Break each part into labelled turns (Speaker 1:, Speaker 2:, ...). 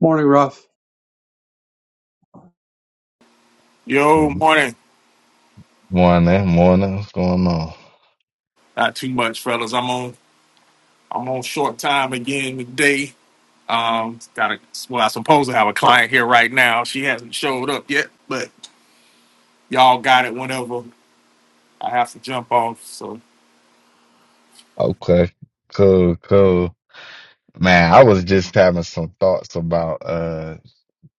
Speaker 1: Morning, Ruff.
Speaker 2: Yo, morning.
Speaker 3: Morning, morning. What's going on?
Speaker 2: Not too much, fellas. I'm on. I'm on short time again today. Um, got a well. I suppose I have a client here right now. She hasn't showed up yet, but y'all got it whenever I have to jump off. So
Speaker 3: Okay, cool, cool. Man, I was just having some thoughts about uh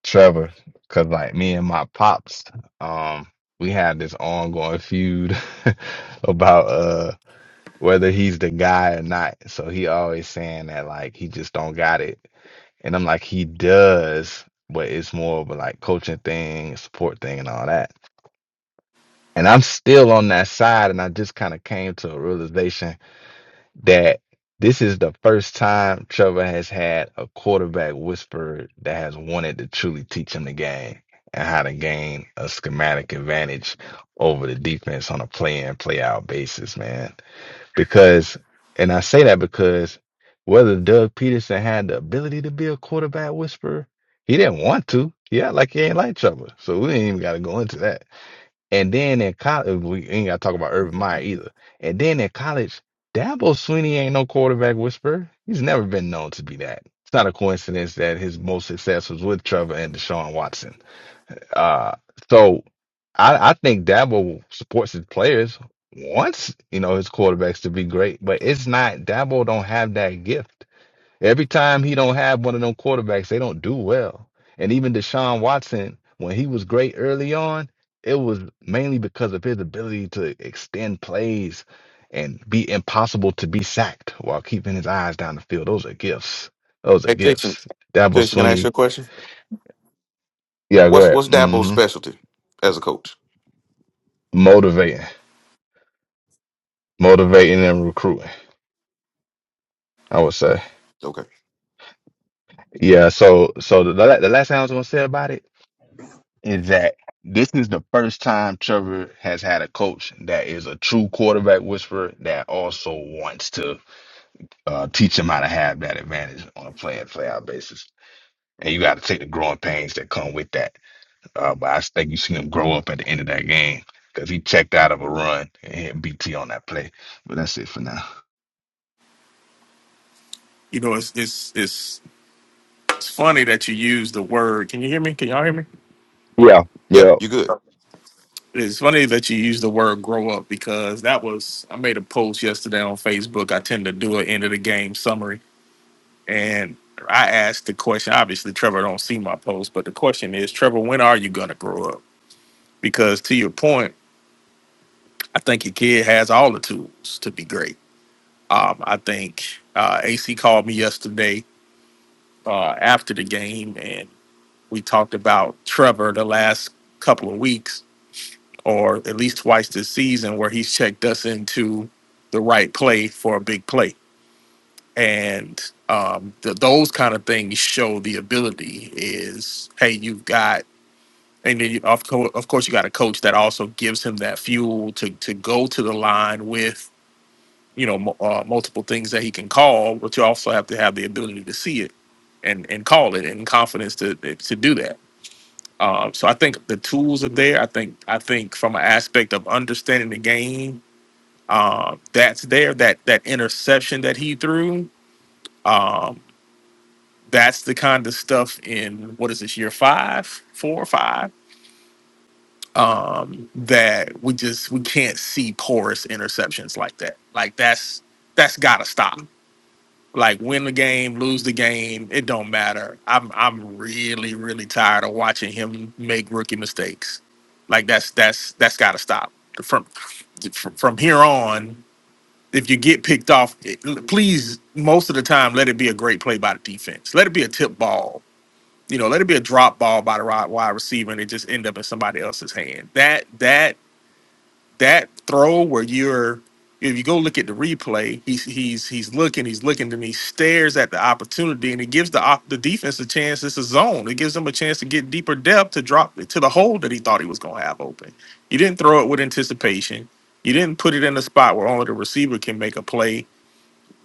Speaker 3: Trevor, cause like me and my pops, um, we had this ongoing feud about uh whether he's the guy or not. So he always saying that like he just don't got it, and I'm like he does, but it's more of a like coaching thing, support thing, and all that. And I'm still on that side, and I just kind of came to a realization that this is the first time Trevor has had a quarterback whisperer that has wanted to truly teach him the game and how to gain a schematic advantage over the defense on a play in, play out basis, man. Because, and I say that because whether Doug Peterson had the ability to be a quarterback whisperer, he didn't want to. Yeah, like he ain't like Trevor. So we ain't even got to go into that. And then in college, we ain't got to talk about Urban Meyer either. And then in college, Dabo Sweeney ain't no quarterback whisperer. He's never been known to be that. It's not a coincidence that his most success was with Trevor and Deshaun Watson. Uh, so I, I think Dabo supports his players, wants, you know, his quarterbacks to be great, but it's not, Dabo don't have that gift. Every time he don't have one of them quarterbacks, they don't do well. And even Deshaun Watson, when he was great early on, it was mainly because of his ability to extend plays and be impossible to be sacked while keeping his eyes down the field. Those are gifts. Those are
Speaker 4: Hey, Jason.
Speaker 3: gifts. Dabo
Speaker 4: Jason, can I ask you
Speaker 3: Sweeney,
Speaker 4: a question?
Speaker 3: yeah, go
Speaker 4: What's
Speaker 3: ahead.
Speaker 4: what's Dabo's
Speaker 3: hmm
Speaker 4: specialty as a coach?
Speaker 3: Motivating, motivating and recruiting. I would say,
Speaker 4: Okay.
Speaker 3: yeah. So, so the, la- the last thing I was gonna say about it is that this is the first time Trevor has had a coach that is a true quarterback whisperer that also wants to uh, teach him how to have that advantage on a play and play out basis. And you got to take the growing pains that come with that. Uh, but I think you see him grow up at the end of that game because he checked out of a run and hit BT on that play. But that's it for now.
Speaker 2: you know, it's it's it's it's funny that you use the word. Can you hear me? Can y'all hear me?
Speaker 3: Yeah,
Speaker 4: Yeah,
Speaker 3: yeah.
Speaker 4: you good.
Speaker 2: It's funny that you use the word "grow up" because that was I made a post yesterday on Facebook. I tend to do an end of the game summary And I asked the question. Obviously, Trevor don't see my post, but the question is, Trevor, when are you gonna grow up? Because to your point, I think your kid has all the tools to be great. Um, I think uh, AC called me yesterday uh, after the game, and we talked about Trevor the last couple of weeks, or at least twice this season, where he's checked us into the right play for a big play and um, th- those kind of things show the ability is hey you've got and then you, of, co- of course you got a coach that also gives him that fuel to to go to the line with you know mu- uh, multiple things that he can call but you also have to have the ability to see it and and call it and confidence to to do that um, so I think the tools are there I think I think from an aspect of understanding the game uh, that's there that that interception that he threw Um, that's the kind of stuff in what is this year five, four or five, um, that we just we can't see porous interceptions like that. Like that's that's gotta stop. Like win the game, lose the game, it don't matter. I'm I'm really really tired of watching him make rookie mistakes. Like that's that's that's gotta stop. From from from here on, if you get picked off, it- please most of the time let it be a great play by the defense. Let it be a tip ball you know, let it be a drop ball by the ri- wide receiver and it just end up in somebody else's hand. That that that throw where you're if you go look at the replay, he's he's he's looking, he's looking, and he stares at the opportunity, and it gives the op- the defense a chance. It's a zone. It gives them a chance to get deeper depth to drop it to the hole that he thought he was going to have open. You didn't throw it with anticipation. You didn't put it in a spot where only the receiver can make a play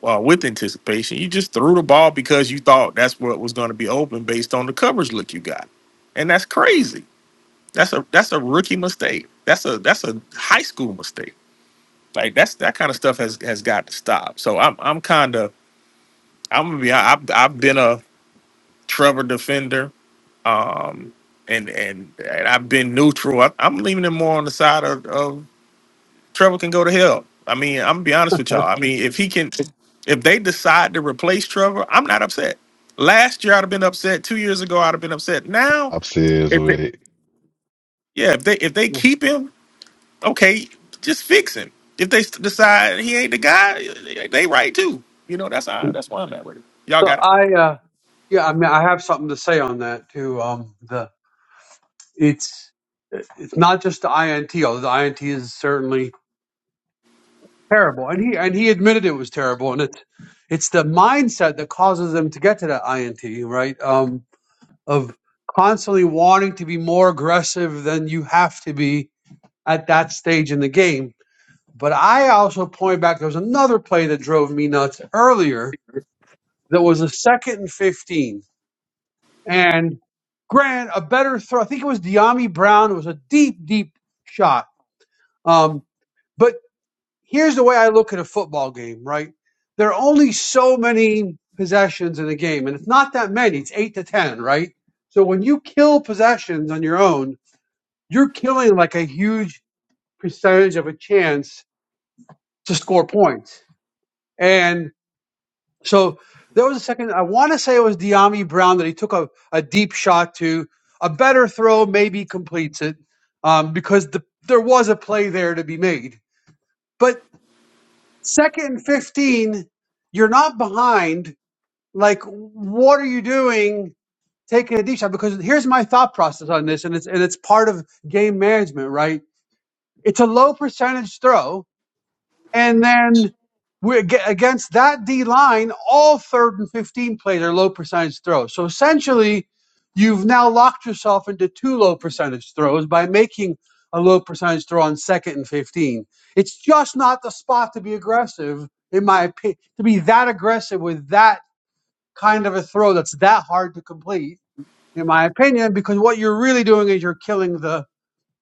Speaker 2: uh, with anticipation. You just threw the ball because you thought that's what was going to be open based on the coverage look you got, and that's crazy. That's a that's a rookie mistake. That's a that's a high school mistake. Like that's that kind of stuff has has got to stop. So I'm I'm kind of I'm gonna be I- I've I've been a Trevor defender and and, and I've been neutral. I, I'm leaning him more on the side of, of Trevor can go to hell. I mean, I'm gonna be honest with y'all. I mean, if he can, if they decide to replace Trevor, I'm not upset. Last year I'd have been upset. Two years ago I'd have been upset. Now,
Speaker 3: I'm serious
Speaker 2: if they,
Speaker 3: with it.
Speaker 2: yeah, if they if they keep him, okay, just fix him. If they s- decide he ain't the guy, they they right too. You know, that's how that's why I'm at with it. Y'all
Speaker 1: So
Speaker 2: got it.
Speaker 1: I, uh, yeah, I mean, I have something to say on that too. Um, the it's it's not just the INT, although the INT is certainly terrible, and he and he admitted it was terrible, and it's it's the mindset that causes them to get to that INT, right? Um, of constantly wanting to be more aggressive than you have to be at that stage in the game. But I also point back there was another play that drove me nuts earlier that was a second and fifteen and Grant a better throw. I think it was Deami Brown. It was a deep, deep shot. Um, but here's the way I look at a football game, right? There are only so many possessions in a game, and it's not that many. It's eight to ten, right? So when you kill possessions on your own, you're killing like a huge percentage of a chance to score points. And So there was a second. I want to say it was Deami Brown that he took a, a deep shot to a better throw, maybe completes it um, because the, there was a play there to be made. But second and 15, you're not behind. Like, what are you doing taking a deep shot? Because here's my thought process on this, and it's, and it's part of game management, right? It's a low percentage throw And then we're against that D line, all third and 15 plays are low percentage throws. So essentially, you've now locked yourself into two low percentage throws by making a low percentage throw on second and 15. It's just not the spot to be aggressive, in my opinion, to be that aggressive with that kind of a throw that's that hard to complete, in my opinion, because what you're really doing is you're killing the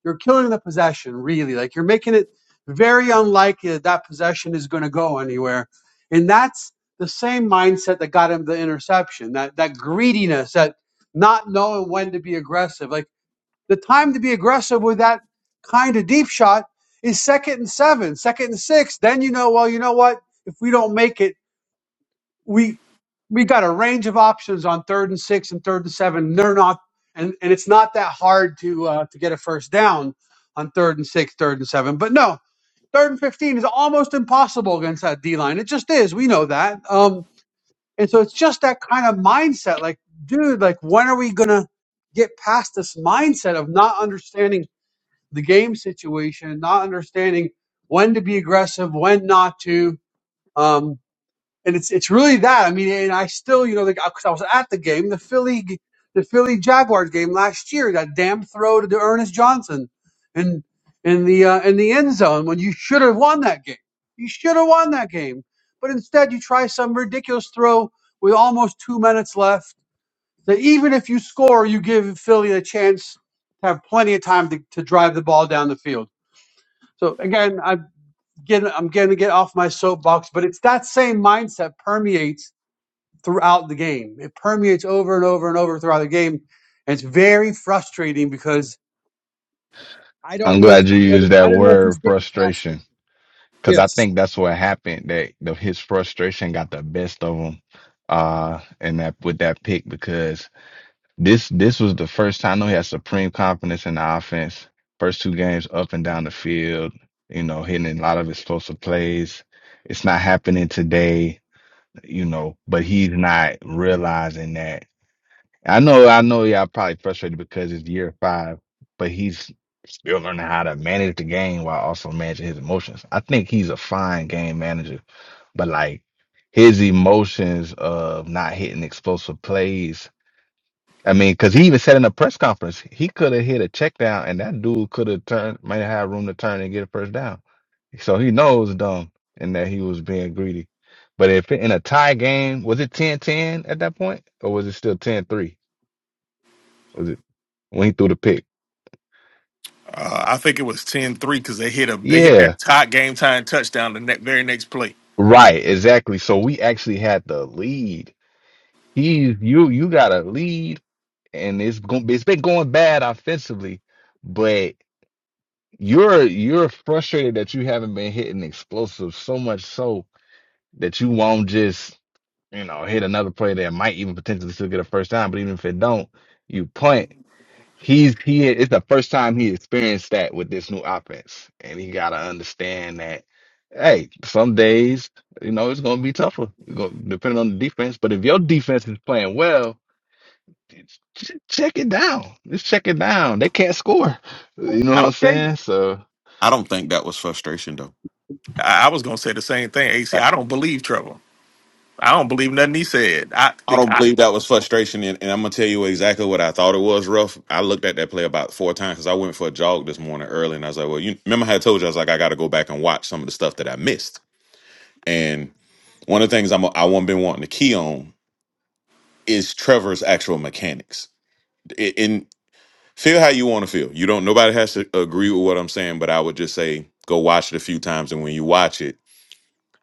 Speaker 1: you're killing the possession, really. Like you're making it very unlikely that that possession is going to go anywhere. And that's the same mindset that got him the interception, that, that greediness, that not knowing when to be aggressive. Like the time to be aggressive with that kind of deep shot is second and seven, second and six. Then you know, well, you know what? If we don't make it, we we got a range of options on third and six and third and seven. They're not, and and it's not that hard to uh, to get a first down on third and six, third and seven. But no, third and fifteen is almost impossible against that D line. It just is. We know that. Um, and so it's just that kind of mindset. Like, dude, like when are we gonna get past this mindset of not understanding the game situation, not understanding when to be aggressive, when not to. Um, and it's it's really that. I mean, and I still, you know, because I was at the game, the Philly the Philly Jaguars game last year, that damn throw to Ernest Johnson, in in the uh, in the end zone when you should have won that game. You should have won that game, but instead you try some ridiculous throw with almost two minutes left. That even if you score, you give Philly a chance to have plenty of time to, to drive the ball down the field. So again, I'm getting I'm getting to get off my soapbox, but it's that same mindset permeates throughout the game. It permeates over and over and over throughout the game. And it's very frustrating because I don't
Speaker 3: I'm
Speaker 1: know if
Speaker 3: glad you
Speaker 1: he's gonna,
Speaker 3: used
Speaker 1: I
Speaker 3: that
Speaker 1: don't know if he's
Speaker 3: word
Speaker 1: getting past
Speaker 3: frustration
Speaker 1: it.
Speaker 3: Cause I
Speaker 1: Yes.
Speaker 3: think that's what happened. That the, his frustration got the best of him, uh, and that with that pick because this this was the first time I know he had supreme confidence in the offense. First two games up and down the field, you know, hitting a lot of explosive plays. It's not happening today, you know, but he's not realizing that. I know, I know, y'all probably frustrated because it's year five, but he's still learning how to manage the game while also managing his emotions. I think he's a fine game manager, but like his emotions of not hitting explosive plays. I mean, because he even said in a press conference, he could have hit a check down and that dude could have turned, might have had room to turn and get a first down. So he knows dumb and that he was being greedy. But if in a tie game, was it 10 10 at that point or was it still 10 3? when he threw the pick.
Speaker 2: Uh, I think it was ten three because they hit a they hit that
Speaker 3: Yeah,
Speaker 2: tie game time touchdown the ne- very next play.
Speaker 3: right, exactly. So we actually had the lead. He, you, you got a lead, and it's going, it's been going bad offensively, but you're you're frustrated that you haven't been hitting explosives so much so that you won't just you know hit another play that might even potentially still get a first down, but even if it don't, you punt he's he it's the first time he experienced that with this new offense and he got to understand that hey some days you know it's going to be tougher It's gonna- depending on the defense but if your defense is playing well ch- check it down just check it down they can't score you know
Speaker 4: I
Speaker 3: what i'm
Speaker 4: don't.
Speaker 1: Jay-
Speaker 3: saying so
Speaker 4: I don't think that was frustration though.
Speaker 2: I, I was gonna say the same thing, AC. I don't believe Trevor. I don't believe nothing he said.
Speaker 4: I don't
Speaker 2: I,
Speaker 4: believe that was frustration, and, and I'm gonna tell you exactly what I thought it was. Rough. I looked at that play about four times because I went for a jog this morning early, and I was like, "Well, you remember how I told you I was like I got to go back and watch some of the stuff that I missed." And one of the things I'm I want been wanting to key on is Trevor's actual mechanics. Feel how you want to feel. You don't. Nobody has to agree with what I'm saying, but I would just say go watch it a few times, and when you watch it,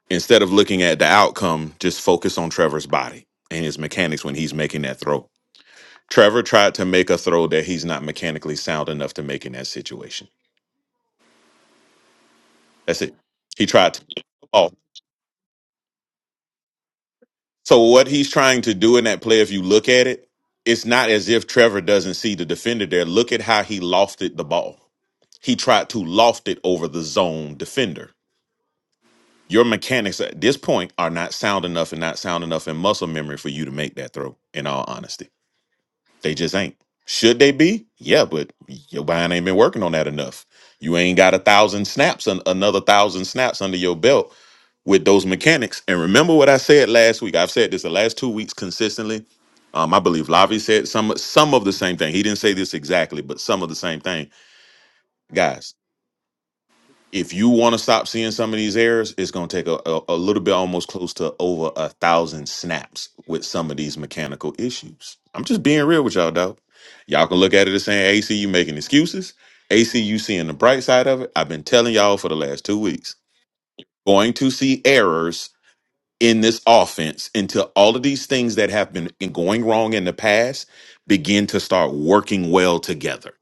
Speaker 4: instead of looking at the outcome, just focus on Trevor's body and his mechanics when he's making that throw. Trevor tried to make a throw that he's not mechanically sound enough to make in that situation. That's it. He tried to. Oh, so what he's trying to do in that play, if you look at it, it's not as if Trevor doesn't see the defender there. Look at how he lofted the ball. He tried to loft it over the zone defender Your mechanics at this point are not sound enough and not sound enough in muscle memory for you to make that throw, in all honesty. They just ain't. Should they be? Yeah, but your mind ain't been working on that enough. You ain't got a thousand snaps and another thousand snaps under your belt with those mechanics. And remember what I said last week. I've said this the last two weeks consistently. Um, I believe Lavi said some some of the same thing. He didn't say this exactly, but some of the same thing. guys if you want to stop seeing some of these errors, it's going to take a, a, a little bit, almost close to over a thousand snaps with some of these mechanical issues. I'm just being real with y'all, dog. Y'all can look at it as saying, AC, you making excuses. AC, you seeing the bright side of it. I've been telling y'all for the last two weeks. Going to see errors in this offense until all of these things that have been going wrong in the past begin to start working well together.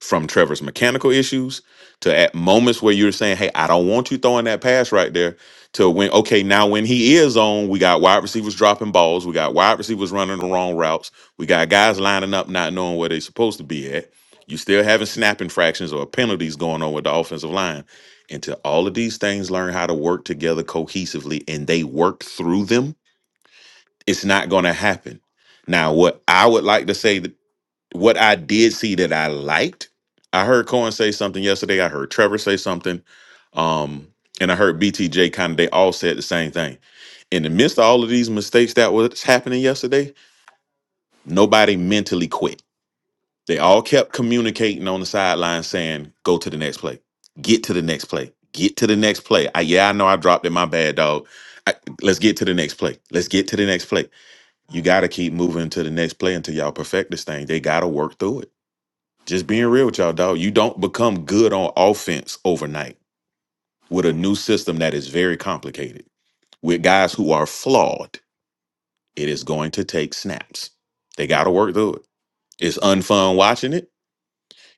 Speaker 4: From Trevor's mechanical issues to at moments where you're saying, Hey, I don't want you throwing that pass right there. To when, okay, now when he is on, we got wide receivers dropping balls. We got wide receivers running the wrong routes. We got guys lining up not knowing where they're supposed to be at. You still having snapping fractions or penalties going on with the offensive line until all of these things learn how to work together cohesively and they work through them, it's not going to happen. Now, what I would like to say that what I did see that I liked, I heard Cohen say something yesterday. I heard Trevor say something. Um, and I heard BTJ kind of, they all said the same thing. In the midst of all of these mistakes that was happening yesterday, nobody mentally quit They all kept communicating on the sideline saying, go to the next play, get to the next play, get to the next play. I, yeah, I know I dropped it. My bad, dog. I, let's get to the next play. Let's get to the next play. You got to keep moving to the next play until y'all perfect this thing. They got to work through it. Just being real with y'all, dog. You don't become good on offense overnight with a new system that is very complicated. With guys who are flawed, it is going to take snaps. They got to work through it. It's unfun watching it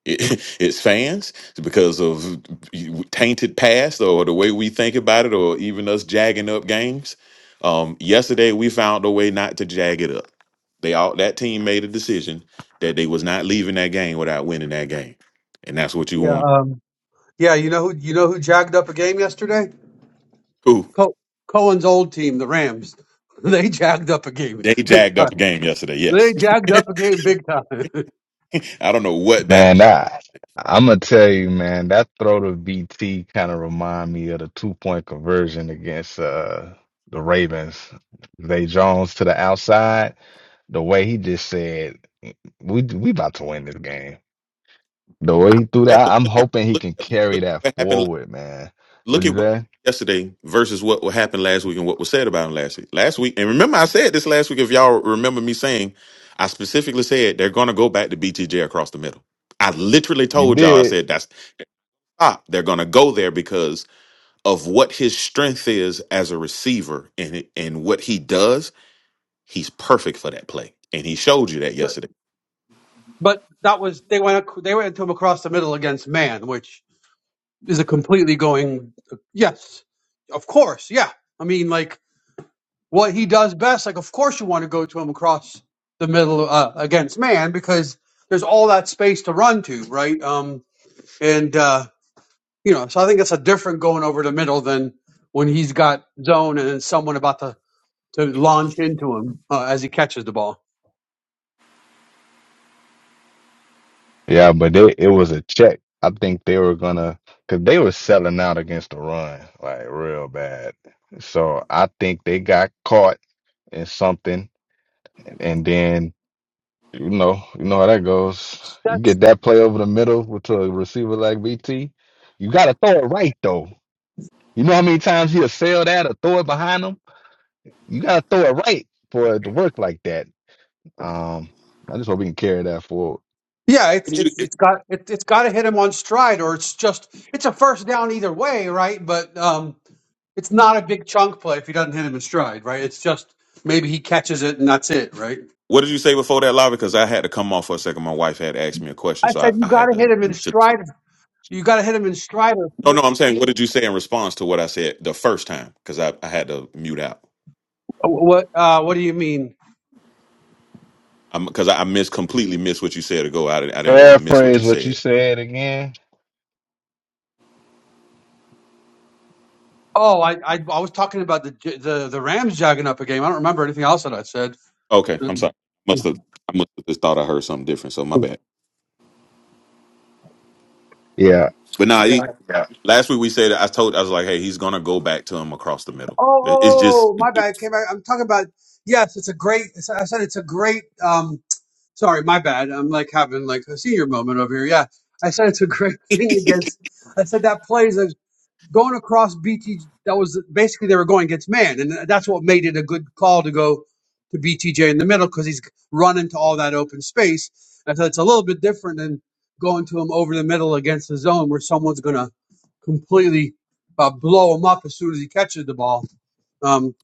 Speaker 4: it, its fans because of tainted past or the way we think about it or even us jagging up games. Um, yesterday we found a way not to jag it up. They all that team made a decision that they was not leaving that game without winning that game. And that's what you
Speaker 1: Yeah.
Speaker 4: want
Speaker 1: Um, yeah. You know who you know who jagged up a game yesterday?
Speaker 4: to
Speaker 1: Co- Cohen's old team, the Rams. They jagged up a game
Speaker 4: They
Speaker 1: big
Speaker 4: jagged
Speaker 1: time.
Speaker 4: up a game yesterday,
Speaker 1: They
Speaker 4: yes.
Speaker 1: jagged up a game big time.
Speaker 4: I don't know what that,
Speaker 3: Man, that I'm gonna tell you, man, that throw to BT kind of remind me of the two point conversion against uh the Ravens. Zay Jones to the outside, the way he just said, "We we about to win this game." The way he threw
Speaker 4: that
Speaker 3: that,
Speaker 4: but
Speaker 3: I'm
Speaker 4: look at
Speaker 3: hoping he
Speaker 4: look
Speaker 3: can
Speaker 4: at look
Speaker 3: carry
Speaker 4: at
Speaker 3: that
Speaker 4: what happened
Speaker 3: forward, man. What
Speaker 4: Look
Speaker 3: you
Speaker 4: at what he
Speaker 3: say?
Speaker 4: did yesterday versus what happened last week and what was said about him last week. Last week, and remember, I said this last week. If y'all remember me saying, I specifically said they're going to go back to BTJ across the middle. I literally
Speaker 3: You
Speaker 4: told y'all, I
Speaker 3: did,
Speaker 4: said that's stop. They're going to go there because of what his strength is as a receiver and and what he does He's perfect for that play. And he showed you that
Speaker 1: but,
Speaker 4: yesterday.
Speaker 1: but that was they went they went to him across the middle against man, which is a completely going yes, of course, yeah. I mean like what he does best. Like, of course, you want to go to him across the middle uh, against man because there's all that space to run to, right? Um, and uh, you know, so I think it's a different going over the middle than when he's got zone and then someone about to to launch into him uh, as he catches the ball.
Speaker 3: yeah, but they, it was a check. I think they were gonna, cause they were selling out against the run like real bad. So I think they got caught and something, and, and then you know, you know how that goes. You
Speaker 1: That's
Speaker 3: get that play over the middle with a receiver like BT. You gotta throw it right though. You know how many times he'll sell that or throw it behind him. You gotta throw it right for it to work like that. Um, I just hope we can carry that forward.
Speaker 1: Yeah, it's
Speaker 4: What did
Speaker 1: it's
Speaker 4: you,
Speaker 1: it's got it, it's got to hit him on stride, or it's just it's a first down either way, right? But um, it's not a big chunk play if he doesn't hit him in stride, right? It's just maybe he catches it and that's it, right?
Speaker 4: what did you say before that, Lava? Because I had to come off for a second. My wife had asked me a question,
Speaker 1: I
Speaker 4: so I,
Speaker 1: said you
Speaker 4: I
Speaker 1: got
Speaker 4: had
Speaker 1: to hit
Speaker 4: to,
Speaker 1: him in
Speaker 4: to.
Speaker 1: stride. You got to hit him in stride. Or
Speaker 4: No, no, I'm saying, what did you say in response to what I said the first time? Because I, I had to mute out.
Speaker 1: what? Uh, what do you mean?
Speaker 4: I'm because I, I missed completely missed what you said ago. I didn't I didn't want to miss what you
Speaker 3: Paraphrase what you
Speaker 4: said.
Speaker 3: said again.
Speaker 1: Oh, I, I I was talking about the J- the the Rams jogging up a game. I don't remember anything else that I said.
Speaker 4: Okay, I'm
Speaker 1: Oh,
Speaker 4: sorry. Must have I must have just thought I heard something different. So my bad.
Speaker 3: Yeah.
Speaker 4: But nah, he, last week we said I told I was like, hey, he's gonna go back to him across the middle. It- It's just
Speaker 1: oh, my bad. Came back. I'm talking about yes. It's a great. I said it's a great. Um, Sorry, my bad. I'm like having like a senior moment over here. Yeah, I said it's a great thing against. I said that play is a going across BT. That was basically they were going against man, and that's what made it a good call to go to BTJ in the middle because he's running to all that open space. I said it's a little bit different than going to him over the middle against the zone where someone's gonna completely uh, blow him up as soon as he catches the ball. Um,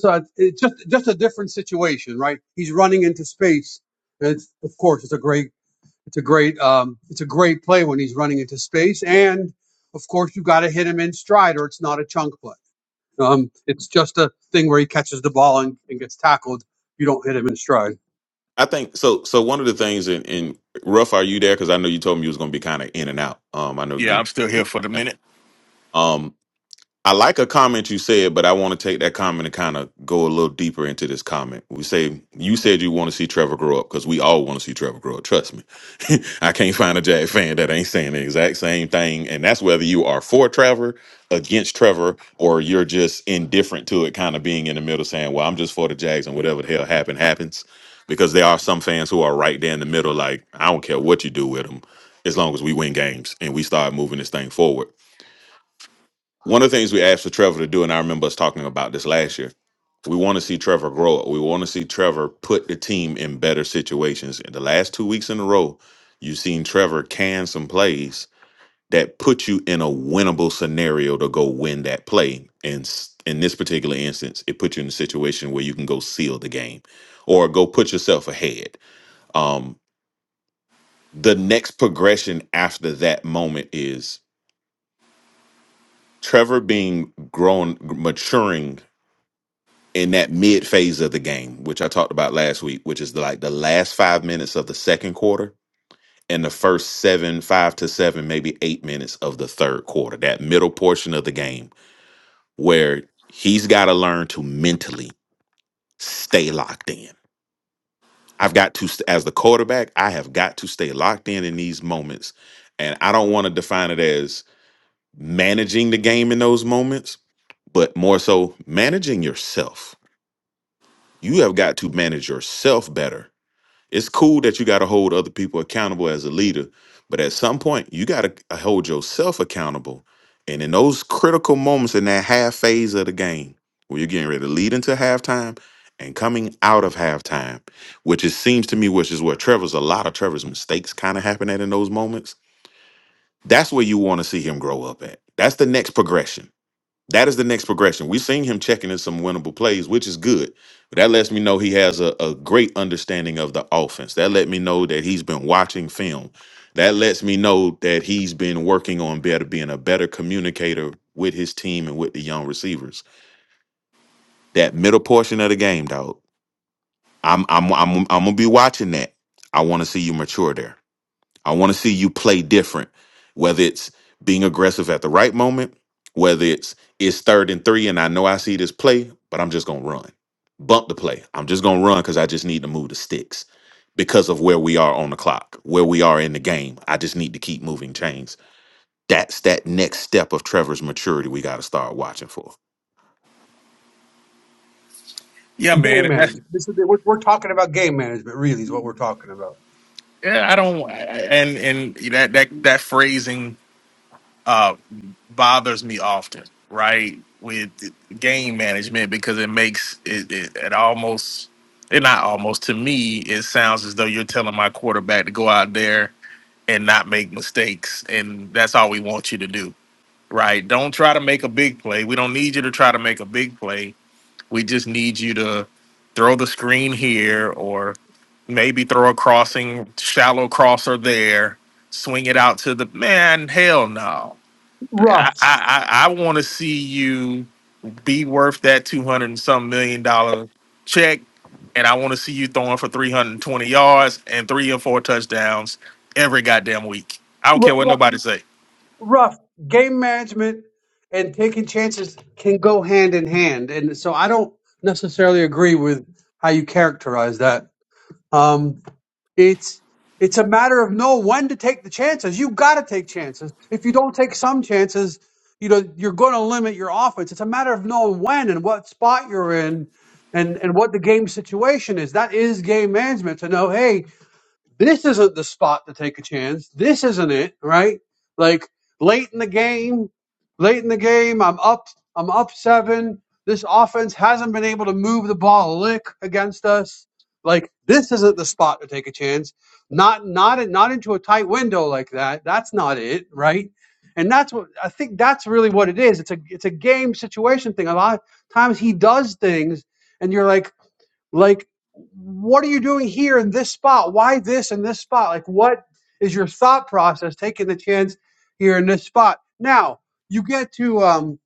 Speaker 1: so it's it's just just a different situation, right? He's running into space, and it's, of course, it's a great it's a great um, it's a great play when he's running into space, and of course, you got to hit him in stride, or it's not a chunk play. Um, it's just a thing where he catches the ball and, and gets tackled. You don't hit him in stride.
Speaker 4: I think so. So one of the things in, in rough, are you there? Because I know you told me you was gonna be kind of in and out. Um, I know
Speaker 2: Yeah,
Speaker 4: you.
Speaker 2: I'm still here for the minute.
Speaker 4: Um, I like a comment you said, but I want to take that comment and kind of go a little deeper into this comment. We say you said you want to see Trevor grow up because we all want to see Trevor grow up. Trust me, I can't find a Jag fan that ain't saying the exact same thing, and that's whether you are for Trevor, against Trevor, or you're just indifferent to it, kind of being in the middle, saying, "Well, I'm just for the Jags, and whatever the hell happened happens." Because there are some fans who are right there in the middle, like I don't care what you do with them, as long as we win games and we start moving this thing forward one of the things we asked for Trevor to do, and I remember us talking about this last year, we want to see Trevor grow up. We want to see Trevor put the team in better situations. In the last two weeks in a row, you've seen Trevor can some plays that put you in a winnable scenario to go win that play. And s- in this particular instance, it put you in a situation where you can go seal the game or go put yourself ahead. Um, the next progression after that moment is Trevor being grown, maturing in that mid phase of the game, which I talked about last week, which is like the last five minutes of the second quarter and the first seven, five to seven, maybe eight minutes of the third quarter, that middle portion of the game where he's got to learn to mentally stay locked in. I've got to, st- as the quarterback, I have got to stay locked in in these moments. And I don't want to define it as managing the game in those moments, but more so managing yourself. You have got to manage yourself better It's cool that you got to hold other people accountable as a leader, but at some point, you got to hold yourself accountable. And in those critical moments in that half phase of the game, where you're getting ready to lead into halftime and coming out of halftime, which it seems to me, which is where Trevor's a lot of Trevor's mistakes kind of happen at in those moments. That's where you want to see him grow up at. That's the next progression that is the next progression. We've seen him checking in some winnable plays, which is good. But that lets me know he has a, a great understanding of the offense. That let me know that he's been watching film. That lets me know that he's been working on better being a better communicator with his team and with the young receivers. That middle portion of the game, dog. I'm I'm I'm I'm gonna be watching that. I want to see you mature there. I want to see you play different, whether it's being aggressive at the right moment, whether it's it's third and three, and I know I see this play, but I'm just gonna run, bump the play. I'm just gonna run because I just need to move the sticks because of where we are on the clock, where we are in the game. I just need to keep moving chains. That's that next step of Trevor's maturity we got to start watching for.
Speaker 2: Yeah, man,
Speaker 1: Game
Speaker 2: and that's
Speaker 1: management. This is we're, we're talking about game management, really. is what I'm-
Speaker 2: yeah. I don't and and that that that phrasing uh bothers me often, right? With game management because it makes it it, it almost it not almost to me it sounds as though you're telling my quarterback to go out there and not make mistakes, and that's all we want you to do, right? Don't try to make a big play. We don't need you to try to make a big play We just need you to throw the screen here or maybe throw a crossing, shallow crosser there, swing it out to the man. Hell no. I,
Speaker 1: Rough,
Speaker 2: I, I want to see you be worth that 200 and some million dollar check. And I want to see you throwing for 320 yards and three and four touchdowns every goddamn week. I don't care
Speaker 1: rough.
Speaker 2: what nobody say.
Speaker 1: rough. Game management and taking chances can go hand in hand, and so I don't necessarily agree with how you characterize that. Um, it's it's a matter of know when to take the chances. You've got to take chances. If you don't take some chances, you know you're going to limit your offense. It's a matter of knowing when and what spot you're in. And, and what the game situation is. That is game management to know, hey, this isn't the spot to take a chance. This isn't it, right? Like late in the game, late in the game, I'm up, I'm up seven. This offense hasn't been able to move the ball a lick against us. Like this isn't the spot to take a chance. Not not in- not into a tight window like that. That's not it, right? And that's what I think. That's really what it is. It's a it's a game situation thing. A lot of times he does things, and you're like like what are you doing here in this spot why this in this spot like what is your thought process taking the chance here in this spot now you get to um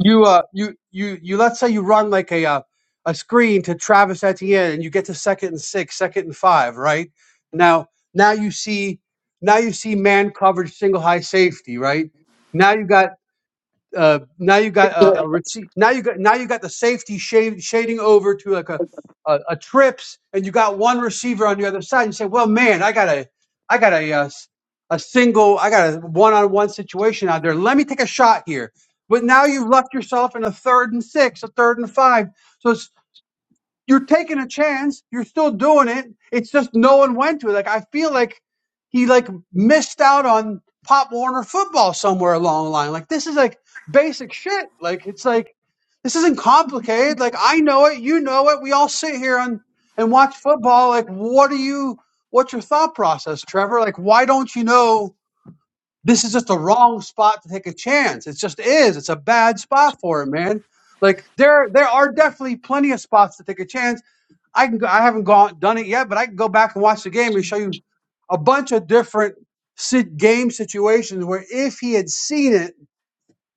Speaker 1: you uh you you you let's say you run like a uh, a screen to Travis Etienne and you get to second and six second and five right now now you see now you see man coverage single high safety right now you got uh, now you got a, a receipt. Now you got now you got the safety shade, shading over to like a, a a trips, and you got one receiver on the other side. You say, "Well, man, I got a I got a uh, s- a single, I got a one on one situation out there. Let me take a shot here." But now you've left yourself in a third and six, a third and five. so it's you're taking a chance. You're still doing it. It's just no one went to it. Like I feel like he like missed out on Pop Warner football somewhere along the line. Like this is like basic shit. Like it's like this isn't complicated. Like I know it, you know it. We all sit here and and watch football. Like what are you? What's your thought process, Trevor? Like why don't you know? this is just the wrong spot to take a chance. It just is. It's a bad spot for him, man. Like there, there are definitely plenty of spots to take a chance. I can. Go, I haven't gone done it yet, but I can go back and watch the game and show you a bunch of different sit, game situations where if he had seen it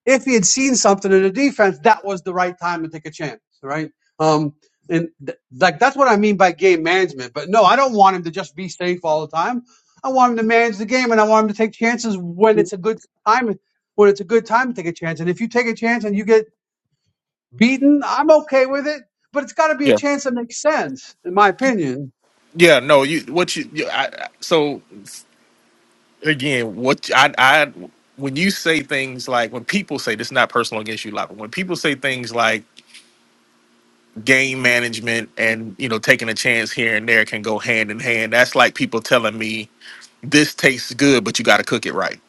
Speaker 1: if he had seen something in the defense, that was the right time to take a chance, right? Um, and th- like that's what I mean by game management. But no, I don't want him to just be safe all the time. I want him to manage the game, and I want him to take chances when it's a good time. When it's a good time to take a chance, and if you take a chance and you get beaten, I'm okay with it. But it's got to be a
Speaker 2: Yeah.
Speaker 1: chance that makes sense, in my opinion.
Speaker 2: Yeah. No, you, what you, you I, I- so again, what I I when you say things like when people say this is not personal against you, like when people say things like game management and you know taking a chance here and there can go hand in hand. That's like people telling me this tastes good, but you got to cook it right.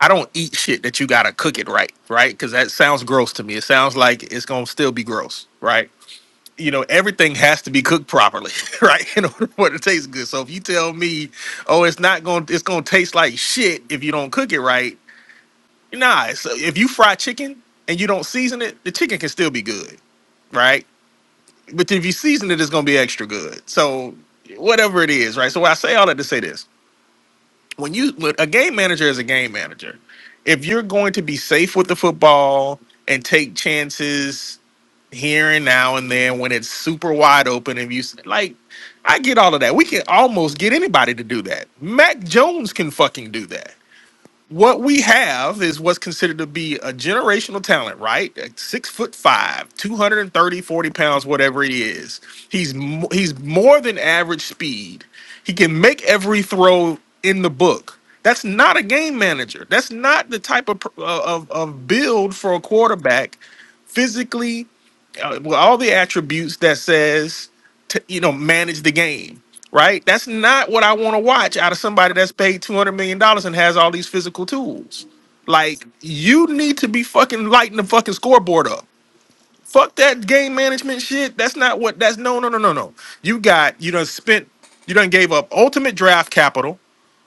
Speaker 2: I don't eat shit that you got to cook it right, right? Because that sounds gross to me. It sounds like it's gonna still be gross, right? You know, everything has to be cooked properly, right? In order for it to taste good. So if you tell me, oh, it's not gonna, it's gonna taste like shit if you don't cook it right Nah, it's, uh, if you fry chicken and you don't season it, the chicken can still be good, right? But if you season it, it's gonna be extra good. So whatever it is, right? So I say all that to say this: when you when a game manager is a game manager, if you're going to be safe with the football and take chances here and now and then when it's super wide open, and you s- like, I get all of that. We can almost get anybody to do that. Mac Jones can fucking do that what we have is what's considered to be a generational talent, right? Like Six foot five, 230, 40 pounds, whatever it is. He's mo- he's more than average speed. He can make every throw in the book. That's not a game manager. That's not the type of pr- uh, of, of build for a quarterback, physically, uh, with all the attributes that says to you know manage the game right? That's not what I want to watch out of somebody that's paid two hundred million dollars and has all these physical tools. Like you need to be fucking lighting the fucking scoreboard up. Fuck that game management shit. That's not what. That's no, no, no, no, no. You got you done spent. You done gave up ultimate draft capital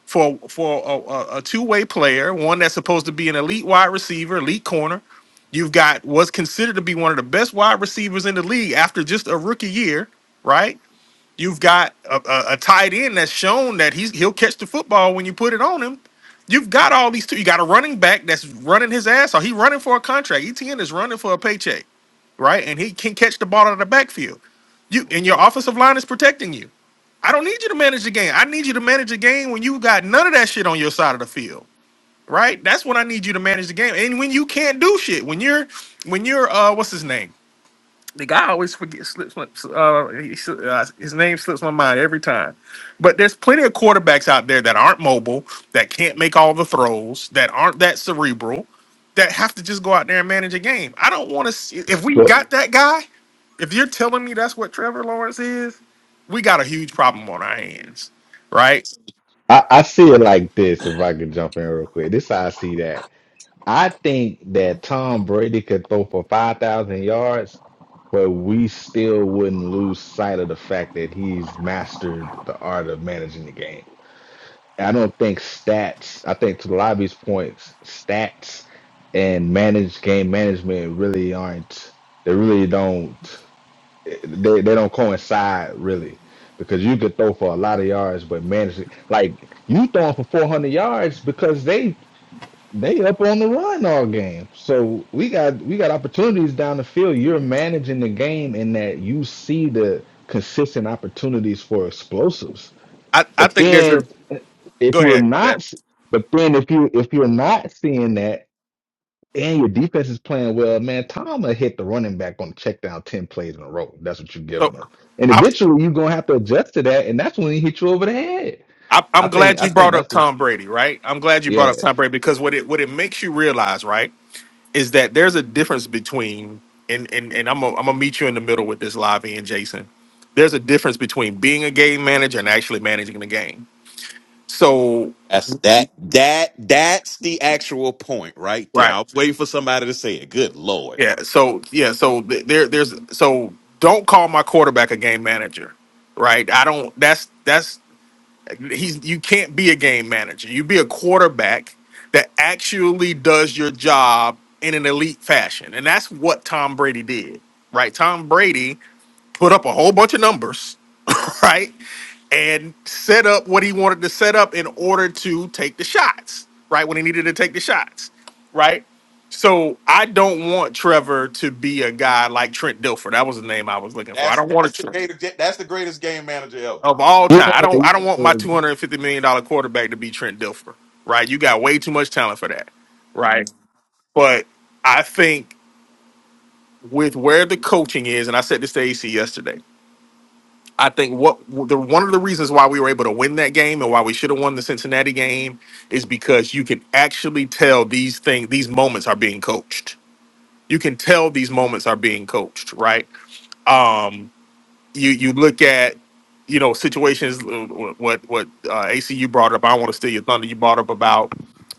Speaker 2: for for a, a, a two way player, one that's supposed to be an elite wide receiver, elite corner. You've got what's considered to be one of the best wide receivers in the league after just a rookie year, right? You've got a, a, a tight end that's shown that he's he'll catch the football when you put it on him. You've got all these two. You got a running back that's running his ass off. He running for a contract. ETN is running for a paycheck, right? And he can catch the ball out of the backfield. You and your offensive line is protecting you. I don't need you to manage the game. I need you to manage the game when you got none of that shit on your side of the field, right? That's when I need you to manage the game. And when you can't do shit, when you're when you're uh what's his name? The guy always forgets slips. my- Uh, he, sli- uh, his name slips my mind every time. But there's plenty of quarterbacks out there that aren't mobile, that can't make all the throws, that aren't that cerebral, that have to just go out there and manage a game. I don't want to. see If we
Speaker 3: So
Speaker 2: got that guy, if you're telling me that's what Trevor Lawrence is, we got a huge problem on our hands, right?
Speaker 3: I, I see it like this, if I could jump in real quick. This is how I see that. I think that Tom Brady could throw for 5,000 yards, but we still wouldn't lose sight of the fact that he's mastered the art of managing the game. I don't think stats, I think to Lobby's points, stats and managed game management really aren't, they really don't, they, they don't coincide really. Because you could throw for a lot of yards, but manage it like you throwing for 400 yards because they they up on the run all game. So we got we got opportunities down the field. You're managing the game in that you see the consistent opportunities for explosives.
Speaker 2: I, I
Speaker 3: But
Speaker 2: think there's a
Speaker 3: then if
Speaker 2: go
Speaker 3: you're
Speaker 2: ahead. my bad.
Speaker 3: not but then if you if you're not seeing that and your defense is playing well, man, Tom will hit the running back on the check down ten plays in a row. That's what you're giving
Speaker 2: So
Speaker 3: them. And
Speaker 2: I'm
Speaker 3: eventually you're gonna have to adjust to that, and that's when he hit you over the head.
Speaker 2: I,
Speaker 3: I
Speaker 2: I'm
Speaker 3: think
Speaker 2: glad
Speaker 3: I
Speaker 2: you
Speaker 3: think
Speaker 2: brought up
Speaker 3: that's what
Speaker 2: Tom Brady, right? I'm glad you brought
Speaker 3: yeah.
Speaker 2: up Tom Brady because what it what it makes you realize, right? is that there's a difference between and and, and I'm gonna I'm gonna meet you in the middle with this live and Jason. There's a difference between being a game manager and actually managing the game. So
Speaker 4: That's that that that's the actual point right there.
Speaker 2: right,
Speaker 4: I was waiting for somebody to say it. Good lord,
Speaker 2: yeah. So yeah. So th- there there's so don't call my quarterback a game manager, right? I don't. That's that's he's you can't be a game manager. You be a quarterback that actually does your job in an elite fashion, and that's what Tom Brady did, right? Tom Brady put up a whole bunch of numbers, right? And set up what he wanted to set up in order to take the shots, right? When he needed to take the shots, right? So I don't want Trevor to be a guy like Trent Dilfer. That was the name I was looking for. I
Speaker 4: that's
Speaker 2: don't want a
Speaker 4: that's the
Speaker 2: Trent
Speaker 4: greatest that's the greatest game manager ever.
Speaker 2: of all time.
Speaker 3: Yeah,
Speaker 2: I don't
Speaker 3: yeah.
Speaker 2: I don't want my
Speaker 3: And
Speaker 2: $250 million dollar quarterback to be Trent Dilfer, right? You got way too much talent for that, right? But I think with where the coaching is, and I said this to AC yesterday I think what the one of the reasons why we were able to win that game and why we should have won the Cincinnati game is because you can actually tell these things, these moments are being coached. You can tell these moments are being coached, right? Um, you you look at you know situations uh, what what uh, ACU brought up. I don't want to steal your thunder. You brought up about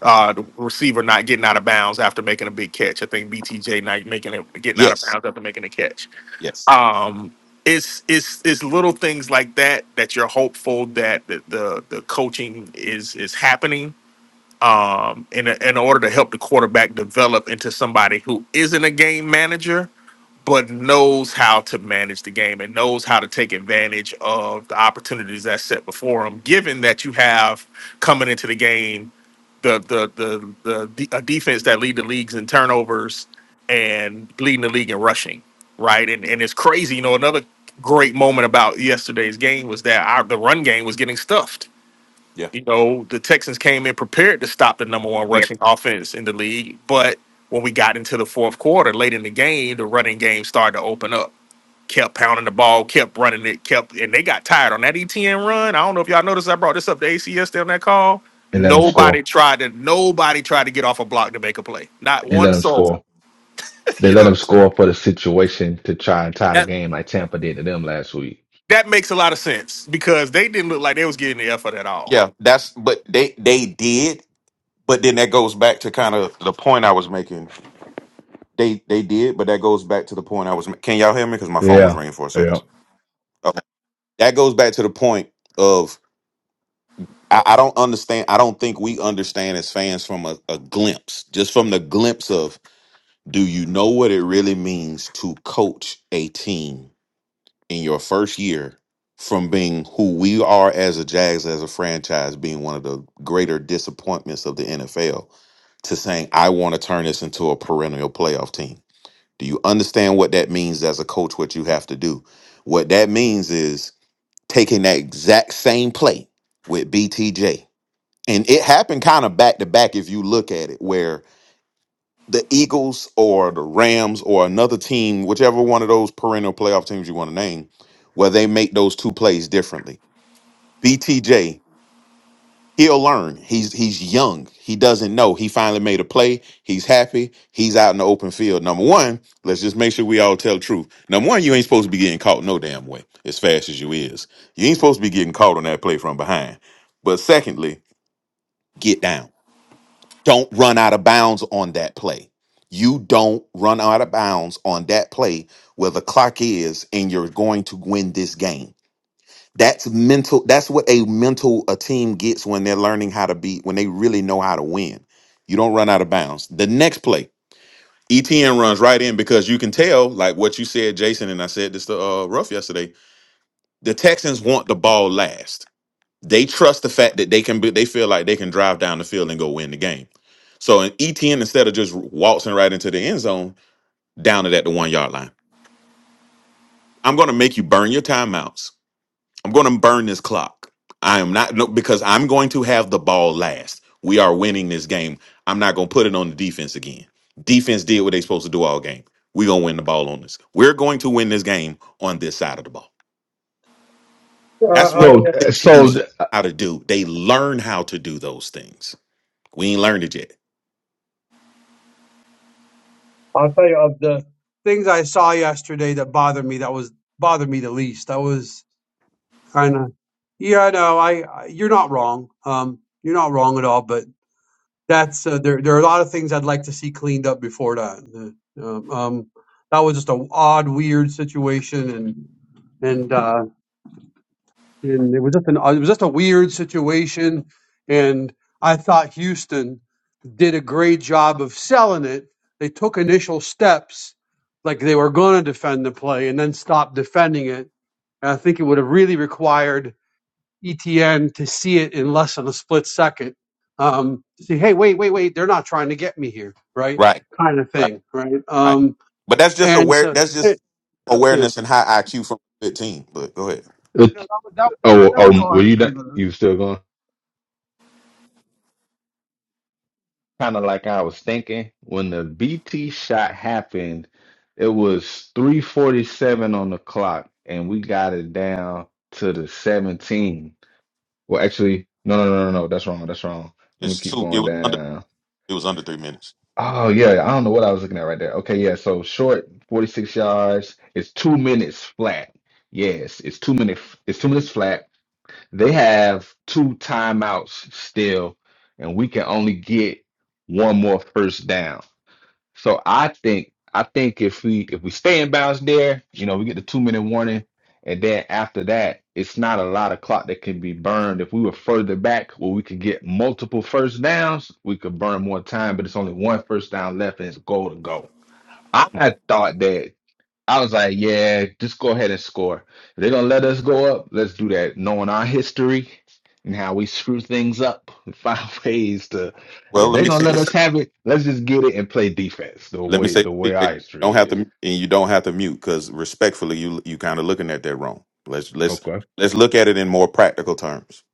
Speaker 2: uh, the receiver not getting out of bounds after making a big catch. I think BTJ not making it getting out of
Speaker 4: Yes.
Speaker 2: bounds after making a catch
Speaker 4: Yes.
Speaker 2: um it's it's it's little things like that that you're hopeful that the the, the coaching is is happening um in in order to help the quarterback develop into somebody who isn't a game manager but knows how to manage the game and knows how to take advantage of the opportunities that's set before him. Given that you have coming into the game the the the the, the a defense that lead the leagues in turnovers and leading the league in rushing, right? And and it's crazy. You know, another great moment about yesterday's game was that our, the run game was getting stuffed
Speaker 4: Yeah.
Speaker 2: you know, the Texans came in prepared to stop the number one rushing offense in the league, but when we got into the fourth quarter, late in the game, the running game started to open up. Kept pounding the ball, kept running it, kept, and they got tired on that ETN run. I don't know if y'all noticed. I brought this up to ACS on that call.
Speaker 3: let him score.
Speaker 2: Nobody tried to, nobody tried to get off a block to make a play. Not
Speaker 3: And let
Speaker 2: one
Speaker 3: them
Speaker 2: soul.
Speaker 3: score. They
Speaker 2: you know
Speaker 3: let
Speaker 2: what
Speaker 3: them
Speaker 2: I'm saying?
Speaker 3: score for the situation to try and tie the
Speaker 2: That
Speaker 3: game like Tampa did to them last week.
Speaker 2: that makes a lot of sense because they didn't look like they was getting the effort at all.
Speaker 4: Yeah. That's but they they did, but then that goes back to kind of the point I was making. They they did, but that goes back to the point I was. ma- Can y'all hear me? Because my phone was
Speaker 3: Yeah,
Speaker 4: ringing for a second.
Speaker 3: yeah.
Speaker 4: Okay. That goes back to the point of I, I don't understand. I don't think we understand as fans from a, a glimpse, just from the glimpse of. Do you know what it really means to coach a team in your first year from being who we are as a Jags as a franchise being one of the greater disappointments of the NFL to saying I want to turn this into a perennial playoff team. Do you understand what that means as a coach what you have to do? What that means is taking that exact same play with BTJ. And it happened kind of back to back if you look at it where the Eagles or the Rams or another team, whichever one of those perennial playoff teams you want to name, where they make those two plays differently. BTJ, he'll learn. He's he's young. He doesn't know. He finally made a play. He's happy. He's out in the open field. Number one, let's just make sure we all tell the truth. Number one, you ain't supposed to be getting caught no damn way as fast as you is. You ain't supposed to be getting caught on that play from behind. But secondly, get down don't run out of bounds on that play. You don't run out of bounds on that play where the clock is and you're going to win this game. That's mental. That's what a mental a team gets when they're learning how to be when they really know how to win. You don't run out of bounds. The next play, ETN runs right in because you can tell, like what you said, Jason, and I said this to uh, Ruff yesterday. The Texans want the ball last they trust the fact that they can be, they feel like they can drive down the field and go win the game. So an ETN instead of just waltzing right into the end zone, down it at the one yard line. I'm going to make you burn your timeouts. I'm going to burn this clock. I am not no, because I'm going to have the ball last. We are winning this game. I'm not going to put it on the defense again. Defense did what they supposed to do all game. We're going to win the ball on this. We're going to win this game on this side of the ball. That's what
Speaker 3: So,
Speaker 4: the
Speaker 3: so
Speaker 4: teams learn how to do. They learn how to do those things. We ain't learned it yet.
Speaker 1: I'll tell you of the things I saw yesterday that bothered me. That was bothered me the least. That was kind of yeah no I, I you're not wrong um you're not wrong at all but that's uh, there there are a lot of things i'd like to see cleaned up before that uh, um um, that was just a odd weird situation and and uh and it was just an it was just a weird situation and i thought houston did a great job of selling it they took initial steps like they were going to defend the play and then stopped defending it and i think it would have really required ETN to see it in less than a split second. Um, see, hey, wait, wait, wait, they're not trying to get me here, right?
Speaker 4: Right,
Speaker 1: Kind of
Speaker 4: right,
Speaker 1: thing, right?
Speaker 4: right.
Speaker 1: Um,
Speaker 4: But that's just
Speaker 1: and
Speaker 4: aware.
Speaker 1: so,
Speaker 4: That's
Speaker 1: eh,
Speaker 4: just
Speaker 1: yeah. you
Speaker 4: awareness and high IQ from fifteen. But go ahead.
Speaker 1: know,
Speaker 3: it,
Speaker 1: that, was, that, was-
Speaker 3: oh,
Speaker 1: that was
Speaker 3: oh,
Speaker 1: all I
Speaker 3: were
Speaker 1: have
Speaker 3: you
Speaker 1: to say
Speaker 3: not,
Speaker 1: about that.
Speaker 3: you still going? Kind of like I was thinking when the BT shot happened, it was three forty seven on the clock, and we got it down to the seventeen. Well, actually, no, no, no, no, no. That's wrong. That's wrong. Let me
Speaker 4: It's
Speaker 3: keep
Speaker 4: two. It
Speaker 3: going
Speaker 4: was under.
Speaker 3: down.
Speaker 4: It was under three minutes.
Speaker 3: Oh yeah, I don't know what I was looking at right there. Okay, yeah, so short, 46 yards. It's two minutes flat. Yes, it's two minute it's two minutes flat. They have two timeouts still, and we can only get one more first down. So I think I think if we if we stay in bounds there, you know, we get the two minute warning, and then after that, it's not a lot of clock that can be burned. If we were further back where we could get multiple first downs, we could burn more time, but it's only one first down left and it's goal to go. I had thought that I was like, yeah, just go ahead and score. If they're gonna let us go up, let's do that. Knowing our history and how we screw things up, we find ways to.
Speaker 4: Well,
Speaker 3: If
Speaker 4: let
Speaker 3: they're
Speaker 4: me
Speaker 3: gonna
Speaker 4: say
Speaker 3: let
Speaker 4: this.
Speaker 3: us have it, let's just get it and play defense. The
Speaker 4: Let me
Speaker 3: way
Speaker 4: say
Speaker 3: the
Speaker 4: this.
Speaker 3: way
Speaker 4: You
Speaker 3: our
Speaker 4: don't
Speaker 3: history
Speaker 4: have to,
Speaker 3: is.
Speaker 4: and you don't have to mute because respectfully, you you kind of looking at that wrong. Let's let's
Speaker 3: Okay,
Speaker 4: let's look at it in more practical terms.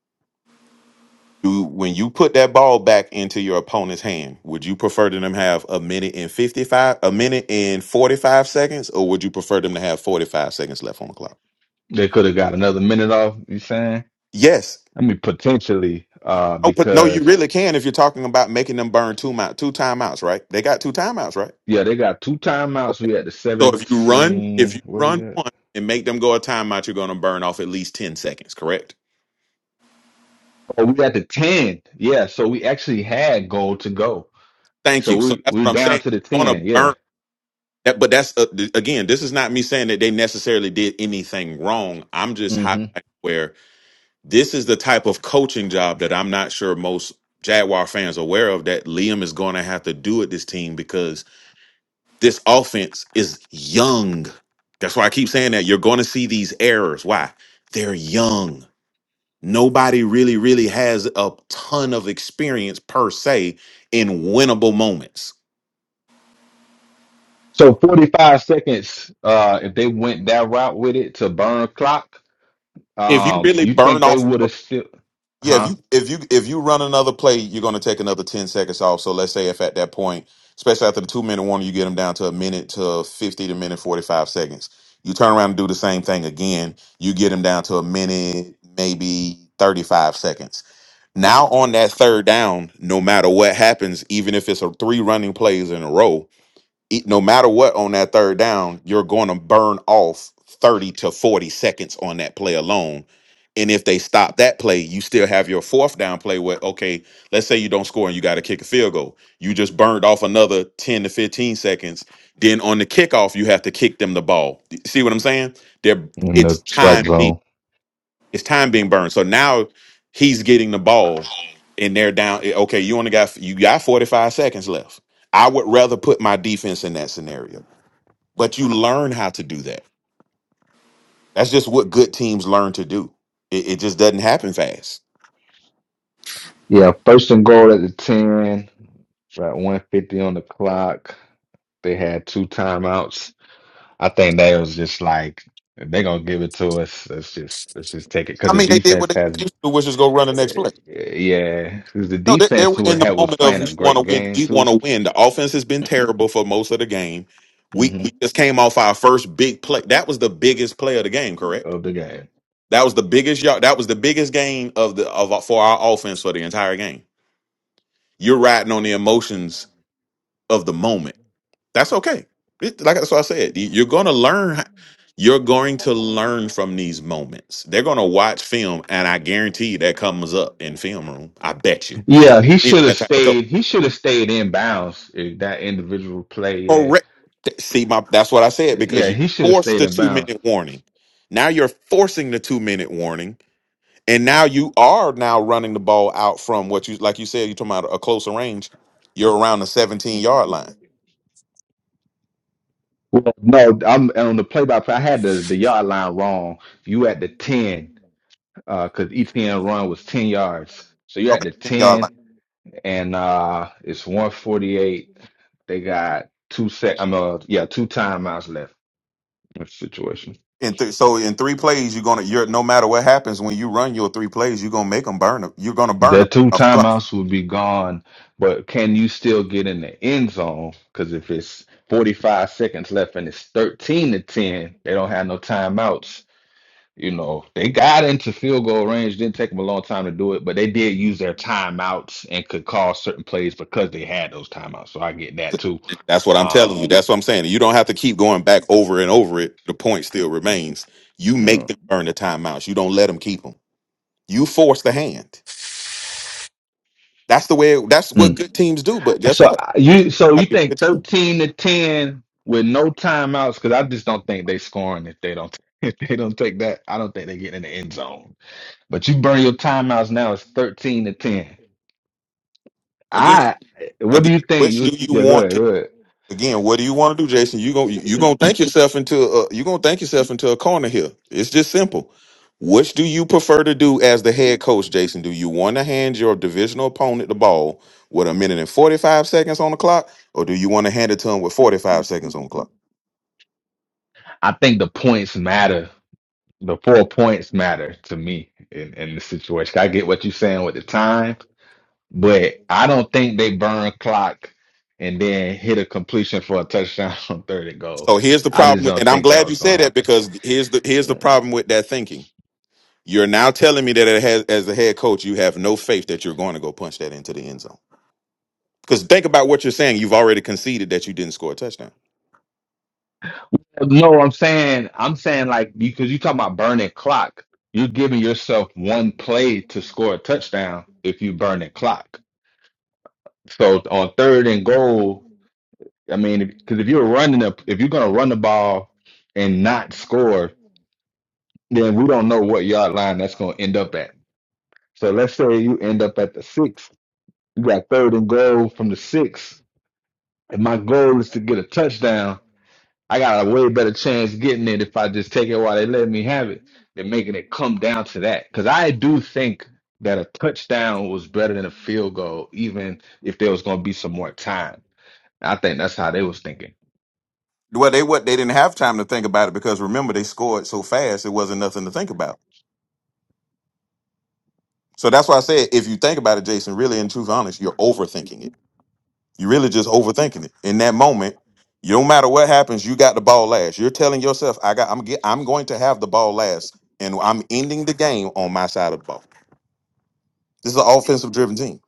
Speaker 4: Do when you put that ball back into your opponent's hand, would you prefer to them have a minute and fifty five, a minute and forty five seconds, or would you prefer them to have forty five seconds left on the clock?
Speaker 3: they could have got another minute off. You saying?
Speaker 4: Yes.
Speaker 3: I mean, potentially, uh,
Speaker 4: No, but no, you
Speaker 3: because
Speaker 4: really can if you're talking about making them burn two mou- two timeouts, right? They got two timeouts, right?
Speaker 3: yeah, they got two timeouts.
Speaker 4: Okay.
Speaker 3: We at the
Speaker 4: So if you run, if
Speaker 3: seventeen.
Speaker 4: you
Speaker 3: Where we
Speaker 4: run
Speaker 3: at?
Speaker 4: one and make them go a timeout, you're going to burn off at least ten seconds, correct?
Speaker 3: Oh, we at the ten. Yeah, so we actually had goal to go.
Speaker 4: Thank
Speaker 3: So
Speaker 4: you. So
Speaker 3: we
Speaker 4: that's
Speaker 3: we're
Speaker 4: what I'm
Speaker 3: down
Speaker 4: saying.
Speaker 3: to the
Speaker 4: You want to
Speaker 3: ten. Yeah.
Speaker 4: burn that, but that's uh, th- again, this is not me saying that they necessarily did anything wrong. I'm just
Speaker 3: hmm
Speaker 4: highlighting where this is the type of coaching job that I'm not sure most Jaguar fans are aware of that Liam is going to have to do at this team because This offense is young. That's why I keep saying that. You're going to see these errors. Why? They're young. Nobody really, really has a ton of experience per se in winnable moments.
Speaker 3: So 45 seconds, uh, if they went that route with it to burn clock,
Speaker 4: If you
Speaker 3: um,
Speaker 4: really
Speaker 3: you
Speaker 4: burn
Speaker 3: think they
Speaker 4: off
Speaker 3: would
Speaker 4: more,
Speaker 3: have still,
Speaker 4: yeah. If
Speaker 3: huh?
Speaker 4: you if you if you run another play, you're going to take another ten seconds off. So let's say if at that point, especially after the two minute warning, you get them down to a minute to fifty to minute forty five seconds. You turn around and do the same thing again. You get them down to a minute, maybe thirty five seconds Now on that third down, no matter what happens, even if it's a three running plays in a row, e- no matter what on that third down, you're going to burn off 30 to 40 seconds on that play alone. And if they stop that play, you still have your fourth down play where, okay, let's say you don't score and you got to kick a field goal. You just burned off another 10 to 15 seconds. Then on the kickoff, you have to kick them the ball. See what I'm saying? They're,
Speaker 3: In
Speaker 4: it's
Speaker 3: the strike
Speaker 4: time.
Speaker 3: zone.
Speaker 4: It's time being burned. So now he's getting the ball, and they're down. Okay, you only got you got forty five seconds left. I would rather put my defense in that scenario, but you learn how to do that. That's just what good teams learn to do. It, it just doesn't happen fast.
Speaker 3: Yeah, first and goal at the 10, right, 150 on the clock. They had two timeouts. I think they was just like, if they're gonna give it to us, let's just let's just take it because
Speaker 4: I
Speaker 3: the
Speaker 4: mean, they did what
Speaker 3: defense
Speaker 4: they
Speaker 3: has,
Speaker 4: supposed to do, which is go run the next
Speaker 3: eh,
Speaker 4: play.
Speaker 3: yeah, because the
Speaker 4: No, they, they
Speaker 3: defense
Speaker 4: were
Speaker 3: who
Speaker 4: in
Speaker 3: had
Speaker 4: the
Speaker 3: was
Speaker 4: moment of
Speaker 3: playing
Speaker 4: we
Speaker 3: a
Speaker 4: want to
Speaker 3: great
Speaker 4: win.
Speaker 3: game
Speaker 4: We
Speaker 3: too
Speaker 4: want to win. The offense has been terrible for most of the game. We,
Speaker 3: hmm
Speaker 4: we just came off our first big play. That was the biggest play of the game, correct?
Speaker 3: of the game.
Speaker 4: That was the biggest yard. That was the biggest gain of the of for our offense for the entire game. You're riding on the emotions of the moment. That's okay. It- like that's what I said. You- You're gonna learn. You're going to learn from these moments. They're gonna watch film, and I guarantee you that comes up in film room. I bet you.
Speaker 3: Yeah, he
Speaker 4: He's
Speaker 3: should have
Speaker 4: That type of coach.
Speaker 3: stayed. He should have stayed in bounds. eh, That individual play, yeah,
Speaker 4: Correct. Th- See, my that's what I said because
Speaker 3: yeah,
Speaker 4: you
Speaker 3: he should have
Speaker 4: forced
Speaker 3: stayed
Speaker 4: the
Speaker 3: in
Speaker 4: two
Speaker 3: bounds.
Speaker 4: minute warning. Now you're forcing the two minute warning And now you are now running the ball out from what you like you said, you're talking about a closer range. You're around the 17 yard line.
Speaker 3: Well, no, I'm on the play by play. I had the, the yard line wrong. You at the ten, uh, because ETN run was ten yards. So you at
Speaker 4: Okay,
Speaker 3: the
Speaker 4: 10 yard
Speaker 3: ten,
Speaker 4: line.
Speaker 3: and uh, it's one forty eight. They got two sec. I'm uh, yeah, two timeouts left in the situation.
Speaker 4: And th- so in three plays, you're gonna you're no matter what happens when you run your three plays, you're gonna make them burn them. You're gonna burn
Speaker 3: The
Speaker 4: them
Speaker 3: two
Speaker 4: off the clock.
Speaker 3: timeouts would be gone, but can you still get in the end zone? Because if it's 45 seconds left and it's 13 to 10, they don't have no timeouts. You know, they got into field goal range, didn't take them a long time to do it, but they did use their timeouts and could call certain plays because they had those timeouts. So I get that too.
Speaker 4: That's what I'm
Speaker 3: Uh,
Speaker 4: telling you. That's what I'm saying. You don't have to keep going back over and over it. The point still remains. You
Speaker 3: yeah.
Speaker 4: make them burn the timeouts. You don't let them keep them. You force the hand. That's the way. that's what good teams do. But guess
Speaker 3: So
Speaker 4: what?
Speaker 3: uh, you so
Speaker 4: I
Speaker 3: you
Speaker 4: be a
Speaker 3: think
Speaker 4: good team.
Speaker 3: thirteen to ten with no timeouts? Because I just don't think they scoring if they don't if they don't take that. I don't think they get in the end zone. But you burn your timeouts now. It's thirteen to ten.
Speaker 4: Again,
Speaker 3: I what do
Speaker 4: again,
Speaker 3: you think?
Speaker 4: which do
Speaker 3: You
Speaker 4: you
Speaker 3: yeah, go
Speaker 4: want
Speaker 3: ahead,
Speaker 4: to?
Speaker 3: go ahead.
Speaker 4: Again, what do you want to do, Jason? You going you gonna thank yourself into a, uh, you gonna thank yourself into a corner here. It's just simple. Which do you prefer to do as the head coach, Jason? Do you want to hand your divisional opponent the ball with a minute and forty five seconds on the clock, or do you want to hand it to him with forty five seconds on the clock?
Speaker 3: I think the points matter. The four points matter to me in in the situation. I get what you're saying with the time, But I don't think they burn clock and then hit a completion for a touchdown on third and goal.
Speaker 4: So here's the
Speaker 3: I just
Speaker 4: problem, with,
Speaker 3: don't
Speaker 4: and I'm
Speaker 3: think that
Speaker 4: glad
Speaker 3: was
Speaker 4: you
Speaker 3: gonna
Speaker 4: said that
Speaker 3: happen.
Speaker 4: because here's the here's the problem with that thinking. You're now telling me that it has, as the head coach, you have no faith that you're going to go punch that into the end zone. Because think about what you're saying. You've already conceded that you didn't score a touchdown.
Speaker 3: No, I'm saying I'm saying like because you talking about burning clock, you're giving yourself one play to score a touchdown if you burn the clock. So on third and goal, I mean, because if, 'cause if you're running up, if you're gonna run the ball and not score, then we don't know what yard line that's gonna end up at. So let's say you end up at the six You got third and goal from the six. If my goal is to get a touchdown, I got a way better chance getting it if I just take it while they let me have it than making it come down to that. Because I do think that a touchdown was better than a field goal, even if there was going to be some more time. I think that's how they was thinking.
Speaker 4: Well, they what they didn't have time to think about it because remember they scored so fast it wasn't nothing to think about. So that's why I said if you think about it, Jason, really in truth, honest, you're overthinking it. You're really just overthinking it. In that moment, you no matter what happens, you got the ball last. You're telling yourself, I got, I'm get, I'm going to have the ball last, and I'm ending the game on my side of the ball. This is an offensive driven team.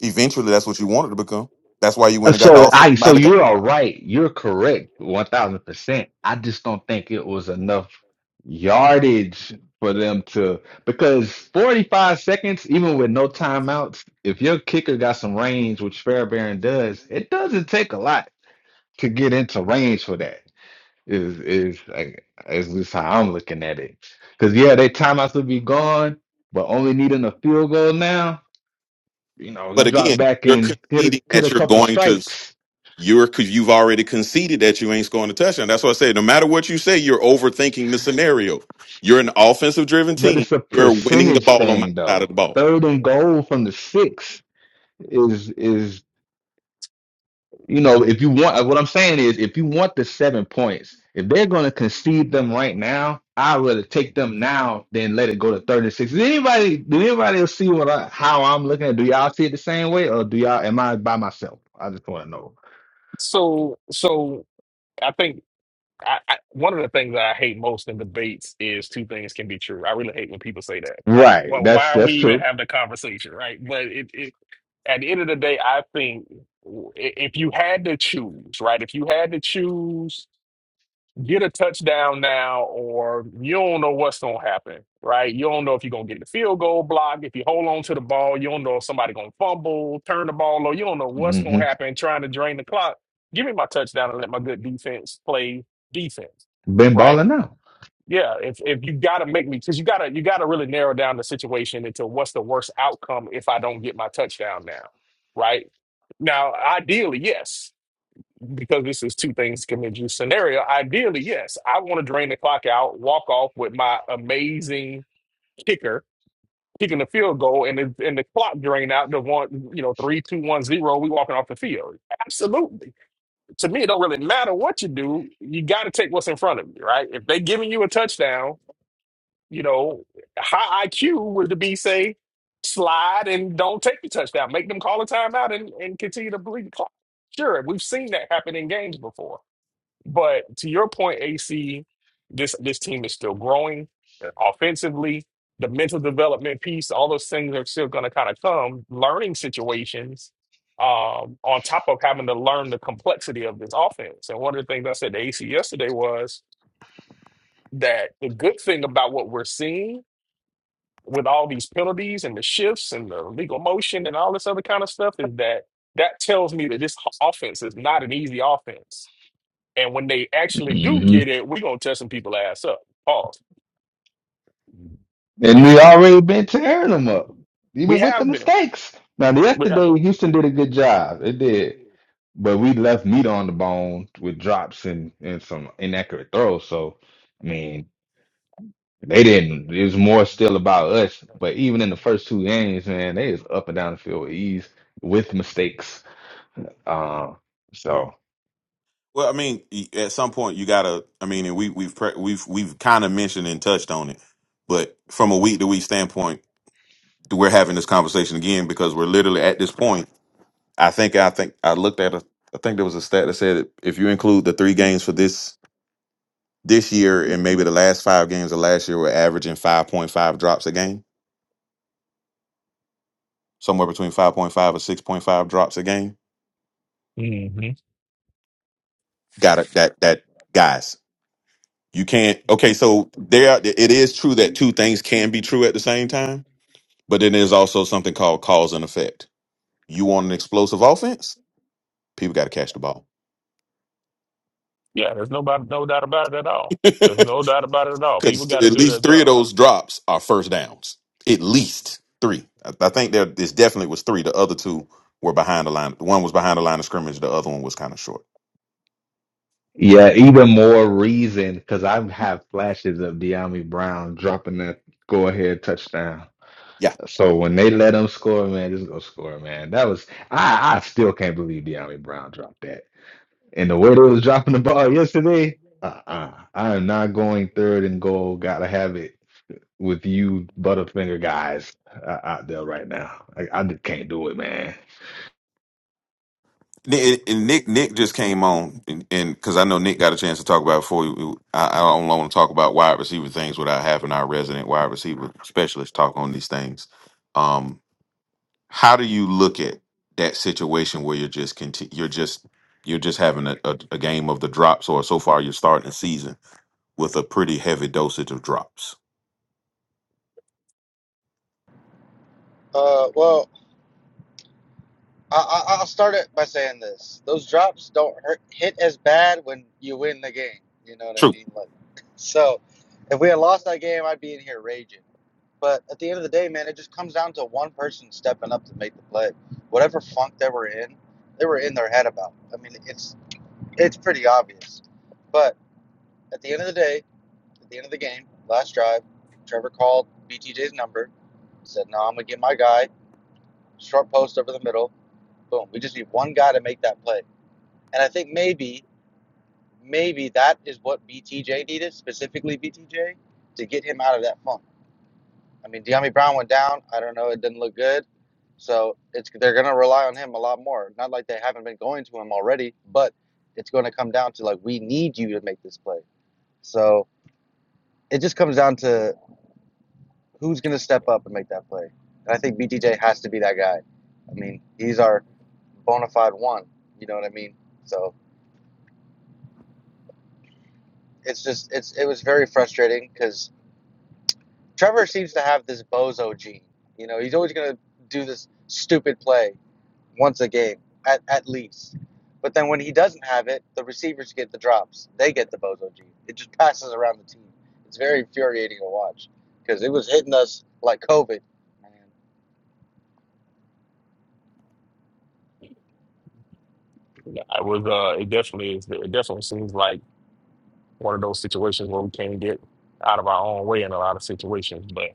Speaker 4: Eventually, that's what you wanted to become. That's why you went and got an
Speaker 3: So
Speaker 4: offensive
Speaker 3: I so
Speaker 4: minded coach.
Speaker 3: you are right. You're correct, one thousand percent. I just don't think it was enough yardage for them to because forty five seconds, even with no timeouts, if your kicker got some range, which Fairbairn does, it doesn't take a lot to get into range for that. Is is like is just how I'm looking at it. Because yeah, they timeouts will be gone, but only needing a field goal now. You know, you
Speaker 4: But
Speaker 3: drop
Speaker 4: again,
Speaker 3: back
Speaker 4: you're
Speaker 3: and hit a,
Speaker 4: conceding
Speaker 3: hit a
Speaker 4: that you're
Speaker 3: couple
Speaker 4: going to
Speaker 3: strikes
Speaker 4: you're because you've already conceded that you ain't scoring a touchdown. That's why I say no matter what you say, you're overthinking the scenario. You're an offensive driven
Speaker 3: but
Speaker 4: team.
Speaker 3: it's a
Speaker 4: We're winning the
Speaker 3: percentage
Speaker 4: ball on my
Speaker 3: thing
Speaker 4: side of
Speaker 3: though.
Speaker 4: the ball.
Speaker 3: Third and goal from the six is is you know if you want what I'm saying is if you want the seven points, if they're going to concede them right now, I'd rather take them now than let it go to third and six. Does anybody do anybody else see what I, how I'm looking at? Do y'all see it the same way, or do y'all am I by myself? I just want to know.
Speaker 2: So so I think. I, I, one of the things that I hate most in debates is two things can be true. I really hate when people say that. Like,
Speaker 3: Right,
Speaker 2: well,
Speaker 3: that's
Speaker 2: why are we
Speaker 3: that's
Speaker 2: even
Speaker 3: true.
Speaker 2: having the conversation, right? But it, it at the end of the day, I think w- i- if you had to choose, right? If you had to choose, get a touchdown now, or you don't know what's gonna happen, right? You don't know if you're gonna get the field goal block. If you hold on to the ball, you don't know if somebody gonna fumble, turn the ball, over. you don't know what's
Speaker 3: hmm
Speaker 2: gonna happen. Trying to drain the clock. Give me my touchdown and let my good defense play defense
Speaker 3: Been
Speaker 2: right?
Speaker 3: balling out.
Speaker 2: Yeah, if if you gotta make me, because you gotta you gotta really narrow down the situation into what's the worst outcome if I don't get my touchdown now, right? Now, ideally, yes, because this is two things commit you scenario. Ideally, yes, I want to drain the clock out, walk off with my amazing kicker kicking the field goal, and the, and the clock drain out to one, you know, three, two, one, zero. We walking off the field. Absolutely. To me, it don't really matter what you do. You got to take what's in front of you, right? If they giving you a touchdown you know, high IQ would to be say slide and don't take the touchdown. Make them call a timeout and, and continue to bleed the clock. Sure, we've seen that happen in games before. But to your point, AC, this this team is still growing uh, offensively. The mental development piece, all those things are still going to kind of come. Learning situations, um, on top of having to learn the complexity of this offense. And one of the things I said to AC yesterday was that the good thing about what we're seeing with all these penalties and the shifts and the legal motion and all this other kind of stuff is that that tells me that this h- offense is not an easy offense. And when they actually do
Speaker 3: Mm-hmm.
Speaker 2: get it, we're gonna tear some people ass up. Pause.
Speaker 3: And we already been tearing them up,
Speaker 2: We
Speaker 3: even with the
Speaker 2: have been.
Speaker 3: mistakes. Now,
Speaker 2: We have
Speaker 3: yesterday,
Speaker 2: been.
Speaker 3: Houston did a good job. It did. But we left meat on the bone with drops and, and some inaccurate throws. So, I mean, they didn't. It was more still about us. But even in the first two games, man, they was up and down the field with ease with mistakes. Uh, so,
Speaker 4: Well, I mean, y- at some point you gotta. I mean, and we we've pre- we've we've kind of mentioned and touched on it, but from a week to week standpoint, we're having this conversation again because we're literally at this point. I think I think I looked at a. I think there was a stat that said if you include the three games for this this year and maybe the last five games of last year were averaging 5.5 drops a game, somewhere between 5.5 or 6.5 drops a game.
Speaker 2: hmm
Speaker 4: Got it. That, that, guys, you can't. Okay. So there, it is true that two things can be true at the same time, but then there's also something called cause and effect. You want an explosive offense? People got to catch the ball.
Speaker 2: Yeah, there's nobody, no doubt about it at all. There's no doubt about it at all. People
Speaker 4: Because
Speaker 2: got to
Speaker 4: at
Speaker 2: do their
Speaker 4: least three of
Speaker 2: job.
Speaker 4: those drops are first downs. At least three. I, I think there this definitely was three. The other two were behind the line. One was behind the line of scrimmage. The other one was kind of short.
Speaker 3: yeah, even more reason because I have flashes of De'Ami Brown dropping that go ahead touchdown.
Speaker 4: Yeah.
Speaker 3: So when they let him score, man, just go score, man. That was I I still can't believe De'Ami Brown dropped that. And the way they was dropping the ball yesterday, uh-uh. I am not going third and goal. Gotta have it with you Butterfinger guys uh, out there right now. I, I just can't do it, man.
Speaker 4: Nick, and Nick Nick just came on, and because I know Nick got a chance to talk about it before you, I, I don't want to talk about wide receiver things without having our resident wide receiver specialist talk on these things. Um, how do you look at that situation where you're just conti- you're just you're just having a, a, a game of the drops, or so far you're starting the season with a pretty heavy dosage of drops.
Speaker 5: Uh, well, I, I, I'll start it by saying this: those drops don't hurt, hit as bad when you win the game. You know what I
Speaker 4: True,
Speaker 5: mean? Like, so if we had lost that game, I'd be in here raging. But at the end of the day, man, it just comes down to one person stepping up to make the play. Whatever funk they were in, they were in their head about. I mean, it's it's pretty obvious. But at the end of the day, at the end of the game, last drive, Trevor called BTJ's number, said, "No, I'm gonna get my guy, short post over the middle." Boom. We just need one guy to make that play. And I think maybe, maybe that is what BTJ needed, specifically BTJ, to get him out of that funk. I mean, Deami Brown went down. I don't know. It didn't look good. So it's they're going to rely on him a lot more. Not like they haven't been going to him already, but it's going to come down to like, we need you to make this play. So it just comes down to who's going to step up and make that play. And I think BTJ has to be that guy. I mean, he's our bona fide one. You know what I mean? So. it's just it's it was very frustrating because Trevor seems to have this bozo gene. You know, he's always gonna do this stupid play once a game at at least. But then when he doesn't have it, the receivers get the drops. They get the bozo gene. It just passes around the team. It's very infuriating to watch because it was hitting us like COVID. Man.
Speaker 2: Yeah, I was uh it definitely is it definitely seems like one of those situations where we can't get out of our own way in a lot of situations, but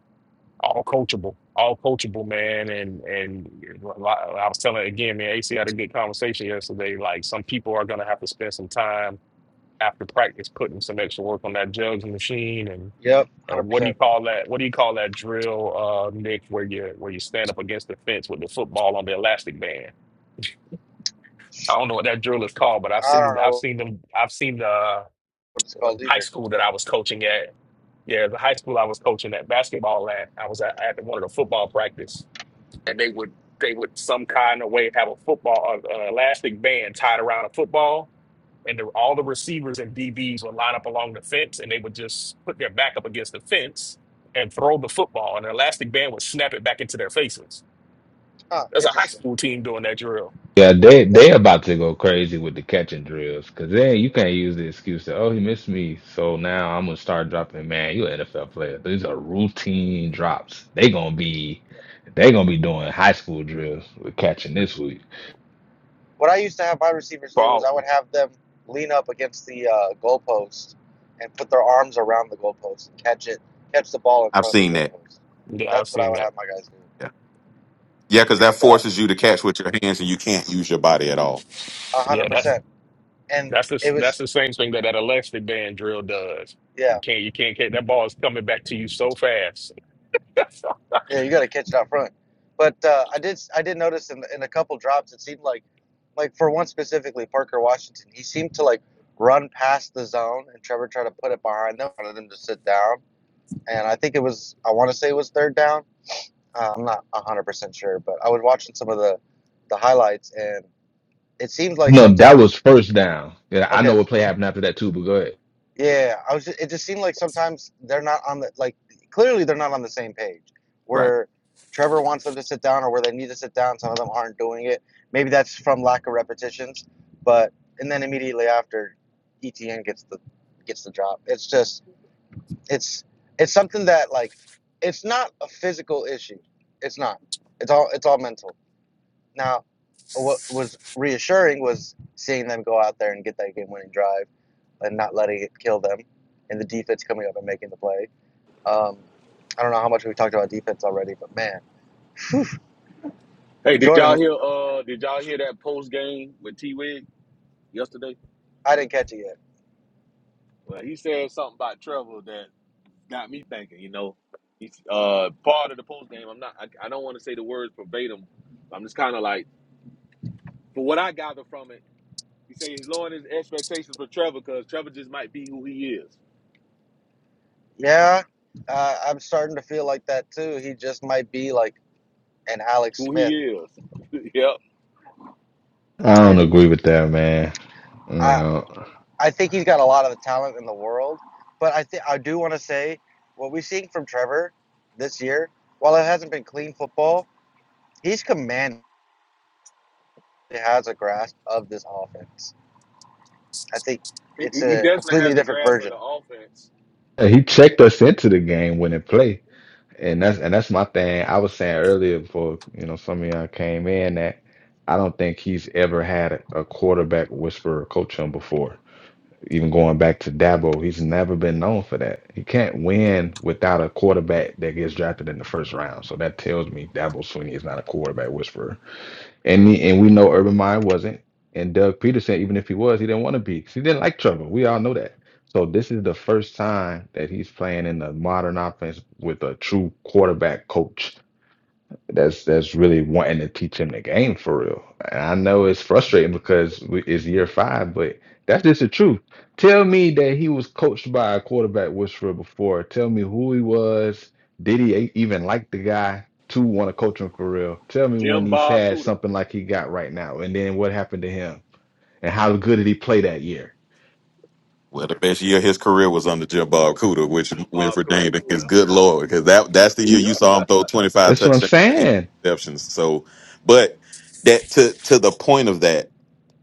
Speaker 2: all coachable, all coachable, man. And and a lot- I was telling again, man, AC had a good conversation yesterday. Like some people are gonna have to spend some time after practice putting some extra work on that jugs machine and
Speaker 5: Yep, one
Speaker 2: and
Speaker 5: hundred
Speaker 2: what do you
Speaker 5: percent.
Speaker 2: call that? What do you call that drill, uh, Nick, where you where you stand up against the fence with the football on the elastic band? I
Speaker 5: Shoot.
Speaker 2: don't know what that drill is called, but I've
Speaker 5: I don't
Speaker 2: seen I've
Speaker 5: know
Speaker 2: seen them I've seen the
Speaker 5: what it's called
Speaker 2: high
Speaker 5: either.
Speaker 2: school that I was coaching at. Yeah, the high school I was coaching at basketball at. I was at, at one of the football practice, and they would they would some kind of way have a football uh, uh, elastic band tied around a football, and the, all the receivers and DBs would line up along the fence, and they would just put their back up against the fence and throw the football, and the elastic band would snap it back into their faces.
Speaker 5: Huh,
Speaker 2: There's a high
Speaker 5: interesting.
Speaker 2: school team doing that drill.
Speaker 3: Yeah, they
Speaker 5: That
Speaker 3: they about to go crazy with the catching drills because then you can't use the excuse that oh he missed me, so now I'm gonna start dropping. Man, you an NFL player. These are routine drops. They gonna be they gonna be doing high school drills with catching this week.
Speaker 5: what I used to have my receivers
Speaker 2: For
Speaker 5: do is I
Speaker 2: all,
Speaker 5: would have them lean up against the uh, goalpost and put their arms around the goalpost and catch it, catch the ball in
Speaker 4: I've
Speaker 5: front of the
Speaker 4: seen that.
Speaker 5: goalpost.
Speaker 2: yeah, I've
Speaker 5: That's what I
Speaker 2: seen
Speaker 5: would have
Speaker 2: that.
Speaker 5: my guys do,
Speaker 4: Yeah, yeah, because that
Speaker 5: and uh,
Speaker 4: forces you to catch with your hands, and you can't use your body at all.
Speaker 5: a hundred
Speaker 2: Yeah, that's
Speaker 5: percent. And
Speaker 2: that's the
Speaker 5: it
Speaker 2: that's
Speaker 5: was
Speaker 2: the same thing that that elastic band drill does.
Speaker 5: yeah,
Speaker 2: You can't you can't catch that ball is coming back to you so fast.
Speaker 5: yeah. You got to catch it out front. But uh, I did I did notice in, in a couple drops it seemed like like for one specifically Parker Washington he seemed to like run past the zone and Trevor tried to put it behind them wanted them to sit down and I think it was I want to say it was third down Uh, I'm not 100% sure, but I was watching some of the the highlights and it seemed like
Speaker 3: No, that
Speaker 5: sometimes
Speaker 3: was first down. Yeah, I
Speaker 5: okay,
Speaker 3: know
Speaker 5: if-
Speaker 3: what play happened after that too, but go ahead.
Speaker 5: yeah, I was ju- it just seemed like sometimes they're not on the like clearly they're not on the same page
Speaker 4: Right.
Speaker 5: where Trevor wants them to sit down or where they need to sit down, some of them aren't doing it. Maybe that's from lack of repetitions, but and then immediately after ETN gets the gets the drop. It's just it's it's something that like it's not a physical issue. It's not. It's all it's all mental Now, what was reassuring was seeing them go out there and get that game-winning drive and not letting it kill them, and the defense coming up and making the play. Um, I don't know how much we've talked about defense already, but man,
Speaker 6: Hey, did y'all
Speaker 5: Jordan,
Speaker 6: hear? Uh, did y'all hear that post game with T. Wig yesterday?
Speaker 5: I didn't catch it yet.
Speaker 6: Well, he said something about Trevor that got me thinking. You know, he's uh part of the post game. I'm not. I, I don't want to say the words verbatim. I'm just kind of like, for what I gather from it, he said he's lowering his expectations for Trevor because Trevor just might be who he is.
Speaker 5: Yeah, uh, I'm starting to feel like that too. He just might be like an Alex
Speaker 6: Who he
Speaker 5: Smith,
Speaker 6: is. yep.
Speaker 3: I don't
Speaker 5: and
Speaker 3: agree with that, man. I don't
Speaker 5: I
Speaker 3: know.
Speaker 5: I think he's got a lot of the talent in the world. But I think I do want to say what we've seen from Trevor this year, while it hasn't been clean football, he's commanding has a grasp of this offense. I think
Speaker 6: He,
Speaker 5: it's
Speaker 6: he he
Speaker 5: a
Speaker 6: definitely
Speaker 5: completely
Speaker 6: has a
Speaker 5: different
Speaker 6: grasp of
Speaker 5: version.
Speaker 6: the offense.
Speaker 3: He checked us into the game winning play. And that's and that's my thing. I was saying earlier before, you know, some of y'all came in that I don't think he's ever had a quarterback whisperer coach him before. Even going back to Dabo, he's never been known for that. He can't win without a quarterback that gets drafted in the first round. So that tells me Dabo Sweeney is not a quarterback whisperer. And he- and we know Urban Meyer wasn't. And Doug Peterson, even if he was, he didn't want to be because he didn't like trouble. We all know that. So this is the first time that he's playing in the modern offense with a true quarterback coach that's that's really wanting to teach him the game for real. And I know it's frustrating because we, it's year five, but that's just the truth. Tell me that he was coached by a quarterback whisperer before. Tell me who he was. Did he e- even like the guy to want to coach him for real? Tell me when
Speaker 6: Jim
Speaker 3: he's
Speaker 6: Bob
Speaker 3: had
Speaker 6: Cooter.
Speaker 3: something like he got right now, and then what happened to him, and
Speaker 6: Yeah,
Speaker 3: how good did he play that year?
Speaker 4: Well, the best year of his career was under Jim Bob Cooter, which
Speaker 6: Jim Bob
Speaker 4: Winfred
Speaker 6: Cooter.
Speaker 4: Dane is good lord, because that that's the year you saw him throw twenty five
Speaker 3: That's what I'm
Speaker 4: touchdowns, eight
Speaker 3: saying.
Speaker 4: interceptions. So, but that to to the point of that,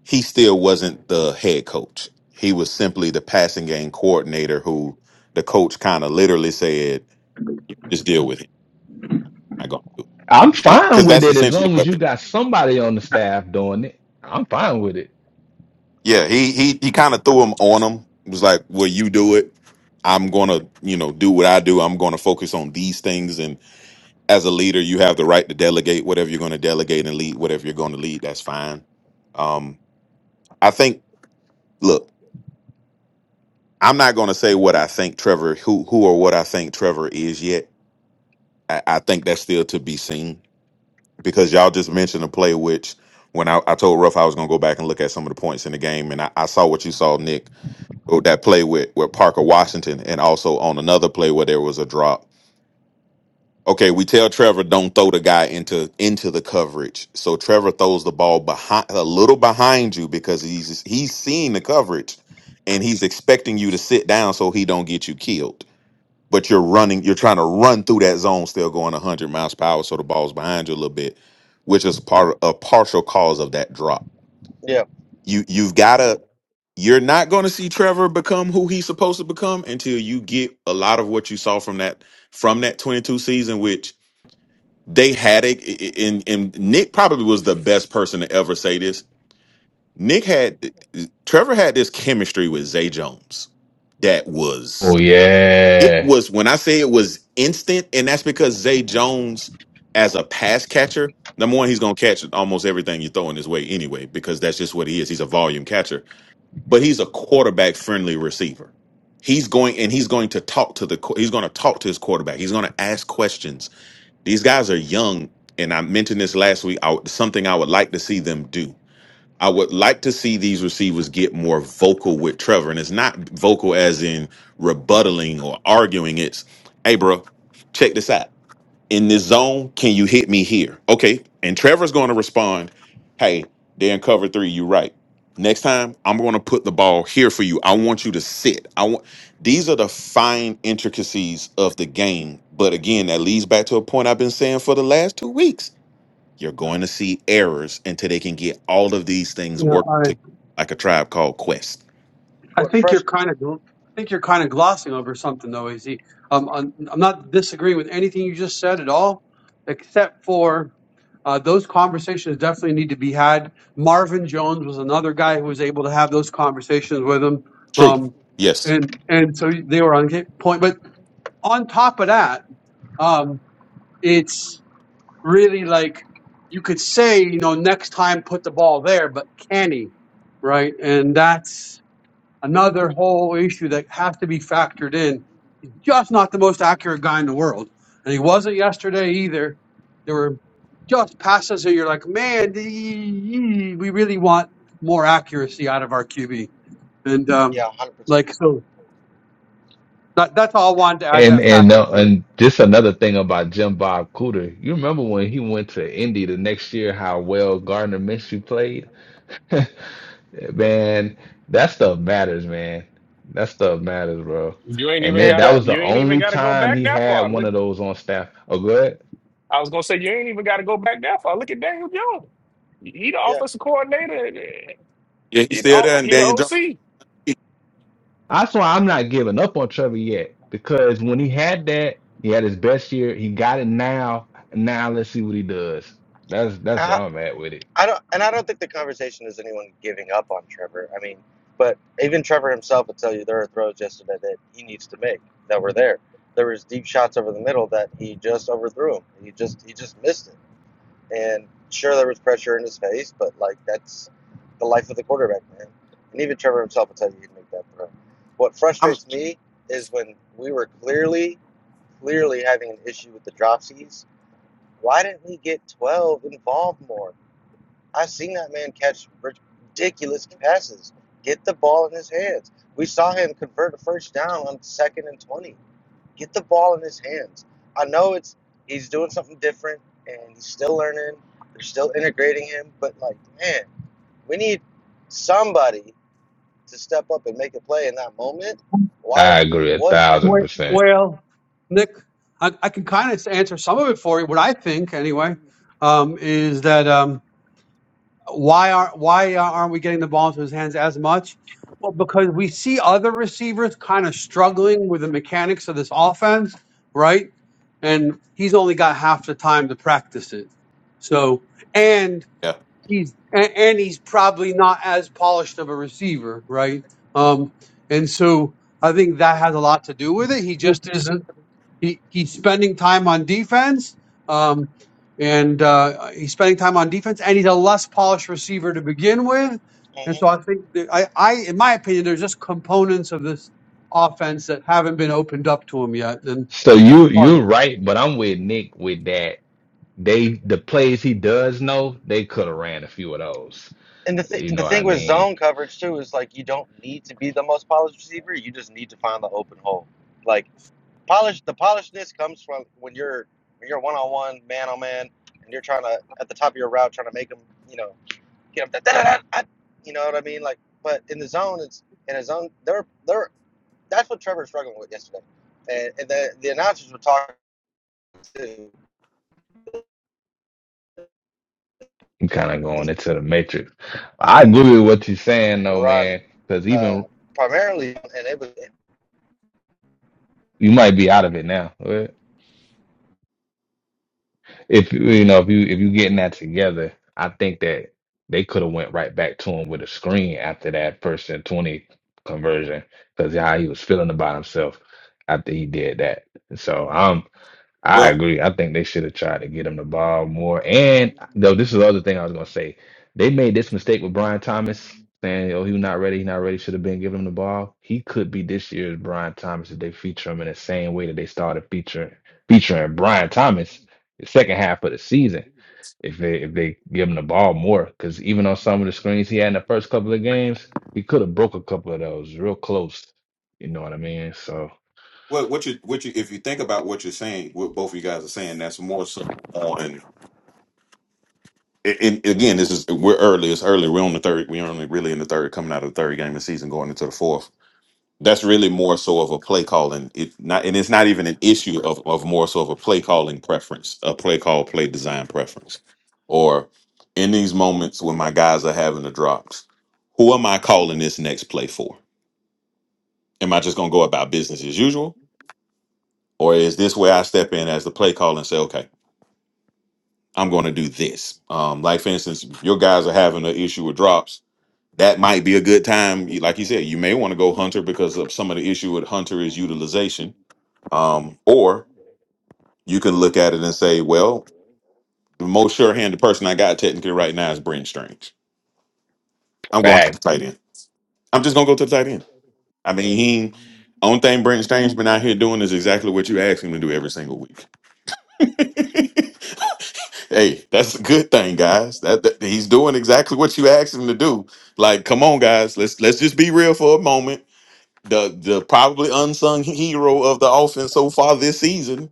Speaker 4: he still wasn't the head coach. He was simply the passing game coordinator, who the coach kind of literally said, "Just deal with him. I'm gonna do
Speaker 3: I'm
Speaker 4: it,"
Speaker 3: fine
Speaker 4: because
Speaker 3: with
Speaker 4: that's
Speaker 3: it as
Speaker 4: essentially
Speaker 3: long as
Speaker 4: what.
Speaker 3: you got somebody on the staff doing it. I'm fine with it.
Speaker 4: Yeah, he he he kind of threw him on him. It was like, "Will you do it?" I'm gonna, you know, do what I do. I'm gonna focus on these things, and as a leader, you have the right to delegate whatever you're going to delegate and lead whatever you're going to lead. That's fine. Um, I think. Look, I'm not going to say what I think Trevor, who who or what I think Trevor is yet. I, I think that's still to be seen because y'all just mentioned a play which when I, I told Ruff I was going to go back and look at some of the points in the game, and I, I saw what you saw, Nick, oh, that play with with Parker Washington, and also on another play where there was a drop Okay, we tell Trevor don't throw the guy into into the coverage. So Trevor throws the ball behind a little behind you because he's he's seeing the coverage and he's expecting you to sit down so he don't get you killed. But you're running, you're trying to run through that zone still going 100 miles per hour so the ball's behind you a little bit, which is part a partial cause of that drop.
Speaker 5: Yeah.
Speaker 4: You you've got to you're not going to see Trevor become who he's supposed to become until you get a lot of what you saw from that from that 22 season which they had a and and Nick probably was the best person to ever say this. Nick had Trevor had this chemistry with Zay Jones that was
Speaker 3: Oh
Speaker 4: it
Speaker 3: yeah.
Speaker 4: was when I say it was instant, and that's because Zay Jones as a pass catcher, number one, he's gonna catch almost everything you throw in his way anyway, because that's just what he is. He's a volume catcher, but he's a quarterback friendly receiver. He's going and he's going to talk to the qu- he's going to talk to his quarterback. He's going to ask questions these guys are young, and I mentioned this last week. I, something I would like to see them do. I would like to see these receivers get more vocal with Trevor, and it's not vocal as in rebuttaling or arguing. It's, hey, bro, check this out in this zone, can you hit me here? Okay. And Trevor's going to respond, hey, they're in cover three. You right. Next time, I'm going to put the ball here for you. I want you to sit. I want these are the fine intricacies of the game. But again, that leads back to a point I've been saying for the last two weeks. You're going to see errors until they can get all of these
Speaker 1: You
Speaker 4: things worked
Speaker 1: know,
Speaker 4: together like a tribe called Quest.
Speaker 1: I, I
Speaker 5: What
Speaker 1: think you're
Speaker 5: fresh?
Speaker 1: kind of, gl- I think you're kind of glossing over something though, Az. Um, I'm, I'm not disagreeing with anything you just said at all, except for Uh, those conversations definitely need to be had. Marvin Jones was another guy who was able to have those conversations with him,
Speaker 4: True.
Speaker 1: um,
Speaker 4: Yes.
Speaker 1: and and so they were on point. But on top of that, um, it's really like you could say, you know, next time put the ball there, but can he, right? And that's another whole issue that has to be factored in just not the most accurate guy in the world, and he wasn't yesterday either. There were just passes that you're like, man, the- we really want more accuracy out of our QB, and um,
Speaker 5: Yeah, one hundred percent.
Speaker 1: like so that, that's all I wanted to add
Speaker 3: And
Speaker 1: that
Speaker 3: and
Speaker 1: factor
Speaker 3: uh,
Speaker 1: to it.
Speaker 3: and just another thing about Jim Bob Cooter, you remember when he went to Indy the next year, how well Gardner Minshew played? Man, that stuff matters, man. That stuff matters, bro.
Speaker 2: You ain't
Speaker 3: And
Speaker 2: even
Speaker 3: it,
Speaker 5: And
Speaker 3: that
Speaker 2: gotta
Speaker 5: uh,
Speaker 3: was the
Speaker 2: you ain't even
Speaker 3: only
Speaker 2: gotta go
Speaker 3: time
Speaker 2: back
Speaker 3: he
Speaker 2: that
Speaker 3: had
Speaker 2: far.
Speaker 3: one
Speaker 2: Look,
Speaker 3: of those on staff. Oh, good.
Speaker 2: I was gonna say you ain't even gotta go back that far. Look at Daniel Jones. He the
Speaker 5: yeah,
Speaker 2: offensive coordinator.
Speaker 4: Yeah, he's
Speaker 2: He the,
Speaker 4: still
Speaker 2: O-
Speaker 4: there, and
Speaker 2: he
Speaker 4: Daniel Jones.
Speaker 2: the
Speaker 3: That's why I'm not giving up on Trevor yet, because when he had that, he had his best year. He got it now. Now let's see what he does. That's that's where
Speaker 5: I,
Speaker 3: I'm at with it.
Speaker 5: I don't, and I don't think the conversation is anyone giving up on Trevor. I mean, but even Trevor himself would tell you there are throws yesterday that he needs to make that were there. There was deep shots over the middle that he just overthrew him. He just he just missed it. And sure, there was pressure in his face, but like that's the life of the quarterback, man. And even Trevor himself will tell you he can make that throw. What
Speaker 4: I'm
Speaker 5: frustrates me is when we were clearly, clearly having an issue with the dropsies. Why didn't we get 12 involved more? I've seen that man catch ridiculous passes. Get the ball in his hands. We saw him convert a first down on second and 20. Get the ball in his hands. I know it's he's doing something different and he's still learning. They're still integrating him, but like, man, we need somebody to step up and make a play in that moment. Why
Speaker 3: I agree a
Speaker 5: wasn't it?
Speaker 3: thousand
Speaker 1: Well,
Speaker 3: percent.
Speaker 1: well, Nick, I, I can kind of answer some of it for you. What I think, anyway, um, is that. Um, Why are why aren't we getting the ball into his hands as much? Well, because we see other receivers kind of struggling with the mechanics of this offense, right? And he's only got half the time to practice it. So, and
Speaker 4: yeah.
Speaker 1: he's and, and he's probably not as polished of a receiver, right? Um, and so I think that has a lot to do with it. He just isn't he, he's spending time on defense, um, and uh, he's spending time on defense, and he's a less polished receiver to begin with. And
Speaker 5: Mhm.
Speaker 1: so I think that I, I, in my opinion, there's just components of this offense that haven't been opened up to him yet, and
Speaker 3: So
Speaker 1: that's
Speaker 3: you
Speaker 1: part
Speaker 3: you're
Speaker 1: of it.
Speaker 3: right, but I'm with Nick with that. They the plays he does know, they could have ran a few of those.
Speaker 5: And the th-
Speaker 3: You
Speaker 5: and the
Speaker 3: know what I
Speaker 5: thing with
Speaker 3: mean?
Speaker 5: zone coverage too is like you don't need to be the most polished receiver. You just need to find the open hole. Like polish the polishedness comes from when you're when you're one on one, man on man, and you're trying to at the top of your route trying to make them, you know. get up there, you know what I mean? Like, but in the zone, it's in a zone. They're they're that's what Trevor's struggling with yesterday, and, and the the announcers were talking to
Speaker 3: I'm kind of going into the matrix. I agree with what you're saying though,
Speaker 5: run
Speaker 3: man. Because
Speaker 5: uh,
Speaker 3: even
Speaker 5: primarily, and it was
Speaker 3: you might be out of it now. but If you know if you if you getting that together, I think that they could have went right back to him with a screen after that first and twenty conversion because how he was feeling about himself after he did that. So um. I
Speaker 4: Well,
Speaker 3: agree. I think they should have tried to get him the ball more. And though this is the other thing I was gonna say, they made this mistake with Brian Thomas saying, "Oh, he not ready. He not ready. Should have been giving him the ball." He could be this year's Brian Thomas if they feature him in the same way that they started featuring featuring Brian Thomas the second half of the season. If they if they give him the ball more, because even on some of the screens he had in the first couple of games, he could have broke a couple of those real close. You know what I mean? So.
Speaker 4: What what you what you if you think about what you're saying, what both of you guys are saying, that's more so on. And and again, this is we're early. It's early. We're on the third. We're only really in the third, coming out of the third game of the season, going into the fourth. That's really more so of a play calling. It not and it's not even an issue of of more so of a play calling preference, a play call, play design preference, or in these moments when my guys are having the drops, who am I calling this next play for? Am I just gonna go about business as usual? Or is this where I step in as the play call and say, okay, I'm going to do this. Um, like for instance, if your guys are having an issue with drops. That might be a good time. You- Like you said, you may want to go Hunter because of some of the issue with Hunter is utilization. Um, or you can look at it and say, well, the most sure-handed person I got technically right now is Brent Strange. I'm going to the tight end. I'm just gonna go to the tight end. I mean, he only thing Brent Strange has been out here doing is exactly what you ask him to do every single week. Hey, that's a good thing, guys. That, that- he's doing exactly what you asked him to do. Like, come on, guys, let's let's just be real for a moment. The the probably unsung hero of the offense so far this season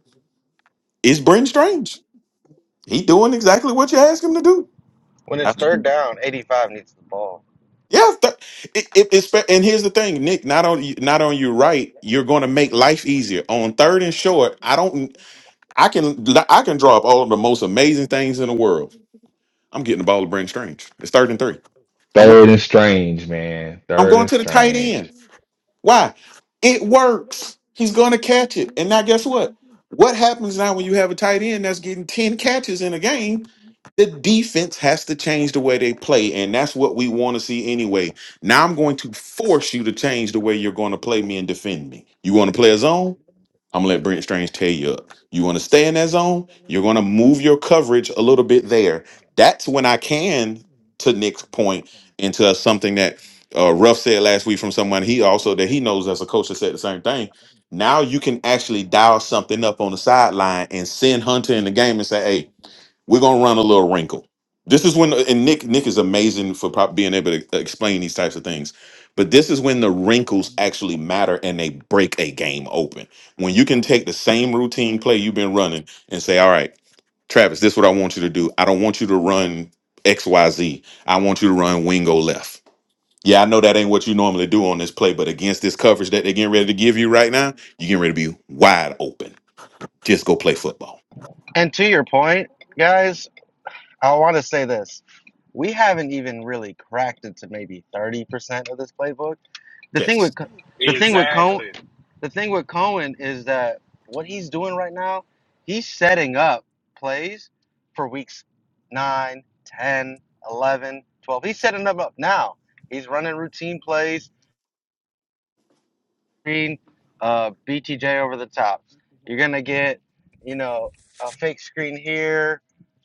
Speaker 4: is Brent Strange. He doing exactly what you asked him to do.
Speaker 5: when it's
Speaker 4: I
Speaker 5: third
Speaker 4: mean,
Speaker 5: down, eighty five needs the ball.
Speaker 4: yeah, th- it, it, it's fa- and here's the thing, Nick. Not on you- not on you right. You're going to make life easier on third and short. I don't. I can I can draw up all of the most amazing things in the world. I'm getting the ball to Brent Strange. It's third and three.
Speaker 3: Third and Strange, man.
Speaker 4: I'm
Speaker 3: Third
Speaker 4: going
Speaker 3: and
Speaker 4: to the tight
Speaker 3: Strange.
Speaker 4: end. Why? It
Speaker 2: OC.
Speaker 4: works. He's going to
Speaker 2: I
Speaker 4: catch it. And now, guess what? What happens now when you have a tight end that's getting 10 catches in a game? The defense has to change the way they play. And that's what we want to see anyway. Now, I'm going to force you to change the way you're going to play me and defend me. You want to play a zone? I'm gonna let Brent Strange tell you. You want to stay in that zone. You're gonna move your coverage a little bit there. That's when I can, to Nick's point, into something that uh, Ruff said last week from someone he also that he knows as a coach that said the same thing. Now you can actually dial something up on the sideline and send Hunter in the game and say, "Hey, we're gonna run a little wrinkle. This is when and Nick Nick is amazing for prob- being able to explain these types of things. But this is when the wrinkles actually matter and they break a game open. When you can take the same routine play you've been running and say, "All right, Travis, this is what I want you to do. I don't want you to run X Y Z. I want you to run Wingo left." Yeah, I know that ain't what you normally do on this play, but against this coverage that they're getting ready to give you right now, you're getting ready to be wide open. Just go play football.
Speaker 5: And to your point, guys, I want to say this: we haven't even really cracked into maybe thirty percent of this playbook The thing
Speaker 4: Yes.
Speaker 5: with Co-
Speaker 6: Yep.
Speaker 5: the thing with Cohen,
Speaker 6: Exactly.
Speaker 5: the thing with Cohen is that what he's doing right now, he's setting up plays for weeks 9 10 11 12 He's setting them up now. He's running routine plays screen, uh, BTJ over the top. You're gonna get, you know, a fake screen here,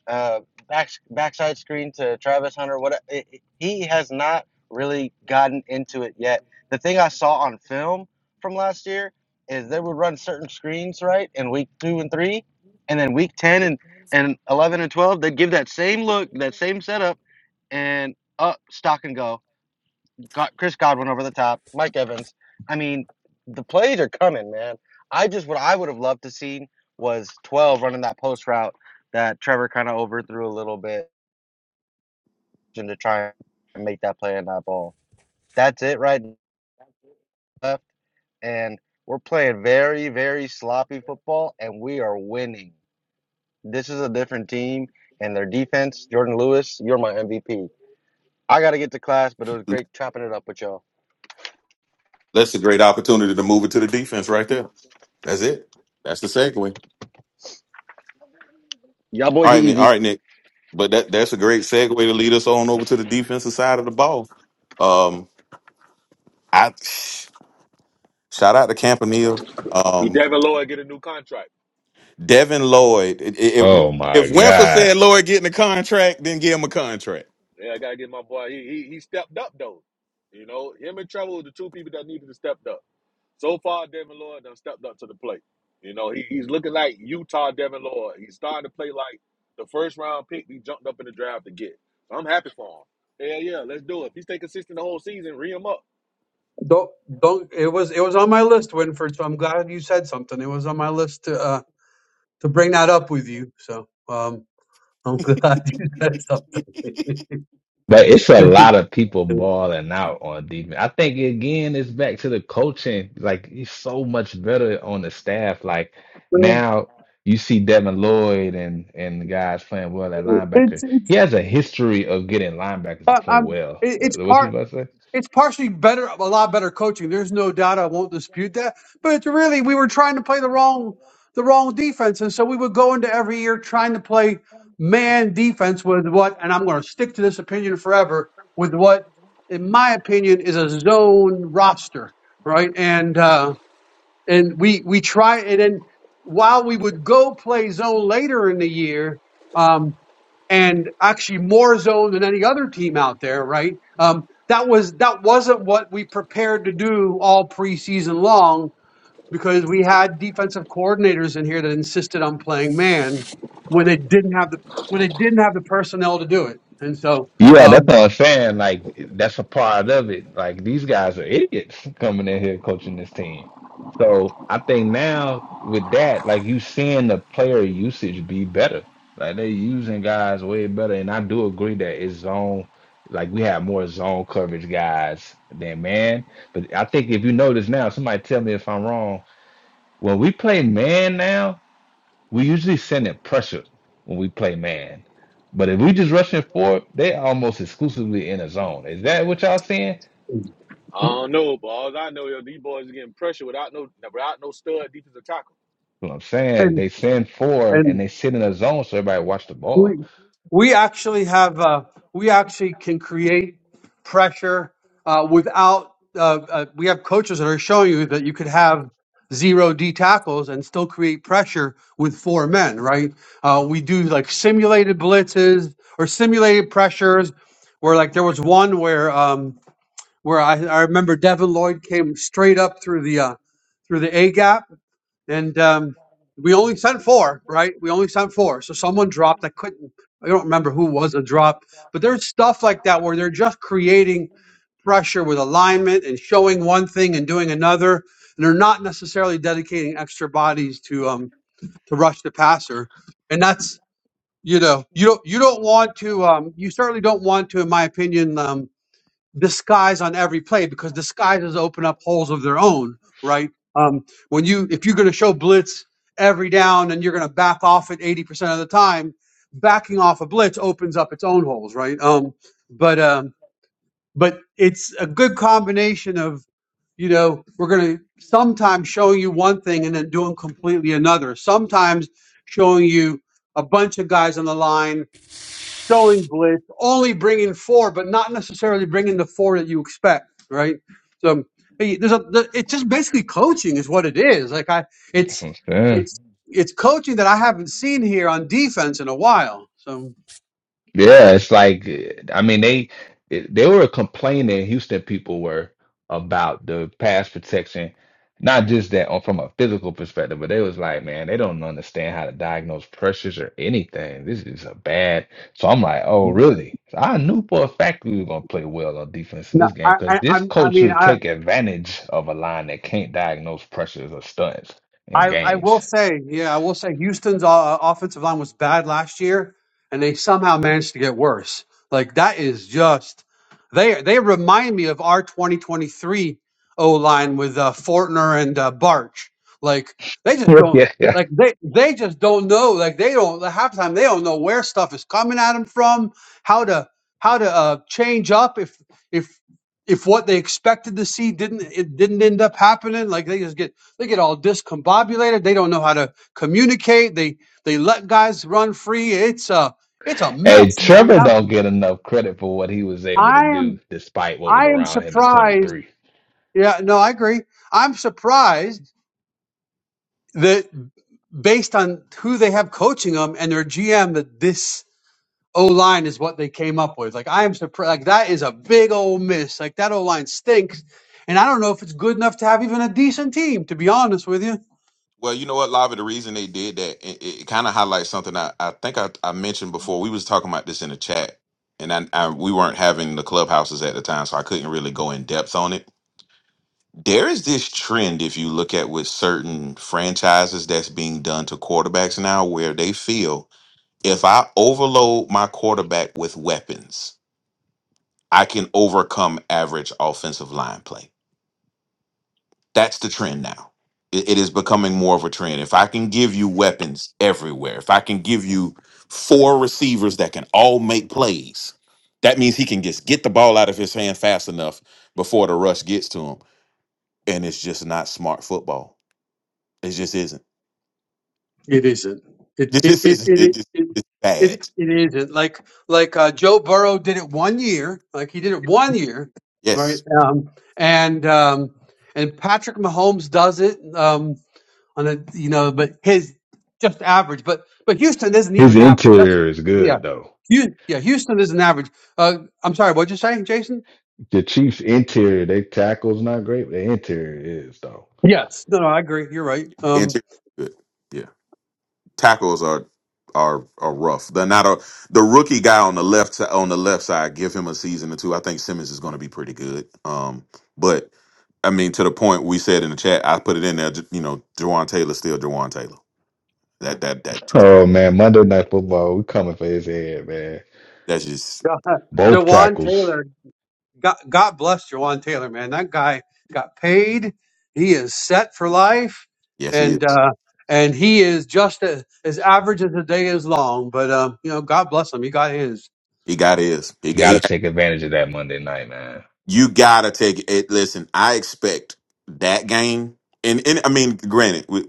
Speaker 5: uh, back backside screen to Travis Hunter. What it, it- he has not really gotten into it yet. The thing I saw on film from last year is they would run certain screens right in week two and three, and then week ten and and eleven and twelve they'd give that same look, that same setup, and up stock and go got Chris Godwin over the top, Mike Evans. I mean, the plays are coming, man. I just what I would have loved to see was 12 running that post route that Trevor kind of overthrew a little bit and to try and make that play on that ball. That's it right and left and we're playing very very sloppy football and we are winning. This is a different team and their defense, Jordan Lewis, you're my MVP. I got to get to class, but it was great chopping it up with y'all.
Speaker 4: That's a great opportunity to move it to the defense right there. That's it. That's the segue.
Speaker 5: Y'all boys
Speaker 4: All
Speaker 5: be
Speaker 4: right, man. All
Speaker 5: easy.
Speaker 4: right, Nick. But that that's a great segue to lead us on over to the defensive side of the ball. Um, I shout out to Campanile.
Speaker 6: He
Speaker 4: Um,
Speaker 6: definitely Lloyd get a new contract.
Speaker 4: Devin Lloyd. If if
Speaker 3: Oh my
Speaker 4: if Winfrey
Speaker 3: God.
Speaker 4: said Lloyd getting a contract, then give him a contract.
Speaker 6: Yeah, I gotta get my boy. He, he he stepped up though. You know, him and Trevor were the two people that needed to step up. So far, Devin Lloyd done stepped up to the plate. You know, he, he's looking like Utah Devin Lloyd. He's starting to play like the first round pick we jumped up in the draft to get. So I'm happy for him. Yeah, yeah, let's do it. If he stay consistent the whole season, re him up.
Speaker 1: Don't, don't. It was it was on my list, Winford. So I'm glad you said something. It was on my list to uh, to bring that up with you. So um, I'm glad you said something.
Speaker 3: But it's a lot of people balling out on defense. I think again it's back to the coaching. Like he's so much better on the staff. Like now you see Devin Lloyd and and the guys playing well at linebacker.
Speaker 1: It's, it's,
Speaker 3: He has a history of getting linebackers to
Speaker 1: uh,
Speaker 3: play
Speaker 1: um,
Speaker 3: well.
Speaker 1: it, it's
Speaker 3: Uh, What
Speaker 1: part.
Speaker 3: you about to say?
Speaker 1: It's partially better, a lot better coaching. There's no doubt. I won't dispute that. But it's really, we were trying to play the wrong, the wrong defense, and so we would go into every year trying to play man defense with what, and I'm going to stick to this opinion forever with what, in my opinion, is a zone roster, right? And uh, and we we try and then while we would go play zone later in the year um and actually more zone than any other team out there right um that was that wasn't what we prepared to do all preseason long because we had defensive coordinators in here that insisted on playing man when they didn't have the when they didn't have the personnel to do it and so
Speaker 3: Yeah, that's
Speaker 1: um
Speaker 3: what I'm saying. Like that's a part of it. Like these guys are idiots coming in here coaching this team. So I think now with that, like you seeing the player usage be better. Like they're using guys way better. And I do agree that it's zone like we have more zone coverage guys than man. But I think if you notice now, somebody tell me if I'm wrong. When we play man now, we usually send it pressure when we play man. But if we just rushing forward, they almost exclusively in a zone. Is that what y'all saying?
Speaker 6: I don't know, but all I know is these boys are getting pressure without no without no stud defensive tackle.
Speaker 3: Well, I'm saying
Speaker 1: and
Speaker 3: they send four
Speaker 1: and
Speaker 3: and they sit in a zone so everybody watch the ball.
Speaker 1: We we actually have uh, we actually can create pressure uh, without uh, uh, we have coaches that are showing you that you could have zero D tackles and still create pressure with four men. Right? Uh, we do like simulated blitzes or simulated pressures where like there was one where um, where I, I remember Devin Lloyd came straight up through the uh, through the A gap and um, we only sent four, right? We only sent four. So someone dropped. I couldn't. I don't remember who was a drop, but there's stuff like that where they're just creating pressure with alignment and showing one thing and doing another, and they're not necessarily dedicating extra bodies to um to rush the passer, and that's you know you don't you don't want to um you certainly don't want to in my opinion um disguise on every play because disguises open up holes of their own, right? Um, when you if you're going to show blitz every down and you're going to back off it 80% of the time, backing off a blitz opens up its own holes, right? Um, but um, but it's a good combination of you know we're going to sometimes showing you one thing and then doing completely another. Sometimes showing you a bunch of guys on the line showing blitz, only bringing four, but not necessarily bringing the four that you expect, right? So hey, there's a the, it's just basically coaching is what it is. Like I,
Speaker 3: That's
Speaker 1: it's
Speaker 3: what I'm saying.
Speaker 1: it's it's coaching that I haven't seen here on defense in a while. So
Speaker 3: Yeah, it's like I mean they they were complaining, Houston people were about the pass protection, not just that on from a physical perspective, but they was like, man, they don't understand how to diagnose pressures or anything. This is a bad. So I'm like, oh, really? So I knew for a fact we were gonna play well on defense in
Speaker 1: no,
Speaker 3: this game
Speaker 1: I I
Speaker 3: because this
Speaker 1: I'm- I
Speaker 3: coach
Speaker 1: mean
Speaker 3: will
Speaker 1: I
Speaker 3: take advantage of a line that can't diagnose pressures or stunts in
Speaker 1: I, I
Speaker 3: games.
Speaker 1: will say, yeah, I will say Houston's uh, offensive line was bad last year, and they somehow managed to get worse. Like that is just they they remind me of our 2023 O line with uh, Fortner and uh, Barch. Like they just don't
Speaker 3: Yep. Yeah,
Speaker 1: like they they just don't know. Like they don't half the time they don't know where stuff is coming at them from, how to how to uh, change up if if if what they expected to see didn't it didn't end up happening. Like they just get they get all discombobulated. They don't know how to communicate. They they let guys run free. It's a it's a
Speaker 3: Hey,
Speaker 1: mess, man. And
Speaker 3: Trevor
Speaker 1: I'm
Speaker 3: don't get enough credit for what he was able to
Speaker 1: I
Speaker 3: do
Speaker 1: am
Speaker 3: despite what was
Speaker 1: I am
Speaker 3: around him at
Speaker 1: surprised.
Speaker 3: 23.
Speaker 1: Yeah, no, I agree. I'm surprised that based on who they have coaching them and their GM that this O line is what they came up with. Like I am surprised. Like that is a big old miss. Like that O line stinks, and I don't know if it's good enough to have even a decent team. To be honest with you.
Speaker 4: Well, you know what, Lava, the reason they did that, it, it kind of highlights something I, I think I, I mentioned before. We was talking about this in the chat, and I, I we weren't having the clubhouses at the time, so I couldn't really go in depth on it. There is this trend, if you look at with certain franchises that's being done to quarterbacks now, where they feel if I overload my quarterback with weapons, I can overcome average offensive line play. That's the trend now. It, it is becoming more of a trend. If I can give you weapons everywhere, if I can give you four receivers that can all make plays, that means he can just get the ball out of his hand fast enough before the rush gets to him. And it's just not smart football. It just isn't.
Speaker 1: It isn't. It it
Speaker 4: This
Speaker 1: it
Speaker 4: is it
Speaker 1: it
Speaker 4: just
Speaker 1: it,
Speaker 4: it's bad.
Speaker 1: it, it isn't. Like like uh, Joe Burrow did it one year. Like he did it one year, right?
Speaker 4: Yes.
Speaker 1: Um, and um, and Patrick Mahomes does it um, on a you know, but his just average. But but Houston isn't
Speaker 3: His
Speaker 1: even average. That's
Speaker 3: interior is
Speaker 1: yeah.
Speaker 3: good though.
Speaker 1: Hu- Yeah, Houston isn't average. Uh, I'm sorry, what'd you say, Jason?
Speaker 3: The Chiefs interior, their tackle's not great, but their interior is though.
Speaker 1: Yes. No, no, I agree. You're right. Um,
Speaker 4: Interior. Good. Yeah. Tackles are are are rough. They're not a the rookie guy on the left si- on the left side. Give him a season or two. I think Simmons is going to be pretty good. Um, but I mean, to the point we said in the chat, I put it in there. j- You know, Jawan Taylor still Jawan Taylor. That that that
Speaker 3: Oh man, Monday Night Football, we coming for his head, man.
Speaker 4: that's just
Speaker 3: Both
Speaker 1: Dewan
Speaker 3: tackles
Speaker 1: Taylor God, God bless Jawan Taylor, man. That guy got paid. He is set for life,
Speaker 4: yes, he
Speaker 1: and
Speaker 4: is.
Speaker 1: uh, and he is just as, as average as the day is long. But um, you know, God bless him. He got his.
Speaker 4: He got his. He, got-
Speaker 3: got to
Speaker 4: he
Speaker 3: take advantage of that Monday night, man.
Speaker 4: you gotta take it. Listen, I expect that game, and and I mean, granted.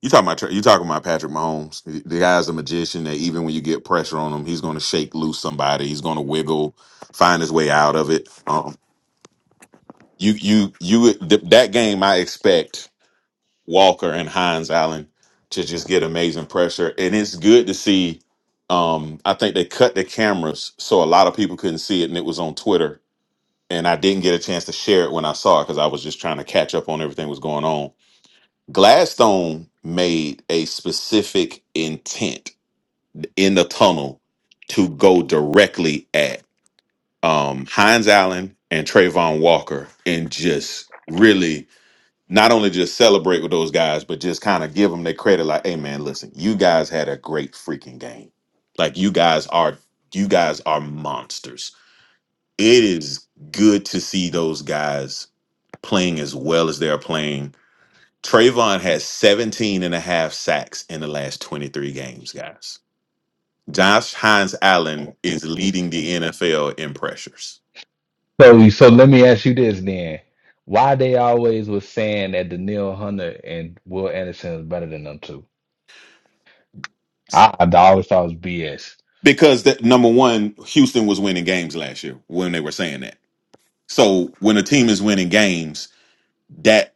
Speaker 4: You talking about you talking about Patrick Mahomes? The the guy's a magician that even when you get pressure on him, he's going to shake loose somebody. He's going to wiggle, find his way out of it. Um, you you you th- that game, I expect Walker and Hines Allen to just get amazing pressure, and it's good to see. Um, I think they cut the cameras so a lot of people couldn't see it, and it was on Twitter. And I didn't get a chance to share it when I saw it because I was just trying to catch up on everything that was going on Gladstone made a specific intent in the tunnel to go directly at um, Hines Allen and Trayvon Walker and just really not only just celebrate with those guys, but just kind of give them their credit like, hey man, listen, you guys had a great freaking game. Like you guys are you guys are monsters. It is good to see those guys playing as well as they're playing Trayvon has 17 and a half sacks in the last 23 games, guys. Josh Hines Allen is leading the NFL in pressures.
Speaker 3: So, so let me ask you this then: Why they always was saying that Daniil Hunter and Will Anderson is better than them two? I, I always thought it was BS.
Speaker 4: Because that number one, Houston was winning games last year when they were saying that. So when a team is winning games, that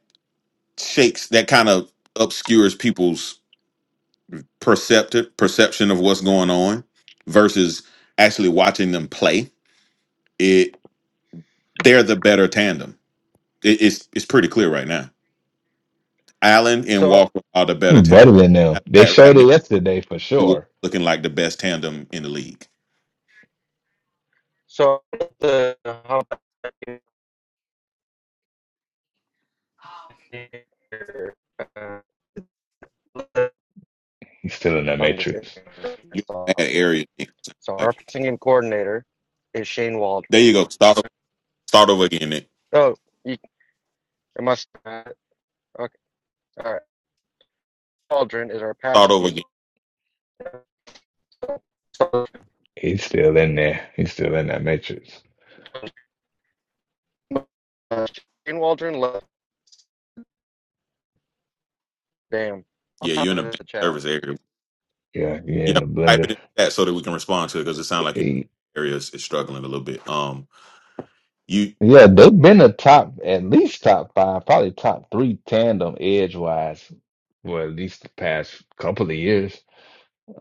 Speaker 4: shakes that kind of obscures people's perceptive perception of what's going on versus actually watching them play. It they're the better tandem. It, it's it's pretty clear right now. Allen and
Speaker 5: So
Speaker 4: Walker are the better
Speaker 3: He's
Speaker 4: tandem.
Speaker 3: better than them.
Speaker 4: Matter
Speaker 3: They
Speaker 4: of fact,
Speaker 3: showed
Speaker 4: right now,
Speaker 3: it yesterday for
Speaker 4: the
Speaker 3: sure.
Speaker 4: looking like the best tandem in the league.
Speaker 5: so the uh,
Speaker 3: He's still in that
Speaker 5: from this
Speaker 3: matrix.
Speaker 5: Instagram I
Speaker 4: You're
Speaker 5: saw.
Speaker 4: in a bad area. Nick. So,
Speaker 5: So our
Speaker 4: Like
Speaker 5: passing game coordinator is Shane
Speaker 4: there
Speaker 5: Waldron.
Speaker 4: you go. Start o- start over again. Nick.
Speaker 5: Oh, you it must. Uh, okay, all right. Waldron is our
Speaker 4: Start
Speaker 5: passing
Speaker 4: over
Speaker 5: game.
Speaker 4: again.
Speaker 5: coordinator. So,
Speaker 3: He's still in there. He's still in that matrix.
Speaker 5: uh, Shane Waldron left. Damn. I'll
Speaker 4: Yeah,
Speaker 5: top
Speaker 4: you're in a
Speaker 5: of
Speaker 4: bad
Speaker 5: the chat.
Speaker 4: service area.
Speaker 3: Yeah, you're in
Speaker 4: Yeah,
Speaker 3: the
Speaker 4: type
Speaker 3: blender.
Speaker 4: it in the chat so that we can respond to it because it sounds like your area is, is struggling a little bit. Um, you
Speaker 3: Yeah, they've been a top, at least top five, probably top three tandem edge wise for at least the past couple of years.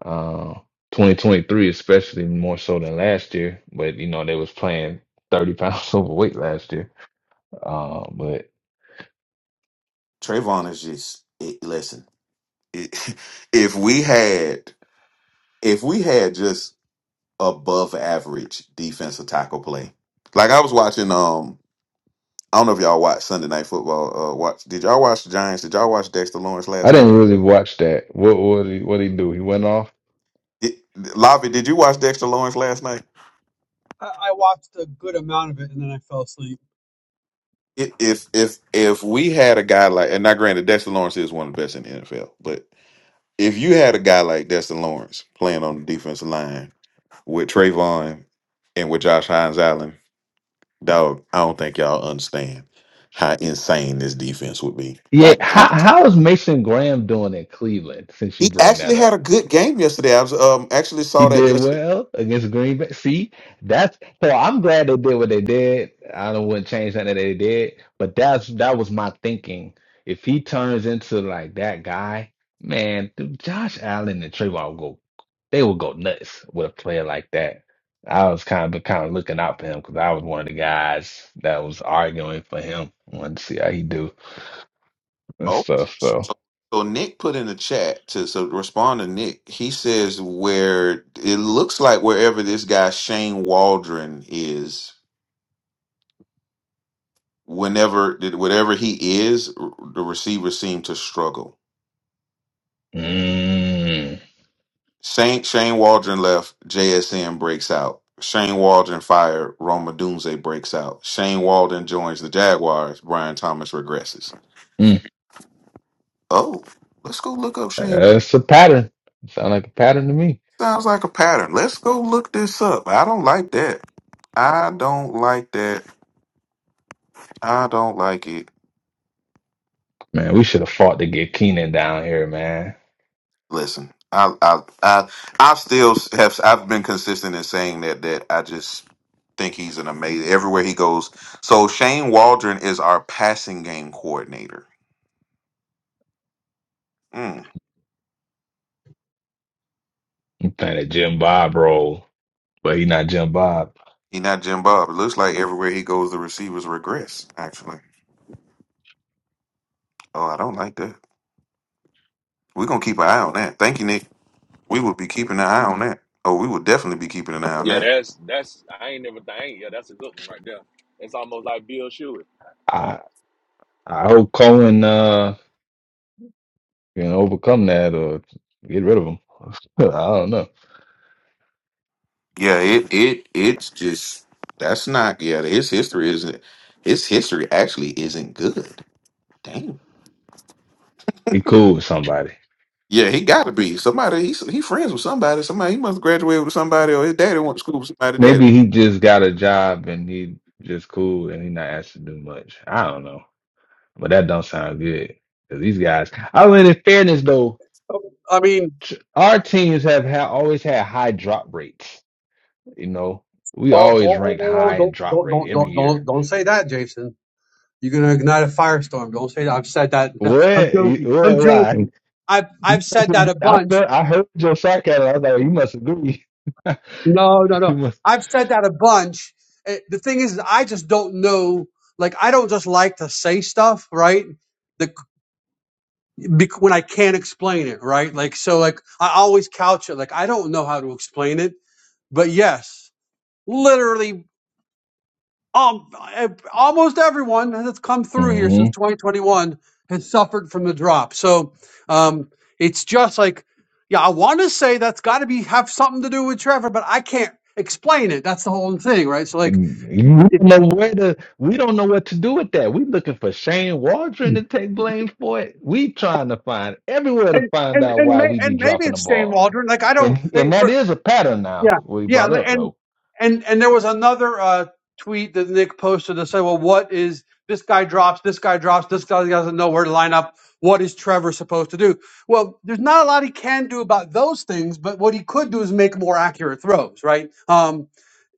Speaker 3: Uh, 2023, especially more so than last year. But you know, they was playing 30 pounds overweight last year. Uh, but
Speaker 4: Trayvon is just it, listen. It, if we had if we had just above average defensive tackle play, like I was watching. Um, I don't know if y'all watch Sunday Night Football. Uh, watch. Did y'all watch the Giants? Did y'all watch Dexter Lawrence
Speaker 3: I
Speaker 4: last night?
Speaker 3: didn't really watch that. What what he what he do? He went off.
Speaker 4: It, Lavi, did you watch Dexter Lawrence last night?
Speaker 1: I, I watched a good amount of it, and then I fell asleep.
Speaker 4: It, if if if we had a guy like, and now granted, Dexter Lawrence is one of the best in the NFL, but if you had a guy like Dexter Lawrence playing on the defensive line with Trayvon and with Josh Hines Allen, dog, I don't think y'all understand how insane this defense would be.
Speaker 3: Yeah,
Speaker 4: Like, I,
Speaker 3: how how is Mason Graham doing in Cleveland? Since you
Speaker 4: he
Speaker 3: bring that
Speaker 4: actually
Speaker 3: up.
Speaker 4: had a good game yesterday. I was um actually
Speaker 3: He
Speaker 4: saw that
Speaker 3: did
Speaker 4: yesterday
Speaker 3: well against Green Bay. See, that's so. I'm glad they did what they did. I don't wouldn't change nothing that they did, but that's that was my thinking. If he turns into like that guy, man, dude, Josh Allen and Trayvon go. They will go nuts with a player like that. I was kind of kind of looking out for him because I was one of the guys that was arguing for him. Wanted to see how he do and
Speaker 4: Oh,
Speaker 3: stuff. So,
Speaker 4: so, so Nick put in the chat to so to respond to Nick. He says where it looks like wherever this guy Shane Waldron is, whenever did whatever he is, r- the receivers seem to struggle.
Speaker 3: mm,
Speaker 4: Shane Shane Waldron left. JSN breaks out. Shane Waldron fired. Roma Dunze breaks out. Shane Waldron joins the Jaguars. Brian Thomas regresses.
Speaker 3: mm.
Speaker 4: Oh, let's go look up Shane.
Speaker 3: that's a pattern. Sound like a pattern to me.
Speaker 4: Sounds like a pattern. Let's go look this up. I don't like that. I don't like that. I don't like it.
Speaker 3: Man, we should have fought to get Keenan down here, man.
Speaker 4: Listen, I I I I still have I've been consistent in saying that that I just think he's an amazing everywhere he goes. So Shane Waldron is our passing game coordinator. Mm.
Speaker 3: He playing a Jim Bob role, but he not Jim Bob.
Speaker 4: He not Jim Bob. It looks like everywhere he goes, the receivers regress. Actually, oh, I don't like that. We're gonna keep an eye on that. Thank you, Nick. We will be keeping an eye on that. Oh, we will definitely be keeping an eye on
Speaker 6: Yeah,
Speaker 4: that.
Speaker 6: that's that's I ain't never I ain't yeah, that's a good one right there. It's almost like Bill Shuey.
Speaker 3: I I hope Cohen uh can overcome that or get rid of him. I don't know.
Speaker 4: Yeah, it it it's just that's not yeah, his history isn't his history actually isn't good. Damn.
Speaker 3: He cool with somebody.
Speaker 4: Yeah, he gotta be. Somebody he's he friends with somebody. Somebody he must have graduated with somebody or his daddy went to school with somebody's daddy.
Speaker 3: Maybe he just got a job and he just cool and he not asked to do much. I don't know, but that don't sound good. 'Cause these guys. I mean, in fairness though,
Speaker 1: Oh, I mean,
Speaker 3: tr- our teams have ha- always had high drop rates. You know, we
Speaker 1: oh, oh,
Speaker 3: always
Speaker 1: oh, oh,
Speaker 3: ranked
Speaker 1: oh, oh,
Speaker 3: high in
Speaker 1: don't,
Speaker 3: drop
Speaker 1: don't,
Speaker 3: rate
Speaker 1: don't,
Speaker 3: every
Speaker 1: don't,
Speaker 3: year
Speaker 1: don't, don't say that, Jason. You're gonna ignite a firestorm. Don't say that. I've said that. I'm
Speaker 3: What? You-
Speaker 1: joking.
Speaker 3: What?
Speaker 1: I'm
Speaker 3: Why?
Speaker 1: joking. I've
Speaker 3: You
Speaker 1: I've
Speaker 3: must
Speaker 1: said that
Speaker 3: agree.
Speaker 1: a
Speaker 3: I
Speaker 1: bunch
Speaker 3: felt. I heard your sarcasm. I was like, you must agree. you
Speaker 1: No, no, no.
Speaker 3: must.
Speaker 1: I've said that a bunch. Eh, The thing is, I just don't know. Like, I don't just like to say stuff, right? The, bec- when I can't explain it, right? Like, so, like, I always couch it. Like, I don't know how to explain it, but yes, literally, um, eh, almost everyone that's come through here
Speaker 3: hmm
Speaker 1: since 2021 has suffered from the drop. So, um, it's just like, yeah, I want to say that's got to be have something to do with Trevor, but I can't explain it. That's the whole thing, right? So,
Speaker 3: You
Speaker 1: like.
Speaker 3: we don't
Speaker 1: It-
Speaker 3: know where to. We don't know what to do with that. We looking for Shane Waldron to take blame for it. We trying to find everywhere to
Speaker 1: and
Speaker 3: find
Speaker 1: and
Speaker 3: out
Speaker 1: and,
Speaker 3: why
Speaker 1: may,
Speaker 3: we be
Speaker 1: and maybe
Speaker 3: dropping the
Speaker 1: it's Shane
Speaker 3: ball,
Speaker 1: Waldron. Like I don't
Speaker 3: and
Speaker 1: they,
Speaker 3: and that
Speaker 1: for
Speaker 3: is a pattern now.
Speaker 1: yeah
Speaker 3: We
Speaker 1: yeah
Speaker 3: brought up
Speaker 1: and
Speaker 3: though,
Speaker 1: and and there was another uh, tweet that Nick posted that said, well, what is this guy drops, this guy drops, this guy doesn't know where to line up. What is Trevor supposed to do? Well, there's not a lot he can do about those things, but what he could do is make more accurate throws, right? Um,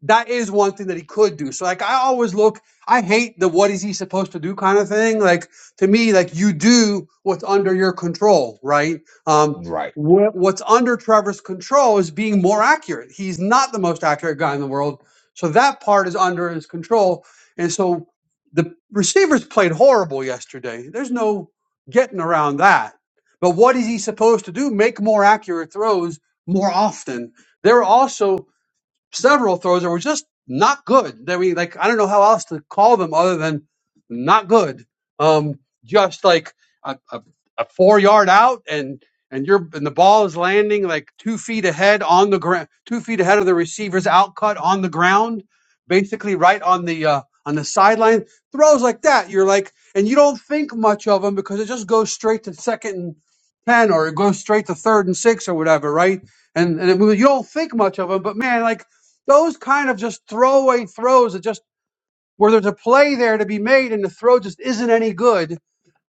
Speaker 1: that is one thing that he could do. So like I always look, I hate the what is he supposed to do kind of thing. Like to me, like you do what's under your control, right? Um
Speaker 3: right?
Speaker 1: what, what's under Trevor's control is being more accurate. He's not the most accurate guy in the world. So that part is under his control. And so the receivers played horrible yesterday. There's no getting around that. But what is he supposed to do? Make more accurate throws more often. There were also several throws that were just not good. That we like, I don't know how else to call them other than not good. Um, just like a, a, a four yard out, and and you're and the ball is landing like two feet ahead on the ground, two feet ahead of the receiver's out cut on the ground, basically right on the uh, on the sideline. Throws like that, you're like, and you don't think much of them because it just goes straight to second and ten, or it goes straight to third and six, or whatever, right? And and it, you don't think much of them, but man, like those kind of just throwaway throws that just where there's a play there to be made and the throw just isn't any good.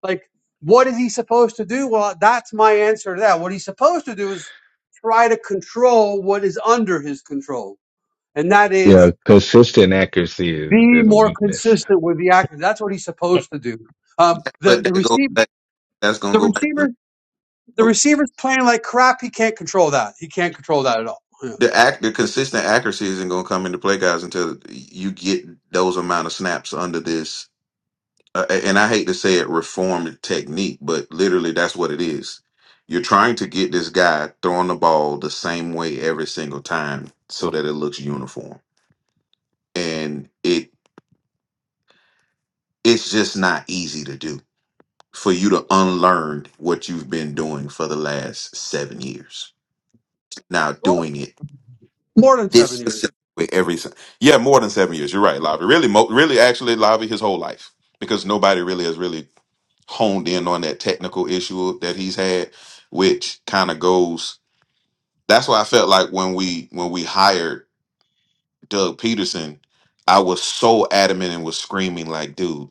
Speaker 1: Like, what is he supposed to do? Well, that's my answer to that. What he's supposed to do is try to control what is under his control, and that is
Speaker 3: Yeah, consistent accuracy is,
Speaker 1: be
Speaker 3: is a
Speaker 1: more
Speaker 3: weakness.
Speaker 1: consistent with the action. That's what he's supposed to do. Um, the
Speaker 4: But
Speaker 1: the
Speaker 4: that goes
Speaker 1: receiver,
Speaker 4: back that's gonna
Speaker 1: the
Speaker 4: go back to the
Speaker 1: receiver, the
Speaker 4: oh,
Speaker 1: receiver's playing like crap. He can't control that. He can't control that at all. Yeah.
Speaker 4: the act the consistent accuracy isn't gonna come into play guys until you get those amount of snaps under this uh, and I hate to say it, reform technique, but literally that's what it is. You're trying to get this guy throwing the ball the same way every single time so that it looks uniform. And it it's just not easy to do for you to unlearn what you've been doing for the last seven years. Now doing it
Speaker 1: More than
Speaker 4: this
Speaker 1: seven years.
Speaker 4: specific way every si- yeah more than seven years. You're right, Lavi. Really, mo- really, actually, Lavi, his whole life because nobody really has really honed in on that technical issue that he's had, which kind of goes. That's why I felt like when we when we hired Doug Peterson, I was so adamant and was screaming like, "Dude,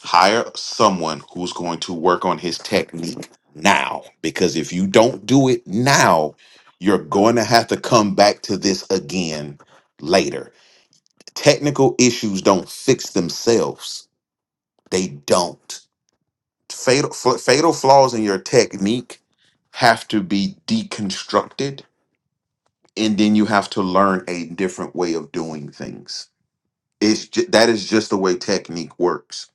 Speaker 4: hire someone who's going to work on his technique now, because if you don't do it now, you're going to have to come back to this again later." Technical issues don't fix themselves; they don't. fatal f- fatal flaws in your technique have to be deconstructed and then you have to learn a different way of doing things it's ju- that is just the way technique works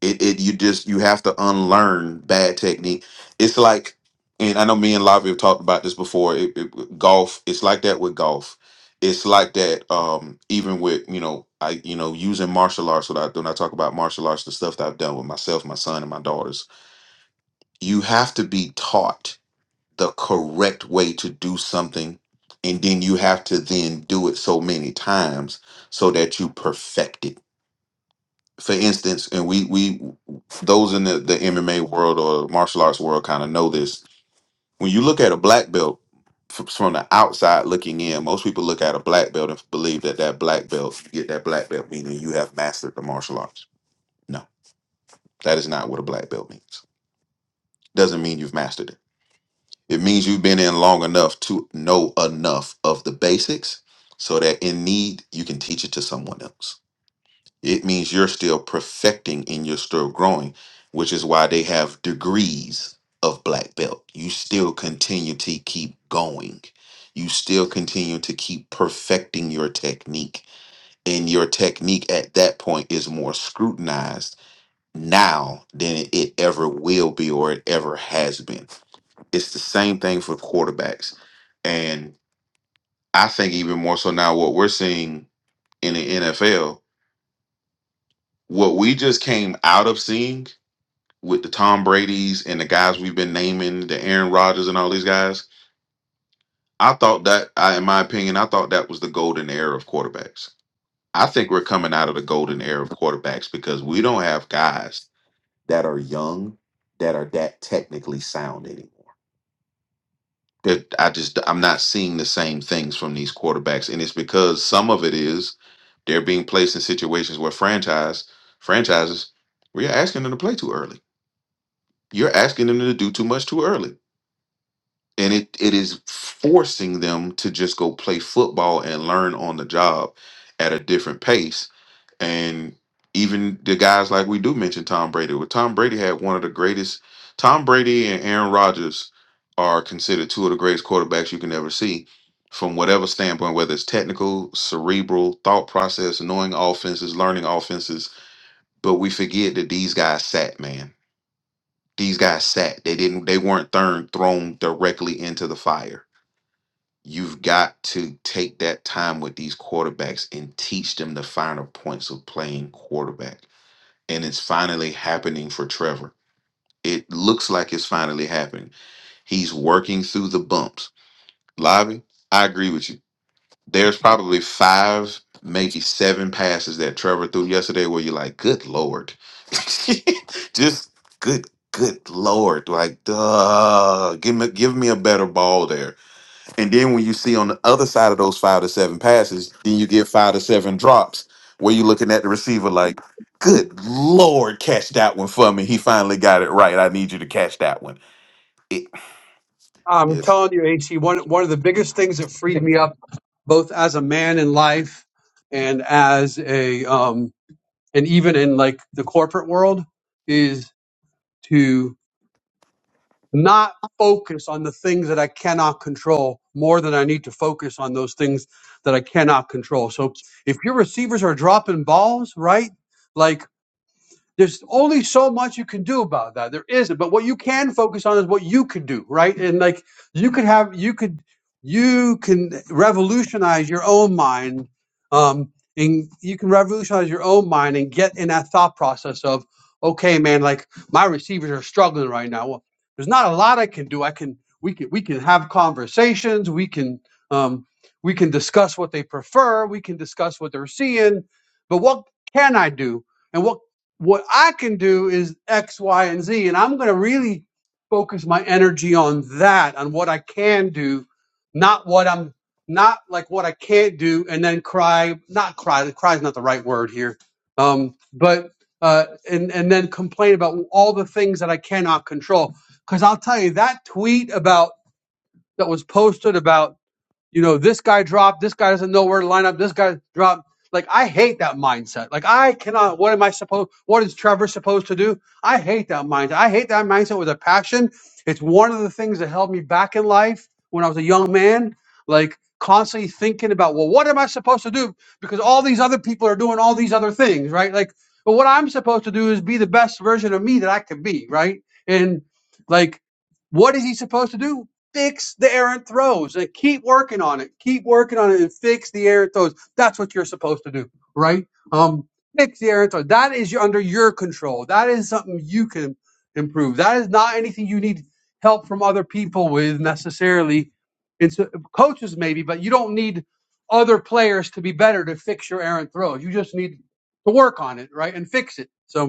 Speaker 4: it, it you just you have to unlearn bad technique it's like and i know me and lavi have talked about this before it, it, golf it's like that with golf it's like that um even with you know i you know using martial arts when i when i talk about martial arts the stuff that i've done with myself my son and my daughters you have to be taught the correct way to do something and then you have to then do it so many times so that you perfect it for instance and we we those in the, the mma world or martial arts world kind of know this when you look at a black belt f- from the outside looking in most people look at a black belt and believe that that black belt you get that black belt meaning you have mastered the martial arts no that is not what a black belt means doesn't mean you've mastered it It means you've been in long enough to know enough of the basics so that in need, you can teach it to someone else. It means you're still perfecting and you're still growing, which is why they have degrees of black belt. You still continue to keep going. You still continue to keep perfecting your technique. And your technique at that point is more scrutinized now than it ever will be or it ever has been it's the same thing for quarterbacks. And I think even more so now, what we're seeing in the NFL, what we just came out of seeing with the Tom Brady's and the guys we've been naming, the Aaron Rodgers and all these guys, I thought that, I, in my opinion, I thought that was the golden era of quarterbacks. I think we're coming out of the golden era of quarterbacks because we don't have guys that are young that are that technically sound anymore That I just I'm not seeing the same things from these quarterbacks, and it's because some of it is they're being placed in situations where franchise franchises we are asking them to play too early. You're asking them to do too much too early. And it, it is forcing them to just go play football and learn on the job at a different pace and even the guys like we do mention Tom Brady. Well, Tom Brady had one of the greatest. Tom Brady and Aaron Rodgers are considered two of the greatest quarterbacks you can ever see from whatever standpoint, whether it's technical, cerebral, thought process, knowing offenses, learning offenses. But we forget that these guys sat, man. These guys sat. They didn't. They weren't thrown thrown directly into the fire. You've got to take that time with these quarterbacks and teach them the finer points of playing quarterback and it's finally happening for Trevor. It looks like it's finally happening. He's working through the bumps. Lavi, I agree with you. There's probably five, maybe seven passes that Trevor threw yesterday where you're like, good Lord. Just good, good Lord. Like, duh, give me, give me a better ball there and then when you see on the other side of those five to seven passes, then you get five to seven drops where you're looking at the receiver like, good Lord, catch that one for me. He finally got it right. I need you to catch that one. It,
Speaker 1: I'm
Speaker 4: it's
Speaker 1: telling you, HC, one one of the biggest things that freed me up, both as a man in life and as a um and even in like the corporate world, is to not focus on the things that I cannot control more than I need to focus on those things that I cannot control. So if your receivers are dropping balls, right? like. There's only so much you can do about that. There isn't. But what you can focus on is what you can do, right? And like you could have, you could, you can revolutionize your own mind. Um, and you can revolutionize your own mind and get in that thought process of, okay, man, like my receivers are struggling right now. Well, there's not a lot I can do. I can, we can, we can have conversations. We can, um, we can discuss what they prefer. We can discuss what they're seeing. But what can I do? And what what I can do is X, Y, and Z. And I'm going to really focus my energy on that, on what I can do, not what I'm not like what I can't do, and then cry, not cry, cry is not the right word here. Um, but, uh, and, and then complain about all the things that I cannot control. Cause I'll tell you that tweet about that was posted about you know, this guy dropped, this guy doesn't know where to line up, this guy dropped. Like I hate that mindset. Like I cannot. What am I supposed? What is Trevor supposed to do? I hate that mindset. I hate that mindset with a passion. It's one of the things that held me back in life when I was a young man. Like constantly thinking about, well, what am I supposed to do? Because all these other people are doing all these other things, right? Like, but what I'm supposed to do is be the best version of me that I can be, right? And like, what is he supposed to do? fix the errant throws and keep working on it. Keep working on it and fix the errant throws. That's what you're supposed to do, right? Um, fix the errant throws. That is under your control. That is something you can improve. That is not anything you need help from other people with necessarily. It's uh, coaches maybe, but you don't need other players to be better to fix your errant throws. You just need to work on it, right, and fix it. So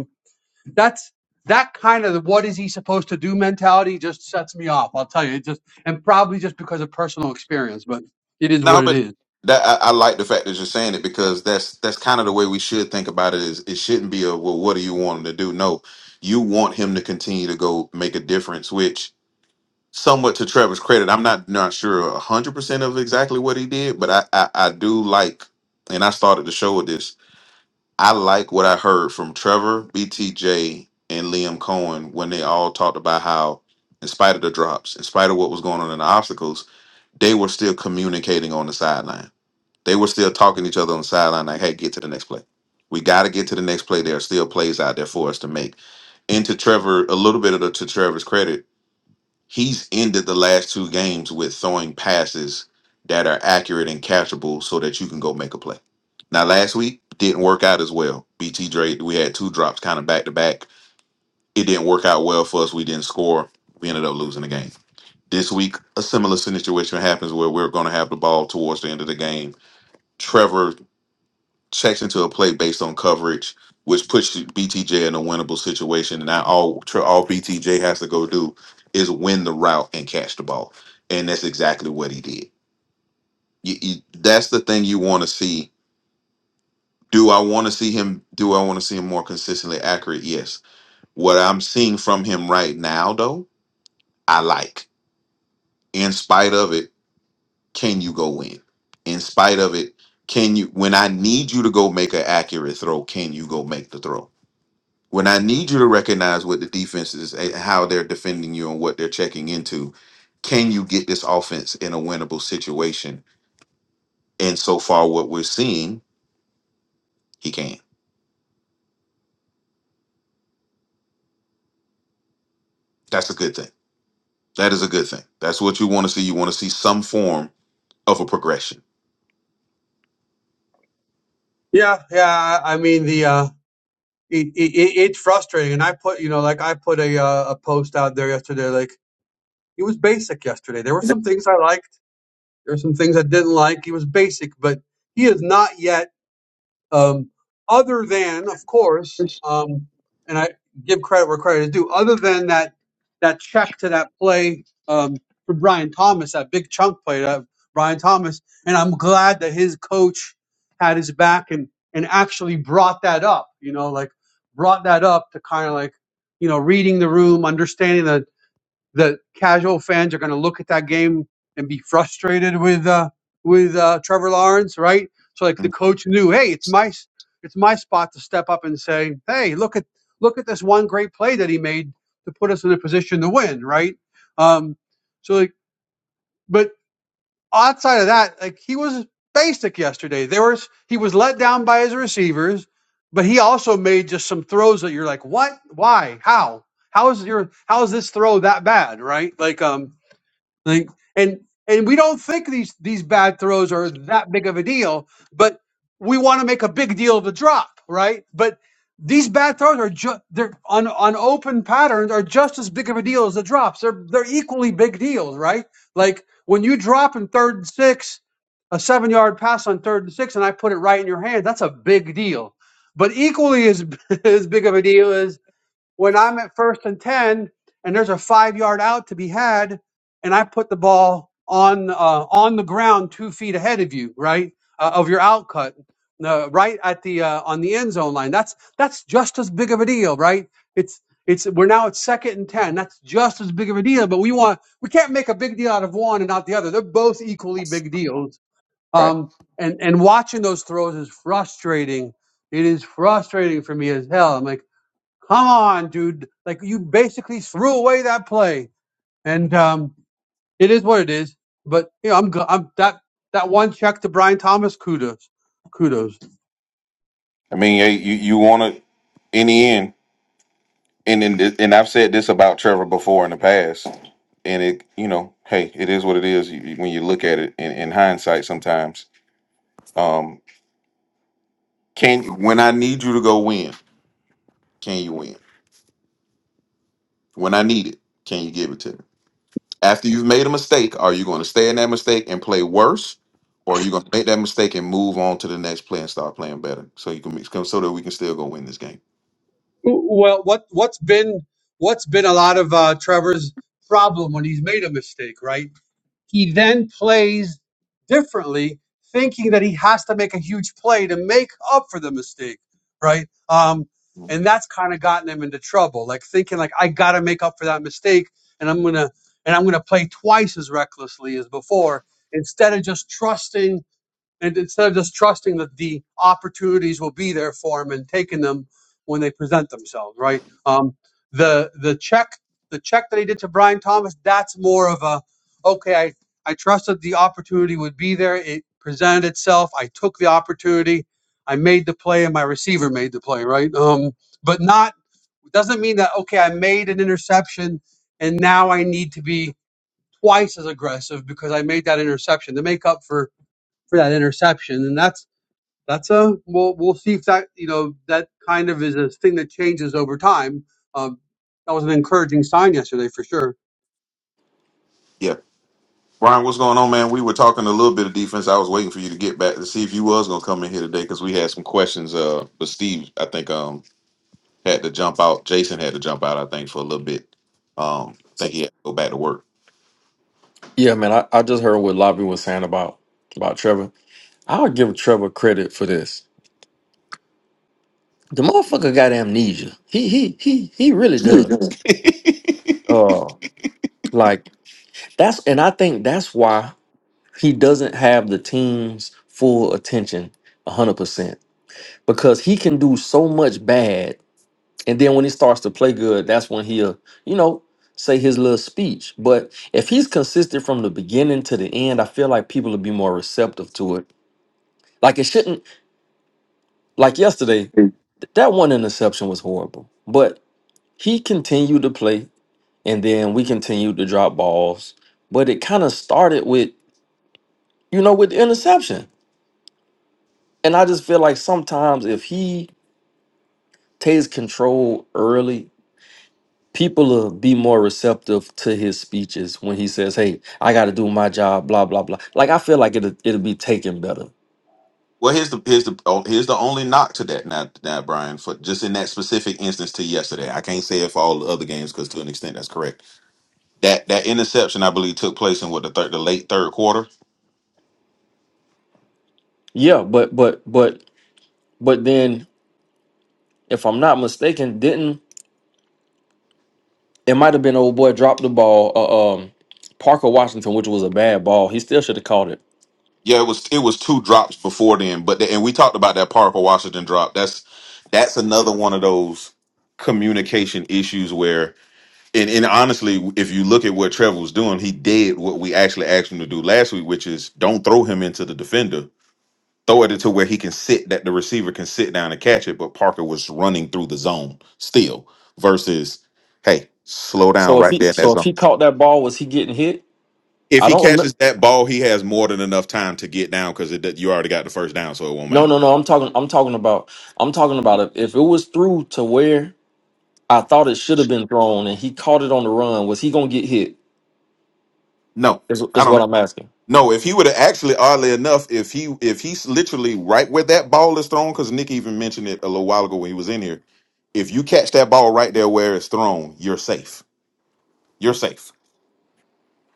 Speaker 1: that's that kind of what is he supposed to do mentality just sets me off. I'll tell you, it just and probably just because of personal experience, but it is
Speaker 4: no,
Speaker 1: what it
Speaker 4: but
Speaker 1: is.
Speaker 4: that I, I like the fact that you're saying it because that's that's kind of the way we should think about it is it shouldn't be a well, what do you want him to do? No, you want him to continue to go make a difference, which somewhat to Trevor's credit, I'm not not sure a hundred percent of exactly what he did, but I, I I do like, and I started the show with this. I like what I heard from Trevor, BTJ, and Liam Cohen when they all talked about how, in spite of the drops, in spite of what was going on in the obstacles, they were still communicating on the sideline. They were still talking to each other on the sideline, like, "Hey, get to the next play. We got to get to the next play. There are still plays out there for us to make." And to Trevor, a little bit of the, to Trevor's credit He's ended the last two games with throwing passes that are accurate and catchable so that you can go make a play. Now, last week didn't work out as well. BT Drake, we had two drops kind of back to back. It didn't work out well for us. We didn't score. We ended up losing the game. This week, a similar situation happens where we're going to have the ball towards the end of the game. Trevor checks into a play based on coverage, which puts BTJ in a winnable situation. And now all tr- all BTJ has to go do is win the route and catch the ball, and that's exactly what he did. You, you, that's the thing you want to see. Do I want to see him? Do I want to see him more consistently accurate? Yes. What I'm seeing from him right now, though, I like. In spite of it, can you go win? In spite of it, can you? When I need you to go make an accurate throw, can you go make the throw? When I need you to recognize what the defense is, eh, how they're defending you, and what they're checking into, can you get this offense in a winnable situation? And so far, what we're seeing, he can. That's a good thing. That is a good thing. That's what you want to see. You want to see some form of a progression.
Speaker 1: Yeah, yeah. I I mean the uh, it, it, it- it's frustrating, and I put you know like I put a uh, a post out there yesterday. Like he was basic yesterday. There were some things I liked. There were some things I didn't like. He was basic, but he is not yet. um, other than, of course, um, and I give credit where credit is due, other than that that check to that play um, for Brian Thomas, that big chunk play to Brian Thomas, and I'm glad that his coach had his back and and actually brought that up, you know, like brought that up to kind of like you know reading the room, understanding that the casual fans are going to look at that game and be frustrated with uh, with uh, Trevor Lawrence, right? So like the
Speaker 4: I
Speaker 1: coach knew, hey, it's my it's my spot to step up and say, hey, look at look at this one great play that he made to put us in a position to win, right? Um, so like, but outside of that, like he was basic yesterday. There was he was let down by his receivers, but he also made just some throws that you're like, what, why, how? How is your how is this throw that bad, right? Like um like and and we don't think these these bad throws are that big of a deal, but we want to make a big deal of the drop, right? But these bad throws are just they're on on open patterns are just as big of a deal as the drops. They're they're equally big deals, right? Like when you drop in third and six, a seven yard pass on third and six, and I put it right in your hand, that's a big deal. But equally as as big of a deal is when I'm at first and 10 and there's a five yard out to be had and I put the ball on, uh, on the ground two feet ahead of you, right? Uh, of your out cut, uh, right at the, uh, on the end zone line. That's, that's just as big of a deal, right? It's, it's, we're now at second and 10. That's just as big of a deal, but we want, we can't make a big deal out of one and not the other. They're both equally big deals. Um, and, and watching those throws is frustrating. It is frustrating for me as hell. I'm like, come on, dude. Like you basically threw away that play, and um, it is what it is. But you know, I'm, go- I'm that that one check to Brian Thomas. Kudos, kudos.
Speaker 4: mean, eh, you you want to in the end, and and and I've said this about Trevor before in the past, and it you know, hey, it is what it is. You, you- when you look at it in, in hindsight, sometimes, um, can When I need you to go win. Can you win? When I need it, can you give it to me? After you've made a mistake, are you going to stay in that mistake and play worse? Or are you going to make that mistake and move on to the next play and start playing better so you can mix come so that we can still go win this game?
Speaker 1: Well, what what's been what's been a lot of uh, Trevor's problem when he's made a mistake, right? he then plays differently, thinking that he has to make a huge play to make up for the mistake, right? Um,
Speaker 4: Mhm.
Speaker 1: and that's kind of gotten him into trouble, like thinking like I got to make up for that mistake, and I'm gonna and I'm gonna play twice as recklessly as before instead of just trusting and instead of just trusting that the opportunities will be there for them and taking them when they present themselves, right? Um, the the check the check that he did to Brian Thomas, that's more of a okay. I I trusted the opportunity would be there. It presented itself. I took the opportunity. I made the play, and my receiver made the play, right? Um, but not doesn't mean that okay. I made an interception, and now I need to be twice as aggressive because I made that interception to make up for for that interception, and that's that's a we'll we'll see if that you know that kind of is a thing that changes over time. Um, that was an encouraging sign yesterday for sure.
Speaker 4: Yeah. Brian, what's going on, man? We were talking a little bit of defense. I was waiting for you to get back to see if you was gonna come in here today because we had some questions. Uh, but Steve, I think um had to jump out. Jason had to jump out, I think, for a little bit. Um, I
Speaker 7: So
Speaker 4: think he had to go back to work.
Speaker 7: yeah, man, I, I just heard what Lobby was saying about about Trevor. I would give Trevor credit for this. The motherfucker got amnesia. He he he he really does. Uh like that's and I think that's why he doesn't have the team's full attention hundred percent. Because he can do so much bad and then when he starts to play good, that's when he'll, you know, say his little speech. But if he's consistent from the beginning to the end, I feel like people will be more receptive to it. Like it shouldn't. Like yesterday, th- that one interception was horrible, but he continued to play, and then we continued to drop balls. But it kind of started with, you know, with the interception. And I just feel like sometimes if he takes control early, people will be more receptive to his speeches when he says, "Hey, I got to do my job," blah blah blah. Like I feel like it'll it'll be taken better.
Speaker 4: Well, here's the here's the oh, here's the only knock to that now, now Brian, for just in that specific instance to yesterday. I can't say it for all the other games because to an extent that's correct. That that interception I believe took place in what the third the late third quarter.
Speaker 7: Yeah, but but but but then, if I'm not mistaken, didn't It might have been old boy dropped the ball. Uh, um, Parker Washington, which was a bad ball. He still should have caught it.
Speaker 4: Yeah, it was it was two drops before then, but the, and we talked about that Parker Washington drop. That's that's another one of those communication issues where and, and honestly, if you look at what Trevor was doing, he did what we actually asked him to do last week, which is don't throw him into the defender throw it into where he can sit that the receiver can sit down and catch it, but Parker was running through the zone still versus hey, slow down
Speaker 7: So if
Speaker 4: right
Speaker 7: he
Speaker 4: there in that
Speaker 7: so if
Speaker 4: zone.
Speaker 7: he caught that ball, was he getting hit?
Speaker 4: If
Speaker 7: I
Speaker 4: he
Speaker 7: don't remember.
Speaker 4: catches that ball, he has more than enough time to get down because you already got the first down, so it won't
Speaker 7: No,
Speaker 4: matter.
Speaker 7: no, no. I'm talking. I'm talking about. I'm talking about if, if it was through to where I thought it should have been thrown, and he caught it on the run. Was he gonna get hit?
Speaker 4: No,
Speaker 7: Is
Speaker 4: I
Speaker 7: is
Speaker 4: don't
Speaker 7: what
Speaker 4: know.
Speaker 7: I'm asking.
Speaker 4: No, if he would have actually, oddly enough, if he if he's literally right where that ball is thrown, because Nick even mentioned it a little while ago when he was in here, if you catch that ball right there where it's thrown, you're safe. You're safe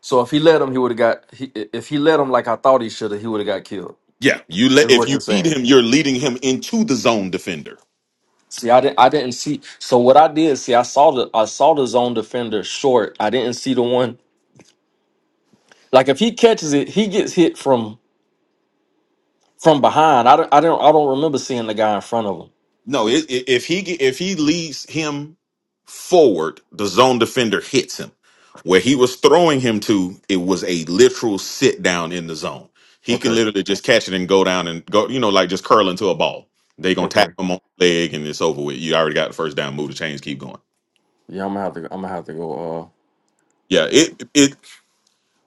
Speaker 7: So if he let him, he would have got. He, if he let him like I thought he should have, he would have got killed.
Speaker 4: Yeah, you
Speaker 7: Is
Speaker 4: let if
Speaker 7: what
Speaker 4: you
Speaker 7: you're
Speaker 4: lead
Speaker 7: saying.
Speaker 4: him, you're leading him into the zone defender.
Speaker 7: See, I didn't. I didn't see. So what I did, see, I saw the. I saw the zone defender short. I didn't see the one Like if he catches it, he gets hit from from behind. I don't I don't I don't remember seeing the guy in front of him.
Speaker 4: No, i- i- if he ge- if he leads him forward, the zone defender hits him. Where he was throwing him to, it was a literal sit down in the zone. He can
Speaker 7: Okay.
Speaker 4: literally just catch it and go down and go, you know, like just curl into a ball. They gonna tap
Speaker 7: Okay.
Speaker 4: him on the leg and it's over with. You already got the first down. Move the chains, keep going.
Speaker 7: Yeah, I'm gonna have to I'm gonna have to go uh
Speaker 4: Yeah, it it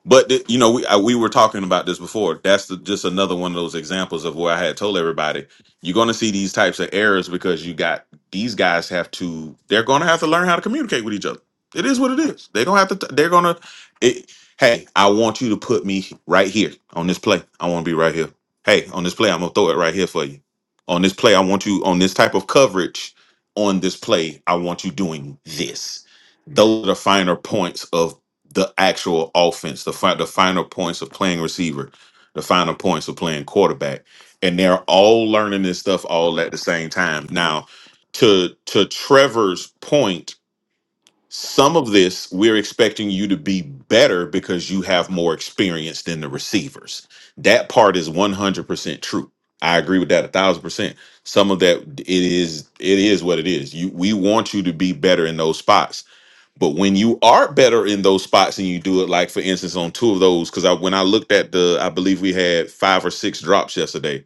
Speaker 4: But th- you know, we I, we were talking about this before. That's the, just another one of those examples of where I had told everybody you're going to see these types of errors because you got these guys have to. They're going to have to learn how to communicate with each other. It is what it is. They're gonna have to. T- they're gonna. It, hey, I want you to put me right here on this play. I want to be right here. Hey, on this play, I'm gonna throw it right here for you. On this play, I want you on this type of coverage. On this play, I want you doing this. Those are the finer points of the actual offense, the fi- the final points of playing receiver, the final points of playing quarterback, and they're all learning this stuff all at the same time. Now, to to Trevor's point, some of this we're expecting you to be better because you have more experience than the receivers. That part is one hundred percent true. I agree with that a thousand percent. Some of that it is it is what it is. You we want you to be better in those spots but when you are better in those spots and you do it, like for instance, on two of those, because I, when I looked at the, I believe we had five or six drops yesterday.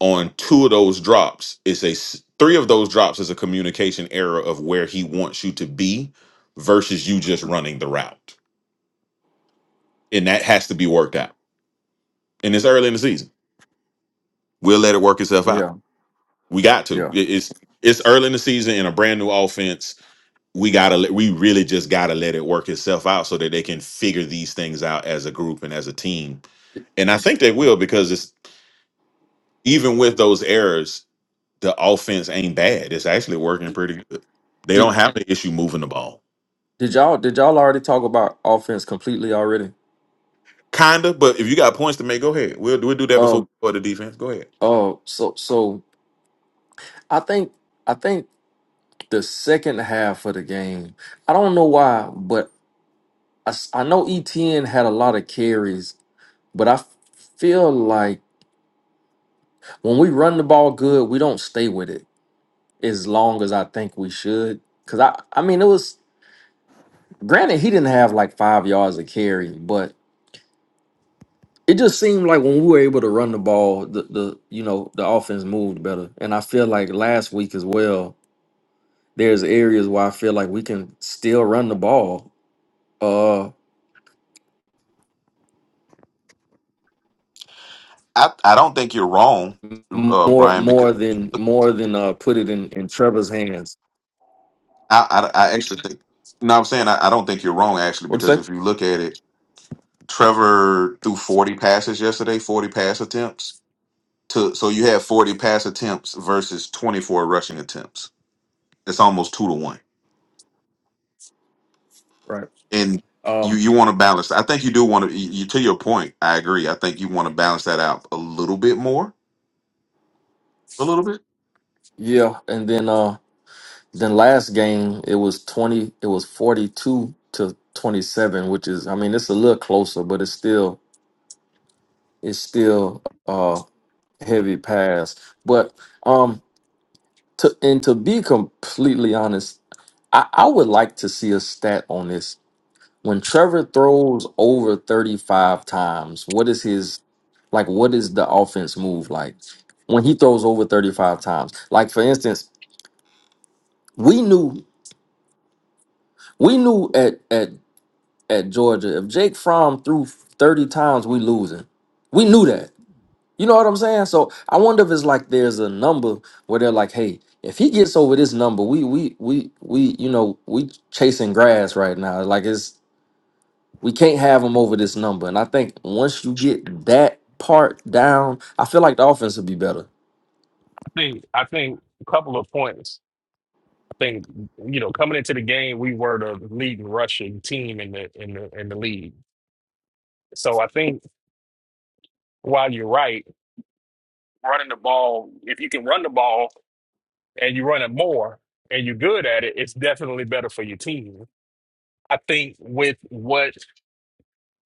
Speaker 4: On two of those drops, it's a s- three of those drops is a communication error of where he wants you to be versus you just running the route, and that has to be worked out. And it's early in the season. We'll let it work itself out.
Speaker 7: yeah,
Speaker 4: We got to.
Speaker 7: yeah.
Speaker 4: It- It's it's early in the season in a brand new offense we gotta let- we really just gotta let it work itself out so that they can figure these things out as a group and as a team and i think they will because it's even with those errors the offense ain't bad it's actually working
Speaker 7: Did,
Speaker 4: pretty good they
Speaker 7: did
Speaker 4: don't have the issue moving the ball
Speaker 7: did y'all did y'all already talk about offense completely already?
Speaker 4: kinda but if you got points to make go ahead we'll, we'll do that before
Speaker 7: Um
Speaker 4: we go to the defense go ahead
Speaker 7: uh so so I think I think the second half of the game, I don't know why, but I, s- I know ETN had a lot of carries, but I feel like when we run the ball good, we don't stay with it as long as I think we should. Cause I, I mean, it was granted he didn't have like five yards of carry, but it just seemed like when we were able to run the ball, the the you know the offense moved better. And I feel like last week as well, there's areas where I feel like we can still run the ball, uh,
Speaker 4: I, I don't think you're wrong,
Speaker 7: m-
Speaker 4: uh,
Speaker 7: more
Speaker 4: Brian, because
Speaker 7: more than
Speaker 4: I,
Speaker 7: more than uh put it in in Trevor's hands.
Speaker 4: I, I actually think, you I'm saying? I, I don't think you're wrong, actually,
Speaker 7: What'd you
Speaker 4: because
Speaker 7: say?
Speaker 4: if you look at it, Trevor threw 40 passes yesterday, 40 pass attempts. To so you had 40 pass attempts versus 24 rushing attempts. It's almost two to one.
Speaker 7: Right.
Speaker 4: And you
Speaker 7: Um.
Speaker 4: you want to balance. I think you do want to. You, you- to your point, I agree. I think you want to balance that out a little bit more. A little bit.
Speaker 7: Yeah. And then uh. Then last game it was twenty. It was forty two to twenty seven, which is I mean it's a little closer, but it's still it's still uh heavy pass. But um to and to be completely honest, I, I would like to see a stat on this. When Trevor throws over thirty five times, what is his like? What is the offense move like when he throws over thirty five times? Like for instance, we knew we knew at at at Georgia. If Jake Fromm threw 30 times, we losing. We knew that. You know what I'm saying? So I wonder if it's like there's a number where they're like, hey, if he gets over this number, we we we we you know, we chasing grass right now. Like it's we can't have him over this number. And I think once you get that part down, I feel like the offense will be better.
Speaker 2: think I think a couple of points. I think you know coming into the game, we were the leading rushing team in the in the in the league. So I think while you're right, running the ball, if you can run the ball and you run it more and you're good at it, it's definitely better for your team. I think with what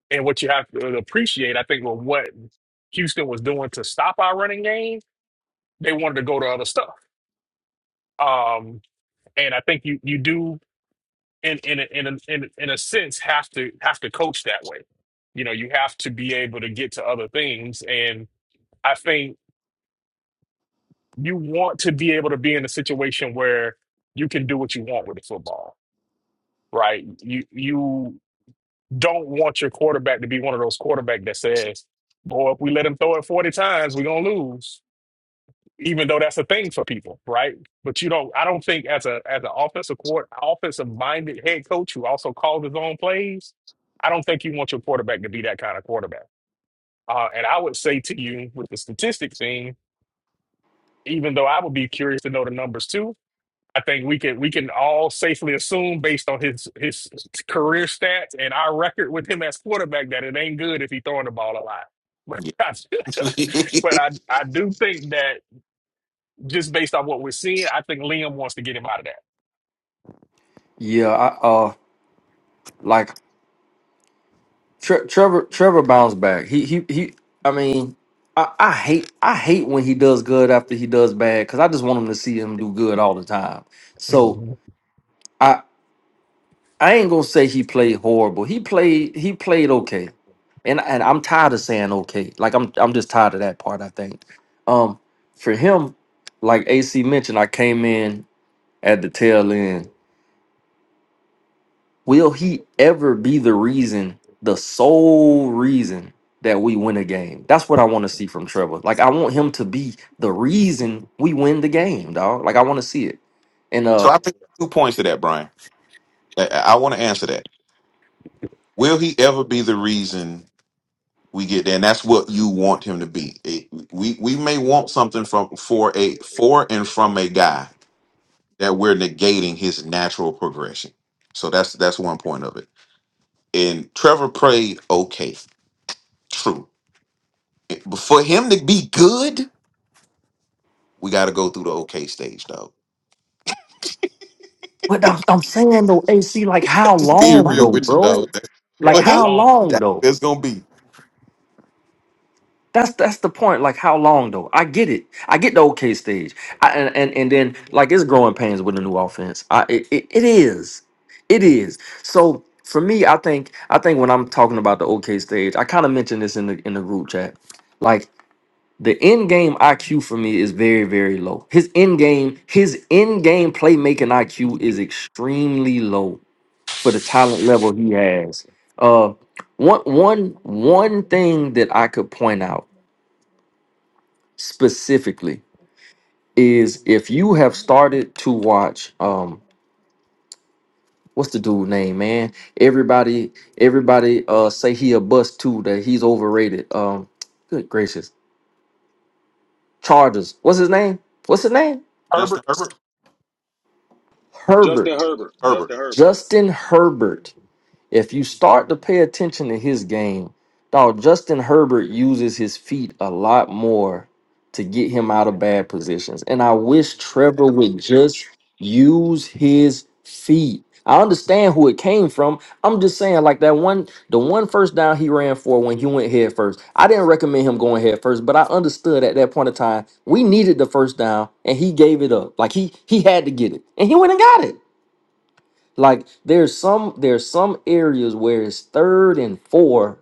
Speaker 2: And what you have to appreciate, I think, with what Houston was doing to stop our running game, they wanted to go to other stuff. Um, and I think you you do in in a, in a, in a- in a sense have to have to coach that way. You know, you have to be able to get to other things, and I think you want to be able to be in a situation where you can do what you want with the football, right? You you don't want your quarterback to be one of those quarterback that says, "Boy, if we let him throw it forty times, we're gonna lose." even though that's a thing for people, right? But you don't. I don't think as a as an offensive court, offensive minded head coach who also calls his own plays, I don't think you want your quarterback to be that kind of quarterback. Uh, and I would say to you with the statistic thing, even though I would be curious to know the numbers too. I think we can we can all safely assume based on his his career stats and our record with him as quarterback that it ain't good if he throwing the ball a lot. But
Speaker 4: Yeah.
Speaker 2: I, but I I do think that. Just based on what we're seeing, I think Liam wants to get him out of that.
Speaker 7: Yeah, I uh like Tre- Trevor Trevor bounced back. He he he. I mean, I, I hate I hate when he does good after he does bad because I just want him to see him do good all the time. So
Speaker 2: Mhm.
Speaker 7: I I ain't gonna say he played horrible. He played he played okay, and and I'm tired of saying okay. Like I'm I'm just tired of that part. I think, um, for him, like AC mentioned, I came in at the tail end. Will he ever be the reason, the sole reason that we win a game? That's what I want to see from Trevor. Like I want him to be the reason we win the game, dog. Like I want to see it. And
Speaker 4: so
Speaker 7: uh,
Speaker 4: I think two points to that, Brian. I, I want to answer that. Will he ever be the reason we get there? And that's what you want him to be. It- we we may want something from for a for and from a guy that we're negating his natural progression. So that's that's one point of it. And Trevor prayed, okay, true. But for him to be good, we got to go through the okay stage, dog.
Speaker 7: but I'm, I'm saying though, AC, like how
Speaker 4: Just be
Speaker 7: long
Speaker 4: real
Speaker 7: though,
Speaker 4: with you,
Speaker 7: bro?
Speaker 4: dog. That's-
Speaker 7: Like
Speaker 4: For
Speaker 2: Yeah, how
Speaker 4: him,
Speaker 7: how
Speaker 2: long?
Speaker 7: long
Speaker 4: that's
Speaker 7: though?
Speaker 4: what it's gonna be.
Speaker 7: That's that's the point. Like how long though? I get it. I get the okay stage. I, and, and and then like it's growing pains with a new offense. I it, it, it is, it is. So for me, I think I think when I'm talking about the okay stage, I kind of mentioned this in the in the group chat. Like the end game IQ for me is very very low. His end game his end game playmaking IQ is extremely low for the talent level he has. Uh, one one one thing that I could point out specifically is if you have started to watch um what's the dude name man everybody everybody uh say he a bust too that he's overrated um good gracious chargers what's his name what's his name
Speaker 4: Justin
Speaker 2: Herbert?
Speaker 4: Herbert,
Speaker 7: herbert
Speaker 6: Justin Herbert.
Speaker 4: Herbert.
Speaker 6: Justin Herbert.
Speaker 7: justin herbert If you start to pay attention to his game, dog, Justin Herbert uses his feet a lot more to get him out of bad positions. And I wish Trevor would just use his feet. I understand who it came from. I'm just saying, like that one, the one first down he ran for when he went head first. I didn't recommend him going head first, but I understood at that point in time we needed the first down, and he gave it up. Like he he had to get it, and he went and got it. Like there's some there's some areas where it's third and four,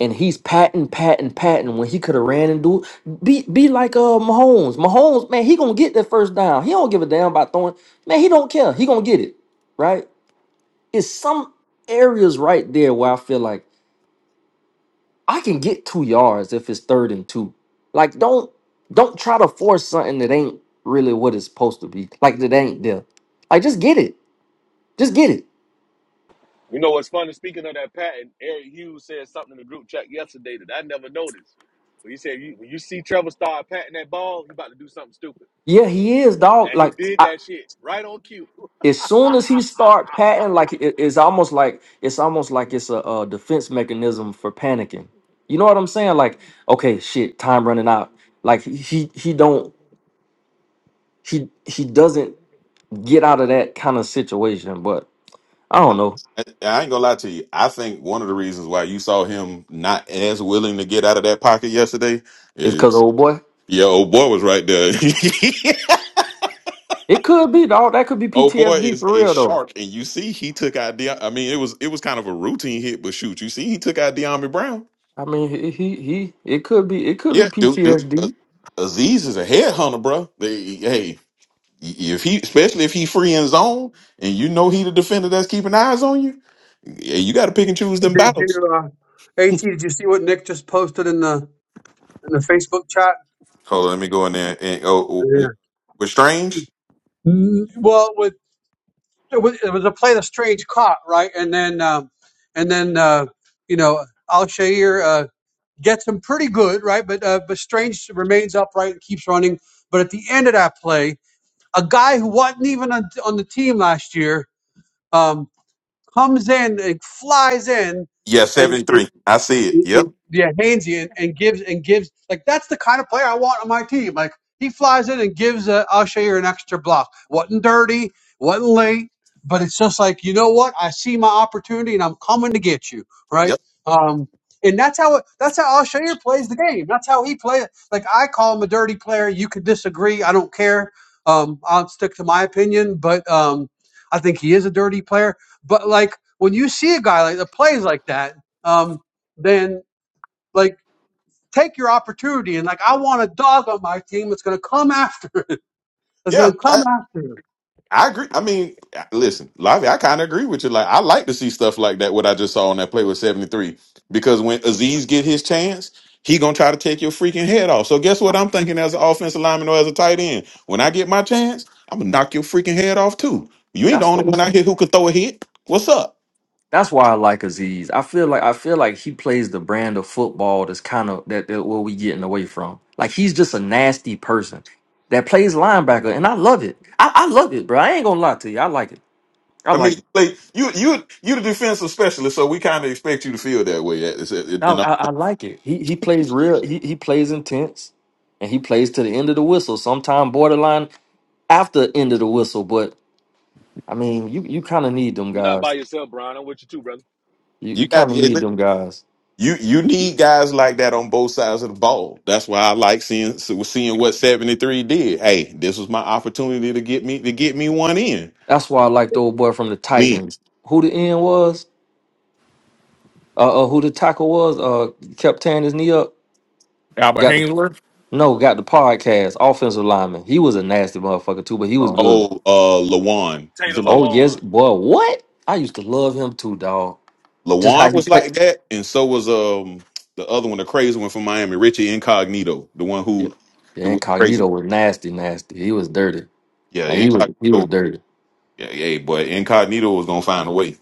Speaker 7: and he's patting, patting, patting when he could have ran and do be be like uh Mahomes. Mahomes, man, he gonna get that first down. He don't give a damn about throwing. Man, he don't care. He gonna get it right. It's some areas right there where I feel like I can get two yards if it's third and two. Like don't don't try to force something that ain't really what it's supposed to be. Like that ain't there. Like just get it. Just get it.
Speaker 6: You know what's funny? Speaking of that patent, Eric Hughes said something in the group chat yesterday that I never noticed. But he said, you, when you see Trevor start patting that ball, he about to do something stupid.
Speaker 7: Yeah, he is, dog.
Speaker 6: And he
Speaker 7: Like
Speaker 6: did
Speaker 7: I,
Speaker 6: that shit right on cue.
Speaker 7: as soon as he start patting, like it- it's almost like it's almost like it's a, a defense mechanism for panicking. You know what I'm saying? Like, okay, shit, time running out. Like he he don't he he doesn't get out of that kind of situation. But I
Speaker 4: I,
Speaker 7: don't know.
Speaker 4: I ain't gonna lie to you. I think one of the reasons why you saw him not as willing to get out of that pocket yesterday
Speaker 7: It's because
Speaker 4: is
Speaker 7: old boy.
Speaker 4: your old boy was right there.
Speaker 7: It could be dog. That could be
Speaker 4: Oh boy
Speaker 7: PTSD
Speaker 4: is
Speaker 7: for
Speaker 4: a
Speaker 7: real though.
Speaker 4: shark, and you see he took out. De- I mean, it was it was kind of a routine hit, but shoot, you see he took out De'Ami Brown.
Speaker 7: I mean, he he, he it could be it could be
Speaker 4: Yeah, dude, dude. Uh,
Speaker 7: PTSD.
Speaker 4: Aziz is a headhunter, bro. They, hey, if he, especially if he free in zone, and you know he the defender that's keeping eyes on you, yeah, you got to pick and choose them
Speaker 1: Did
Speaker 4: battles.
Speaker 1: you, uh, At? Did you see what Nick just posted in the in the Facebook chat?
Speaker 4: Hold on, let me go in there. And oh, oh,
Speaker 1: Yeah.
Speaker 4: with Strange,
Speaker 1: Mm, Well, with it was, it was a play the strange caught right, and then um, and then uh, you know Al Shair uh, gets him pretty good right, but uh, but Strange remains upright and keeps running. But at the end of that play, a guy who wasn't even on, on the team last year um, comes in, it flies in,
Speaker 4: yeah,
Speaker 1: and, and
Speaker 4: seventy-three. I see it. Yep,
Speaker 1: yeah, Hainsey and, and gives and gives like that's the kind of player I want on my team. Like he flies in and gives uh, Usher an extra block. wasn't dirty, wasn't late, but it's just like you know what? I see my opportunity and I'm coming to get you, right?
Speaker 4: yep,
Speaker 1: Um, and that's how it, that's how Usher plays the game. That's how he plays. Like I call him a dirty player. You could disagree. I don't care. Um, I'll stick to my opinion, but um, I think he is a dirty player. But like when you see a guy like that plays like that. Um, then like take your opportunity and like I want a dog on my team that's going to come after. That's going
Speaker 4: yeah.
Speaker 1: to come after.
Speaker 4: I agree. I mean, uh, listen, Lavi, I kind of agree with you. Like, I like to see stuff like that. What I just saw on that play with seventy three, because when Aziz get his chance, he gonna try to take your freaking head off. So guess what? I'm thinking as an offensive lineman or as a tight end, when I get my chance, I'm gonna knock your freaking head off too. You ain't the
Speaker 7: That's
Speaker 4: only
Speaker 7: what
Speaker 4: one out here who could throw a hit. What's up?
Speaker 7: That's why I like Aziz. I feel like I feel like he plays the brand of football that's kind of that, that what we getting away from. Like he's just a nasty person that plays linebacker, and I love it. I, I love it, bro. I ain't gonna lie to you. I like it. I
Speaker 4: I mean,
Speaker 7: like it.
Speaker 4: like you, you, you the defensive specialist, so we kind of expect you to feel that way. It's- it- it-
Speaker 7: I,
Speaker 4: You know,
Speaker 7: I, I like it. He he plays real. He he plays intense, and he plays to the end of the whistle. Sometime borderline after the end of the whistle, but I mean, you you kind of need them
Speaker 6: You're not by
Speaker 7: guys.
Speaker 6: yourself, Brian. I'm with you too, brother.
Speaker 7: You you
Speaker 4: you got
Speaker 7: kind of need
Speaker 4: to.
Speaker 7: them guys.
Speaker 4: You you need guys like that on both sides of the ball. That's why I like seeing so- seeing what seventy three did. Hey, this was my opportunity to get me to get me one in.
Speaker 7: That's why I like the old boy from the
Speaker 4: One in.
Speaker 7: Titans. Who the end was? Uh, uh who the tackle was? Uh, kept tearing his knee up.
Speaker 2: Albert
Speaker 7: Got the
Speaker 2: Hangler.
Speaker 7: no, got the podcast offensive lineman. He was a nasty motherfucker too, but he was good.
Speaker 4: Oh, uh, Lawan. You
Speaker 6: Taylor
Speaker 4: talking
Speaker 7: Oh
Speaker 4: about
Speaker 6: Lewan.
Speaker 7: yes, boy, what? I used to love him too, dog. Just how
Speaker 4: Lawan
Speaker 7: he
Speaker 4: was
Speaker 7: played.
Speaker 4: like that, and so was um the other one, the crazy one from Miami, Richie Incognito, the one
Speaker 7: Yeah,
Speaker 4: who
Speaker 7: the
Speaker 4: that was crazy.
Speaker 7: incognito was nasty, nasty. He was dirty.
Speaker 4: Yeah,
Speaker 7: Like, he was he was
Speaker 4: Incognito.
Speaker 7: dirty.
Speaker 4: Yeah, yeah, but Incognito was gonna find a way.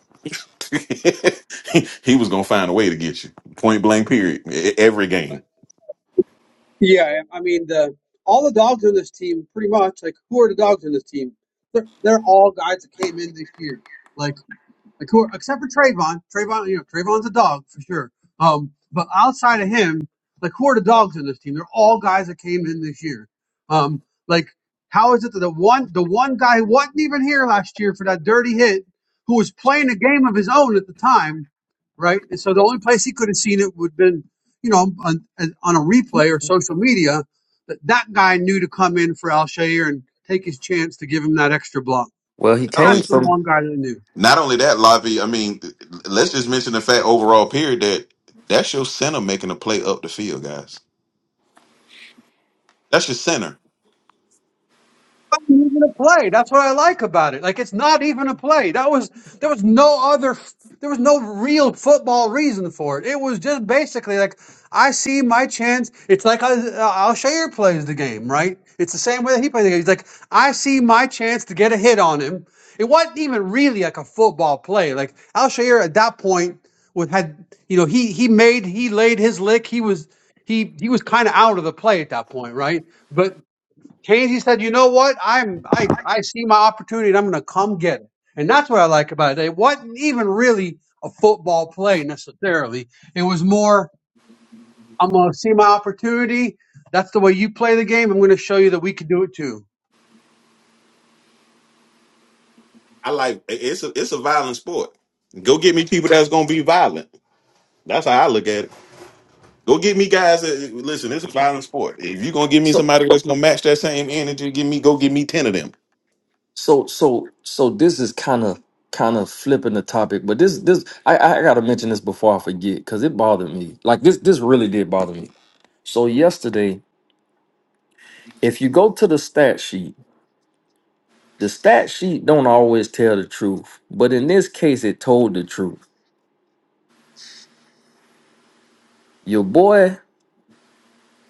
Speaker 4: he was gonna find a way to get you. Point blank. Period. E- Every game.
Speaker 1: Yeah, I mean the all the dogs on this team pretty much like who are the dogs on this team? They're they're all guys that came in this year. Like, Like who, are, except for Trayvon. Trayvon, you know, Trayvon's a dog for sure. Um, but outside of him, like who are the dogs in this team? They're all guys that came in this year. Um, like how is it that the one the one guy who wasn't even here last year for that dirty hit, who was playing a game of his own at the time, right? And so the only place he could have seen it would have been, you know, on, on a replay or social media. That that guy knew to come in for Alshair and take his chance to give him that extra block.
Speaker 7: Well, he came
Speaker 1: That's the
Speaker 7: from
Speaker 1: one guy that knew.
Speaker 4: Not only that, Lavi, I mean, let's just mention the fact overall period that that's your center making a play up the field, guys. That's your center.
Speaker 1: wasn't even a play. That's what I like about it. Like it's not even a play. That was there was no other f- there was no real football reason for it. It was just basically like I see my chance. It's like I, Al Shayer plays the game, right? It's the same way that he plays the game. He's like I see my chance to get a hit on him. It wasn't even really like a football play. Like Al at that point would had you know he he made he laid his lick. He was he he was kind of out of the play at that point, right? But. Keynes, said, you know what? I'm I I see my opportunity and I'm gonna come get it. And that's what I like about it. It wasn't even really a football play necessarily. It was more, I'm gonna see my opportunity. That's the way you play the game. I'm gonna show you that we can do it too.
Speaker 4: I like it's a it's a violent sport. Go get me people that's gonna be violent. That's how I look at it. Go get me guys that listen, it's a violent sport. If you're gonna give me
Speaker 7: so
Speaker 4: somebody that's gonna match that same energy, give me go give me ten of them.
Speaker 7: so so so. This is kind of kind of flipping the topic, but this this I I gotta mention this before I forget because it bothered me. Like this this really did bother me. So yesterday. if you go to the stat sheet, the stat sheet don't always tell the truth, but in this case, it told the truth. Your boy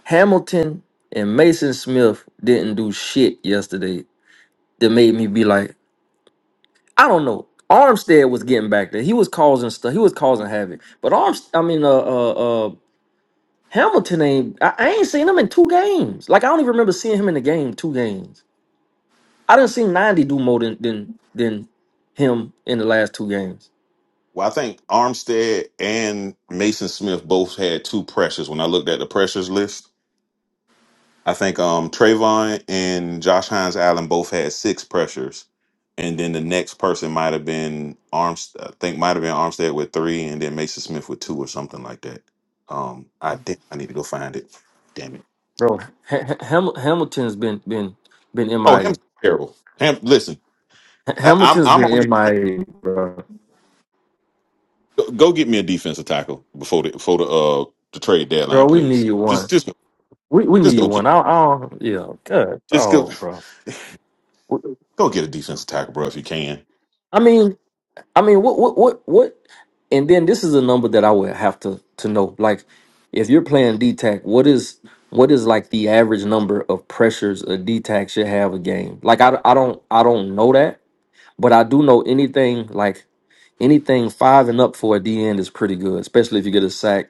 Speaker 7: Hamilton and Mason Smith didn't do shit yesterday that made me be like, I don't know. Armstead was getting back there. He was causing stuff. He was causing havoc. But Arms, I mean, uh, uh, uh Hamilton ain't. I, I ain't seen him in two games. Like I don't even remember seeing him in the game two games. I didn't see ninety do more than than than him in the last two games.
Speaker 4: Well, I think Armstead and Mason Smith both had two pressures when I looked at the pressures list. I think um Trayvon and Josh Hines Allen both had six pressures, and then the next person might have been Arms. I think might have been Armstead with three, and then Mason Smith with two or something like that. Um, I think I need to go find it. Damn it!
Speaker 7: bro. Ha- Ha- Ham- Hamilton's been been been
Speaker 4: Oh,
Speaker 7: MIA.
Speaker 4: Ham's terrible. Ham, listen,
Speaker 7: Ha-
Speaker 4: I, I'm
Speaker 7: Hamilton's
Speaker 4: I'm
Speaker 7: been
Speaker 4: on.
Speaker 7: MIA, bro.
Speaker 4: Go, go get me a defensive tackle before the before the uh the trade deadline,
Speaker 7: Bro, we need
Speaker 4: please.
Speaker 7: you
Speaker 4: Just
Speaker 7: one.
Speaker 4: just
Speaker 7: We we need
Speaker 4: just
Speaker 7: you
Speaker 4: go get
Speaker 7: one. I, I don't, yeah. Good.
Speaker 4: just go
Speaker 7: oh, bro.
Speaker 4: go get a defensive tackle, bro, if you can.
Speaker 7: I mean, I mean, what what what what? And then this is a number that I would have to to know. Like, if you're playing D DTAC, what is what is like the average number of pressures a D DTAC should have a game? Like, I I don't I don't know that, but I do know anything like. Anything five and up for a D end is pretty good, especially if you get a sack,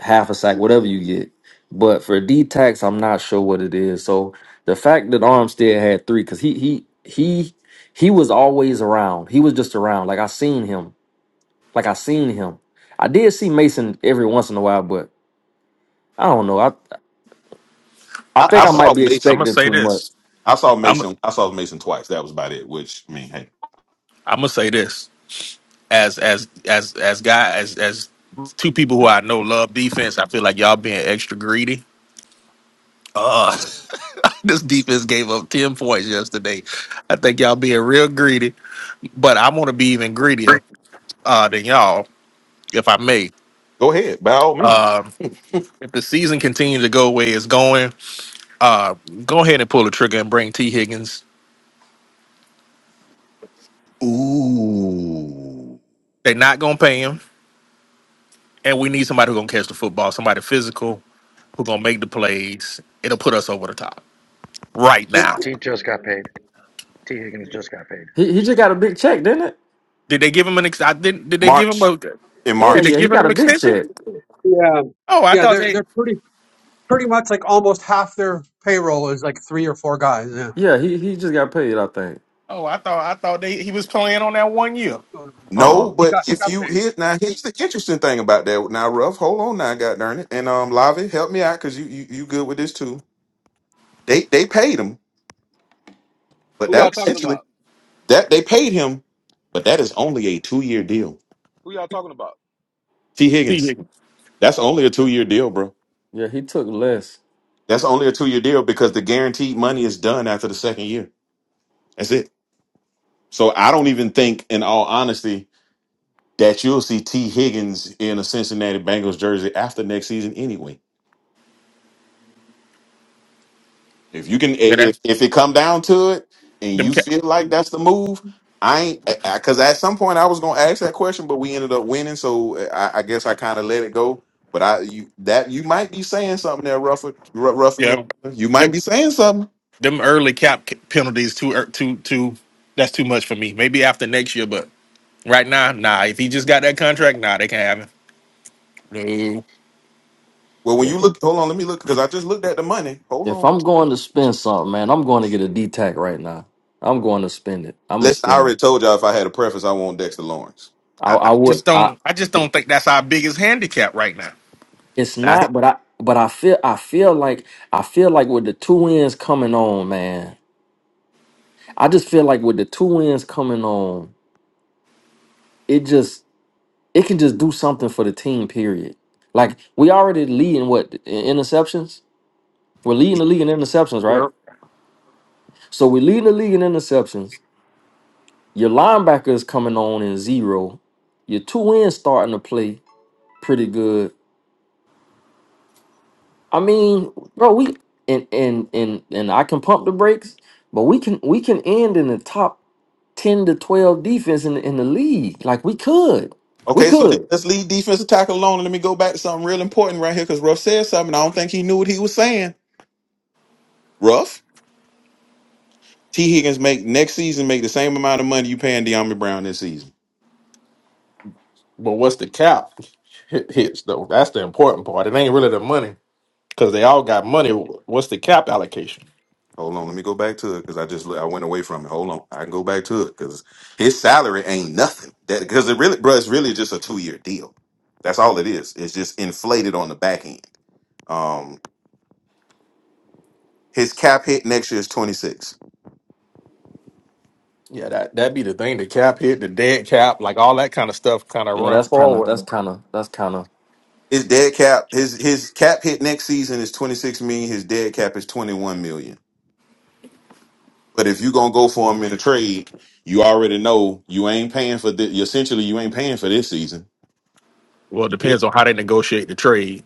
Speaker 7: half a sack, whatever you get. But for D tax, I'm not sure what it is. So the fact that Armstead had three, because he he he he was always around. He was just around. Like I seen him. Like I seen him. I did see Mason every once in a while, but I don't know. I I
Speaker 4: I,
Speaker 7: think
Speaker 4: I
Speaker 7: I
Speaker 2: I'm I'm
Speaker 7: might
Speaker 4: saw
Speaker 7: be
Speaker 4: Mason.
Speaker 2: gonna
Speaker 7: expecting
Speaker 2: say
Speaker 7: too much.
Speaker 2: this.
Speaker 4: I saw
Speaker 7: I,
Speaker 2: I'm
Speaker 4: Mason. I saw Mason twice. That was about it. Which I mean, hey,
Speaker 2: I'm gonna say this as as as as guy as as two people who I know love defense. I feel like y'all being extra greedy. Uh, this defense gave up ten points yesterday. I think y'all being real greedy, but I want to be even greedier uh, than y'all, if I may.
Speaker 4: go ahead by all means.
Speaker 2: Um, if the season continues to go where it's going, uh, go ahead and pull the trigger and bring T Higgins.
Speaker 4: Ooh.
Speaker 2: They're not gonna pay him, and we need somebody who's gonna catch the football, somebody physical, who gonna make the plays. It'll put us over the top right now.
Speaker 5: T just got paid. T Higgins just got paid.
Speaker 7: he he just got a big check, didn't it?
Speaker 2: Did they give him an ex? I didn't. Did they give him
Speaker 4: March
Speaker 2: a? Did
Speaker 4: in
Speaker 7: Hell
Speaker 4: March.
Speaker 2: they
Speaker 7: yeah, he
Speaker 4: yeah.
Speaker 2: give him
Speaker 7: got a
Speaker 2: an
Speaker 7: big
Speaker 2: extension?
Speaker 7: check.
Speaker 1: Yeah.
Speaker 2: Oh, I
Speaker 1: Yeah,
Speaker 2: thought
Speaker 1: they're
Speaker 2: they.
Speaker 1: they're pretty pretty much like almost half their payroll is like three or four guys. Yeah.
Speaker 7: Yeah, he he just got paid. I think.
Speaker 2: Oh, I thought I thought they. He was playing on that one year.
Speaker 7: Uh
Speaker 4: No,
Speaker 7: uh
Speaker 1: He got
Speaker 4: but
Speaker 1: he
Speaker 4: if
Speaker 1: got
Speaker 4: you
Speaker 1: paid.
Speaker 4: hit now, here's the interesting thing about that. Now, Ruff, Hold on now, God darn it. And um, Lavi, help me out because you, you you good with this too. They they paid him, but
Speaker 6: Who y'all
Speaker 4: that's
Speaker 6: talking
Speaker 4: essentially
Speaker 6: about?
Speaker 4: that they paid him, but that is only a two year deal.
Speaker 6: Who y'all talking about?
Speaker 4: T
Speaker 2: See,
Speaker 4: Higgins.
Speaker 2: you
Speaker 4: That's
Speaker 6: Oh,
Speaker 4: only
Speaker 6: okay.
Speaker 4: a two year deal, bro.
Speaker 7: Yeah, he took less.
Speaker 4: That's only a two year deal because the guaranteed money is done after the second year. That's it. So I don't even think, in all honesty, that you'll see T. Higgins in a Cincinnati Bengals jersey after next season anyway. If you can, i-
Speaker 2: know,
Speaker 4: if if it come down to it, and
Speaker 2: them
Speaker 4: you
Speaker 2: cap.
Speaker 4: feel like that's the move, I ain't because at some point I was gonna ask that question, but we ended up winning, so I, I guess I kind of let it go. But I you that you might be saying something there, Rufford, Ru- Ruffin. there.
Speaker 2: Yeah,
Speaker 4: You might
Speaker 2: them
Speaker 4: be saying something.
Speaker 2: them early cap ca- penalties too ear- too too. That's too much for me. Maybe after next year, but right now, nah. If he just got that contract, nah, they can't have him. No,
Speaker 4: Well, when
Speaker 7: Yeah,
Speaker 4: you look, hold on, let me look because I just looked at the money. Hold
Speaker 7: If
Speaker 4: on.
Speaker 7: I'm going to spend something, man, I'm going to get a D-Tac right now. I'm going to spend it. I'm gonna
Speaker 4: Listen, I
Speaker 7: spend it.
Speaker 4: already told y'all if I had a preference, I want Dexter Lawrence.
Speaker 7: I, I
Speaker 4: I.
Speaker 7: would.
Speaker 2: just
Speaker 7: I.
Speaker 2: don't. I just don't think that's our biggest handicap right now.
Speaker 7: It's
Speaker 4: I,
Speaker 7: not, but I. But I feel. I feel like. I feel like with the two wins coming on, man. I just feel like with the two wins coming on, it just. It can just do something for the team. Period. Like we already leading what in interceptions. We're leading
Speaker 4: Yeah.
Speaker 7: the league in interceptions, right? So we're leading the league in interceptions. Your linebacker is coming on in zero. Your two ends starting to play. pretty good. I mean, bro, we and and and and I can pump the brakes, but we can we can end in the top ten to twelve defense in the, in the league. Like we could, we
Speaker 4: Okay, so then
Speaker 7: could.
Speaker 4: let's leave defensive tackle alone. And let me go back to something real important right here because Ruff said something. I don't think he knew what he was saying. Ruff, T. Higgins make next season make the same amount of money you paying De'Ami Brown this season.
Speaker 2: But what's the cap Hit- hits though? That's the important part. It ain't really the money because they all got money. What's the cap allocation?
Speaker 4: Hold on, let me go back to it because I just I went away from it. Hold on, I can go back to it because his salary ain't nothing. That because it really, bro, it's really just a two year deal. That's all it is. It's just inflated on the back end. Um, his cap hit next year is twenty six.
Speaker 2: Yeah, that that be the thing. The cap hit, the dead cap, like all that kind of stuff, kind of
Speaker 7: Yeah,
Speaker 2: run
Speaker 7: that's kind of that's
Speaker 2: forward.
Speaker 7: kind of that's kind of
Speaker 4: His dead cap, his his cap hit next season is twenty six million. His dead cap is twenty one million. But if you gonna go for him in a trade, you already know you ain't paying for this. Essentially, you ain't paying for this season.
Speaker 2: Well, it depends on
Speaker 4: Yeah,
Speaker 2: how they negotiate the trade.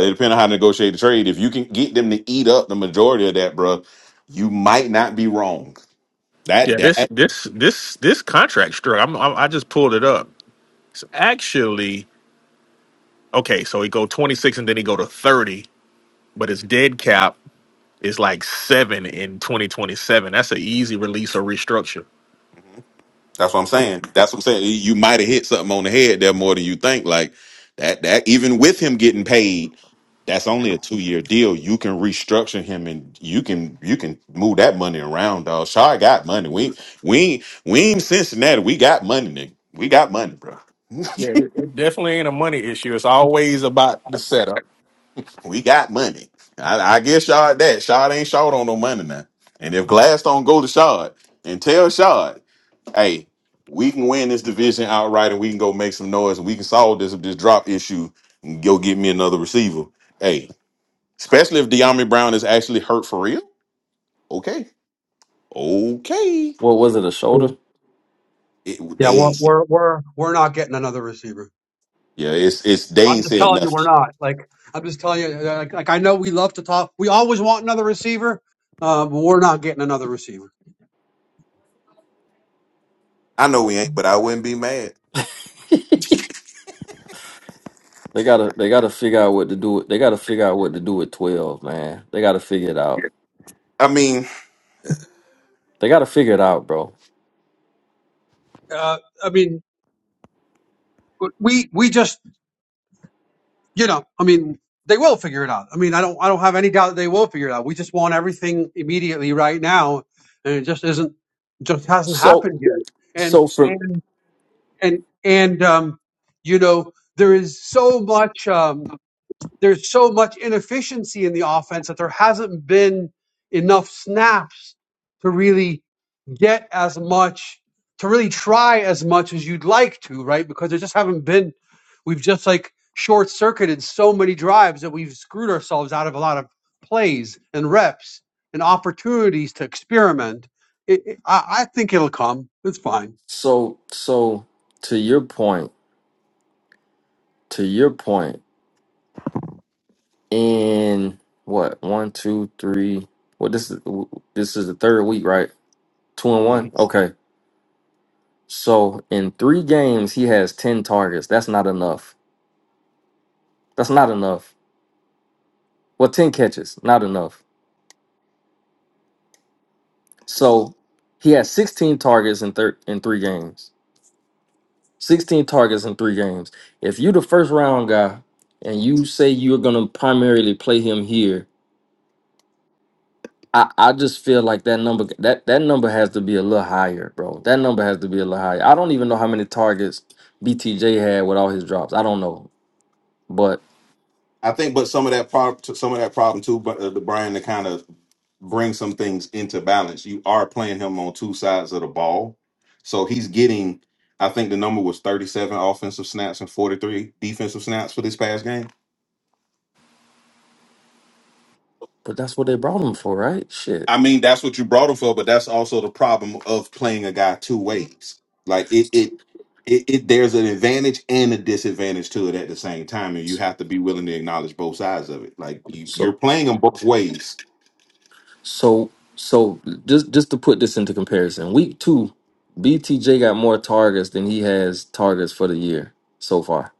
Speaker 4: it depends on how to negotiate the trade. If you can get them to eat up the majority of that, bruh, you might not be wrong. That
Speaker 2: Yeah, this
Speaker 4: that
Speaker 2: this this this contract struck. I'm, I'm I just pulled it up. It's actually okay. So he go 26 and then he go to 30, but his dead cap is like seven in 2027. That's an easy release or restructure.
Speaker 4: Mhm. that's what I'm saying. That's what I'm saying. You might have hit something on the head there more than you think. Like that that even with him getting paid. That's only a two year deal. You can restructure him, and you can you can move that money around, dog. Shaw got money. We we we ain't Cincinnati. We got money, nigga. We got money, bro.
Speaker 2: Yeah, it, it definitely ain't a money issue. It's always about the setup.
Speaker 4: We got money. I, I give Shard that. Shard ain't short on no money now. And if Glass don't go to Shard and tell Shard, hey, we can win this division outright and we can go make some noise and we can solve this this drop issue and go get me another receiver. Hey, especially if De'Ami Brown is actually hurt for real. Okay. Okay.
Speaker 7: what was it a shoulder?
Speaker 4: It,
Speaker 1: Yeah,
Speaker 4: they
Speaker 1: we're
Speaker 4: ain't said,
Speaker 1: we're we're, we're not getting another receiver.
Speaker 4: yeah, it's it's they
Speaker 1: I'm
Speaker 4: ain't
Speaker 1: just
Speaker 4: said
Speaker 1: telling you, we're
Speaker 4: nothing.
Speaker 1: not. Like, I'm just telling you. Like, like I know we love to talk. We always want another receiver, uh, but we're not getting another receiver.
Speaker 4: I know we ain't, but I wouldn't be mad.
Speaker 7: They gotta they gotta figure out what to do. They gotta figure out what to do with twelve, man. They gotta figure it out.
Speaker 4: Yeah. I mean,
Speaker 7: They gotta figure it out, bro.
Speaker 1: Uh, I mean, but we we just you know, I mean, they will figure it out. I mean, I don't I don't have any doubt that they will figure it out. We just want everything immediately right now, and it just isn't just hasn't
Speaker 7: So
Speaker 1: happened yet. And
Speaker 7: so for
Speaker 1: and and and um, you know, there is so much. Um, There's so much inefficiency in the offense that there hasn't been enough snaps to really get as much, to really try as much as you'd like to, right? Because there just haven't been, we've just like short circuited so many drives that we've screwed ourselves out of a lot of plays and reps and opportunities to experiment. It, it- I, I think it'll come. It's fine.
Speaker 7: so so to your point, to your point. in what one, two, three. Well, this is this is the third week, right? Two and one.
Speaker 4: Mhm.
Speaker 7: Okay, so in three games, he has ten targets. That's not enough. That's not enough. Well, ten catches, not enough. So he has sixteen targets in thir- in three games. Sixteen targets in three games. If you the first round guy and you say you're gonna primarily play him here, I, I just feel like that number that that number has to be a little higher, bro. That number has to be a little higher. I don't even know how many targets BTJ had with all his drops. I don't know, but
Speaker 4: I think, but some of that problem, some of that problem too, but uh, the Brian to kind of bring some things into balance. You are playing him on two sides of the ball, so he's getting. I think the number was thirty-seven offensive snaps and forty-three defensive snaps for this past game.
Speaker 7: but that's what they brought him for, right? Shit.
Speaker 4: I mean, that's what you brought him for, but that's also the problem of playing a guy two ways. Like it, it, it, it there's an advantage and a disadvantage to it at the same time, and you have to be willing to acknowledge both sides of it. Like you, you're
Speaker 7: So
Speaker 4: playing them both ways.
Speaker 7: so so just just to put this into comparison, week two, BTJ got more targets than he has targets for the year so far.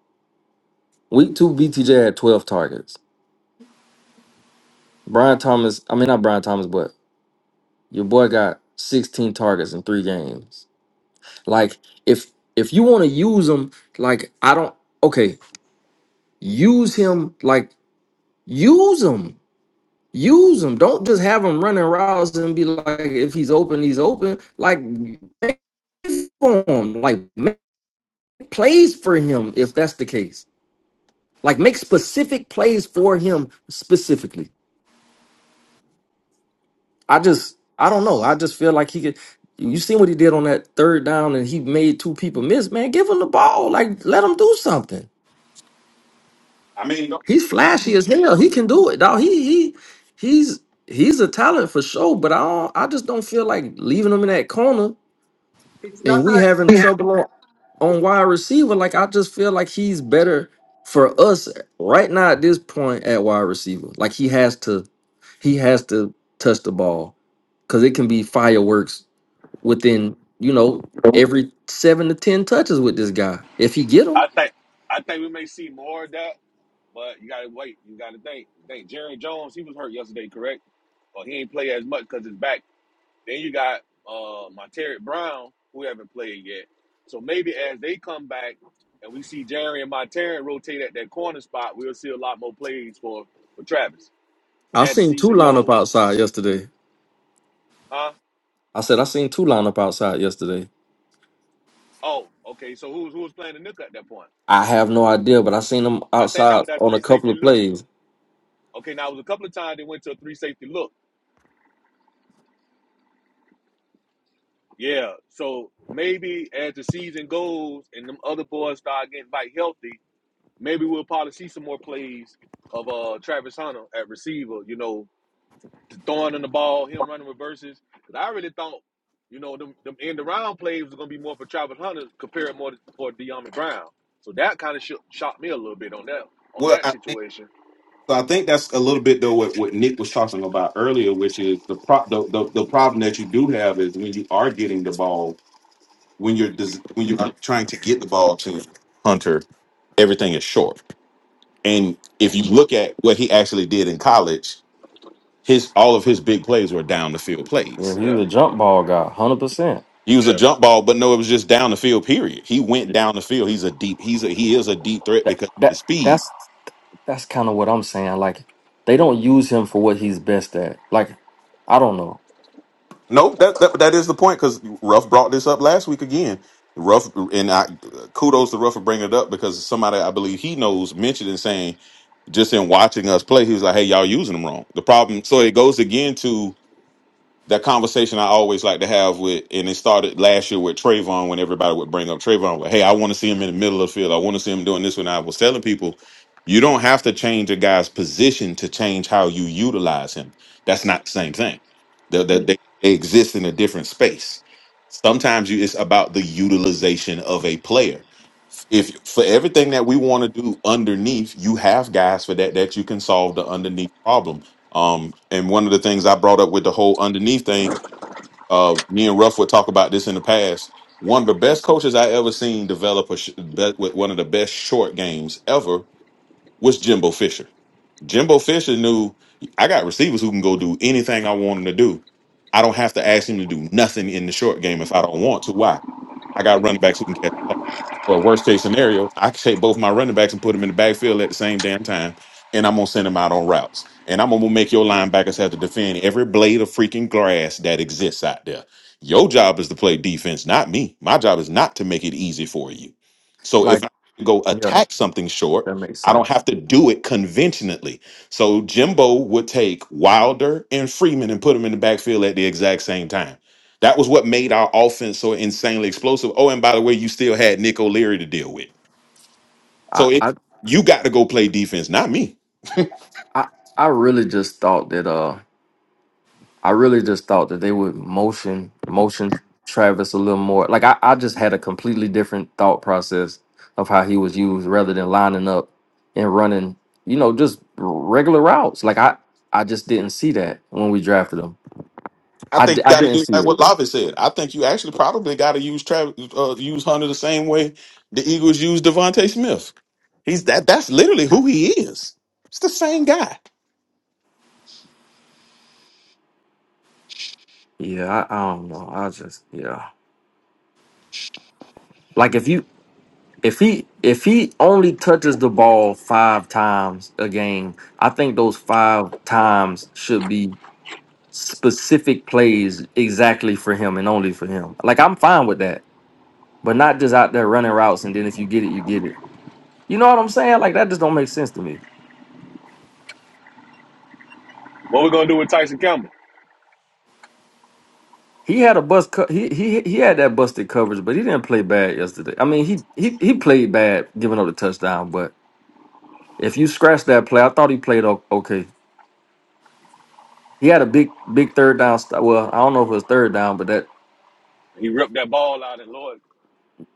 Speaker 7: Week two, BTJ had twelve targets. Brian Thomas, I mean not Brian Thomas, but your boy got sixteen targets in three games. Like if if you want to use him, like I don't okay, use him like use him. Use him. Don't just have him running routes and be like, if he's open, he's open. Like make for him. Like make plays for him if that's the case. Like make specific plays for him specifically. I just I don't know. I just feel like he could you seen what he did on that third down and he made two people miss, man. Give him the ball. Like let him do something.
Speaker 4: I mean,
Speaker 7: He's flashy as hell. He can do it, dog. He he he's he's a talent for sure. But I don't, I just don't feel like leaving him in that corner
Speaker 1: It's not
Speaker 7: and we
Speaker 1: that
Speaker 7: having trouble on, on wide receiver. Like I just feel like he's better for us right now at this point at wide receiver. Like he has to he has to touch the ball because it can be fireworks within you know
Speaker 4: don't-
Speaker 7: every seven to ten touches with this guy if he get them.
Speaker 6: I think I think we may see more of that, but you gotta wait. You gotta think. Think Jerry Jones, he was hurt yesterday, correct? Or he ain't play as much because his back. Then you got uh my Terry Brown, who haven't played yet. So maybe as they come back and we see Jerry and my Terry rotate at that corner spot, we'll see a lot more plays for for Travis
Speaker 7: I
Speaker 6: as the
Speaker 7: seen two
Speaker 6: season
Speaker 7: line up
Speaker 6: goes.
Speaker 7: outside yesterday.
Speaker 6: Huh?
Speaker 7: I said I seen two line up outside yesterday.
Speaker 6: Oh, okay. So who's who was playing the nickel at that point?
Speaker 7: I have no idea, but I seen him
Speaker 6: I think that
Speaker 7: outside
Speaker 6: was that
Speaker 7: on a
Speaker 6: three
Speaker 7: couple
Speaker 6: safety
Speaker 7: of
Speaker 6: look.
Speaker 7: plays.
Speaker 6: Okay, now it was a couple of times they went to a three safety look. Yeah. So maybe as the season goes and them other boys start getting back healthy, maybe we'll probably see some more plays of uh Travis Hunter at receiver, you know, throwing in the ball, him running reverses. Because I really thought, you know, them, them end around plays was going to be more for Travis Hunter compared more to, for De'Armond Brown. So that kind of sh- shocked me a little bit on that on
Speaker 4: well,
Speaker 6: that
Speaker 4: I think
Speaker 6: situation.
Speaker 4: so. I think that's a little bit though what, what Nick was talking about earlier, which is the, pro- the the the problem that you do have is when you are getting the ball, when you're des- when you are trying to get the ball to Hunter, everything is short And if you look at what he actually did in college, his all of his big plays were down the field
Speaker 7: Well,
Speaker 4: plays.
Speaker 7: he's
Speaker 6: Yeah,
Speaker 7: a jump ball guy, hundred percent.
Speaker 4: He was a
Speaker 6: yeah.
Speaker 4: jump ball, but no, it was just down the field. Period. He went down the field. He's a deep. He's a he is a deep threat
Speaker 7: That
Speaker 4: because of his
Speaker 7: that
Speaker 4: speed.
Speaker 7: that's that's kind of what I'm saying. Like they don't use him for what he's best at. Like I don't know.
Speaker 4: No, that that, that is the point. Because Ruff brought this up last week again. Ruff and I kudos to Ruff for bringing it up because somebody I believe he knows mentioned and saying just in watching us play, he was like, "Hey, y'all using them wrong." The problem. So it goes again to that conversation I always like to have with, and it started last year with Trayvon when everybody would bring up Trayvon, like, hey, I want to see him in the middle of the field. I want to see him doing this. When I was telling people, you don't have to change a guy's position to change how you utilize him. That's not the same thing. They, they,
Speaker 6: Mm.
Speaker 4: they they exist in a different space. Sometimes you, it's about the utilization of a player. If for everything that we want to do underneath, you have guys for that that you can solve the underneath problem um, and one of the things I brought up with the whole underneath thing, uh, me and Ruff would talk about this in the past. One of the best coaches I ever seen develop a sh- bet with one of the best short games ever was Jimbo Fisher. Jimbo Fisher knew I got receivers who can go do anything I want them to do. I don't have to ask him to do nothing in the short game if I don't want to. Why? I got running backs who can catch the ball. Well, worst case scenario, I can take both my running backs and put them in the backfield at the same damn time, and I'm gonna send them out on routes, and I'm gonna make your linebackers have to defend every blade of freaking grass that exists out there. Your job is to play defense, not me. My job is not to make it easy for you. So if
Speaker 7: Like
Speaker 4: I go
Speaker 7: yeah,
Speaker 4: attack something short,
Speaker 7: that makes
Speaker 4: I don't
Speaker 7: sense.
Speaker 4: have to do it conventionally. So Jimbo would take Wilder and Freeman and put them in the backfield at the exact same time that was what made our offense so insanely explosive. Oh, and by the way, you still had Nick O'Leary to deal with.
Speaker 7: I
Speaker 4: So it
Speaker 7: I
Speaker 4: you got to go play defense, not me.
Speaker 7: I, I really just thought that. uh. I really just thought that they would motion motion Travis a little more. Like I, I just had a completely different thought process of how he was used rather than lining up and running, you know, just regular routes. Like I I just didn't see that when we drafted him.
Speaker 4: I
Speaker 7: I,
Speaker 4: think
Speaker 7: di-
Speaker 4: you
Speaker 7: I
Speaker 4: got to
Speaker 7: didn't
Speaker 4: do
Speaker 7: see
Speaker 4: like
Speaker 7: it.
Speaker 4: what Lavi said. I think you actually probably got to use Travis, uh, use Hunter the same way the Eagles use Devontae Smith. He's that. That's literally who he is. It's the same guy.
Speaker 7: Yeah, I, I don't know. I just yeah. Like if you if he if he only touches the ball 5 times a game, I think those 5 times should be specific plays exactly for him and only for him. Like I'm fine with that, but not just out there running routes and then if you get it, you get it. You know what I'm saying? Like that just don't make sense to me.
Speaker 6: What we going to do with Tyson Campbell?
Speaker 7: He had a bust. Co- he he he had that busted coverage, but he didn't play bad yesterday. I mean, he he he played bad giving up the touchdown, but if you scratch that play, I thought he played o- okay. He had a big big third down. St- well, I don't know if it was third down, but that
Speaker 6: He ripped that ball out and Lloyd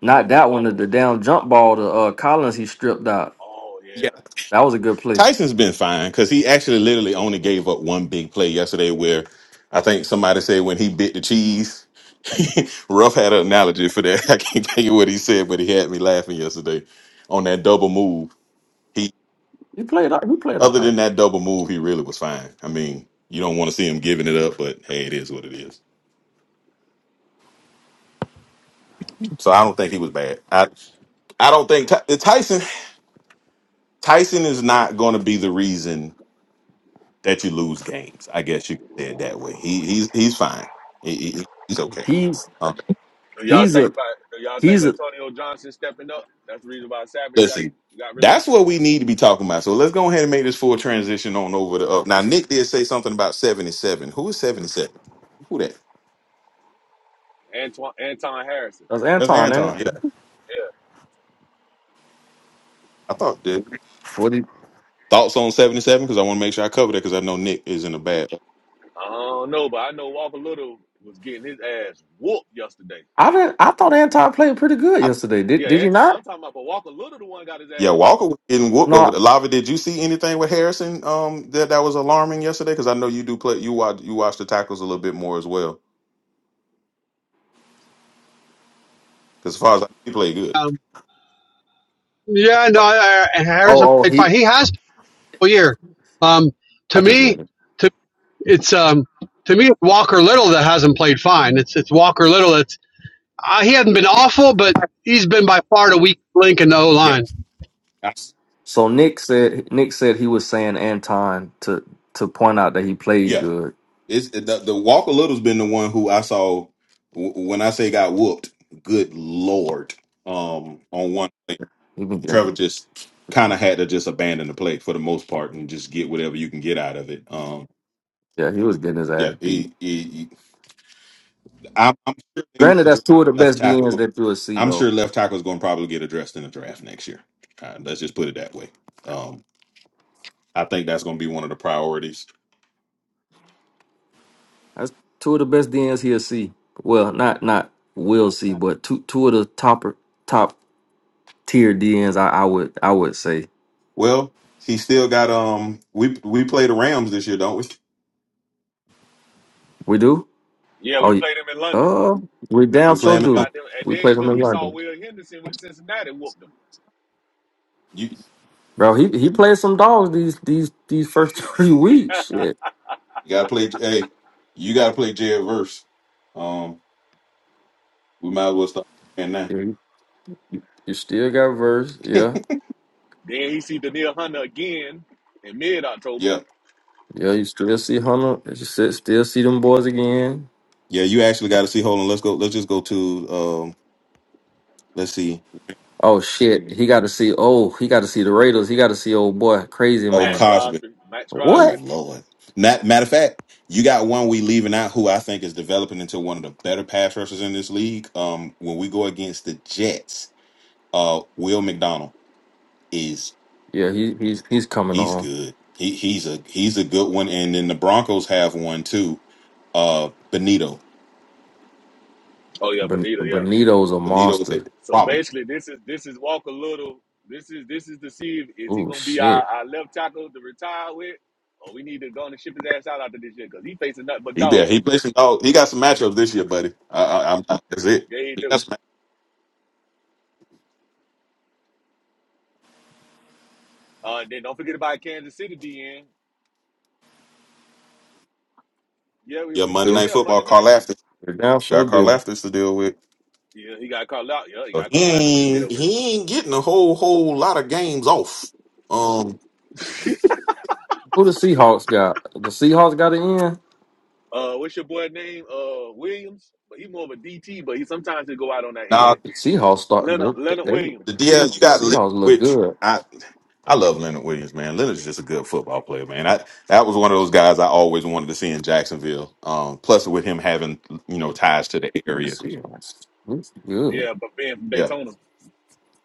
Speaker 7: not
Speaker 6: recovered the
Speaker 7: that one. The,
Speaker 6: fumble.
Speaker 7: the down jump ball to uh, Collins, he stripped out.
Speaker 6: Oh, yeah.
Speaker 7: That was a good play.
Speaker 4: Tyson's been fine because he actually literally only gave up one big play yesterday where I think somebody said when he bit the cheese. Ruff had an analogy for that. I can't think of what he said, but he had me laughing yesterday on that double move. He
Speaker 7: He played. all- He played all
Speaker 4: other
Speaker 7: right.
Speaker 4: than that double move, he really was fine. I mean, you don't want to see him giving it
Speaker 6: Mm.
Speaker 4: up, but hey, it is what it is. So I don't think he was bad. I I don't think Ty- Tyson Tyson is not going to be the reason that you lose games. I guess you could say it that way. He he's he's fine. He, he- he's okay.
Speaker 7: He's
Speaker 4: Um,
Speaker 6: Do y'all
Speaker 7: He's a
Speaker 6: think do y'all think
Speaker 7: he's a
Speaker 6: Antonio Johnson stepping up? That's the reason why Savage got
Speaker 4: listen,
Speaker 6: got
Speaker 4: that's
Speaker 6: released.
Speaker 4: what we need to be talking about. So let's go ahead and make this full transition on over to up. Now Nick did say something about seventy seven. Who is seventy seven? Who that?
Speaker 6: Antoine Anton Harrison.
Speaker 7: that's
Speaker 4: That's
Speaker 7: Anton, ain't
Speaker 4: Anton.
Speaker 7: it?
Speaker 4: Yeah, I thought. Dude.
Speaker 7: What he?
Speaker 4: Thoughts on seventy seven? Because I want to make sure I cover that because I know Nick is in a bad.
Speaker 6: I don't know, but I know Walker Little was getting his ass whooped yesterday.
Speaker 7: I didn't. I thought Anton played pretty good
Speaker 4: I,
Speaker 7: yesterday. Did
Speaker 6: Yeah,
Speaker 7: did he
Speaker 6: Anton,
Speaker 7: not?
Speaker 6: I'm talking about, but Walker Little the one got his
Speaker 4: yeah,
Speaker 6: ass whooped.
Speaker 4: Walker was getting whooped over
Speaker 7: No.
Speaker 4: the lava. Did you see anything with Harrison? Um, that that was alarming yesterday because I know you do play. You watch you watch the tackles a little bit more as well. Because as far as I, he played good.
Speaker 1: I. Yeah, no, I, I- Harrison
Speaker 7: Oh oh
Speaker 1: played fine.
Speaker 7: he.
Speaker 1: He has all year. Um,
Speaker 7: I
Speaker 1: to
Speaker 7: just read
Speaker 1: me,
Speaker 7: it.
Speaker 1: to it's um, to me it's Walker Little that hasn't played fine. It's it's Walker Little. That's uh, he hasn't been awful, but he's been by far the weak link in the O
Speaker 4: Yeah,
Speaker 1: line.
Speaker 4: I s-
Speaker 7: So Nick said Nick said he was saying Anton to to point out that he played
Speaker 4: yeah.
Speaker 7: good.
Speaker 4: It's the, the Walker Little's been the one who I saw w- when I say got whooped. Good lord! Um, on one play,
Speaker 7: He been
Speaker 4: Trevor
Speaker 7: getting
Speaker 4: just kind of had to just abandon the play for the most part and just get whatever you can get out of it. Um,
Speaker 7: yeah he was getting his
Speaker 4: yeah,
Speaker 7: ass beat.
Speaker 4: he, he, he- I'm, I'm sure they will
Speaker 7: Granted, that's
Speaker 4: address
Speaker 7: two of the
Speaker 4: left
Speaker 7: best DNs
Speaker 4: tackle.
Speaker 7: that you'll see
Speaker 4: I'm
Speaker 7: though.
Speaker 4: sure left tackle is going to probably get addressed in the draft next year. Uh, let's just put it that way. Um, I think that's going to be one of the priorities
Speaker 7: That's two of the best DNs he'll see. Well, not not will see, but two two of the top top tier DNs I, I would I would say
Speaker 4: Well, he still got um. We we play the Rams this year, don't we?
Speaker 7: we do.
Speaker 6: Yeah, we
Speaker 7: Oh, y-
Speaker 6: played him in London.
Speaker 7: uh, we damn
Speaker 4: We play
Speaker 7: sure
Speaker 6: Yeah,
Speaker 4: him. In
Speaker 6: we
Speaker 4: London.
Speaker 7: do.
Speaker 6: got them. And
Speaker 7: We
Speaker 6: then
Speaker 7: play
Speaker 6: you
Speaker 7: them
Speaker 6: remember
Speaker 7: in
Speaker 6: he saw
Speaker 7: London,
Speaker 6: Will Henderson with Cincinnati whooped him.
Speaker 4: You,
Speaker 7: bro. He he played some dogs these these these first three weeks. Shit,
Speaker 4: you gotta play. Hey, you gotta play Jared Verse. Um, we might as well start playing now.
Speaker 7: you, you still got verse, yeah,
Speaker 6: Then he see Daniel Hunter again in mid October
Speaker 4: Yeah,
Speaker 7: yeah. You still see Hunter. You si- still see them boys again.
Speaker 4: yeah. You actually got to see. Hold on. Let's go. Let's just go to um. Let's see.
Speaker 7: Oh shit, he got to see. Oh, he got to see the Raiders. He got to see old boy, crazy
Speaker 6: with
Speaker 4: Oh,
Speaker 6: Max
Speaker 7: man.
Speaker 4: Cosby.
Speaker 6: Crosby. Max
Speaker 4: Oh
Speaker 6: Crosby.
Speaker 7: What?
Speaker 4: Lord. Not, matter of fact, you got one we leaving out who I think is developing into one of the better pass rushers in this league. Um, when we go against the Jets, uh, Will McDonald is
Speaker 7: Yeah, he he's he's coming
Speaker 4: He's
Speaker 7: on.
Speaker 4: good. He he's a he's a good one. And then the Broncos have one too. Uh Benito.
Speaker 6: Oh yeah,
Speaker 7: Ben,
Speaker 6: Benita, yeah.
Speaker 7: Benito's a
Speaker 4: Benito is
Speaker 7: monster.
Speaker 4: a
Speaker 6: So
Speaker 4: problem.
Speaker 6: basically this is this is Walker Little. This is this is to see if is he
Speaker 7: Oh
Speaker 6: gonna be our,
Speaker 7: shit,
Speaker 6: our left tackle to retire with, or we need to go and ship his ass out after this year because he facing nothing but
Speaker 4: He be
Speaker 6: dogs.
Speaker 4: he plays some oh, he got some matchups this year, buddy. I, I, I'm that's it.
Speaker 6: Yeah, he
Speaker 4: He
Speaker 6: do.
Speaker 4: got some
Speaker 6: Uh, then don't forget about Kansas City DN. Yeah, we,
Speaker 4: yeah, Monday
Speaker 6: yeah,
Speaker 7: dude.
Speaker 4: night
Speaker 6: yeah.
Speaker 4: football,
Speaker 6: Monday
Speaker 4: Carl
Speaker 6: night.
Speaker 4: Aftis.
Speaker 7: We damn sure
Speaker 4: Got Carl
Speaker 7: do.
Speaker 4: Aftis to deal with.
Speaker 6: Yeah, he got called out. Yeah, he
Speaker 4: So
Speaker 6: got
Speaker 4: he
Speaker 6: called out to
Speaker 4: ain't
Speaker 6: deal with.
Speaker 4: he ain't getting a whole whole lot of games off. Um
Speaker 7: Who the Seahawks got? The Seahawks got to end.
Speaker 6: Uh, what's your boy name? Uh, Williams. But he's more of a DT, but he sometimes he go out on that
Speaker 4: now
Speaker 6: edge.
Speaker 7: Seahawks starting
Speaker 6: Leonard
Speaker 7: to
Speaker 6: Leonard
Speaker 7: they, they
Speaker 6: Williams.
Speaker 4: the DL you got Leonard,
Speaker 7: Seahawks look
Speaker 4: which
Speaker 7: good.
Speaker 4: I I love Leonard Williams, man. Leonard's just a good football player, man. I that was one of those guys I always wanted to see in Jacksonville. Um, plus with him having you know ties to the
Speaker 7: The
Speaker 4: area,
Speaker 7: Seahawks look good.
Speaker 6: Yeah, but being from
Speaker 4: yeah.
Speaker 6: Daytona,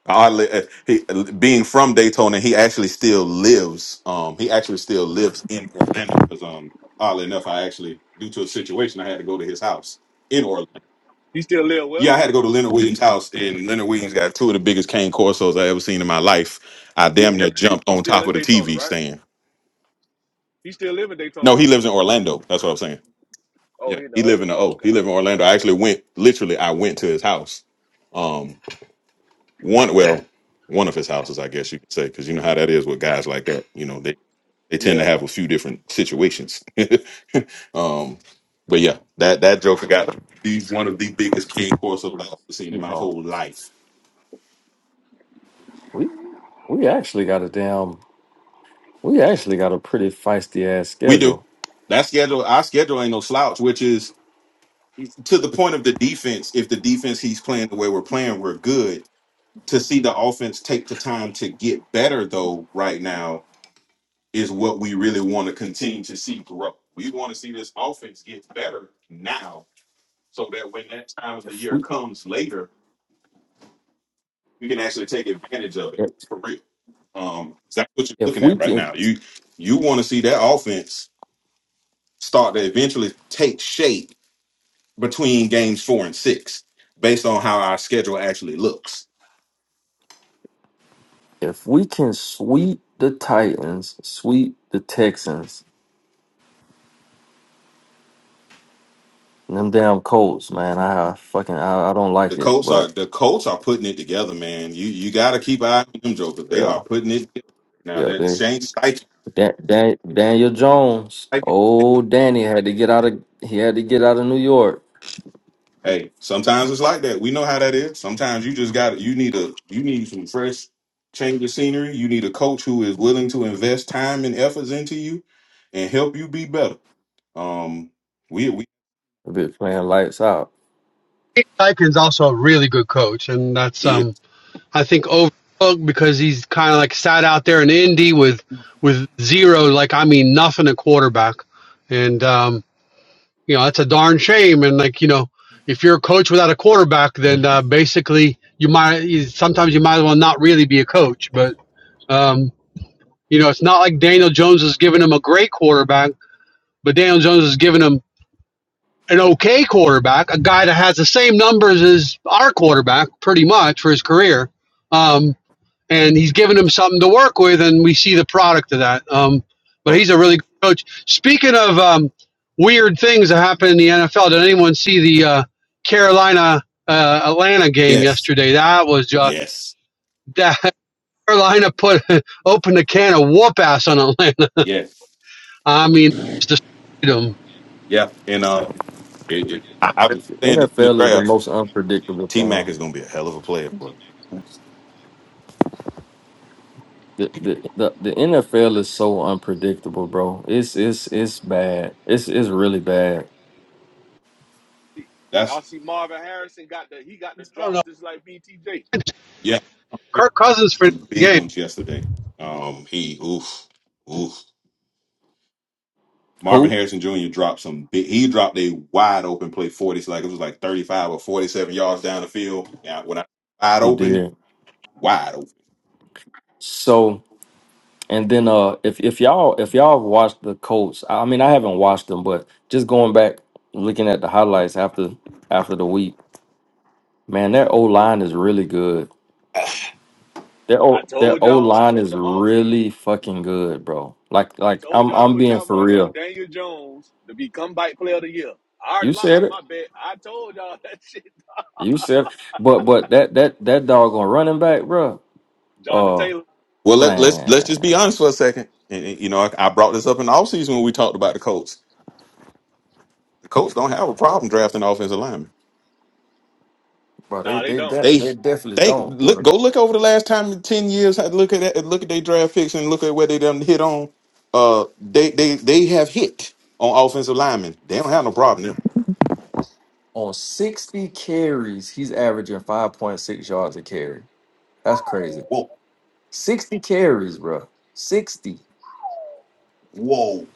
Speaker 4: Oddly, uh, he uh, being from Daytona, he actually still lives. Um, he actually still lives in Orlando because um, oddly enough, I actually due to a situation I had to go to his house in Orlando.
Speaker 6: he still live well.
Speaker 4: Yeah, I had to go to Leonard Williams' house, and Leonard Williams got two of the biggest cane corsos I ever seen in my life. I damn near jumped
Speaker 6: He's
Speaker 4: on
Speaker 6: still
Speaker 4: top
Speaker 6: in
Speaker 4: of the
Speaker 6: Daytona,
Speaker 4: TV
Speaker 6: right?
Speaker 4: stand.
Speaker 6: He still live in Daytona,
Speaker 4: No, he
Speaker 6: don't he?
Speaker 4: lives in Orlando. That's what I'm saying.
Speaker 6: Oh,
Speaker 4: Yeah,
Speaker 6: he in the
Speaker 4: he live
Speaker 6: oh,
Speaker 4: in the
Speaker 6: oh,
Speaker 4: O.
Speaker 6: okay,
Speaker 4: He live in
Speaker 6: okay,
Speaker 4: Orlando. I
Speaker 6: okay.
Speaker 4: actually went literally. I went to his house. Um, one well, one of his houses, I guess you could say, because you know how that is with guys like that. You know, they they tend to
Speaker 6: Yeah,
Speaker 4: have a few different situations. um, but yeah, that that Joker got he's one of the biggest king course of I've ever seen in my whole
Speaker 7: Seahawks.
Speaker 4: life.
Speaker 7: We we actually got a damn we actually got a pretty feisty ass
Speaker 4: We do
Speaker 7: schedule.
Speaker 4: that schedule. Our schedule ain't no slouch, which is to the point of the defense. If the defense he's playing the way we're playing, we're good to see the offense take the time to get better though right now is what we really want to continue to see grow. We want to see this offense get better now so that when that time of the
Speaker 7: If
Speaker 4: year
Speaker 7: we
Speaker 4: comes later, we can actually take advantage of it
Speaker 7: if,
Speaker 4: for real. Um that's what you're
Speaker 7: if
Speaker 4: looking
Speaker 7: we
Speaker 4: at right
Speaker 7: can
Speaker 4: now. You you want to see that offense start to eventually take shape between games 4 and 6 based on how our schedule actually looks.
Speaker 7: if we can sweep the Titans, sweep the Texans, and them damn Colts, man, I fucking I, I don't like
Speaker 4: The
Speaker 7: it,
Speaker 4: Colts are
Speaker 7: but
Speaker 4: the Colts are putting it together, man. You you got to keep an eye on them jokers. They are
Speaker 7: yeah,
Speaker 4: putting it together. now.
Speaker 7: yeah,
Speaker 4: That
Speaker 7: they
Speaker 4: Shane Steichen.
Speaker 7: Dan, Dan, Daniel Jones, Oh, Danny had to get out of he had to get out of New York.
Speaker 4: Hey, sometimes it's like that. We know how that is. Sometimes you just got to you need a you need some fresh change of scenery. You need a coach who is willing to invest time and efforts into you and help you be better. Um, we we
Speaker 7: That bitch playing lights out.
Speaker 1: Dave Dykens also a really good coach, and that's
Speaker 4: yeah.
Speaker 1: um, I think overlooked because he's kind of like sat out there in Indy with with zero, like I mean nothing at quarterback, and um, you know that's a darn shame. And like you know, if you're a coach without a quarterback, then uh, basically you might you- sometimes you might as well not really be a coach. But um, you know, it's not like Daniel Jones is giving him a great quarterback, but Daniel Jones is giving him an okay quarterback, a guy that has the same numbers as our quarterback pretty much for his career. Um, and he's giving him something to work with, and we see the product of that. Um, but
Speaker 7: Oh,
Speaker 1: he's a really good coach. Speaking of um, weird things that happen in the NFL, did anyone see the uh, Carolina uh, Atlanta game
Speaker 4: yes
Speaker 1: yesterday? That was just
Speaker 4: yes
Speaker 1: that Carolina put opened a can of whoop ass on Atlanta.
Speaker 4: yes
Speaker 1: I mean, just destroyed them.
Speaker 4: yeah. And uh, it, it, I, I've been
Speaker 7: the
Speaker 4: saying this in the
Speaker 7: NFL is the
Speaker 4: draft.
Speaker 7: most unpredictable
Speaker 4: T Mac
Speaker 7: thing.
Speaker 4: is going to be a hell of a player for.
Speaker 7: The, the the the NFL is so unpredictable, bro. It's it's it's bad. It's it's really bad.
Speaker 6: I
Speaker 4: That's
Speaker 6: see Marvin Harrison got the he got the
Speaker 1: I don't
Speaker 6: drops
Speaker 1: know.
Speaker 6: just like BTJ.
Speaker 4: yeah.
Speaker 1: Kirk Cousins for the
Speaker 4: some big
Speaker 1: game.
Speaker 4: ones yesterday. Um, he oof, oof. Marvin
Speaker 7: Who
Speaker 4: Harrison Jr. dropped some big. He dropped a wide open play, forty, so like it was like thirty-five or forty-seven yards down the field. Yeah, when I wide
Speaker 7: he
Speaker 4: open,
Speaker 7: did
Speaker 4: wide open.
Speaker 7: so, and then uh, if if y'all if y'all have watched the Colts, I mean I haven't watched them, but just going back looking at the highlights after after the week, man, their O line is really good. Their
Speaker 6: I
Speaker 7: O their
Speaker 6: told
Speaker 7: O
Speaker 6: y'all
Speaker 7: line
Speaker 6: over
Speaker 7: is
Speaker 6: the offseason.
Speaker 7: really fucking good, bro. Like
Speaker 6: I
Speaker 7: like
Speaker 6: told
Speaker 7: I'm
Speaker 6: y'all to
Speaker 7: I'm
Speaker 6: put
Speaker 7: being
Speaker 6: y'all
Speaker 7: for
Speaker 6: money
Speaker 7: real.
Speaker 6: on Daniel Jones to be comeback player of the year. I already
Speaker 7: You
Speaker 6: locked
Speaker 7: said
Speaker 6: in
Speaker 7: it.
Speaker 6: my bet. I told y'all that shit.
Speaker 7: You said, it. but but that that that dog on running back, bro.
Speaker 6: Jonathan
Speaker 7: Oh
Speaker 6: Taylor.
Speaker 4: Well, let, let's let's just be
Speaker 7: man,
Speaker 4: honest for a second. And, and, you know, I, I brought this up in the offseason when we talked about the Colts. The Colts don't have a problem drafting offensive linemen.
Speaker 7: bro, they
Speaker 6: Nah, they
Speaker 7: they
Speaker 6: don't.
Speaker 7: de-
Speaker 4: They
Speaker 7: they definitely
Speaker 4: think
Speaker 7: don't,
Speaker 4: look
Speaker 7: bro.
Speaker 4: go look over the last time in ten years. had- Look at that, look at their draft picks and look at where they done hit on. Uh, they they they have hit on offensive linemen. They don't have no problem. there.
Speaker 7: On sixty carries, he's averaging five point six yards a carry. That's crazy.
Speaker 4: Whoa,
Speaker 7: Sixty carries, bro. Sixty.
Speaker 4: whoa.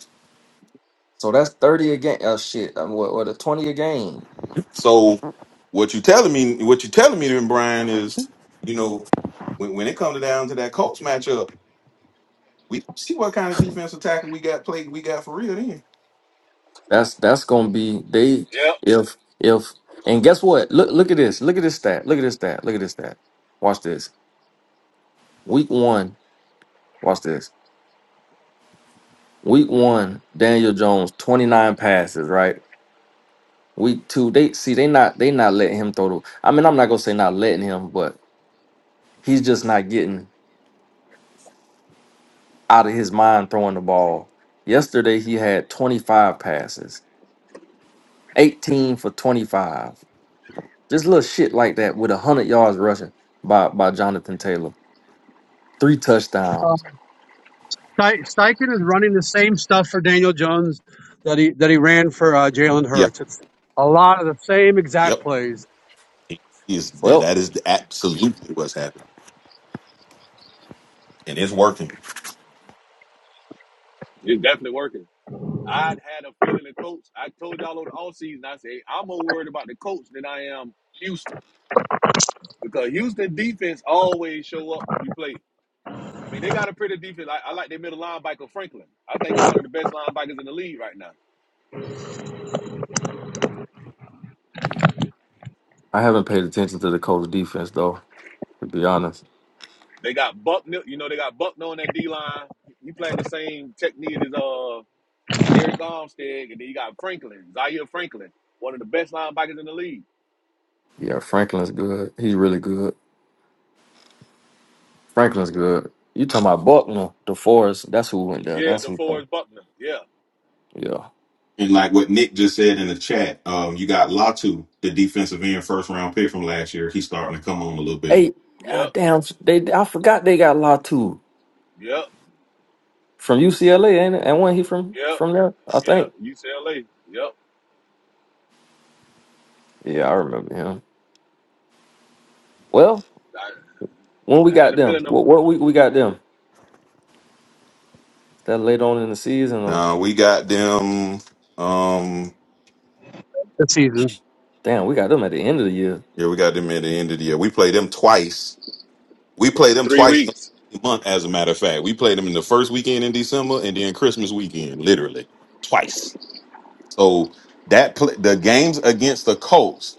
Speaker 7: So that's thirty a game. Oh shit, I'm what what a twenty a game.
Speaker 4: So what you telling me? What you telling me, then, Brian, is you know when when it comes down to that Colts matchup, we don't see what kind of defensive tackle we got played. We got for real then.
Speaker 7: That's that's gonna be they
Speaker 6: Yep.
Speaker 7: if if and guess what? Look look at this. Look at this stat. Look at this stat. Look at this stat. Watch this. Week one. Watch this. Week one, Daniel Jones, 29 passes, right? Week two, they see they not they not letting him throw the I mean, I'm not gonna say not letting him, but he's just not getting out of his mind throwing the ball. Yesterday he had 25 passes, 18 for 25. Just little shit like that with hundred yards rushing by by Jonathan Taylor. Three touchdowns.
Speaker 1: Ste- Steichen is running the same stuff for Daniel Jones that he that he ran for uh, Jalen
Speaker 4: Yeah.
Speaker 1: Hurts. It's a lot of the same exact
Speaker 4: Yep.
Speaker 1: plays.
Speaker 4: Is that
Speaker 7: Well,
Speaker 4: that is absolutely what's happening, and it's working.
Speaker 6: It's definitely working. I had a feeling the coach. I told y'all over the offseason, I said, hey, I'm more worried about the coach than I am Houston. Because Houston defense always show up when we play. I mean, they got a pretty defense. I, I like their middle linebacker, Franklin. I think he's one of the best linebackers in the league right now.
Speaker 7: I haven't paid attention to the Colts defense though, to be honest.
Speaker 6: They got Buckner, you know, they got Buckner on that D line. He playing the same technique as uh Eric Armstead, and then you got Franklin, Zaire Franklin, one of the best linebackers in the league.
Speaker 7: Yeah, Franklin's good. He's really good. Franklin's good. You talking about Buckner, DeForest? That's who went there.
Speaker 6: Yeah,
Speaker 7: That's who.
Speaker 6: DeForest Buckner. Yeah.
Speaker 7: Yeah.
Speaker 4: And like what Nick just said in the chat, um, you got Latu, the defensive end first round pick from last year. He's starting to come on a little bit.
Speaker 7: Hey, uh,
Speaker 6: Yep.
Speaker 7: damn. They I forgot they got Latu
Speaker 6: Yep.
Speaker 7: from UCLA, ain't it? And when he from
Speaker 6: Yep.
Speaker 7: from there, I
Speaker 6: Yep.
Speaker 7: think.
Speaker 6: UCLA. Yep.
Speaker 7: Yeah, I remember him. Well,
Speaker 6: I,
Speaker 7: when we
Speaker 6: I had
Speaker 7: got
Speaker 6: a
Speaker 7: them,
Speaker 6: feeling them
Speaker 7: what, what week we got them? That late on in the season, or
Speaker 4: Now we got them. Um,
Speaker 1: the season.
Speaker 7: damn, we got them at the end of the year.
Speaker 4: yeah, we got them at the end of the year. We played them twice. We played
Speaker 6: in
Speaker 4: them
Speaker 6: three
Speaker 4: twice in
Speaker 6: weeks.
Speaker 4: a month. As a matter of fact, we played them in the first weekend in December and then Christmas weekend, literally twice. So that pl- the games against the Colts.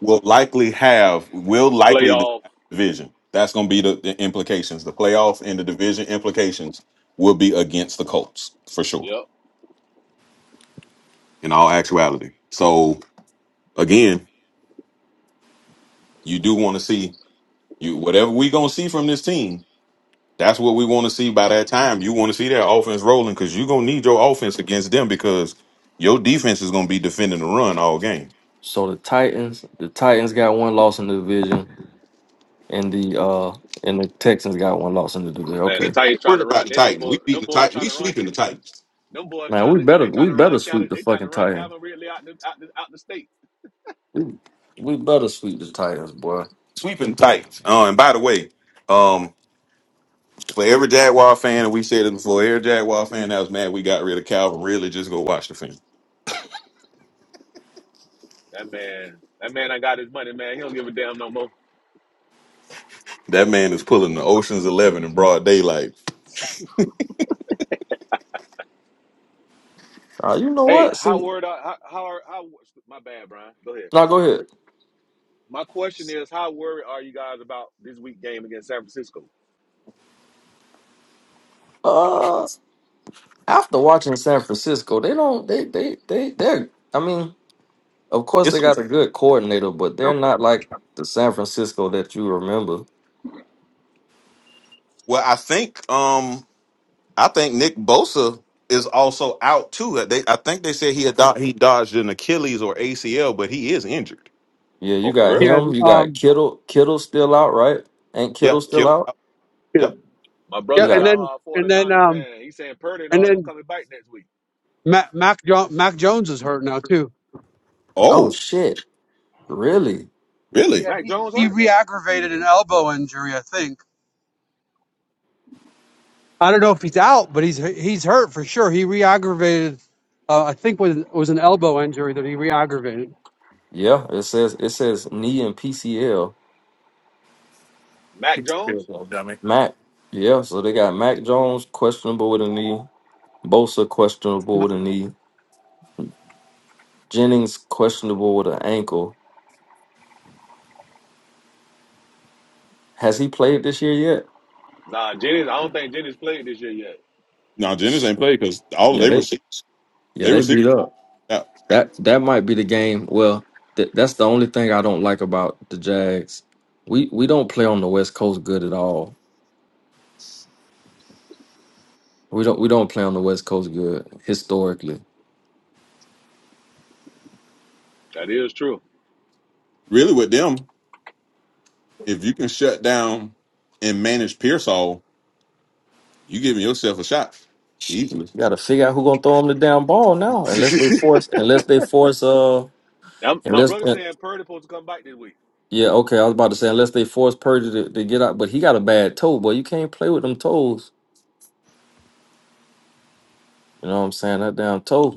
Speaker 4: will likely have will likely decide
Speaker 6: Playoff.
Speaker 4: the division. That's going to be the, the implications. The playoff and the division implications will be against the Colts for sure.
Speaker 6: Yep.
Speaker 4: In all actuality, so again, you do want to see you whatever we going to see from this team. That's what we want to see by that time. You want to see their offense rolling because you're going to need your offense against them because your defense is going to be defending the run all game.
Speaker 7: So the Titans, the Titans got one loss in the division, and the uh and the Texans got one loss in the division.
Speaker 6: Man,
Speaker 4: We
Speaker 6: the
Speaker 7: Okay,
Speaker 4: ain't
Speaker 6: Titans trying
Speaker 4: worried
Speaker 6: to
Speaker 4: about
Speaker 6: run.
Speaker 4: the
Speaker 6: They them
Speaker 4: Titans.
Speaker 6: boy,
Speaker 4: We beating
Speaker 6: them
Speaker 4: the
Speaker 6: boys
Speaker 4: Titans.
Speaker 6: trying
Speaker 4: We
Speaker 6: to run.
Speaker 4: sweeping the Titans.
Speaker 6: Them boys
Speaker 7: man,
Speaker 6: trying
Speaker 7: we
Speaker 6: to
Speaker 7: better
Speaker 6: they trying
Speaker 7: we
Speaker 6: to
Speaker 7: better
Speaker 6: run
Speaker 7: sweep
Speaker 6: Calvin.
Speaker 7: the
Speaker 6: They trying to
Speaker 7: fucking
Speaker 6: run
Speaker 7: Titans.
Speaker 6: Calvin Ridley out the out the, out the state.
Speaker 7: We better sweep the Titans, boy.
Speaker 4: Sweeping the Titans. Oh, and by the way, um. For every Jaguar fan, and we said it before, every Jaguar fan that was mad we got rid of Calvin really just go watch the film.
Speaker 6: That man, that man, I got his money, man. He don't give a damn no more.
Speaker 4: That man is pulling the Ocean's Eleven in broad daylight.
Speaker 7: Uh, you know
Speaker 6: Hey,
Speaker 7: what?
Speaker 6: how
Speaker 7: See,
Speaker 6: word? How how, how my bad, Brian? Go ahead.
Speaker 7: now go ahead.
Speaker 6: My question is, how worried are you guys about this week game against San Francisco?
Speaker 7: Uh, after watching San Francisco, they don't. They they they they're. I mean, of course they
Speaker 4: It's a,
Speaker 7: got a good coordinator, but they're not like the San Francisco that you remember.
Speaker 4: well, I think um I think Nick Bosa is also out too. They I think they said he had do- he dodged an Achilles or ACL, but he is injured.
Speaker 7: Yeah, you
Speaker 6: Oh, for
Speaker 7: got
Speaker 1: Yeah,
Speaker 6: real?
Speaker 7: him.
Speaker 1: and,
Speaker 7: You got
Speaker 1: um,
Speaker 7: Kittle. Kittle still out, right? Ain't
Speaker 4: Yeah,
Speaker 7: Kittle still
Speaker 4: Kittle.
Speaker 7: out?
Speaker 4: out.
Speaker 1: yeah,
Speaker 4: Yep.
Speaker 6: My
Speaker 7: You
Speaker 1: yeah,
Speaker 6: brother,
Speaker 1: and
Speaker 7: got.
Speaker 1: then
Speaker 6: diehard
Speaker 1: and then
Speaker 6: 49er
Speaker 1: um,
Speaker 6: fan, he's saying Purdy and
Speaker 1: and
Speaker 6: all them
Speaker 1: then
Speaker 6: coming back next week.
Speaker 1: Mac Mac, jo- Mac Jones is hurt now too.
Speaker 7: Oh
Speaker 4: Oh,
Speaker 7: shit! Really?
Speaker 4: really?
Speaker 1: Yeah,
Speaker 6: Mac
Speaker 1: he
Speaker 6: Jones
Speaker 1: he
Speaker 6: hurt?
Speaker 1: re-aggravated an elbow injury, I think. I don't know if he's out, but he's he's hurt for sure. He re-aggravated, uh, I think was was an elbow injury that he re-aggravated.
Speaker 7: Yeah. It says it says knee and PCL.
Speaker 6: Mac
Speaker 2: Kick the field
Speaker 6: Jones?
Speaker 2: goal, dummy.
Speaker 7: Mac. Yeah. So they got Mac Jones questionable with a knee. Bosa questionable
Speaker 1: No,
Speaker 7: with a knee. Jennings questionable with an ankle. Has he played this year yet?
Speaker 6: Nah, Jennings, I don't think Jennings played this year yet.
Speaker 4: No, Jennings
Speaker 7: Sh-
Speaker 4: ain't played because all
Speaker 7: Yeah,
Speaker 4: they
Speaker 7: they
Speaker 4: receive
Speaker 7: yeah
Speaker 4: they
Speaker 7: they
Speaker 4: receive.
Speaker 7: beat up. That that might be the game. Well, th- that's the only thing I don't like about the Jags. We we don't play on the West Coast good at all. We don't we don't play on the West Coast good historically.
Speaker 6: That is true.
Speaker 4: really with them, if you can shut down and manage Pearsall, You giving yourself a shot
Speaker 7: Shoot,
Speaker 4: easily.
Speaker 7: You got to figure out who gonna throw him the damn ball now, unless they force unless they force uh
Speaker 6: Now, my
Speaker 7: unless
Speaker 6: brother
Speaker 7: uh,
Speaker 6: saying Purdy supposed to come back this week.
Speaker 7: yeah okay I was about to say unless they force Purdy to, to get out, but he got a bad toe, boy. You can't play with them toes. You know what I'm saying? That damn toe.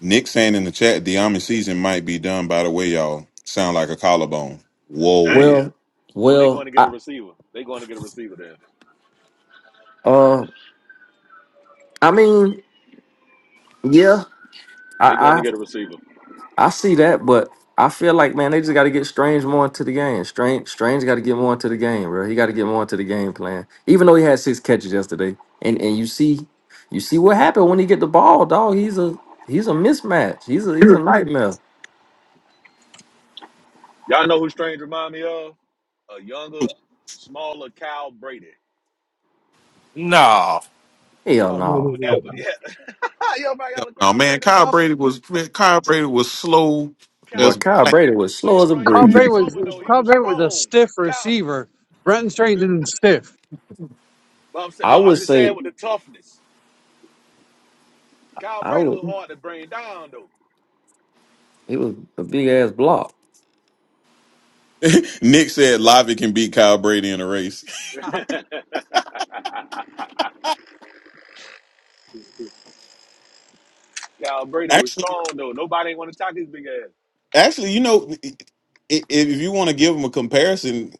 Speaker 4: Nick saying in the chat, the Army season might be done. By the way, y'all sound like a collarbone. Whoa.
Speaker 6: Damn.
Speaker 7: Well,
Speaker 6: Oh, they going
Speaker 7: well,
Speaker 6: to get a
Speaker 7: I
Speaker 6: receiver. they going to get a receiver there.
Speaker 7: uh, I mean, yeah,
Speaker 6: they going to
Speaker 7: I
Speaker 6: get a receiver.
Speaker 7: I I see that, but I feel like man, they just got to get Strange more into the game. Strange, Strange got to get more into the game, bro. He got to get more into the game plan. Even though he had six catches yesterday, and and you see, you see what happened when he get the ball, dog. He's a he's a mismatch. He's a he's a
Speaker 4: Sure.
Speaker 7: nightmare.
Speaker 6: Y'all know who Strange remind me of? A younger, smaller Kyle Brady.
Speaker 2: No.
Speaker 7: Hell
Speaker 1: no,
Speaker 7: no,
Speaker 6: Well, that,
Speaker 1: no,
Speaker 6: but
Speaker 1: no.
Speaker 6: yeah. yo, man,
Speaker 4: Hell
Speaker 6: y'all
Speaker 4: no,
Speaker 6: crowd
Speaker 4: man.
Speaker 6: Brady a
Speaker 4: Kyle
Speaker 1: Kyle,
Speaker 6: little bit.
Speaker 4: Brady was Kyle Brady was slow
Speaker 6: Kyle
Speaker 7: but
Speaker 4: as
Speaker 6: Brady,
Speaker 7: Kyle
Speaker 4: black.
Speaker 7: Brady was
Speaker 6: but
Speaker 7: slow
Speaker 6: he'll
Speaker 7: as a
Speaker 6: run your
Speaker 1: Kyle
Speaker 7: brick.
Speaker 4: Nick
Speaker 1: Brady
Speaker 6: ass
Speaker 1: was
Speaker 6: over though. He
Speaker 1: Kyle
Speaker 6: was
Speaker 1: Brady was a
Speaker 6: strong.
Speaker 1: stiff
Speaker 6: Kyle,
Speaker 1: receiver. Brenton Strange isn't stiff,
Speaker 6: but I'm saying,
Speaker 7: I
Speaker 6: but I'm
Speaker 7: would
Speaker 6: just saying
Speaker 7: say
Speaker 6: with the toughness. Kyle
Speaker 7: I
Speaker 6: Brady
Speaker 7: would.
Speaker 6: was hard to bring down though.
Speaker 7: He was a big ass block.
Speaker 4: said Lavi can beat Kyle Brady in a race.
Speaker 6: Kyle Brady was
Speaker 4: Actually,
Speaker 6: strong though. Nobody ain't want to talk his big ass.
Speaker 4: actually, you know, i- i- if you want to give him a comparison,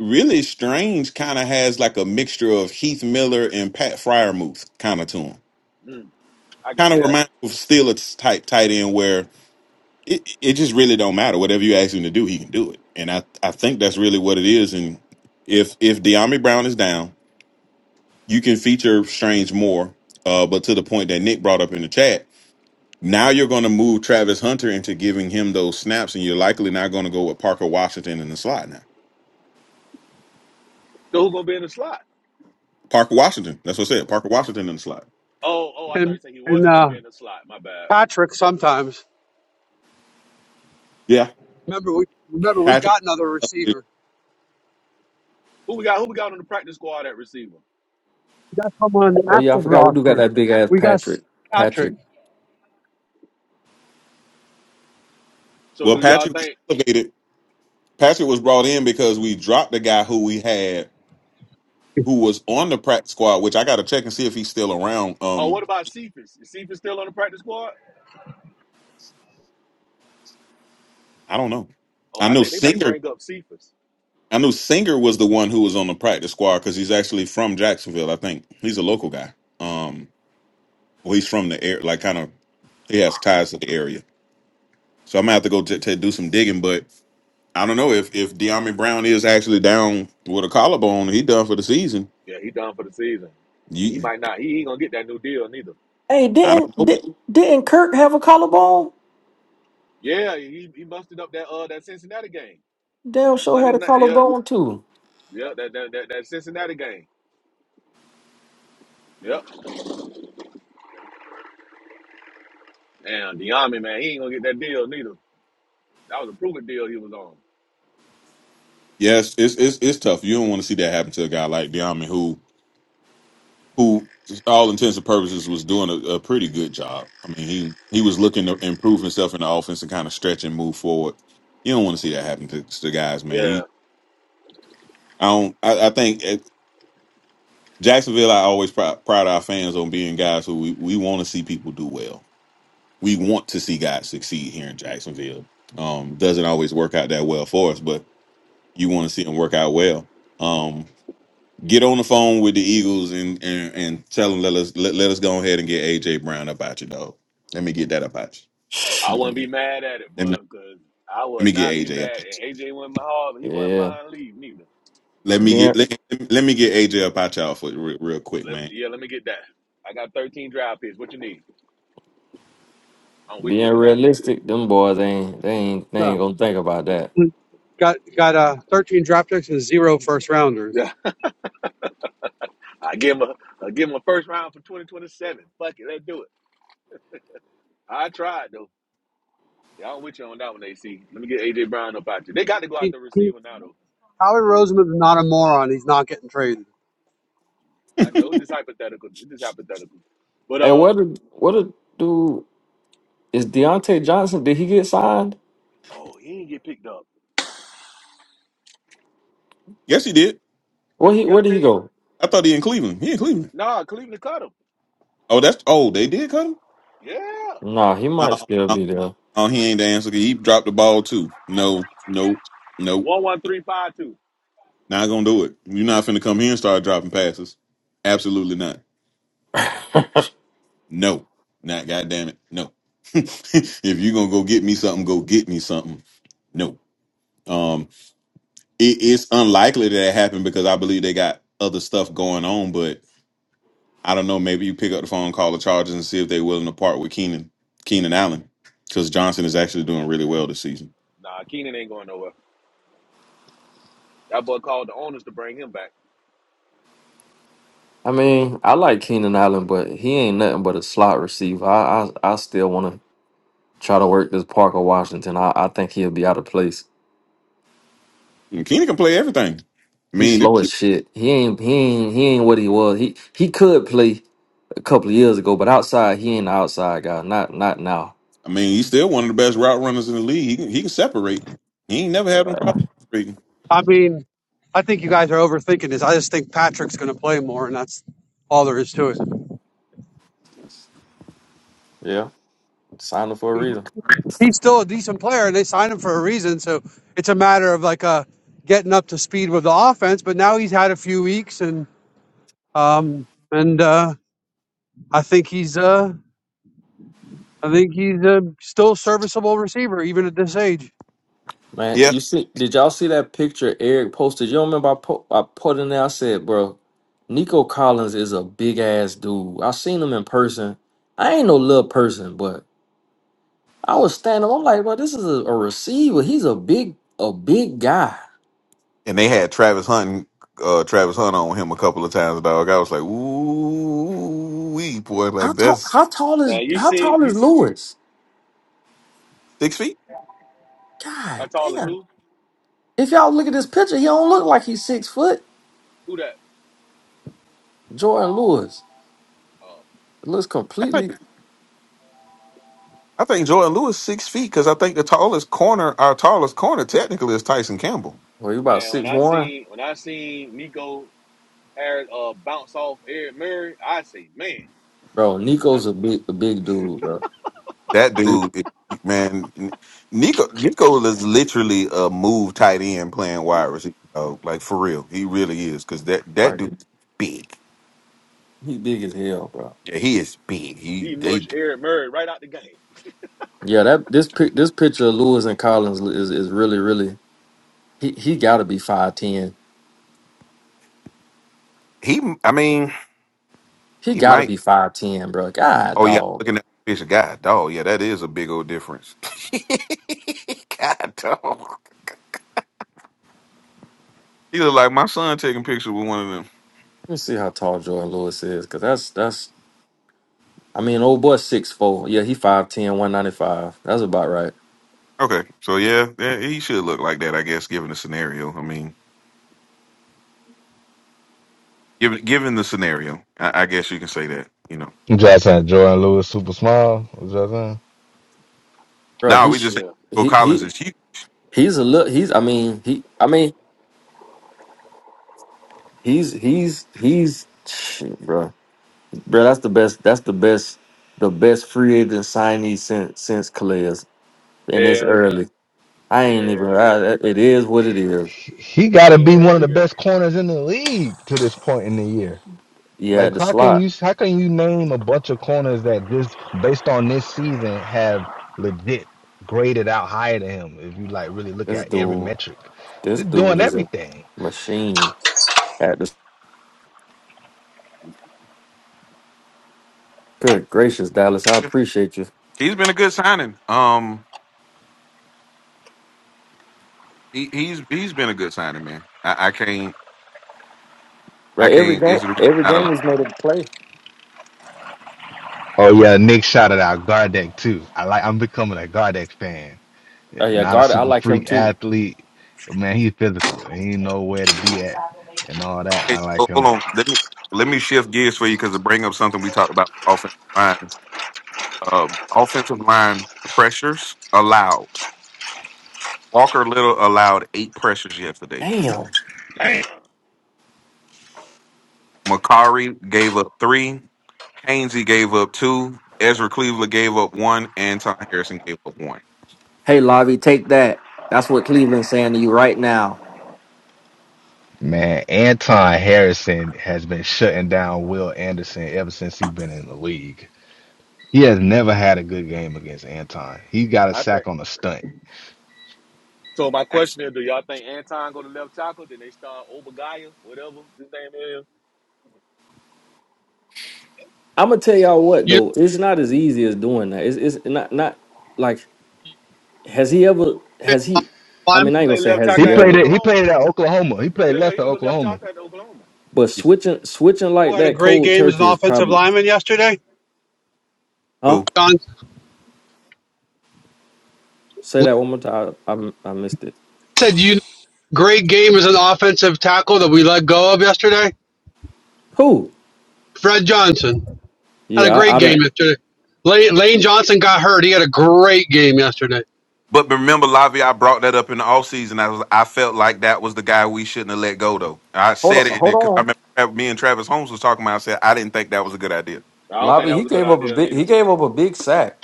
Speaker 4: really Strange kind of has like a mixture of Heath Miller and Pat Fryermuth kind of to him.
Speaker 6: Mm, I can
Speaker 4: Kind
Speaker 6: see
Speaker 4: of
Speaker 6: that.
Speaker 4: reminds me of Steelers type tight end where it, it just really don't matter. Whatever you ask him to do, he can do it. And I, I think that's really what it is. And if if De'Ami Brown is down, you can feature Strange more. Uh, but to the point that Nick brought up in the chat, now you're going to move Travis Hunter into giving him those snaps, and you're likely not going to go with Parker Washington in the slot now.
Speaker 6: So who gonna be in the slot?
Speaker 4: Parker Washington, that's what I said. Parker Washington in the slot.
Speaker 6: Oh, oh, I thought
Speaker 1: and
Speaker 6: you said he
Speaker 1: and
Speaker 6: wasn't gonna
Speaker 1: uh,
Speaker 6: be in the slot. My bad.
Speaker 1: Patrick sometimes.
Speaker 4: Yeah,
Speaker 1: Remember we remember we
Speaker 4: Patrick.
Speaker 1: got another receiver.
Speaker 6: Who we got? Who we got on the practice squad at receiver?
Speaker 1: We got someone on the
Speaker 7: Oh yeah, I
Speaker 1: active
Speaker 7: forgot we do got
Speaker 1: roster.
Speaker 7: that big ass
Speaker 1: We got
Speaker 7: Patrick.
Speaker 1: Patrick.
Speaker 7: Patrick.
Speaker 6: So
Speaker 4: Well,
Speaker 6: do y'all
Speaker 4: Patrick was
Speaker 6: think?
Speaker 4: elevated. Patrick was brought in because we dropped the guy who we had who was on the prac squad, which I got to check and see if he's still around.
Speaker 6: Oh,
Speaker 4: Um,
Speaker 6: what about Cephas? Is Cephas still on the practice squad?
Speaker 4: I don't know.
Speaker 6: Oh,
Speaker 4: I
Speaker 6: I
Speaker 4: know
Speaker 6: think they may
Speaker 4: Singer.
Speaker 6: bring up Cephas.
Speaker 4: I know Singer was the one who was on the practice squad because he's actually from Jacksonville. I think he's a local guy. Um, well, he's from the air, like kind of he has ties to the area. So I'm gonna have to go to to do some digging. But I don't know if if De'Ami Brown is actually down with a collarbone. He done for the season.
Speaker 6: Yeah, he done for the season. He
Speaker 4: You,
Speaker 6: might not. He ain't gonna get that new deal neither.
Speaker 7: Hey,
Speaker 4: I don't
Speaker 7: didn't
Speaker 4: know.
Speaker 7: did, didn't Kirk have a collarbone?
Speaker 6: Yeah, he, he busted up that uh that Cincinnati game.
Speaker 7: Damn
Speaker 6: That
Speaker 7: sure
Speaker 6: Monday
Speaker 7: had a
Speaker 6: night. Yeah,
Speaker 7: collarbone too.
Speaker 6: yeah. That that that, that Cincinnati game. Yep. And Deami man, he ain't gonna get that deal neither. That was a proven deal he was on.
Speaker 4: Yes, it's it's it's tough. You don't want to see that happen to a guy like De'Ami who who, to all intents and purposes, was doing a, a pretty good job. I mean, he he was looking to improve himself in the offense and kind of stretch and move forward. You don't want to see that happen to, to guys, man. You,
Speaker 6: Yeah,
Speaker 4: I don't. I, I think at Jacksonville, I always proud, proud our fans on being guys who we, we want to see people do well. We want to see guys succeed here in Jacksonville. Um, doesn't always work out that well for us, but you want to see them work out well. Um, Get on the phone with the Eagles and and, and tell them let us let, let us go ahead and get AJ Brown up out you, dog. Let me get that up out you.
Speaker 6: I wouldn't be
Speaker 7: Shit.
Speaker 6: mad at it,
Speaker 4: Let me
Speaker 6: but because I
Speaker 4: let
Speaker 6: would
Speaker 4: me
Speaker 6: not be
Speaker 4: get AJ up.
Speaker 6: mad. And AJ went my hard, but he wasn't
Speaker 7: Yeah.
Speaker 6: mine leave neither.
Speaker 4: Let me
Speaker 7: Being
Speaker 4: get let, let me get AJ up out y'all for real, real quick,
Speaker 6: Let,
Speaker 4: man.
Speaker 6: yeah, let me get that. I got 13 drive picks. What you need? I'm with
Speaker 7: being
Speaker 6: you on that.
Speaker 7: realistic, them boys ain't they ain't they
Speaker 1: uh,
Speaker 7: ain't gonna think about that.
Speaker 1: got got uh, 13 draft picks and zero first rounders.
Speaker 6: Yeah. I give him a I give him a first round for 2027. Fuck it, let's do it. I tried though. Yeah, I'm with you on that one, AC. Let me get AJ Brown up out there. They got to go out
Speaker 1: He,
Speaker 6: the
Speaker 1: he,
Speaker 6: receiver now though.
Speaker 1: Howard Roseman's not a moron. He's not getting traded.
Speaker 6: I know this hypothetical. This hypothetical. But
Speaker 7: Hey,
Speaker 6: uh
Speaker 7: what did what did do is Deontay Johnson, did he get signed?
Speaker 6: oh, he didn't get picked up.
Speaker 4: Yes, he did.
Speaker 7: Where he where did he
Speaker 6: Deontay,
Speaker 7: go?
Speaker 4: I thought he in Cleveland. He in Cleveland.
Speaker 6: nah, Cleveland cut him.
Speaker 4: Oh, that's oh they did cut him.
Speaker 6: Yeah.
Speaker 7: Nah, he
Speaker 4: No,
Speaker 7: might still
Speaker 4: no,
Speaker 7: be there.
Speaker 4: no he ain't the answer. He dropped the ball too. No, no, no.
Speaker 6: One one three five two.
Speaker 4: Not gonna do it. You're not finna come here and start dropping passes. Absolutely not. No, not goddamn it. No. if you're gonna go get me something, go get me something. No. Um, it, it's unlikely that it happened because I believe they got other stuff going on. But I don't know. Maybe you pick up the phone, call the Chargers, and see if they're willing to part with Keenan Keenan Allen because Johnson is actually doing really well this season.
Speaker 6: Nah, Keenan ain't going nowhere. That boy called the owners to bring him back.
Speaker 7: I mean, I like Keenan Allen, but he ain't nothing but a slot receiver. I I, I still wanna try to work this Parker Washington. I, I think he'll be out of place.
Speaker 4: And Keenan can play everything. I
Speaker 7: He's
Speaker 4: mean,
Speaker 7: slow as
Speaker 4: it-
Speaker 7: shit. He ain't he ain't he ain't what he was. He he could play a couple of years ago, but outside he ain't the outside guy. Not not now.
Speaker 4: I mean, he's still one of the best route runners in the league. He can, he can separate. He ain't never had no
Speaker 7: Uh,
Speaker 4: problem separating.
Speaker 1: I mean, I think you guys are overthinking this. I just think Patrick's going to play more, and that's all there is to it.
Speaker 7: yeah, signed him for a
Speaker 1: He,
Speaker 7: reason.
Speaker 1: he's still a decent player, and they signed him for a reason. So it's a matter of like uh, getting up to speed with the offense. But now he's had a few weeks, and um, and uh, I think he's uh, I think he's a still serviceable receiver even at this age.
Speaker 7: Man, you see, did y'all see that picture Eric posted? You don't remember I put I put in there. I said, bro, Nico Collins is a big ass dude. I seen him in person. I ain't no little person, but I was standing. I'm like, bro, this is a, a receiver. He's a big a big guy.
Speaker 4: and they had Travis Hunt, uh, Travis Hunt on him a couple of times, dog. I was like, ooh, wee, boy,
Speaker 7: How
Speaker 4: like
Speaker 7: tall?
Speaker 4: that's
Speaker 7: How tall is
Speaker 6: Man, you
Speaker 7: how
Speaker 6: see
Speaker 7: tall
Speaker 6: you
Speaker 7: is
Speaker 6: see
Speaker 7: Lewis?
Speaker 4: six feet.
Speaker 6: how
Speaker 7: God
Speaker 6: tall is
Speaker 7: damn.
Speaker 6: who?
Speaker 7: If y'all look at this picture, he don't look like he's six foot.
Speaker 6: Who that?
Speaker 7: Jordan Lewis
Speaker 6: Um,
Speaker 7: looks
Speaker 4: I think,
Speaker 7: completely.
Speaker 4: I think Jordan Lewis six feet because I think the tallest corner, our tallest corner, technically is Tyson Campbell.
Speaker 7: Well, he about
Speaker 6: man, when
Speaker 7: six
Speaker 6: I
Speaker 7: one,
Speaker 6: seen when I seen Nico Harris uh bounce off Eric Murray, I say, man,
Speaker 7: bro. Nico's
Speaker 6: I'm
Speaker 7: a big, a big dude, bro.
Speaker 4: That
Speaker 7: Big,
Speaker 4: dude, it- man, Nico Nico is literally a move tight end playing wide receiver. dog. like for real, he really is because that that
Speaker 7: like
Speaker 4: dude's big.
Speaker 7: he big as hell, bro.
Speaker 4: Yeah, he is big. He
Speaker 6: he
Speaker 4: they
Speaker 6: mush Eric Murray right out the game.
Speaker 7: Yeah, that this pic, this picture of Lewis and Collins is is really, really. He he got to be five ten.
Speaker 4: he. I mean,
Speaker 7: He
Speaker 4: he
Speaker 7: got to
Speaker 4: might.
Speaker 7: be five ten, bro. God,
Speaker 4: Oh yeah, I'm
Speaker 7: dog.
Speaker 4: looking at the picture. God dog, yeah, that is a big old difference. God dog. He look like my son taking pictures with one of them.
Speaker 7: Let me see how tall Jordan Lewis is, cause that's that's. I mean, old boy six four. Yeah, he five ten, one ninety five. 195. That's about right,
Speaker 4: Okay, so yeah, yeah, he should look like that, I guess, given the scenario. I mean, given given the scenario, I, I guess you can say that. You know,
Speaker 3: You trying to Jordan Lewis super small?
Speaker 7: bro.
Speaker 4: now
Speaker 7: He
Speaker 4: we
Speaker 7: sh-
Speaker 4: just think
Speaker 6: Yeah.
Speaker 4: Nico
Speaker 7: he
Speaker 4: Collins
Speaker 7: he
Speaker 4: is huge.
Speaker 7: He's a look. He's. I mean. He. I mean. He's. He's. He's. Shit, bro. Bro, that's the best. That's the best. The best free agent signee since since Calais, and it's
Speaker 6: Hell yeah.
Speaker 7: early. I ain't even.
Speaker 6: Hell yeah.
Speaker 7: I, it is what it is.
Speaker 3: he he got to be one of
Speaker 6: Hell
Speaker 3: the
Speaker 6: yeah.
Speaker 3: best corners in the league to this point in the year.
Speaker 7: He had
Speaker 3: Like,
Speaker 7: the
Speaker 3: how can
Speaker 7: slot.
Speaker 3: you how can you name a bunch of corners that just based on this season have legit graded out higher than him? If you like really look
Speaker 7: This
Speaker 3: at every
Speaker 7: dude.
Speaker 3: metric,
Speaker 7: This
Speaker 3: they're
Speaker 7: dude
Speaker 3: doing
Speaker 7: is a
Speaker 3: everything.
Speaker 7: machine. At the good gracious Dallas, I
Speaker 4: Yep,
Speaker 7: appreciate you.
Speaker 4: He's been a good signing. Um, he he's he's been a good signing, man. I, I can't. I
Speaker 7: Right. Every
Speaker 4: can't.
Speaker 7: game.
Speaker 4: It's really
Speaker 7: Every
Speaker 4: not
Speaker 7: game
Speaker 4: allowed.
Speaker 7: is another play.
Speaker 3: Oh yeah, Nick shouted out Gardeck too. I like I'm becoming a Gardeck fan.
Speaker 7: Oh yeah,
Speaker 3: Not a
Speaker 7: guard. I
Speaker 3: super
Speaker 7: like him
Speaker 3: freak
Speaker 7: too.
Speaker 3: athlete, man. He's physical and he know where to be at and all that. I
Speaker 4: Okay,
Speaker 3: like
Speaker 4: so hold
Speaker 3: him.
Speaker 4: on. Let me let me shift gears for you because to bring up something we talked about offensive line. Uh, offensive line pressures allowed. Walker Little allowed eight pressures yesterday.
Speaker 7: Damn.
Speaker 6: Damn.
Speaker 4: Macari gave up three. Hainsey gave up two. Ezra Cleveland gave up one, and Tom Harrison gave up one.
Speaker 7: Hey, Lavi, take that. That's what Cleveland's saying to you right now.
Speaker 3: Man, Anton Harrison has been shutting down Will Anderson ever since he's been in the league. He has never had a good game against Anton. He got a
Speaker 6: I think
Speaker 3: sack on a stunt.
Speaker 6: so my
Speaker 4: That's
Speaker 6: question is, do y'all think Anton go to left tackle? Then they start Obagaya, whatever his name is.
Speaker 7: I'm gonna tell y'all what
Speaker 1: You
Speaker 7: though, it's not as easy as doing that. It's, it's not not like has he ever has he?
Speaker 1: know,
Speaker 7: I
Speaker 1: lineman
Speaker 7: mean,
Speaker 6: He
Speaker 7: I ain't gonna
Speaker 6: played
Speaker 7: say
Speaker 6: left
Speaker 7: has
Speaker 3: He
Speaker 7: he
Speaker 6: tackle at
Speaker 3: played it.
Speaker 7: ever,
Speaker 3: He
Speaker 6: Oklahoma.
Speaker 3: played it at Oklahoma. He played
Speaker 6: Yeah,
Speaker 3: left
Speaker 6: he
Speaker 3: at
Speaker 6: was a left
Speaker 3: Oklahoma.
Speaker 6: tackle at Oklahoma.
Speaker 7: but
Speaker 4: yeah,
Speaker 7: switching switching
Speaker 1: who
Speaker 7: like
Speaker 1: had a
Speaker 7: that
Speaker 1: great
Speaker 7: cold
Speaker 1: game as an
Speaker 7: turkey is
Speaker 1: offensive
Speaker 7: probably
Speaker 1: lineman yesterday?
Speaker 7: huh?
Speaker 4: cool.
Speaker 1: John
Speaker 7: Say that one more time. I I, I missed it.
Speaker 1: said you know, great game as an offensive tackle that we let go of yesterday.
Speaker 7: Cool.
Speaker 1: Fred Johnson had a
Speaker 7: Yeah,
Speaker 1: great
Speaker 7: I, I
Speaker 1: game
Speaker 7: didn't.
Speaker 1: yesterday. Lane, Lane Johnson got hurt. He had a great game yesterday.
Speaker 4: But remember, Lavi, I brought that up in the offseason. I was, I felt like that was the guy we shouldn't have let go, though. I
Speaker 7: Hold
Speaker 4: said it
Speaker 7: on,
Speaker 4: in
Speaker 7: hold
Speaker 4: because I
Speaker 7: on,
Speaker 4: remember Tra- me and Travis Holmes was talking about. I said I didn't think that was a good idea.
Speaker 6: I don't think
Speaker 7: Lobby.
Speaker 6: that
Speaker 7: He
Speaker 6: was a good
Speaker 7: gave up a
Speaker 6: idea
Speaker 7: big. He
Speaker 6: neither.
Speaker 7: gave up a big sack.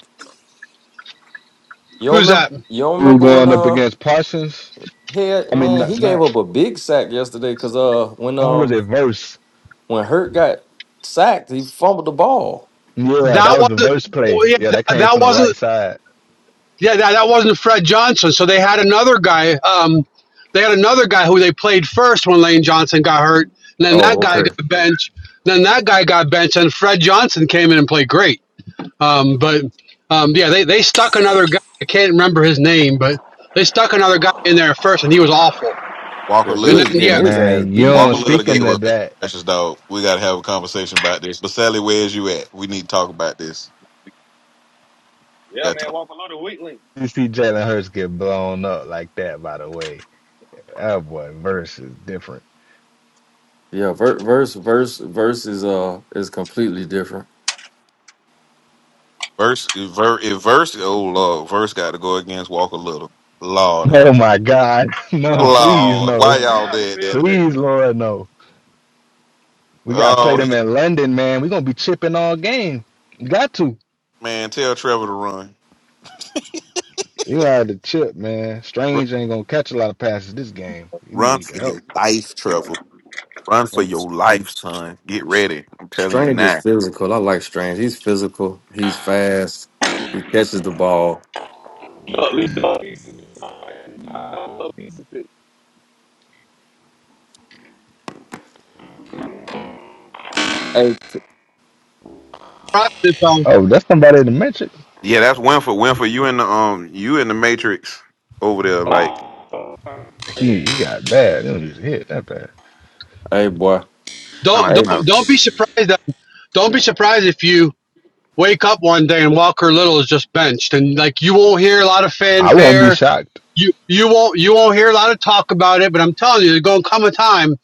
Speaker 7: You don't
Speaker 1: Who's
Speaker 7: remember?
Speaker 1: that?
Speaker 7: You don't
Speaker 3: We were
Speaker 7: remember when
Speaker 3: going up
Speaker 7: uh
Speaker 3: against Parsons.
Speaker 7: head
Speaker 3: I mean,
Speaker 7: man?
Speaker 3: not,
Speaker 7: He gave
Speaker 3: not
Speaker 7: up a big sack yesterday because uh when
Speaker 3: oh, was
Speaker 7: um
Speaker 3: it verse?
Speaker 7: when Hurt got sacked, he fumbled the ball.
Speaker 3: Yeah,
Speaker 1: That
Speaker 3: that was the
Speaker 1: wasn't.
Speaker 3: verse
Speaker 1: oh,
Speaker 3: play.
Speaker 1: yeah,
Speaker 3: Yeah, that
Speaker 1: that,
Speaker 3: came
Speaker 1: that
Speaker 3: from the
Speaker 1: wasn't.
Speaker 3: right side.
Speaker 1: Yeah, that, that wasn't Fred Johnson. So they had another guy. Um, they had another guy who they played first when Lane Johnson got hurt. And then
Speaker 7: Oh,
Speaker 1: that guy
Speaker 7: okay.
Speaker 1: got benched. Then that guy got benched, and Fred Johnson came in and played great. Um, but um, yeah, they, they stuck another guy. I can't remember his name, but they stuck another guy in there first, and he was awful.
Speaker 4: Walker
Speaker 7: Yeah, he
Speaker 1: And
Speaker 4: Little
Speaker 1: then
Speaker 7: was
Speaker 4: gave
Speaker 7: getting
Speaker 1: yeah,
Speaker 4: up.
Speaker 7: his ass
Speaker 3: Man, you
Speaker 7: beat.
Speaker 3: know,
Speaker 4: Walker Little gave
Speaker 3: speaking of
Speaker 4: up.
Speaker 3: that,
Speaker 4: Precious dog. We got to have a conversation about this. But Sally, where's you at? We need to talk about this.
Speaker 6: Yeah,
Speaker 4: Got to
Speaker 6: man,
Speaker 4: talk.
Speaker 6: walk a little weakling.
Speaker 3: you see Jalen Hurts get blown up like that. By the way, that boy verse is different.
Speaker 7: Yeah, ver- verse verse verse is uh is completely different.
Speaker 4: verse. If ver, if verse. Oh Lord, verse got to go against Walker Little. Lord,
Speaker 3: Oh
Speaker 4: have
Speaker 3: my God.
Speaker 6: You gonna have
Speaker 3: No,
Speaker 6: a field
Speaker 3: please,
Speaker 4: Lord, why
Speaker 3: no.
Speaker 6: you
Speaker 4: y'all
Speaker 6: gonna have a
Speaker 4: did that
Speaker 6: field
Speaker 4: to me?
Speaker 6: day.
Speaker 3: Please, Lord, no. We
Speaker 6: They gonna
Speaker 3: got to
Speaker 6: have to
Speaker 3: play
Speaker 4: Oh,
Speaker 6: chip
Speaker 4: he
Speaker 3: them
Speaker 6: him.
Speaker 3: in London, man. we going to be chipping all game. You got to.
Speaker 4: man, tell Trevor to run.
Speaker 3: You got to chip, man. Strange ain't going to catch a lot of passes this game. You
Speaker 4: Run
Speaker 3: need the
Speaker 4: for
Speaker 3: help.
Speaker 4: your life, Trevor. Run for your life, son. Get ready. I'm telling you
Speaker 7: Strange is
Speaker 4: now.
Speaker 7: physical. I like Strange. He's physical. He's fast. He catches the ball.
Speaker 6: No, at least no pieces. I love pieces.
Speaker 7: Hey,
Speaker 3: Oh, that's somebody in the Matrix.
Speaker 4: Yeah, that's Winfrey. Winfrey, you in the um, you in the Matrix over there, like
Speaker 6: No,
Speaker 3: He, he got bad. They don't use hit that bad.
Speaker 7: hey, boy.
Speaker 4: sound
Speaker 1: don't
Speaker 4: like
Speaker 7: Hey,
Speaker 4: somebody
Speaker 1: don't don't be surprised that don't be surprised if you wake up one day and Walker Little is just benched, and like you won't hear a lot of
Speaker 3: I won't be
Speaker 1: fanfare
Speaker 3: shocked.
Speaker 1: you you won't you won't hear a lot of talk about it, but I'm telling you, there's gonna come a time.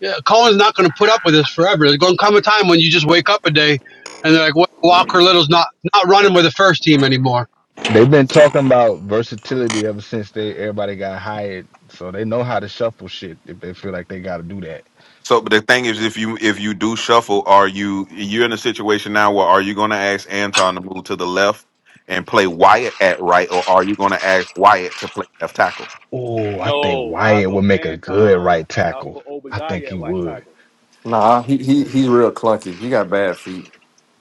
Speaker 1: Yeah, Cohen's not gonna put up with this forever. There's gonna come a time when you just wake up a day and they're like, "Wa- Walker Little's not not running with the first team anymore.
Speaker 3: They've been talking about versatility ever since they everybody got hired. So they know how to shuffle shit if they feel like they got to do that.
Speaker 4: So, but the thing is, if you if you do shuffle, are you you're in a situation now where are you going to ask Anton to move to the left and play Wyatt at right, or are you going to ask Wyatt to play left tackle?
Speaker 3: Oh, I think
Speaker 6: I
Speaker 3: Wyatt would
Speaker 6: go
Speaker 3: make a good
Speaker 6: Anton
Speaker 3: right
Speaker 6: and I
Speaker 3: tackle.
Speaker 6: put
Speaker 3: I think
Speaker 6: Obadiah
Speaker 3: he
Speaker 6: at white
Speaker 3: would.
Speaker 6: tackle.
Speaker 7: nah. He he he's real clunky. He got bad feet.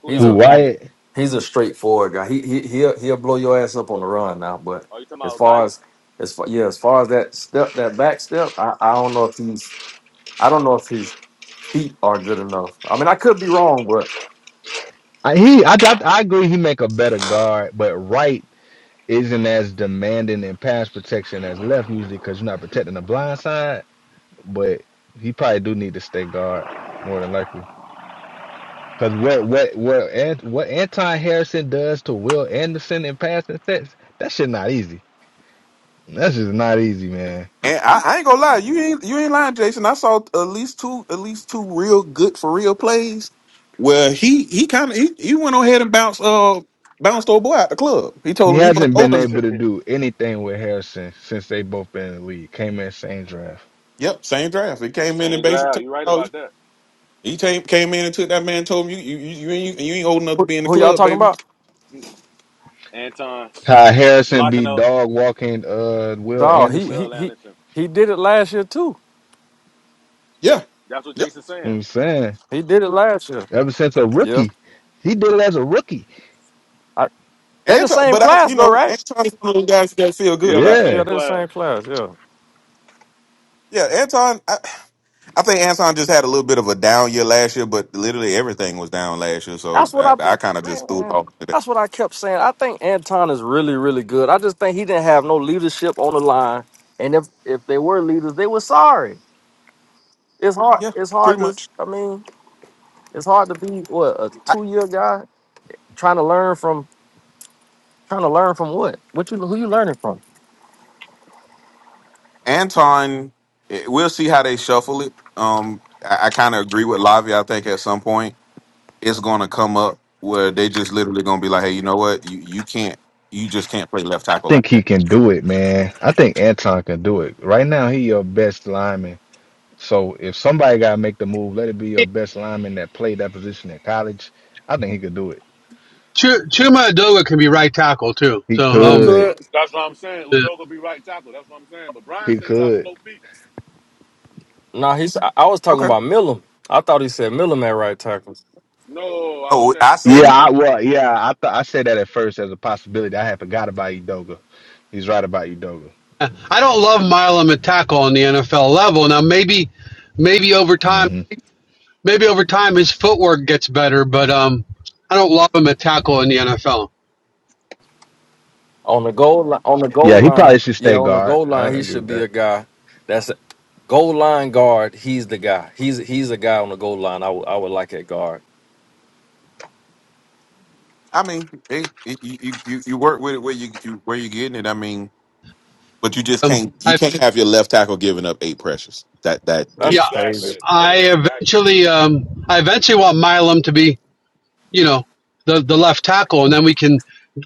Speaker 6: Who that
Speaker 7: He's
Speaker 3: Who
Speaker 7: a
Speaker 6: Obadiah?
Speaker 3: Wyatt?
Speaker 7: he's a straightforward guy. He he he'll he'll blow your ass up on the run now. But
Speaker 6: Are you talking
Speaker 7: as
Speaker 6: about
Speaker 7: far
Speaker 6: Obadiah?
Speaker 7: as as far yeah, as far as that step that back step, I, I don't know if he's I don't know if he's feet are good enough. I mean, I could be wrong, but
Speaker 3: I, he, I, I, I agree. He make a better guard, but right isn't as demanding in pass protection as left usually because you're not protecting the blind side. But he probably do need to stay guard more than likely. Because what what what Ant- what Anton Harrison does to Will Anderson in passing sets, that shit not easy. That's just not easy, man.
Speaker 4: And I, I ain't gonna lie, you ain't you ain't lying, Jason. I saw at least two at least two real good for real plays where he he kind of he, he went on ahead and bounced uh bounced old boy out the club. He
Speaker 3: He
Speaker 4: told him you wasn't
Speaker 3: hasn't been
Speaker 4: old enough.
Speaker 3: able to do anything with Harrison since they both been in the league. Came in same draft.
Speaker 4: Yep, same draft. He came in and
Speaker 6: Same
Speaker 4: basically
Speaker 6: drive.
Speaker 4: took,
Speaker 6: You right
Speaker 4: oh,
Speaker 6: about that.
Speaker 4: he came came in and took that man told him you you you, you ain't you ain't old enough to
Speaker 7: who,
Speaker 4: be in the
Speaker 7: who y'all
Speaker 4: club,
Speaker 7: talking
Speaker 4: baby.
Speaker 7: about?
Speaker 6: Anton
Speaker 3: Ty Harrison
Speaker 6: locking
Speaker 3: be
Speaker 6: up
Speaker 3: dog walking uh Will
Speaker 7: Dog. he
Speaker 3: Anderson.
Speaker 7: he
Speaker 6: Will
Speaker 7: he
Speaker 6: Anderson.
Speaker 7: he did it last year too.
Speaker 4: Yeah,
Speaker 6: That's what
Speaker 4: yeah.
Speaker 6: Jason's
Speaker 3: You know what
Speaker 6: saying.
Speaker 3: I'm saying
Speaker 7: He did it last year.
Speaker 3: ever since a
Speaker 7: Yeah,
Speaker 3: rookie, he did it as a rookie.
Speaker 7: I, they the
Speaker 4: Anton,
Speaker 7: same
Speaker 4: but I
Speaker 7: class
Speaker 4: you
Speaker 7: though,
Speaker 4: know
Speaker 7: right?
Speaker 4: Anton's one of those guys you gotta feel good
Speaker 6: Yeah, they're the
Speaker 4: about.
Speaker 7: Yeah,
Speaker 6: same
Speaker 3: Yeah,
Speaker 7: they're the same
Speaker 6: class.
Speaker 7: class. Yeah,
Speaker 4: Yeah, Anton. I, I think Anton just had a little bit of a down year last year, but literally everything was down last year. So
Speaker 7: that's what
Speaker 4: I,
Speaker 7: I
Speaker 4: I kind of just threw it
Speaker 7: man.
Speaker 4: off today.
Speaker 7: That's what I kept saying. I think Anton is really really good. I just think he didn't have no leadership on the line, and if if they were leaders, they were sorry. It's hard.
Speaker 4: Yeah,
Speaker 7: It's hard
Speaker 4: pretty
Speaker 7: to.
Speaker 4: much.
Speaker 7: I mean, it's hard to be what a
Speaker 4: I,
Speaker 7: two year guy trying to learn from trying to learn from what? What you who you learning from?
Speaker 4: Anton, eh, we'll see how they shuffle it. Um, I, I kind of agree with Lavi. I think at some point it's going to come up where they just literally going to be like, hey, you know what? You you can't, you just can't play left
Speaker 3: I
Speaker 4: tackle
Speaker 3: think
Speaker 4: like
Speaker 3: he
Speaker 4: that.
Speaker 3: can do it, man. I think Anton can do it. Right now, he your best lineman. So if somebody gotta make the move, let it be your best lineman that played that position in college. I think he could do it.
Speaker 1: Ch- Chuma Adoga can be right tackle too.
Speaker 3: He
Speaker 1: So
Speaker 7: Who
Speaker 1: um,
Speaker 3: could.
Speaker 7: could?
Speaker 6: That's what I'm saying.
Speaker 1: yeah.
Speaker 6: Udoka be right tackle. That's what I'm saying. But Brian
Speaker 3: He
Speaker 6: said he got
Speaker 3: could.
Speaker 6: slow feet.
Speaker 7: Nah, he's. I, I was talking
Speaker 4: Okay.
Speaker 7: about Milam. I thought he said Milam at right tackle
Speaker 6: No, I was
Speaker 4: No,
Speaker 6: saying
Speaker 4: I said,
Speaker 3: Yeah,
Speaker 6: Udoka.
Speaker 3: I well, yeah, I thought I said that at first as a possibility. I had forgot about Udoka. He's right about Udoka.
Speaker 1: I don't love Milam at tackle on the NFL level. Now maybe maybe over time
Speaker 3: hmm
Speaker 1: maybe over time his footwork gets better, but um, I don't love him at tackle in the NFL.
Speaker 7: on the goal line. On the goal
Speaker 3: Yeah, he probably
Speaker 7: line,
Speaker 3: should
Speaker 7: yeah,
Speaker 3: stay
Speaker 7: on the
Speaker 3: guard.
Speaker 7: goal
Speaker 3: I
Speaker 7: line, he
Speaker 3: agree
Speaker 7: should
Speaker 3: with
Speaker 7: be
Speaker 3: that.
Speaker 7: a guy. That's a goal line guard. He's the guy. He's he's a guy on the goal line. I would I would like at guard.
Speaker 4: I mean, hey, you, you you you work with it where you, you where you getting it. I mean. But you just
Speaker 1: Um,
Speaker 4: can't you
Speaker 1: I
Speaker 4: can't have your left tackle giving up eight pressures. That that
Speaker 7: That's
Speaker 1: yeah
Speaker 7: crazy.
Speaker 4: is
Speaker 6: Exactly.
Speaker 1: I
Speaker 6: Exactly.
Speaker 1: eventually, um, I eventually want Milam to be, you know, the the left tackle, and then we can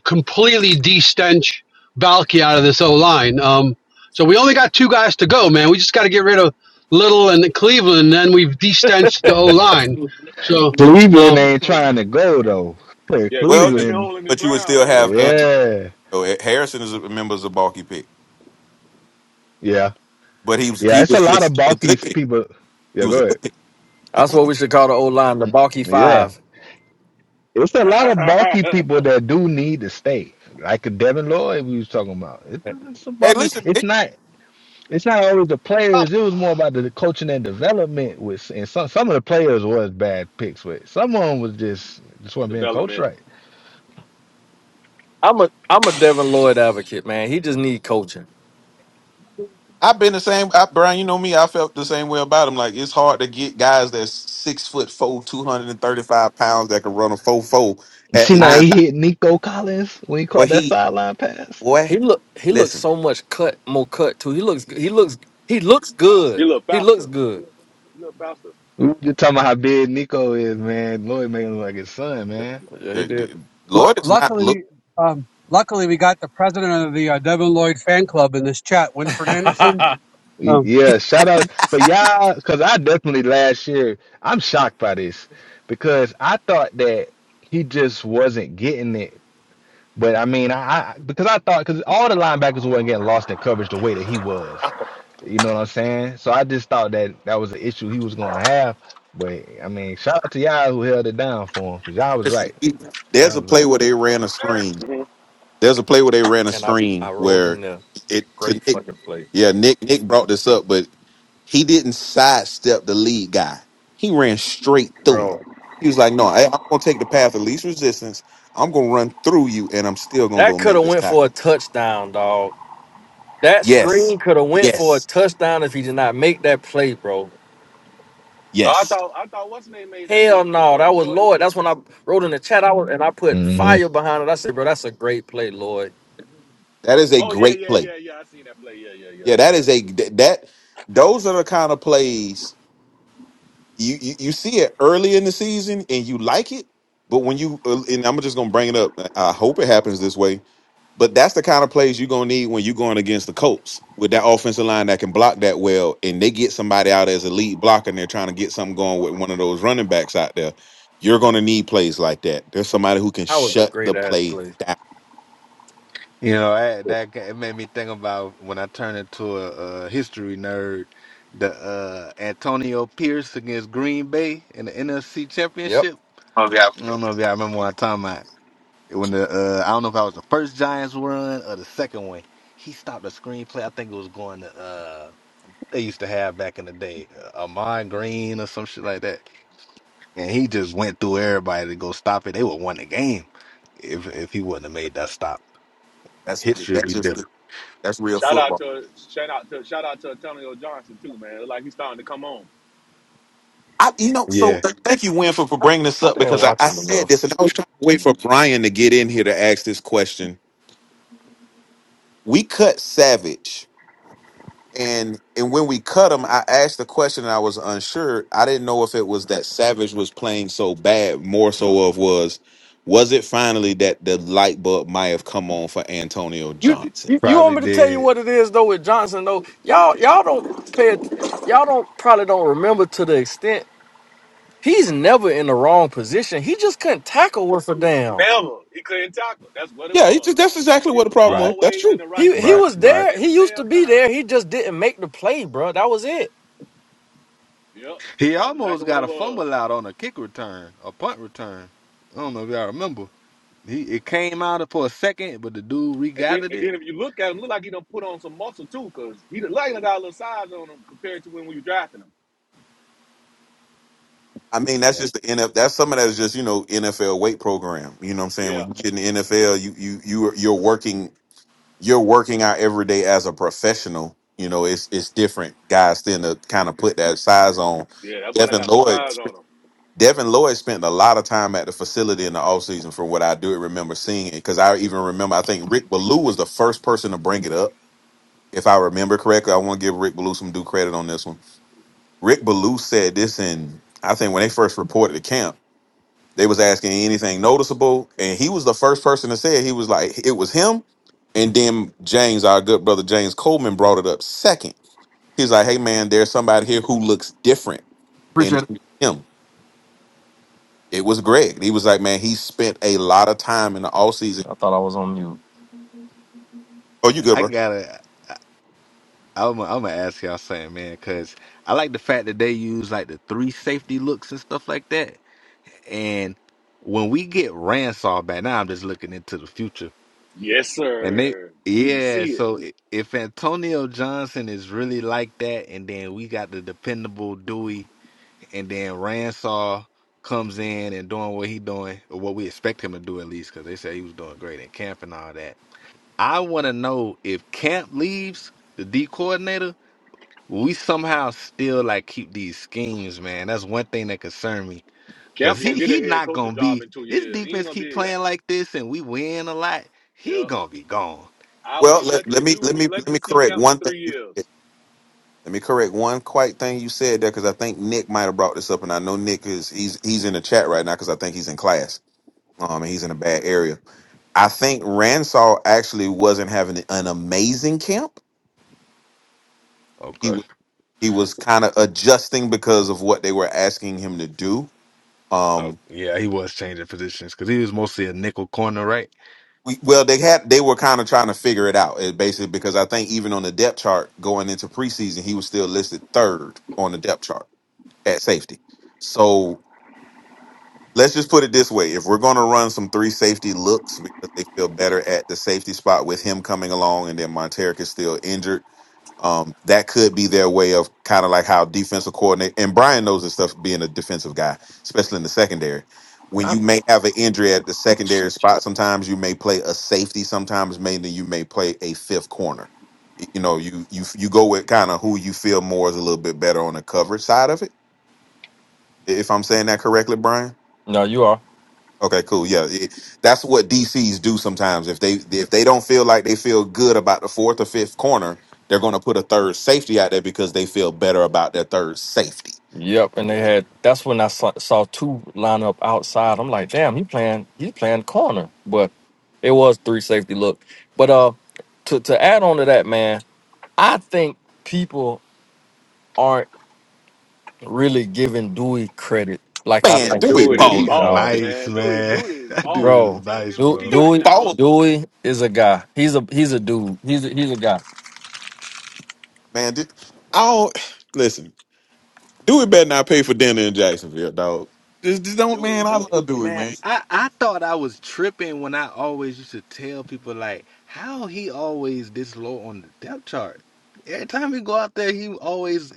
Speaker 1: completely de-stench Valky out of this O line. Um, so we only got two guys to go, man. We just got to get rid of Little and Cleveland, and then we've de-stenched the O line. So,
Speaker 3: Cleveland
Speaker 1: uh,
Speaker 3: ain't trying to go though.
Speaker 6: Yeah,
Speaker 4: well,
Speaker 6: Cleveland been
Speaker 3: Cleveland,
Speaker 6: holding his
Speaker 4: but you would
Speaker 6: ground,
Speaker 4: still
Speaker 6: man.
Speaker 4: have Antonio.
Speaker 3: yeah,
Speaker 4: Eh, Harrison is a member of a bulky pick,
Speaker 3: yeah,
Speaker 4: but he was
Speaker 3: yeah.
Speaker 4: he
Speaker 3: It's a
Speaker 4: was
Speaker 3: lot of
Speaker 4: just a
Speaker 3: bulky
Speaker 4: good pick.
Speaker 3: people.
Speaker 4: He
Speaker 3: Yeah,
Speaker 4: was
Speaker 3: go
Speaker 4: a
Speaker 3: ahead.
Speaker 4: good pick.
Speaker 7: That's what we should call the old line, the bulky
Speaker 3: Yeah,
Speaker 7: five.
Speaker 3: it's a lot of bulky people that do need to stay, like Devin Lloyd we was talking about. It, it's a
Speaker 4: Hey,
Speaker 3: bulky.
Speaker 4: listen,
Speaker 3: It's
Speaker 4: it,
Speaker 3: not. it's not always the players. It was more about the coaching and development. With and some some of the players was bad picks, but some of them was just just wasn't being coached
Speaker 6: Development.
Speaker 3: right.
Speaker 7: I'm a I'm a Devin Lloyd advocate, man. He just need coaching.
Speaker 4: I've been the same. I, Brian, you know me. I felt the same way about him. Like it's hard to get guys that's six foot four, two hundred and thirty five pounds that can run a four four
Speaker 3: You
Speaker 4: at
Speaker 3: see now
Speaker 4: linebacker.
Speaker 3: he hit Nico Collins when he
Speaker 4: Boy,
Speaker 3: caught that
Speaker 4: he
Speaker 3: sideline pass.
Speaker 4: boy,
Speaker 7: He look he looks
Speaker 4: listen,
Speaker 7: so much cut more cut too. He looks he looks he looks good.
Speaker 6: You look
Speaker 7: He looks
Speaker 6: faster.
Speaker 7: good.
Speaker 6: You look faster.
Speaker 3: We were just talking about how big Nico is, man. Lloyd made him look like his son,
Speaker 7: Yeah,
Speaker 3: man.
Speaker 7: yeah, he
Speaker 4: the,
Speaker 7: did.
Speaker 4: the,
Speaker 1: lu-
Speaker 4: Lord is not look.
Speaker 1: luckily, um, luckily we got the president of the uh, Devin Lloyd fan club in this chat, Winfred Anderson.
Speaker 3: Y-
Speaker 1: Um,
Speaker 3: Yeah, shout out, but y'all, because I definitely last year I'm shocked by this because I thought that he just wasn't getting it But I mean, I, I because I thought because all the linebackers weren't getting lost in coverage the way that he was. You know what I'm saying? So I just thought that that was an issue he was gonna have. But I mean, shout out to y'all who held it down for him because y'all was
Speaker 4: Listen,
Speaker 3: right.
Speaker 4: he- there's
Speaker 3: Y'all
Speaker 4: a
Speaker 3: was
Speaker 4: play
Speaker 3: right.
Speaker 4: where they ran a screen
Speaker 6: hmm
Speaker 4: There's a play where they ran a
Speaker 7: And I I
Speaker 4: screen
Speaker 7: rolled in
Speaker 4: where
Speaker 7: there.
Speaker 4: it to
Speaker 7: Great
Speaker 4: Nick.
Speaker 7: fucking play,
Speaker 4: Yeah, Nick Nick brought this up, but he didn't sidestep the lead guy. He ran straight through him.
Speaker 7: bro.
Speaker 4: He was like, "No, I, I'm gonna take the path of least resistance. I'm gonna run through you, and I'm still gonna
Speaker 7: That
Speaker 4: go
Speaker 7: could
Speaker 4: make
Speaker 7: have
Speaker 4: this
Speaker 7: went for a
Speaker 4: tackle."
Speaker 7: touchdown, dog. That
Speaker 4: Yes,
Speaker 7: screen could have went for a
Speaker 4: yes,
Speaker 7: touchdown if he did not make that play, bro.
Speaker 6: Oh, I
Speaker 4: yes.
Speaker 6: thought I thought what's his name made that
Speaker 7: Hell
Speaker 6: play?
Speaker 7: no,
Speaker 6: Uh
Speaker 7: that was
Speaker 6: Jordan
Speaker 7: Lloyd.
Speaker 6: Lewis.
Speaker 7: That's when I wrote in the chat. I was and I put
Speaker 3: hmm
Speaker 7: fire behind it. I said, bro, that's a great play, Lloyd.
Speaker 4: That is a
Speaker 6: Oh yeah,
Speaker 4: great
Speaker 6: yeah,
Speaker 4: play.
Speaker 6: yeah, yeah. I seen that play. Yeah, yeah, yeah,
Speaker 4: Yeah, that
Speaker 6: yeah.
Speaker 4: is a th- that. Those are the kind of plays you, you you see it early in the season and you like it, but when you uh, and I'm just gonna bring it up. I hope it happens this way, but that's the kind of plays you're gonna need when you're going against the Colts with that offensive line that can block that well, and they get somebody out as a lead blocker and they're trying to get something going with one of those running backs out there. You're gonna need plays like that. There's somebody who can
Speaker 7: That was a
Speaker 4: shut
Speaker 7: great
Speaker 4: the
Speaker 7: ass
Speaker 4: play
Speaker 7: play.
Speaker 4: down.
Speaker 3: You know, I, that ca- it made me think about when I turned into a, a history nerd, the uh, Antonio Pierce against Green Bay in the NFC
Speaker 7: Yep.
Speaker 3: Championship.
Speaker 7: Oh yeah.
Speaker 3: I don't know if y'all remember what I'm talking about. when the uh, I don't know if I was the first Giants run or the second one. He stopped the screenplay. I think it was going to uh they used to have back in the day, uh, Amon Green or some shit like that. And he just went through everybody to go stop it. They would won the game if if he wouldn't have made that stop.
Speaker 4: That's
Speaker 3: History would
Speaker 4: that's
Speaker 3: be
Speaker 4: just
Speaker 3: different.
Speaker 4: that's real
Speaker 6: Shout
Speaker 4: football.
Speaker 6: out to shout out to shout out to Antonio Johnson too, man. It looked Like he's starting to come on.
Speaker 4: I, you know, so
Speaker 3: Yeah,
Speaker 4: th- thank you, Win, for, for
Speaker 7: I,
Speaker 4: bringing this
Speaker 7: I
Speaker 4: up
Speaker 7: didn't
Speaker 4: because I,
Speaker 7: watch
Speaker 4: I
Speaker 7: him
Speaker 4: said
Speaker 7: enough.
Speaker 4: this and I was trying to wait for Brian to get in here to ask this question. We cut Savage, and and when we cut him, I asked the question and I was unsure. I didn't know if it was that Savage was playing so bad, more so of was, was it finally that the light bulb might have come on for Antonio
Speaker 7: You,
Speaker 4: Johnson?
Speaker 7: you you
Speaker 3: probably
Speaker 7: want me to tell you
Speaker 3: did.
Speaker 7: what it is though with Johnson though? Y'all y'all don't pay att- y'all don't probably don't remember to the extent he's never in the wrong position. He just couldn't tackle worth a damn.
Speaker 6: Never. He couldn't tackle. That's what it
Speaker 4: Yeah, it's,
Speaker 6: was.
Speaker 4: that's exactly
Speaker 6: He
Speaker 4: what the
Speaker 6: was
Speaker 4: problem
Speaker 3: Right,
Speaker 4: was. That's
Speaker 6: always
Speaker 4: true.
Speaker 6: in the right
Speaker 7: He he
Speaker 3: right,
Speaker 6: spot.
Speaker 7: was
Speaker 3: right.
Speaker 7: there.
Speaker 6: Every
Speaker 7: He used to
Speaker 6: damn
Speaker 7: be there.
Speaker 6: time.
Speaker 7: He just didn't make the play, bro. That was it.
Speaker 6: Yep.
Speaker 3: He
Speaker 6: That's
Speaker 3: almost
Speaker 6: exactly what
Speaker 3: got
Speaker 6: it
Speaker 3: a
Speaker 6: was.
Speaker 3: fumble out on a kick return, a punt return. I don't know if y'all remember. He it came out for a second, but the dude
Speaker 6: And then,
Speaker 3: regathered
Speaker 6: and
Speaker 3: it.
Speaker 6: then if you look at him, look like he done put on some muscle too, cause he look like he done got a little size on him compared to when we were drafting him.
Speaker 4: I mean, that's
Speaker 3: Yeah.
Speaker 4: just the NFL. That's some of that is just you know NFL weight program. You know what I'm saying?
Speaker 6: Yeah.
Speaker 4: When you get in the NFL, you you you are- you're working you're working out every day as a professional. You know, it's it's different. Guys tend to kind of put that size on.
Speaker 6: Yeah, that boy done
Speaker 4: Devin
Speaker 6: got some
Speaker 4: Lloyd,
Speaker 6: size on him.
Speaker 4: Devin Lloyd spent a lot of time at the facility in the offseason from what I do remember seeing it. Because I even remember, I think Rick Ballou was the first person to bring it up, if I remember correctly. I want to give Rick Ballou some due credit on this one. Rick Ballou said this in, I think, when they first reported to camp they was asking anything noticeable, and he was the first person to say it. He was like, it was him, and then James, our good brother James Coleman, brought it up second. He's like, hey man, there's somebody here who looks different, and
Speaker 7: Appreciate
Speaker 4: it
Speaker 7: it.
Speaker 4: was him. It was Greg. He was like, man, he spent a lot of time in the off season.
Speaker 7: I thought I was on mute.
Speaker 4: Oh, you good,
Speaker 3: I
Speaker 4: bro?
Speaker 3: gotta. I- I'm gonna I'm gonna ask y'all something, man, because I like the fact that they use like the three safety looks and stuff like that. And when we get Ransaw back, now I'm just looking into the future.
Speaker 6: Yes,
Speaker 3: And they,
Speaker 6: sir. You can
Speaker 3: yeah,
Speaker 6: see it.
Speaker 3: so i- if Antonio Johnson is really like that, and then we got the dependable Dewey, and then Ransaw comes in and doing what he doing, or what we expect him to do at least, because they said he was doing great in camp and all that I want to know if Camp leaves, the D coordinator, we somehow still like keep these schemes, man. That's one thing that concern me because
Speaker 6: Camp gonna
Speaker 3: he
Speaker 6: get a
Speaker 3: he
Speaker 6: head
Speaker 3: not
Speaker 6: coaching
Speaker 3: gonna
Speaker 6: job
Speaker 3: be.
Speaker 6: in two
Speaker 3: This
Speaker 6: years. He ain't
Speaker 3: defense
Speaker 6: gonna
Speaker 3: keep
Speaker 6: be.
Speaker 3: playing like this and we win a lot. He
Speaker 6: Yep.
Speaker 3: gonna be gone.
Speaker 6: I would be
Speaker 4: Well, let,
Speaker 6: lucky.
Speaker 4: let
Speaker 6: To,
Speaker 4: me
Speaker 6: we would
Speaker 4: let
Speaker 6: be
Speaker 4: me let
Speaker 6: lucky to
Speaker 4: me
Speaker 6: see
Speaker 4: correct
Speaker 6: Camp for
Speaker 4: one thing
Speaker 6: three
Speaker 4: you said.
Speaker 6: years.
Speaker 4: Let me correct one quite thing you said there because I think Nick might have brought this up, and I know Nick is he's he's in the chat right now because I think he's in class. Um, and he's in a bad area. I think Ransaw actually wasn't having an amazing camp. He
Speaker 3: Okay.
Speaker 4: was he was kind of adjusting because of what they were asking him to do.
Speaker 3: Oh
Speaker 4: Um,
Speaker 3: yeah, he was changing positions because he was mostly a nickel corner, right?
Speaker 4: we, well, they had they were kind of trying to figure it out, it basically, because I think even on the depth chart going into preseason, he was still listed third on the depth chart at safety. So let's just put it this way: if we're going to run some three safety looks because they feel better at the safety spot with him coming along, and then Monteric is still injured Um, that could be their way of kind of like how defensive coordinator and Brian knows this stuff being a defensive guy, especially in the secondary. When
Speaker 7: I,
Speaker 4: you may have an injury at the
Speaker 7: shit.
Speaker 4: secondary spot, sometimes you may play a safety, sometimes mainly you may play a fifth corner. You know, you you you go with kind of who you feel more is a little bit better on the coverage side of it. If I'm saying that correctly, Brian.
Speaker 7: No, you are.
Speaker 4: Okay, cool. Yeah, it, that's what DCs do sometimes. If they if they don't feel like they feel good about the fourth or fifth corner, they're going to put a third safety out there because they feel better about their third safety.
Speaker 7: Yep. And they
Speaker 6: Mm.
Speaker 7: had. That's when I saw, saw two line up outside. I'm like, damn, he playing. He playing corner, but it was three safety look. But uh, to to add on to that, man. I think people aren't really giving Dewey credit like I
Speaker 4: Man,
Speaker 6: Man,
Speaker 7: think
Speaker 4: do
Speaker 7: we
Speaker 4: we
Speaker 6: dude
Speaker 7: should
Speaker 6: is
Speaker 4: ball?
Speaker 7: give
Speaker 3: He's
Speaker 7: dog.
Speaker 6: balling,
Speaker 4: Yeah,
Speaker 3: nice,
Speaker 6: man. Dude,
Speaker 3: man.
Speaker 6: dude is
Speaker 3: that
Speaker 6: balling.
Speaker 3: dude
Speaker 6: He's the
Speaker 3: is
Speaker 7: Bro,
Speaker 6: team
Speaker 3: nice,
Speaker 7: Du-
Speaker 3: bro.
Speaker 6: MVP
Speaker 4: do
Speaker 6: right
Speaker 4: we
Speaker 7: Dewey
Speaker 6: now.
Speaker 4: ball?
Speaker 7: Dewey is a guy. He's a he's a dude. He's a, he's a guy.
Speaker 4: Man, do, I don't listen. Dewey better not pay for dinner in Jacksonville, dog. Just, just don't, man.
Speaker 6: Dude,
Speaker 4: I love Dewey,
Speaker 3: Man,
Speaker 4: man.
Speaker 3: I, I thought I was tripping when I always used to tell people like how he always this low on the depth chart. Every time he go out there, he always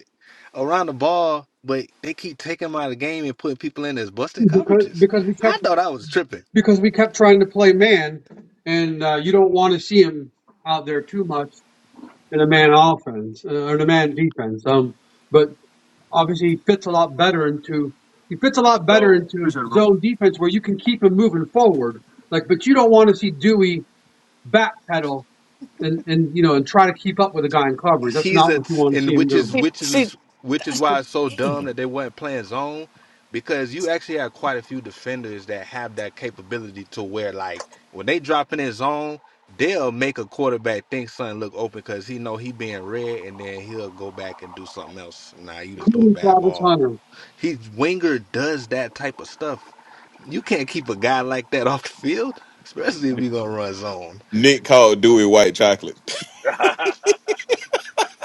Speaker 3: around the ball, but they keep taking him out of the game and putting people in as busting
Speaker 1: because
Speaker 3: coverages.
Speaker 1: because we kept
Speaker 3: I thought I was tripping.
Speaker 1: because we kept trying to play man, and uh, you don't want to see him out there too much in a man offense uh, or in a man defense. Um, but obviously he fits a lot better into he fits a lot
Speaker 6: is
Speaker 1: better
Speaker 6: zone.
Speaker 1: into zone defense where you can keep him moving forward. Like, but you don't want to see Dewey backpedal and and you know and try to keep up with a guy in coverage. That's
Speaker 3: he's
Speaker 1: not
Speaker 3: a
Speaker 1: what you
Speaker 3: t-
Speaker 1: want to
Speaker 3: and
Speaker 1: see him
Speaker 3: which is
Speaker 1: doing,
Speaker 3: which
Speaker 7: See,
Speaker 3: is which is
Speaker 7: that's
Speaker 3: why
Speaker 7: the
Speaker 3: it's so dumb
Speaker 7: thing.
Speaker 3: that they weren't playing zone because you actually have quite a few defenders that have that capability to where like when they drop in his zone they'll make a quarterback think something look open because he know he being read, and then he'll go back and do something else nah you done threw a
Speaker 1: including
Speaker 3: bad
Speaker 1: Travis
Speaker 3: ball
Speaker 1: Hunter.
Speaker 3: he's winger does that type of stuff you can't keep a guy like that off the field especially if you're gonna run zone
Speaker 4: Nick called Dewey white chocolate.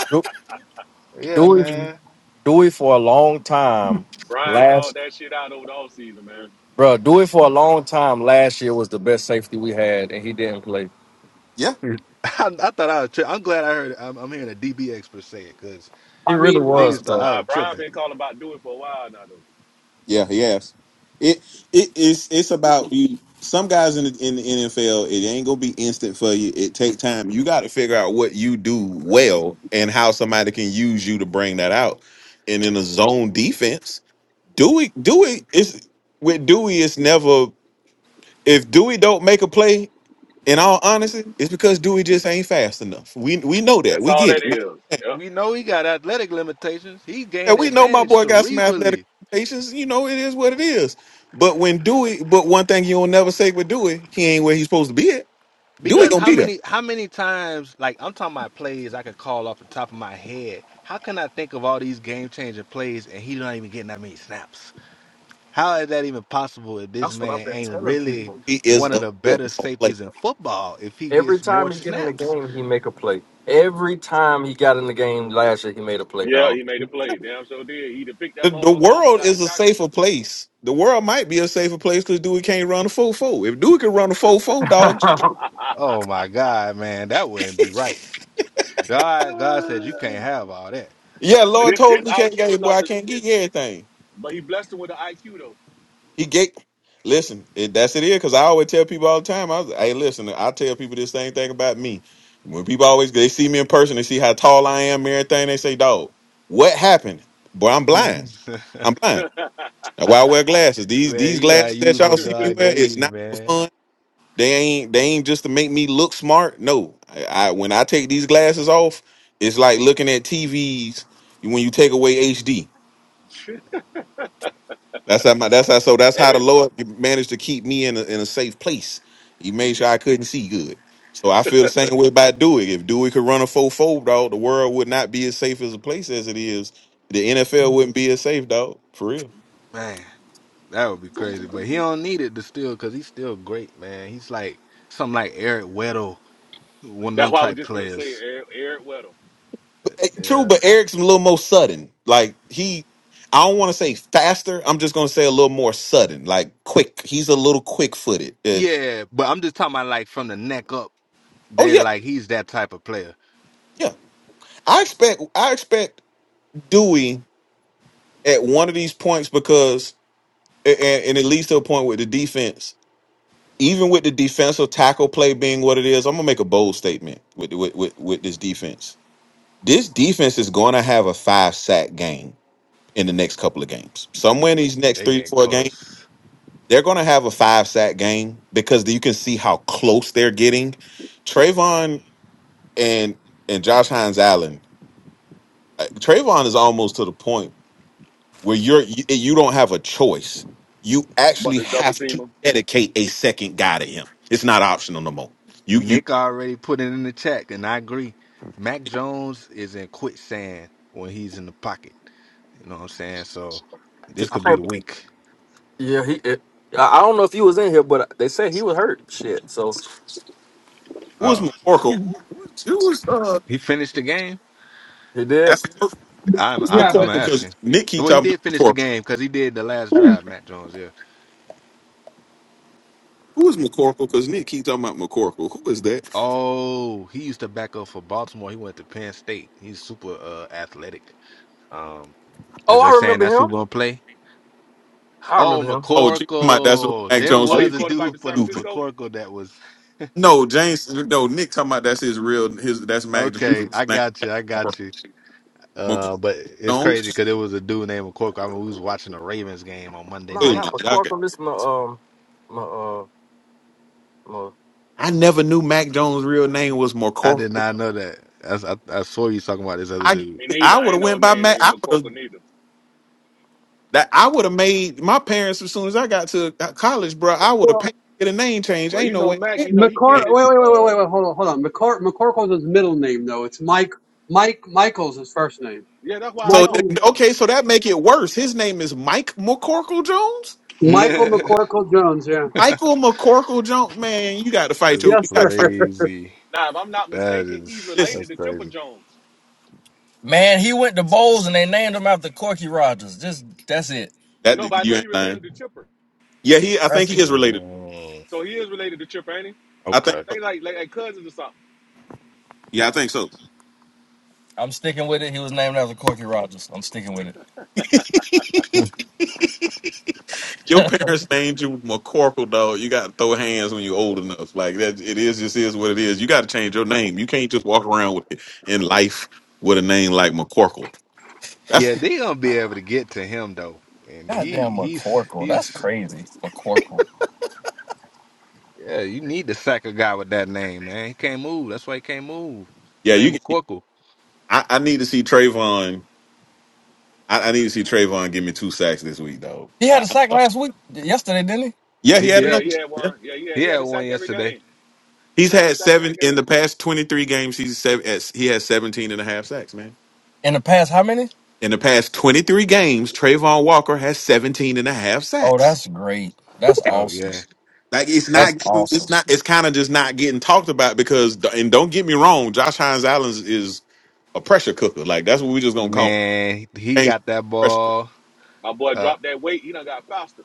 Speaker 7: Du-
Speaker 3: yeah
Speaker 7: Dewey
Speaker 3: man
Speaker 7: Dewey for a long time
Speaker 6: Brian called
Speaker 7: last
Speaker 6: that shit out over the offseason, man.
Speaker 7: bro, Dewey for a long time last year was the best safety we had and he didn't play.
Speaker 4: Yeah,
Speaker 3: I, I thought I was tripping. I'm glad I heard. I'm, I'm hearing a DB expert say it because
Speaker 7: He
Speaker 1: I
Speaker 7: really
Speaker 1: mean,
Speaker 6: Nah,
Speaker 7: was,
Speaker 3: niggas thought
Speaker 7: bro.
Speaker 3: I
Speaker 6: nah.
Speaker 3: was
Speaker 6: Brian
Speaker 3: tripping.
Speaker 6: been calling about do it for a while now, though.
Speaker 4: yeah, he has. It it is it's about you. Some guys in the, in the NFL, it ain't gonna be instant for you. It take time. You got to figure out what you do well and how somebody can use you to bring that out. And in a zone defense, Dewey Dewey is with Dewey. It's never if Dewey don't make a play. In all honesty, it's because Dewey just ain't fast enough. We we know that.
Speaker 6: That's
Speaker 4: We
Speaker 6: all
Speaker 4: get
Speaker 6: that
Speaker 4: it.
Speaker 6: is. Yep,
Speaker 3: We know he got athletic limitations. He
Speaker 4: Yeah,
Speaker 3: gained
Speaker 4: we know my
Speaker 3: advantage
Speaker 4: boy got some athletic
Speaker 3: cerebrally
Speaker 4: limitations. You know, it is what it is. But when Dewey, but one thing you'll never say with Dewey, he ain't where he's supposed to be at. Dewey
Speaker 6: yep,
Speaker 3: because
Speaker 4: gonna
Speaker 3: how
Speaker 4: be there.
Speaker 3: many how many times like I'm talking about plays I could call off the top of my head. How can I think of all these game changing plays and he's not even getting that many snaps? How is that even possible if this
Speaker 7: That's what I've
Speaker 3: man
Speaker 7: been
Speaker 3: ain't
Speaker 7: telling
Speaker 3: really
Speaker 7: people.
Speaker 4: He is
Speaker 3: one of
Speaker 4: a
Speaker 3: the better
Speaker 4: football player.
Speaker 3: safeties in football? If he
Speaker 7: Every
Speaker 3: gets more
Speaker 7: time he get in the
Speaker 3: snaps,
Speaker 7: game, he make a play. Every time he got in the game last year, he made a play,
Speaker 6: yeah.
Speaker 7: dog.
Speaker 6: He made a play. Damn, sure did. He either picked that
Speaker 4: The, the
Speaker 6: motherfucker off or
Speaker 4: world
Speaker 6: got the
Speaker 4: is a
Speaker 6: tackle.
Speaker 4: safer place. The world might be a safer place because Dewey can't run a full four. If Dewey could run a full four, dog,
Speaker 7: I
Speaker 3: oh my god, man, that wouldn't be right. God, God said you can't have all that.
Speaker 4: yeah,
Speaker 6: but
Speaker 4: Lord
Speaker 6: his,
Speaker 4: told
Speaker 6: his
Speaker 4: him he can't
Speaker 6: IQ
Speaker 4: get
Speaker 6: is
Speaker 4: boy,
Speaker 6: off
Speaker 4: I can't
Speaker 6: the.
Speaker 4: get you everything.
Speaker 6: But he blessed him with an IQ
Speaker 4: He gave. Listen, it, that's it. Is because I always tell people all the time. I was, hey, listen, I tell people this same thing about me. When people always they see me in person, they see how tall I am, and everything. They say, "Dog, what happened?" Boy, I'm
Speaker 3: man,
Speaker 4: blind. I'm blind.
Speaker 6: though.
Speaker 4: That's why I wear glasses. These these
Speaker 3: you gotta
Speaker 4: glasses that
Speaker 3: use
Speaker 4: y'all
Speaker 3: what
Speaker 4: see me
Speaker 3: God
Speaker 4: wear
Speaker 3: gave
Speaker 4: is
Speaker 3: you,
Speaker 4: not for
Speaker 3: man.
Speaker 4: fun. They ain't they ain't just to make me look smart. No, I, I when I take these glasses off, it's like looking at TVs when you take away HD. That's how my that's how so that's how the
Speaker 6: Eric,
Speaker 4: Lord managed to keep me in a, in a safe place. He made sure I couldn't see good. So I feel the same way about Dewey. If Dewey could run a four four dog, the world would not be as safe as a place as it is. The NFL wouldn't be as safe, dog. For real.
Speaker 3: Man, that would be crazy. But he don't need it to still, cause he's still great, man. He's like something like Eric Weddle, one of
Speaker 6: that's
Speaker 3: them
Speaker 6: why I was
Speaker 3: type
Speaker 6: just gonna say
Speaker 3: players.
Speaker 6: Eric, Eric Weddle,
Speaker 4: Eh,
Speaker 3: Yeah.
Speaker 4: True, but Eric's a little more sudden. Like he I don't want to say faster. I'm just gonna say a little more sudden, like quick. He's a little quick footed.
Speaker 3: Yeah, but I'm just talking about like from the neck up.
Speaker 4: oh
Speaker 3: They're
Speaker 4: yeah,
Speaker 3: like he's that type of player.
Speaker 4: yeah. I expect I expect Dewey at one of these points because and, and it leads to a point with the defense. Even with the defensive tackle play being what it is, I'm gonna make a bold statement with with with, with this defense. This defense is going to have a five sack game in the next couple of games. Somewhere in these next
Speaker 3: They
Speaker 4: three to
Speaker 3: get
Speaker 4: four games,
Speaker 3: close.
Speaker 4: they're going to have a five sack game because you can see how close they're getting. Trayvon and and Josh Hines Allen. uh, Trayvon is almost to the point. where you're you, you don't have a choice. You
Speaker 6: but
Speaker 4: actually
Speaker 6: the double
Speaker 4: have
Speaker 6: team
Speaker 4: to
Speaker 6: him.
Speaker 4: dedicate a second guy to him. It's not optional no more. You you
Speaker 3: Nick already put it in the chat, and I agree. Mac Jones is in quicksand when he's in the pocket. You know what I'm saying? So this could be the
Speaker 7: think,
Speaker 3: wink.
Speaker 7: yeah, he. It, I I don't know if he was in here, but they said he was hurt. Shit, so
Speaker 4: who was
Speaker 3: Oh,
Speaker 4: McCorkle? Who was uh?
Speaker 3: he finished the game.
Speaker 7: he did.
Speaker 4: that's- Who
Speaker 3: I'm
Speaker 4: was
Speaker 3: I,
Speaker 1: yeah,
Speaker 3: I'm
Speaker 1: but.
Speaker 4: McCorkle? Because
Speaker 3: asking.
Speaker 4: Nick keep
Speaker 3: Well, he
Speaker 4: talking about
Speaker 3: did finish the
Speaker 4: McCorkle.
Speaker 3: game because he did the last
Speaker 4: Who
Speaker 3: drive. Mac Jones, yeah.
Speaker 4: who was McCorkle? Because Nick keep talking about McCorkle. Who is that?
Speaker 3: Oh, he used to back up for Baltimore. He went to Penn State. He's super uh, athletic. Um, As
Speaker 7: Oh,
Speaker 3: they
Speaker 7: I
Speaker 3: saying
Speaker 7: remember
Speaker 3: that's who
Speaker 7: him.
Speaker 3: gonna play?
Speaker 7: I
Speaker 3: Oh,
Speaker 7: remember him.
Speaker 4: Oh, Jay talking about that's who
Speaker 3: McCorkle.
Speaker 4: Mac
Speaker 3: There
Speaker 4: Jones.
Speaker 6: Oh, he a
Speaker 3: was
Speaker 4: re-
Speaker 3: a
Speaker 4: He's
Speaker 6: quarterback
Speaker 3: dude
Speaker 6: for
Speaker 3: for
Speaker 6: San
Speaker 3: the-
Speaker 4: stupid.
Speaker 6: Francisco?
Speaker 3: McCorkle that was
Speaker 4: No, James. No, Nick talking about that's his real. His that's Mac
Speaker 3: okay.
Speaker 4: Jones'
Speaker 3: I
Speaker 4: name.
Speaker 3: got you. I got you.
Speaker 4: McCorkle
Speaker 3: Uh, but it's crazy
Speaker 4: Jones.
Speaker 3: because it was a dude named McCorkle. I mean, we was watching the Ravens game on Monday
Speaker 7: Nah,
Speaker 4: Wait
Speaker 3: night.
Speaker 7: not
Speaker 4: a minute.
Speaker 7: McCorkle. This my um my uh my.
Speaker 4: I never knew Mac Jones' real name was
Speaker 3: I
Speaker 4: Corporal.
Speaker 3: did
Speaker 4: Jones.
Speaker 3: not know that. That's, I I saw you talking about this other
Speaker 4: I
Speaker 3: dude.
Speaker 6: Me neither.
Speaker 4: I
Speaker 6: I
Speaker 4: would
Speaker 6: ain't
Speaker 4: have
Speaker 6: know
Speaker 4: went
Speaker 6: his
Speaker 4: by
Speaker 6: name
Speaker 4: Mac.
Speaker 6: named
Speaker 4: I would
Speaker 6: McCorkle
Speaker 4: have
Speaker 6: neither.
Speaker 4: that. I would have made my parents as soon as I got to uh, college, bro. I would
Speaker 1: well.
Speaker 4: have paid to get a name change.
Speaker 6: Well,
Speaker 4: Ain't
Speaker 6: you
Speaker 4: no
Speaker 6: know
Speaker 4: way.
Speaker 6: Mac, you know he
Speaker 1: McCor.
Speaker 6: can.
Speaker 1: Wait, wait, wait, wait,
Speaker 6: Uh,
Speaker 1: wait, wait. Hold on, hold on. McCor- McCorkle's his middle name, though. It's Mike. Mike Michael's his first name.
Speaker 6: yeah, that's what I
Speaker 4: So
Speaker 6: thought.
Speaker 4: th-
Speaker 1: Michael.
Speaker 4: okay,
Speaker 6: Yeah.
Speaker 4: so that make it worse. His name is Mike McCorkle Jones.
Speaker 1: Michael McCorkle Jones. Yeah.
Speaker 4: Michael McCorkle Jones. Man, you got to fight
Speaker 3: That's
Speaker 4: your. You
Speaker 1: Yes,
Speaker 4: got
Speaker 1: sir.
Speaker 4: to fight.
Speaker 3: crazy.
Speaker 6: Now, if I'm not
Speaker 3: That
Speaker 6: mistaken, he's
Speaker 3: is
Speaker 4: Listen,
Speaker 6: related
Speaker 3: that's
Speaker 6: to Chipper
Speaker 3: crazy.
Speaker 6: Jones.
Speaker 7: Man, he went to bowls and they named him after Corky Rogers. Just that's it.
Speaker 4: that
Speaker 6: No, but I know
Speaker 4: you ain't
Speaker 6: he
Speaker 4: lying.
Speaker 6: related to Chipper,
Speaker 4: Yeah, he. I think
Speaker 7: That's
Speaker 4: he is related.
Speaker 3: Mm,
Speaker 6: so he is related to Chipper, ain't he?
Speaker 4: I think
Speaker 3: okay.
Speaker 4: so.
Speaker 6: They like like, like cousins or something.
Speaker 4: Yeah, I think so.
Speaker 7: I'm sticking with it. He was named after Corky Rogers. I'm sticking with it.
Speaker 4: Your parents named you McCorkle, dog. You got to throw hands when you're old enough. Like that, it is just is what it is. You got to change your name. You can't just walk around with in life with a name like McCorkle. That's
Speaker 3: Yeah, they gonna be able to get to him though, and he
Speaker 7: Goddamn
Speaker 3: he's
Speaker 7: McCorkle.
Speaker 3: he's
Speaker 7: That's crazy. McCorkle.
Speaker 3: Yeah, you need to sack a guy with that name, man. He can't move. That's why he can't move. The
Speaker 4: yeah.
Speaker 3: name
Speaker 4: You,
Speaker 3: of Quirkle.
Speaker 4: I, I need to see Trayvon. I, I need to see Trayvon give me two sacks this week, though.
Speaker 7: He had a sack last week, yesterday, didn't he?
Speaker 4: yeah,
Speaker 3: He
Speaker 4: he had
Speaker 6: Yeah,
Speaker 3: did.
Speaker 4: another.
Speaker 6: he had
Speaker 4: Yeah.
Speaker 6: one. Yeah, yeah,
Speaker 3: He
Speaker 6: he
Speaker 3: had
Speaker 6: had a
Speaker 3: one
Speaker 6: sack every
Speaker 3: yesterday.
Speaker 6: game. He
Speaker 4: He's
Speaker 6: done had a
Speaker 4: had
Speaker 6: sack
Speaker 4: seven
Speaker 6: every
Speaker 4: in
Speaker 6: game.
Speaker 4: the past 23 games. He's seven. He has 17 and a half sacks, man.
Speaker 7: In the past, how many?
Speaker 4: In the past 23 games, Trayvon Walker has 17 and a half
Speaker 7: Oh,
Speaker 4: sacks.
Speaker 7: that's great. That's
Speaker 3: Oh
Speaker 7: awesome.
Speaker 3: yeah.
Speaker 4: Like it's not,
Speaker 3: And
Speaker 7: That's
Speaker 4: it's
Speaker 7: awesome.
Speaker 4: not, it's kind of just not getting talked about because, and don't get me wrong, Josh Hines Allen's is a pressure cooker. Like that's what we just gonna call
Speaker 3: man, he
Speaker 4: it.
Speaker 3: got that
Speaker 4: pressure. Cooker.
Speaker 3: ball.
Speaker 6: My boy
Speaker 3: Uh
Speaker 6: dropped that weight. He done got faster.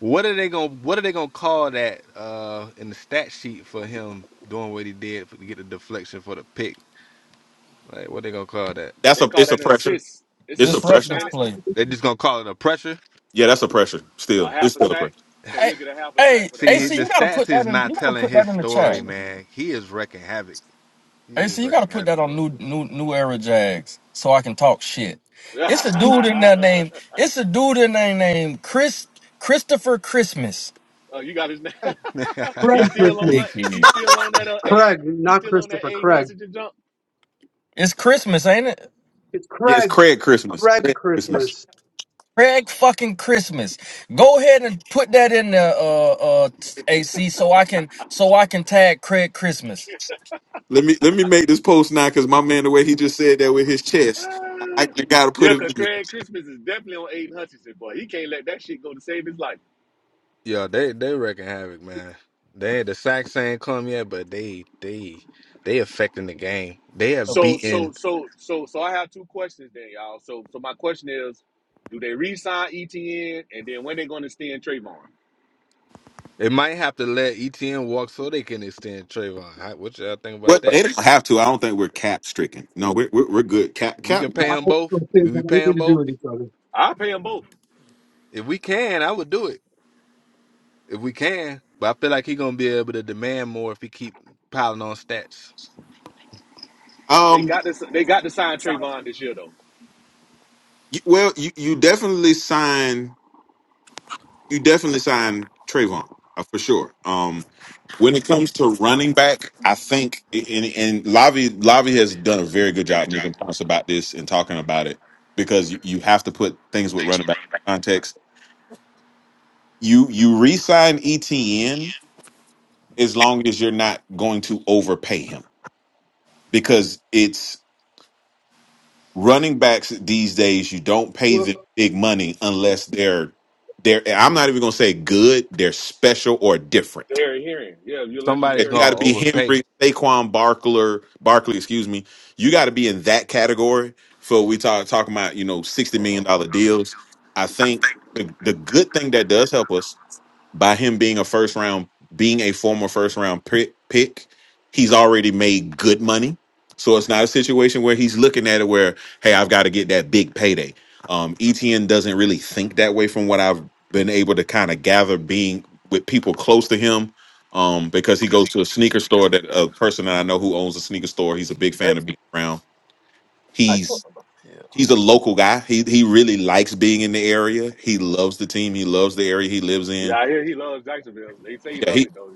Speaker 3: what are they gonna what are they gonna call that uh in the stat sheet for him doing what he did for, to get the deflection for the pick? Like what they gonna call that?
Speaker 4: That's
Speaker 6: They
Speaker 4: a,
Speaker 6: call
Speaker 4: it's a
Speaker 6: that an
Speaker 4: pressure.
Speaker 6: assist. It's an
Speaker 4: It's a
Speaker 6: assist,
Speaker 4: pressure.
Speaker 7: Disruptive
Speaker 6: ain't it?
Speaker 7: play.
Speaker 3: They just gonna call it a pressure?
Speaker 4: Yeah, that's a pressure.
Speaker 6: A
Speaker 4: Still,
Speaker 6: half
Speaker 4: it's
Speaker 6: a
Speaker 4: still a
Speaker 6: sack.
Speaker 4: pressure.
Speaker 6: So
Speaker 7: Hey,
Speaker 6: he'll get a half a sack
Speaker 7: hey,
Speaker 6: for that,
Speaker 3: See,
Speaker 6: right?
Speaker 7: AC,
Speaker 3: the
Speaker 7: you gotta
Speaker 3: stats
Speaker 7: put
Speaker 3: is
Speaker 7: that in.
Speaker 3: not
Speaker 7: You gotta
Speaker 3: telling
Speaker 7: put that
Speaker 3: his
Speaker 7: in the chat.
Speaker 3: story, man. He is wrecking havoc. He
Speaker 7: AC,
Speaker 3: is
Speaker 7: you gotta
Speaker 3: wrecking
Speaker 7: put
Speaker 3: havoc,
Speaker 7: that on
Speaker 3: bro.
Speaker 7: new, new, new era Jags, so I can talk shit. It's a dude in there named. It's a dude in there named Chris Christopher Christmas.
Speaker 6: oh, you got his name. he's
Speaker 1: Craig
Speaker 6: still on
Speaker 1: Christmas.
Speaker 6: like he's
Speaker 7: Dickhead.
Speaker 6: still on that uh Aiden.
Speaker 1: Craig,
Speaker 6: He's
Speaker 1: not
Speaker 6: still on that
Speaker 1: Christopher.
Speaker 6: Aiden
Speaker 1: Craig.
Speaker 6: Hutchinson jump.
Speaker 7: It's Christmas, ain't it?
Speaker 1: It's
Speaker 4: Yeah, it's
Speaker 1: Craig.
Speaker 4: Craig Christmas.
Speaker 1: Craig
Speaker 4: Craig Christmas.
Speaker 1: Christmas.
Speaker 7: Craig fucking Christmas. Go ahead and put that in the uh uh t- AC so I can so I can tag Craig Christmas.
Speaker 4: Let me let me make this post now because my man, the way he just said that with his chest, I,
Speaker 6: Ah.
Speaker 4: I gotta put
Speaker 6: Yeah,
Speaker 4: it.
Speaker 6: cause
Speaker 4: in there.
Speaker 6: Craig Christmas is definitely on Aiden Hutchinson, boy. He can't let that shit go to save his life.
Speaker 3: Yeah, they they wrecking havoc, man. They the sacks ain't come yet, but they they they affecting the game. They have
Speaker 6: So so
Speaker 3: beaten.
Speaker 6: so so so I have two questions then, y'all. So so my question is, do they re-sign ETN and then when they gonna extend Trayvon?
Speaker 3: They might have to let ETN walk so they can extend Trayvon. How, what y'all think about
Speaker 4: What they
Speaker 3: that?
Speaker 4: don't have to. I don't think we're cap stricken. No, we're we're, we're good. Cap
Speaker 3: We
Speaker 4: cap.
Speaker 3: can
Speaker 1: I
Speaker 3: pay them
Speaker 1: don't think those
Speaker 3: both.
Speaker 1: things
Speaker 3: We
Speaker 1: have
Speaker 3: pay
Speaker 1: anything
Speaker 3: them
Speaker 1: to do
Speaker 3: both.
Speaker 1: with each other.
Speaker 6: I pay them both.
Speaker 3: If we can, I would do it. If we can, but I feel like he gonna be able to demand more if he keep piling on stats.
Speaker 6: They
Speaker 4: Um.
Speaker 6: got this. They got to sign Trayvon this year though.
Speaker 4: you- Well, you you definitely sign. you definitely sign Trayvon uh, for sure. Um, when it comes to running back, I think and and Lavi Lavi has done a very good job making points about this and talking about it because you, you have to put things with running back in context. You you re-sign ETN as long as you're not going to overpay him because it's running backs these days. You don't pay them
Speaker 1: Well,
Speaker 4: big money unless they're they're. I'm not even going to say good. They're special or different
Speaker 6: Derrick Henry. Yeah, you let you
Speaker 4: Yeah,
Speaker 3: Somebody's
Speaker 4: you
Speaker 6: Derrick
Speaker 4: got
Speaker 3: gonna
Speaker 4: to
Speaker 6: Henry.
Speaker 4: be
Speaker 3: overpay.
Speaker 4: Henry, Saquon Barkler, Barkley, excuse me. You got to be in that category for we talk talking about you know sixty million dollar deals. I think the, the good thing that does help us by him being a first round, being a former first round pick, pick, he's already made good money. So it's not a situation where he's looking at it where, hey, I've got to get that big payday. Um, ETN doesn't really think that way from what I've been able to kind of gather being with people close to him. Um, because he goes to a sneaker store that a person that I know who owns a sneaker store, he's a big
Speaker 7: Hey,
Speaker 4: fan of being around.
Speaker 7: I can't-
Speaker 4: He's
Speaker 7: yeah,
Speaker 4: he's a local guy. He he really likes being in the area. He loves the team. He loves the area he lives
Speaker 6: Yeah,
Speaker 4: in.
Speaker 6: I hear he loves Jacksonville. They say he
Speaker 4: Yeah,
Speaker 6: love
Speaker 4: he
Speaker 6: it though.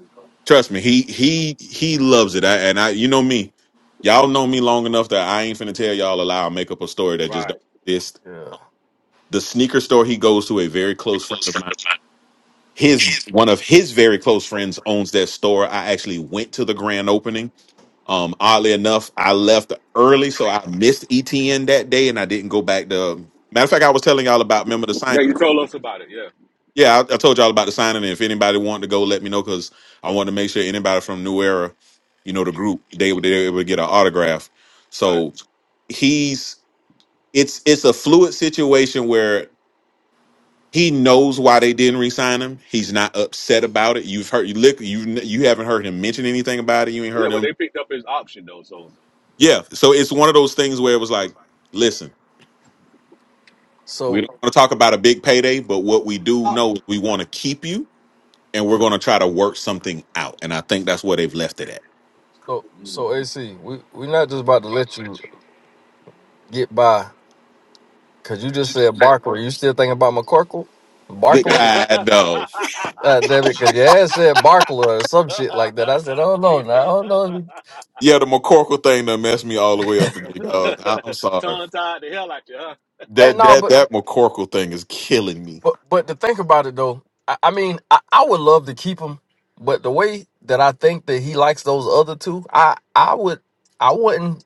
Speaker 4: Trust me, he he he loves it. I, and I, you know me, y'all know me long enough that I ain't finna tell y'all a lie or make up a story that just
Speaker 6: Right.
Speaker 4: don't exist.
Speaker 7: yeah.
Speaker 4: The sneaker store he goes to, a very close friend of mine, his one of his very close friends owns that store. I actually went to the grand opening. Um, oddly enough, I left early, so I missed ETN that day, and I didn't go back to. Matter of fact, I was telling y'all about remember the
Speaker 6: Yeah, you told us about it. Yeah.
Speaker 4: Yeah, I, I told y'all about the signing. and If anybody wanted to go, let me know because I wanted to make sure anybody from New Era, you know, the group, they were they were able to get an autograph.
Speaker 6: Right.
Speaker 4: So he's it's it's a fluid situation where he knows why they didn't re-sign him. He's not upset about it. You've heard you look you you haven't heard him mention anything about it. You ain't
Speaker 6: Yeah,
Speaker 4: heard
Speaker 6: but
Speaker 4: him.
Speaker 6: they picked up his option though. So.
Speaker 4: Yeah, so it's one of those things where it was like, listen, we
Speaker 7: So,
Speaker 4: don't want to talk about a big payday, but what we do
Speaker 1: I
Speaker 4: know is we want to keep you and we're going to try to work something out. And I think that's where they've left it at.
Speaker 7: so,
Speaker 6: Mm.
Speaker 7: so, AC, we we we're not just about to let you get by because you just said Barkler. You still thinking about McCorkle,
Speaker 4: Good
Speaker 7: Barkler?
Speaker 4: guy, dog.
Speaker 7: Uh, David, because your ass said Barkler or some shit like that. I said, oh no, no, oh no.
Speaker 4: Yeah, the McCorkle thing done messed me all the way up today, dog. I- I'm sorry.
Speaker 6: Tongue tied the hell out you, huh?
Speaker 7: Hey,
Speaker 4: That
Speaker 7: no,
Speaker 4: that
Speaker 7: but
Speaker 4: that McCorkle thing is killing me.
Speaker 7: But but to think about it though, I, I mean, I, I would love to keep him, but the way that I think that he likes those other two, I I would I wouldn't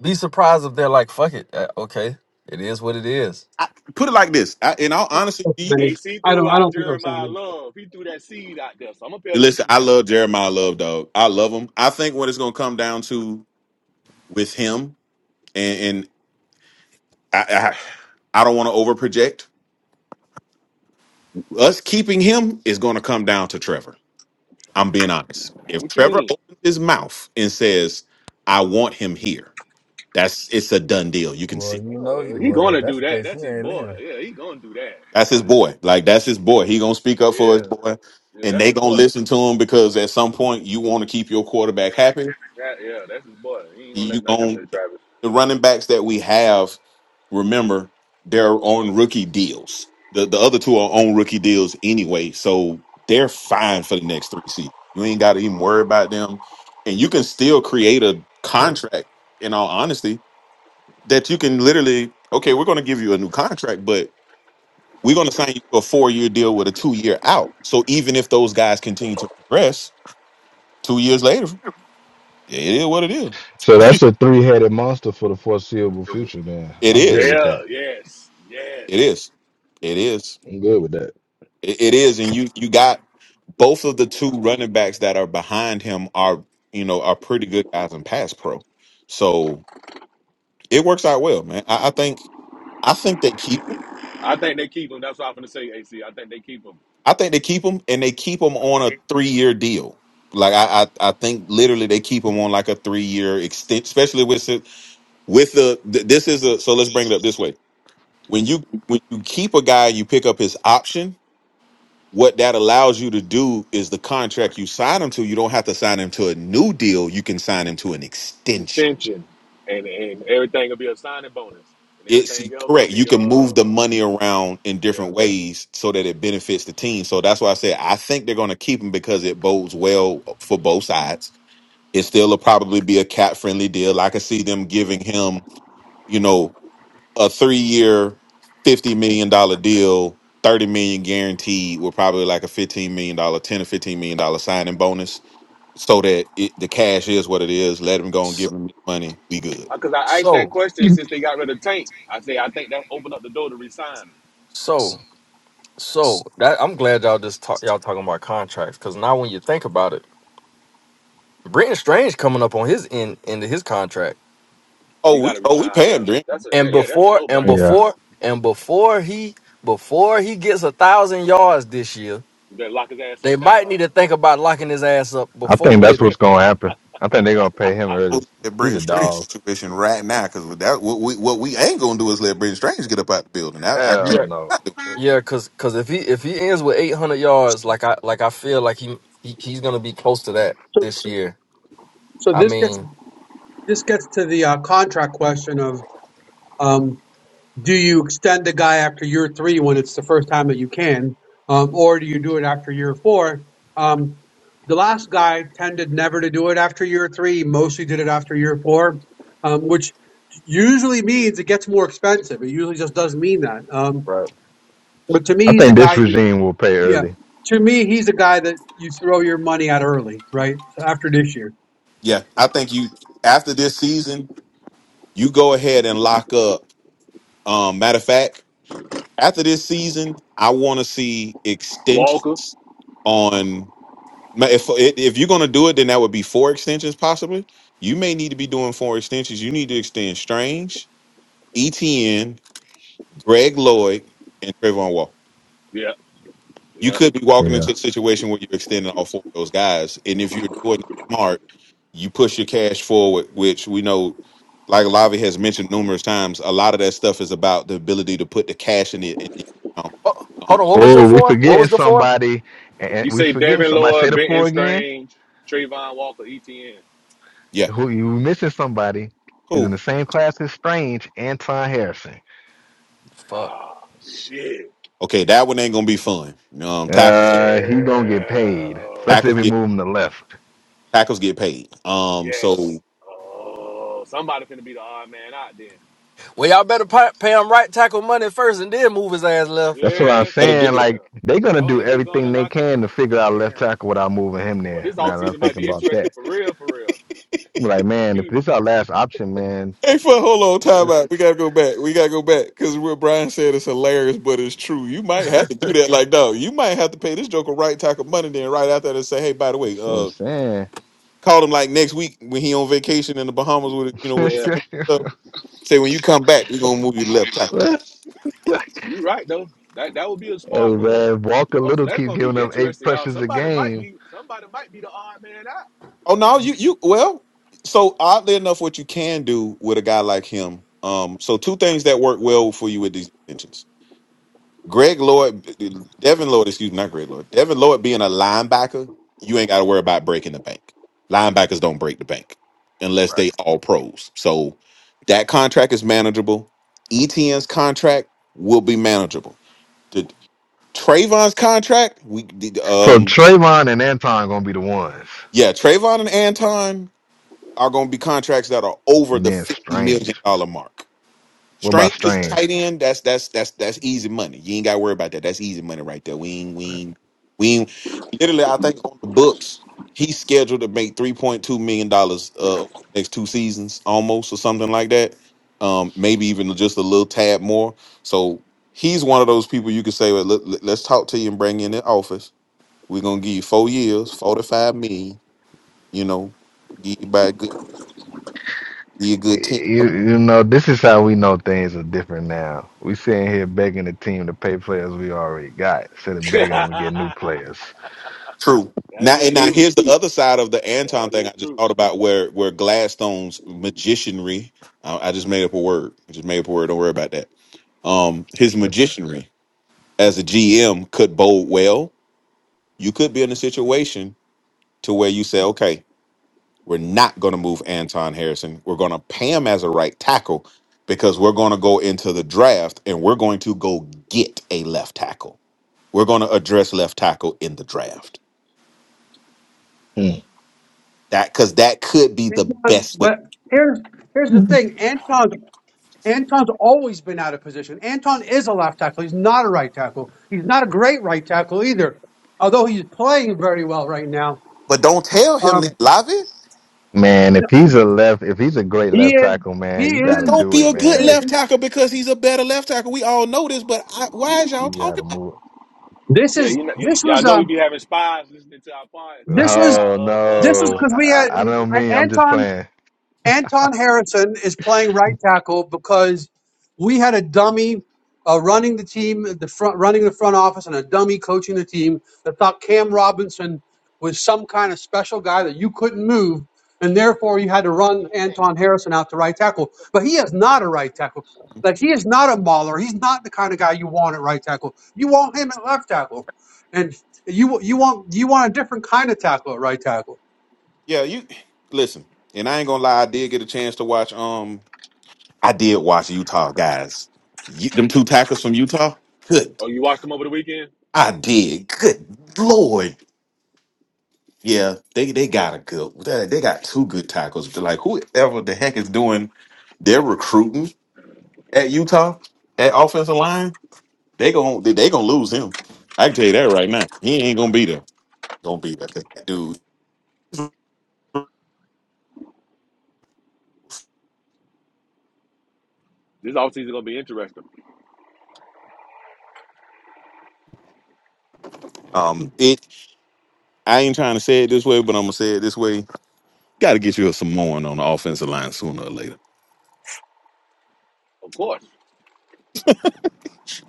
Speaker 7: be surprised if they're like, fuck it, uh, okay, it is what it is.
Speaker 4: I, put it like this. I, in all honesty, do you
Speaker 6: AC
Speaker 1: I
Speaker 6: threw
Speaker 1: don't. I
Speaker 6: out
Speaker 1: don't think those
Speaker 6: Jeremiah
Speaker 1: things.
Speaker 6: Love. He threw that seed out there, so I'm gonna pay
Speaker 4: listen?
Speaker 6: attention to
Speaker 4: I
Speaker 6: that.
Speaker 4: love Jeremiah Love, dog. I love him. I think what it's gonna come down to with him, and, and I, I I don't want to over project. Us keeping him is gonna come down to Trevor. I'm being honest. If
Speaker 6: What you
Speaker 4: Trevor
Speaker 6: mean?
Speaker 4: opens his mouth and says, "I want him here," that's it's a done deal. You can see.
Speaker 3: Well, you know he
Speaker 6: Oh, he
Speaker 3: well if
Speaker 6: gonna
Speaker 3: that's
Speaker 6: do
Speaker 3: the
Speaker 6: that.
Speaker 3: case, he
Speaker 6: That's his
Speaker 3: ain't
Speaker 6: boy.
Speaker 3: leaving.
Speaker 6: Yeah, he gonna do that.
Speaker 4: That's his
Speaker 6: Like,
Speaker 4: boy. Like that's his boy. He gonna speak up for his
Speaker 6: Yeah,
Speaker 4: boy,
Speaker 6: yeah,
Speaker 4: and
Speaker 6: that's
Speaker 4: they
Speaker 6: his
Speaker 4: gonna
Speaker 6: boy.
Speaker 4: listen to him because at some point you want to keep your quarterback happy.
Speaker 6: That, yeah, that's his boy. He ain't gonna
Speaker 4: You
Speaker 6: let nothing happen
Speaker 4: going
Speaker 6: to Travis.
Speaker 4: the running backs that we have. Remember, they're on rookie deals. The the other two are on rookie deals anyway, so they're fine for the next three seasons. You ain't got to even worry about them, and you can still create a contract. In all honesty, that you can literally okay, we're gonna give you a new contract, but we're going to sign you to a four year deal with a two year out. So even if those guys continue to progress two years later, it is what it is.
Speaker 3: So that's a three headed monster for the foreseeable future. Then
Speaker 4: It
Speaker 3: I'm good
Speaker 4: is.
Speaker 3: with
Speaker 6: Yeah,
Speaker 3: that.
Speaker 6: yes,
Speaker 4: It
Speaker 6: yes.
Speaker 4: is. It is.
Speaker 3: I'm good with that.
Speaker 4: It, it is. And you you got both of the two running backs that are behind him are you know are pretty good guys in pass pro. So it works out well, man. I, I think I think they keep him.
Speaker 6: I think they keep him. That's what I'm gonna say, AC. I think they keep him.
Speaker 4: I think they keep him and they keep him on a three year deal. Like I, I I think literally they keep him on like a three year extent, especially with with the th- this is a so let's bring it up this way when you when you keep a guy you pick up his option what that allows you to do is the contract you sign him to you don't have to sign him to a new deal you can sign him to an
Speaker 6: An
Speaker 4: extension
Speaker 6: extension, and and everything will be a signing bonus, and
Speaker 4: it's
Speaker 6: everything else will
Speaker 4: correct you
Speaker 6: be
Speaker 4: can move
Speaker 6: uh
Speaker 4: the money around in
Speaker 6: yeah.
Speaker 4: different ways so that it benefits the team so that's why i said i think they're going to keep him because it bodes well for both sides it still will probably be a cat friendly deal i could see them giving him you know a three year, fifty million dollar deal, thirty million guaranteed, with probably like a fifteen million dollar, ten or fifteen million dollar signing bonus, so that it, the cash is what it is. Let him go and
Speaker 7: So
Speaker 4: give him his money. We good.
Speaker 6: Because I asked that
Speaker 7: so
Speaker 6: question
Speaker 4: You-
Speaker 6: since they got rid of Tank. I say I think that opened up the door to resign him.
Speaker 7: so so that I'm glad y'all just talk y'all talking about contracts because now when you think about it, Brenton Strange coming up on his end end of his contract,
Speaker 6: Oh, you
Speaker 4: Oh, we
Speaker 6: gotta
Speaker 4: oh we
Speaker 6: resign
Speaker 4: pay
Speaker 6: him.
Speaker 4: him, Brent.
Speaker 6: That's a yeah,
Speaker 7: and
Speaker 6: yeah that's a
Speaker 7: before
Speaker 6: no
Speaker 7: and
Speaker 6: brainer.
Speaker 7: before and before he before he gets a thousand yards this year.
Speaker 6: You better lock his ass
Speaker 7: They
Speaker 6: up now,
Speaker 7: might need
Speaker 6: huh?
Speaker 7: to think about locking his ass up before later.
Speaker 4: That Brent Strange situation right now, because that what we what we ain't gonna do is let Brent Strange get up out the building. I, I think-
Speaker 7: Yeah. Yeah, Cause, cause if he if he ends with eight hundred yards, like I like I feel like he, he he's gonna be close to that
Speaker 1: So,
Speaker 7: this year.
Speaker 1: so
Speaker 7: I
Speaker 1: this gets
Speaker 7: mean,
Speaker 1: this gets to the uh, contract question of. um, do you extend the guy after year three when it's the first time that you can, um, or do you do it after year four? Um, the last guy tended never to do it after year three, mostly did it after year four, um, which usually means it gets more expensive. It usually just does mean that. Um,
Speaker 7: Right.
Speaker 1: but to me, he's the guy you, yeah, to me, he's the guy that you throw your money at early, right? So after this year.
Speaker 4: yeah, I think you after this season, you go ahead and lock up. Um, matter of fact. after this season, I want to see
Speaker 6: Walker.
Speaker 4: extensions on. ma- If if you're gonna do it, then that would be four extensions possibly. You may need to be doing four extensions. You need to extend Strange, ETN, Greg Lloyd, and Trayvon Walker.
Speaker 6: Yeah,
Speaker 4: You
Speaker 6: yeah.
Speaker 4: could be walking into a situation where you're extending all four of those guys, and if you're doing it smart, you push your cash forward, which we know. Like Lavi has mentioned numerous times, a lot of that stuff is about the ability to put the cash in the, in the account.
Speaker 7: oh,
Speaker 4: Um,
Speaker 7: hold on, what was your four? What was the four?
Speaker 6: You say Devin Lloyd, Benton Strange, Trayvon Walker, ETN.
Speaker 4: yeah, cool.
Speaker 7: Fuck.
Speaker 6: Oh, shit.
Speaker 4: Okay, that one ain't gonna be fun. Um, tackles, tackles
Speaker 6: Yeah.
Speaker 4: get tackles get paid. Um,
Speaker 6: Yes.
Speaker 4: so
Speaker 6: Oh, somebody finna be the odd man out then.
Speaker 7: Well, y'all better pay, pay him right tackle money first, and then move his ass left.
Speaker 4: you
Speaker 6: Yeah,
Speaker 4: better
Speaker 6: shit,
Speaker 4: do it.
Speaker 6: yeah. That's why they need to go in the locker. Damn. But this offseason might be interesting for real, for real. You,
Speaker 4: Hey, for hold on, time out. We gotta go back. We gotta go back because what Brian said is hilarious, but it's true. You might have to do that. Like, no, you might have to pay this joker right tackle money. Then right after that, say, hey, by the way, uh, call him like next week when he on vacation in the Bahamas with you know with the
Speaker 6: yeah,
Speaker 4: family and stuff. Say when you come back, we are gonna move you to left tackle.
Speaker 6: you right though. That that would be a smart move. Oh, so that's gonna be interesting, y'all. Somebody might be, somebody might be the odd man out.
Speaker 4: Oh no, you you well. So oddly enough, what you can do with a guy like him, um, so two things that work well for you with these extensions. Greg Lloyd, Devin Lloyd, excuse me, not Greg Lloyd. Devin Lloyd being a linebacker, you ain't got to worry about breaking the bank. Linebackers don't break the bank unless they all pros. So that contract is manageable. ETN's contract will be manageable. The Trayvon's contract, we um yeah, Trayvon and Anton are going to be contracts that are over the fifty million dollar mark. Strange is tight end. That's that's that's that's easy money. You ain't got to worry about that. That's easy money right there. We ain't we ain't we ain't. Literally, I think on the books, he's scheduled to make three point two million dollars uh next two seasons, almost or something like that. Um, maybe even just a little tad more. So he's one of those people you could say, well, let, let- let's talk to you and bring you in the office. We're gonna give you four years, forty five million. You know, give you by a good, be a good ten.
Speaker 6: Okay.
Speaker 4: True.
Speaker 6: That
Speaker 4: Now
Speaker 6: is
Speaker 4: and now
Speaker 6: true.
Speaker 4: here's the other side of the
Speaker 6: That
Speaker 4: Anton thing
Speaker 6: is
Speaker 4: I just
Speaker 6: true.
Speaker 4: thought about where where Gladstone's magicianry I, I just made up a word. I just made up a word, don't worry about that. Um his magicianry as a GM could bode well. You could be in a situation to where you say, okay, we're not gonna move Anton Harrison. We're gonna pay him as a right tackle because we're gonna go into the draft and we're going to go get a left tackle. We're gonna address left tackle in the draft That because that could be the
Speaker 1: Anton,
Speaker 4: best way.
Speaker 1: but here's, here's the thing. Anton's Anton's always been out of position. Anton is a left tackle. He's not a right tackle. He's not a great right tackle either, although he's playing very well right now.
Speaker 4: But don't tell him
Speaker 1: Um,
Speaker 4: that, Lavi.
Speaker 1: he is. He
Speaker 4: He don't
Speaker 1: is.
Speaker 4: be a good left tackle because he's a better left tackle. We all know this, but I, why is y'all talking about?
Speaker 1: This
Speaker 6: Yeah,
Speaker 1: is.
Speaker 6: you know, y-
Speaker 1: This
Speaker 6: y'all
Speaker 1: was.
Speaker 6: know we
Speaker 1: Um.
Speaker 6: be having spies listening to our pod, to
Speaker 1: This
Speaker 6: listen to
Speaker 1: was.
Speaker 6: our uh,
Speaker 1: This was because
Speaker 6: clubhouses.
Speaker 1: we had
Speaker 6: So,
Speaker 1: Anton. Anton Harrison is playing right tackle because we had a dummy uh, running the team, the front running the front office, and a dummy coaching the team that thought Cam Robinson was some kind of special guy that you couldn't move, and therefore you had to run Anton Harrison out to right tackle. But he is not a right tackle. Like he is not a mauler. He's not the kind of guy you want at right tackle. You want him at left tackle, and you you want you want a different kind of tackle at right tackle.
Speaker 4: Yeah, you listen. And I ain't gonna lie, I did get a chance to watch. Um, I did watch Utah guys. You, them two tackles from Utah. Good,
Speaker 6: oh, you watched them over the weekend.
Speaker 4: I did. Good lord. Yeah, they they got a good. They they got two good tackles. Like whoever the heck is doing their recruiting at Utah at offensive line. They gon' they, they gonna lose him. I can tell you that right now. He ain't gonna be there. Gonna be there, 'cause that dude.
Speaker 6: This offseason gonna be interesting.
Speaker 4: Um, it. I ain't trying to say it this way, but I'm gonna say it this way. Got to get you a Samoan on the offensive line sooner or later.
Speaker 6: Of course,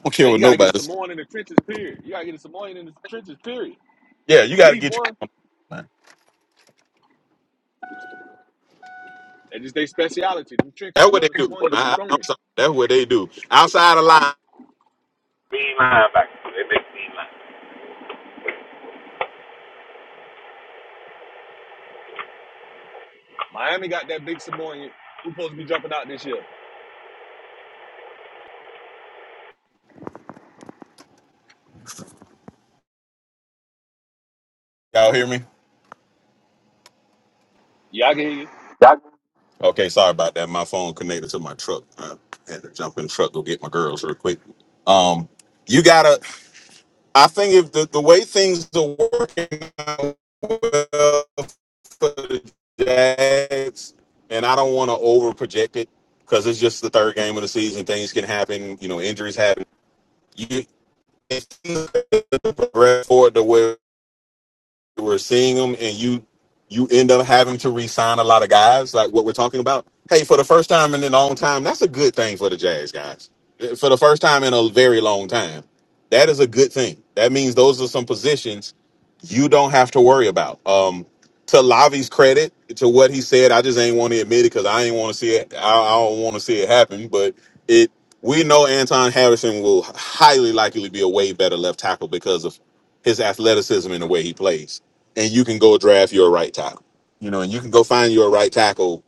Speaker 4: don't care
Speaker 6: Now, you
Speaker 4: what
Speaker 6: gotta get a
Speaker 4: nobody. Say.
Speaker 6: Samoan in the trenches. Period. You gotta get a Samoan in the trenches. Period.
Speaker 4: Yeah, you
Speaker 6: At
Speaker 4: got to
Speaker 6: least
Speaker 4: get you.
Speaker 6: one.
Speaker 4: That's
Speaker 6: That's just their speciality. Them trenches,
Speaker 4: what
Speaker 6: but
Speaker 4: they
Speaker 6: them
Speaker 4: do.
Speaker 6: Samoans be
Speaker 4: I, I'm
Speaker 6: strong.
Speaker 4: sorry. That's what they do. Outside the line.
Speaker 6: Miami got that big Samoan who supposed to be jumping out this year.
Speaker 4: Y'all hear me?
Speaker 6: Yeah, I can hear you.
Speaker 4: Okay, sorry about that. My phone connected to my truck. I had to jump in the truck go get my girls real quick. Um, you gotta. I think if the, the way things are working out well for the Jags, and I don't want to over project it because it's just the third game of the season. Things can happen. You know, injuries happen. You if things progress forward the way we're seeing them and you you end up having to re-sign a lot of guys like what we're talking about hey for the first time in a long time that's a good thing for the jazz guys Eh, for the first time in a very long time that is a good thing that means those are some positions you don't have to worry about um to lavi's credit to what he said i just ain't want to admit it because i ain't want to see it i, I don't want to see it happen but it we know anton harrison will highly likely be a way better left tackle because of his athleticism and the way he plays and you can go draft your right tackle. You know, and you can go find your right tackle.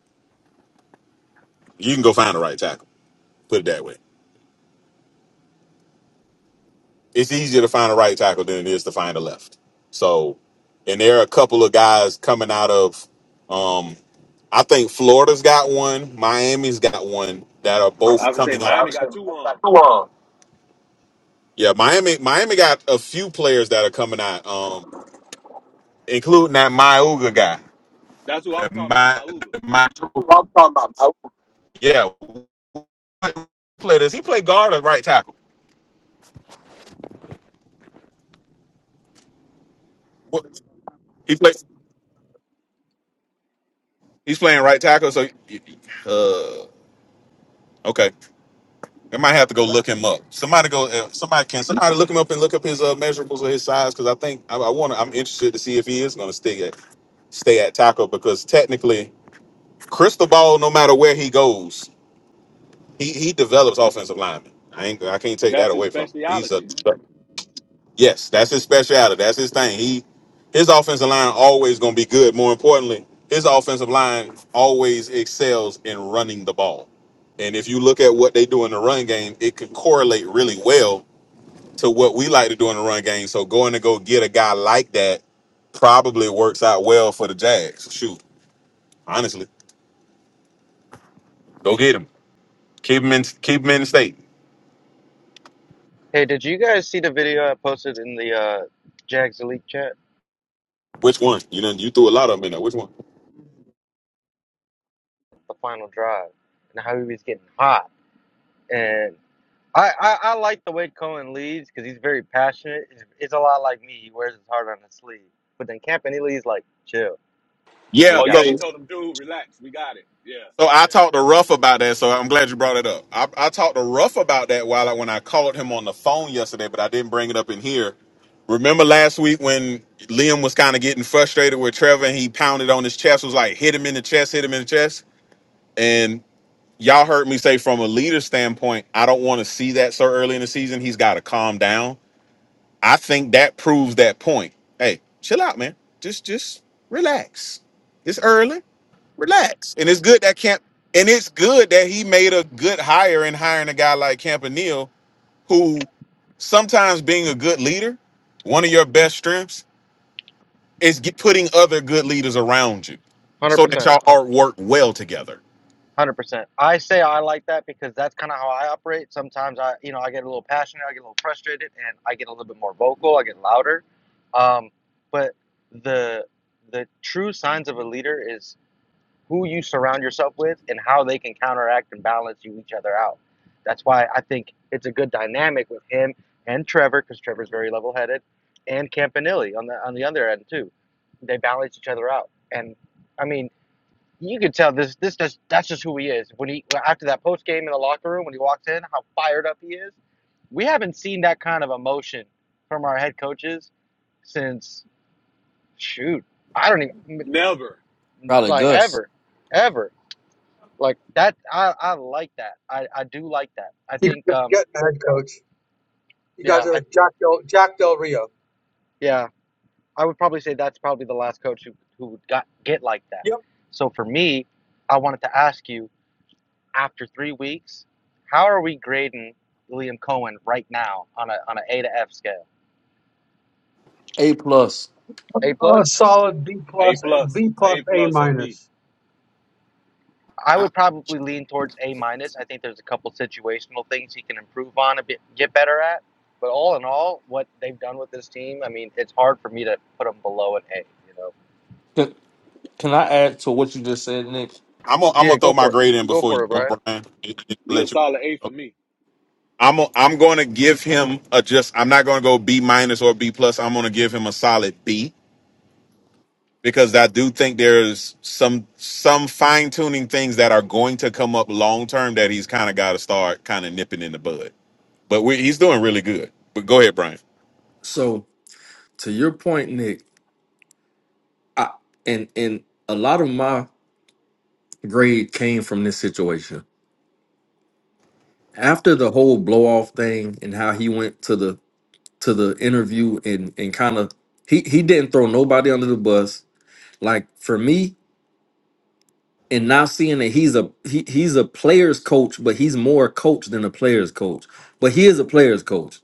Speaker 4: You can go find a right tackle. Put it that way. It's easier to find a right tackle than it is to find a left. So, and there are a couple of guys coming out of. Um, I think Florida's got one. Miami's got one that are
Speaker 6: I
Speaker 4: both
Speaker 6: would say
Speaker 4: coming up.
Speaker 6: Miami got two on.
Speaker 4: Yeah, Miami. Miami got a few players that are coming out, um, including that Myuga guy.
Speaker 6: That's who I'm talking about.
Speaker 4: My,
Speaker 6: Myuga.
Speaker 4: my, Yeah, play this. He played guard or right tackle. What- He plays. He's playing right tackle. So, uh, okay, I might have to go look him up. Somebody go. uh, Somebody can. Somebody look him up and look up his uh, measurables or his size because I think I, I want. to. I'm interested to see if he is going to stay at stay at tackle because technically, crystal ball. No matter where he goes, he he develops offensive linemen. I ain't. I can't take that
Speaker 6: That's his
Speaker 4: away from him. He's a
Speaker 6: speciality.
Speaker 4: Yes, that's his specialty. That's his thing. He his offensive line always gonna be good. More importantly, his offensive line always excels in running the ball. And if you look at what they do in the run game, it could correlate really well to what we like to do in the run game. So going to go get a guy like that probably works out well for the Jags. Shoot, honestly, go get him. Keep him in. Keep him in the state.
Speaker 5: Hey, did you guys see the video I posted in the uh, Jags Elite chat?
Speaker 4: Which one? You know, you threw a lot of them in there. Which one?
Speaker 5: The final drive and how he was getting hot. and. I, I, I like the way Cohen leads because he's very passionate. It's, it's a lot like me. He wears his heart on his sleeve. But then Campany leads like, chill, we
Speaker 4: Yeah.
Speaker 6: Oh yeah,
Speaker 5: got
Speaker 6: he
Speaker 4: So
Speaker 5: this.
Speaker 6: told him, dude, relax, we got it. Yeah,
Speaker 4: So I
Speaker 6: yeah.
Speaker 4: talked to Ruff about that. So I'm glad you brought it up. I, I talked to Ruff about that while I, when I called him on the phone yesterday, but I didn't bring it up in here. Remember last week when Liam was kind of getting frustrated with Trevor and he pounded on his chest, was like, hit him in the chest, hit him in the chest. And y'all heard me say from a leader standpoint, I don't want to see that so early in the season. He's got to calm down. I think that proves that point. Hey, chill out, man. Just just relax. It's early relax. And it's good that Camp and it's good that he made a good hire in hiring a guy like Campanile, who sometimes being a good leader, one of your best strengths is get, putting other good leaders around you, so that
Speaker 5: 100%.
Speaker 4: y'all all work well together.
Speaker 5: 100%. I say I like that because that's kind of how I operate. Sometimes I, you know, I get a little passionate, I get a little frustrated, and I get a little bit more vocal, I get louder. Um, but the the true signs of a leader is. who you surround yourself with and how they can counteract and balance you each other out. That's why I think it's a good dynamic with him and Trevor because Trevor's very level-headed, and Campanelli on the on the other end too. They balance each other out, and I mean you could tell this this does that's just who he is. When he after that post game in the locker room when he walks in, how fired up he is. We haven't seen that kind of emotion from our head coaches since shoot I don't even
Speaker 6: Never.
Speaker 7: Probably
Speaker 5: like
Speaker 7: Gus.
Speaker 5: ever ever. Like that, I I like that. I I do like that. I
Speaker 1: You
Speaker 5: think
Speaker 1: can just
Speaker 5: um
Speaker 1: get mad, coach. You
Speaker 5: yeah
Speaker 1: guys
Speaker 5: I
Speaker 1: are Jack Del Jack Del Rio.
Speaker 5: yeah I would probably say that's probably the last coach who who would got get like that.
Speaker 1: Yep,
Speaker 5: So for me, I wanted to ask you after three weeks, how are we grading Liam Cohen right now on a on an A to F scale?
Speaker 7: A plus.
Speaker 5: A
Speaker 1: a
Speaker 5: plus.
Speaker 1: solid B
Speaker 6: A
Speaker 1: plus
Speaker 6: plus.
Speaker 1: B plus
Speaker 6: A
Speaker 1: A
Speaker 6: plus on me.
Speaker 1: minus.
Speaker 5: I
Speaker 4: I-
Speaker 5: would probably lean towards A minus. I think there's a couple situational things he can improve on a bit, get better at. But all in all, what they've done with this team, I mean, it's hard for me to put them below an A. You know.
Speaker 7: Can, can I add to what you just said, Nick?
Speaker 4: I'm gonna I'm
Speaker 5: Yeah,
Speaker 4: gonna
Speaker 5: go
Speaker 4: throw my
Speaker 5: for it.
Speaker 4: grade in
Speaker 5: Go
Speaker 4: before you
Speaker 5: for it,
Speaker 4: go,
Speaker 5: Brian.
Speaker 4: Brian. and- and
Speaker 6: You a
Speaker 4: Let you.
Speaker 6: solid A for me.
Speaker 4: I'm i I'm going to give him a just. I'm not going to go B minus or B plus. I'm going to give him a solid B because I do think there's some some fine tuning things that are going to come up long term that he's kind of got to start kind of nipping in the bud. But we he's doing really good. But go ahead, Brian.
Speaker 7: So to your point, Nick, I and and a lot of my grade came from this situation. after the whole blow off thing and how he went to the to the interview and and kind of he he didn't throw nobody under the bus. Like for me, and now seeing that he's a he, he's a player's coach, but he's more a coach than a player's coach. But he is a player's coach.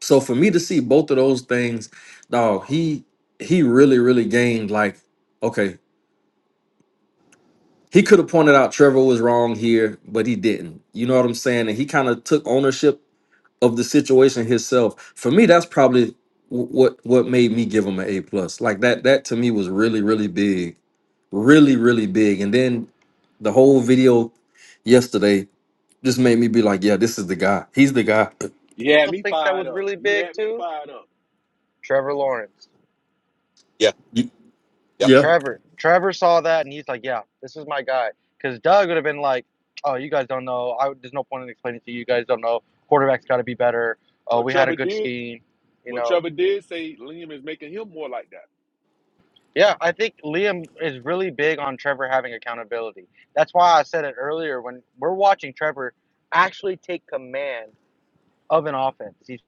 Speaker 7: So for me to see both of those things, dog, he he really really gained like okay. He could have pointed out Trevor was wrong here, but he didn't. You know what I'm saying? And he kind of took ownership of the situation himself. For me, that's probably wh- what what made me give him an A plus. Like that that to me was really really big, really really big. And then the whole video yesterday just made me be like, yeah, this is the guy. He's the guy.
Speaker 6: You had
Speaker 5: Who else
Speaker 6: me
Speaker 5: thinks that
Speaker 6: fired
Speaker 5: was
Speaker 6: up.
Speaker 5: really
Speaker 6: You
Speaker 5: big
Speaker 6: had me
Speaker 5: too?
Speaker 6: fired up.
Speaker 5: Trevor Lawrence.
Speaker 4: Yeah,
Speaker 7: Y-
Speaker 4: yeah,
Speaker 7: Yeah,
Speaker 5: Trevor. Trevor saw that and he's like, yeah, this is my guy. Because Doug would have been like, oh, you guys don't know. I, there's no point in explaining to you. You guys don't know. Quarterback's got to be better. Oh,
Speaker 6: But
Speaker 5: we had a
Speaker 6: Trevor
Speaker 5: good
Speaker 6: did
Speaker 5: scheme. You
Speaker 6: but
Speaker 5: know.
Speaker 6: Trevor did say Liam is making him more like that.
Speaker 5: Yeah, I think Liam is really big on Trevor having accountability. That's why I said it earlier when we're watching Trevor actually take command of an offense. He's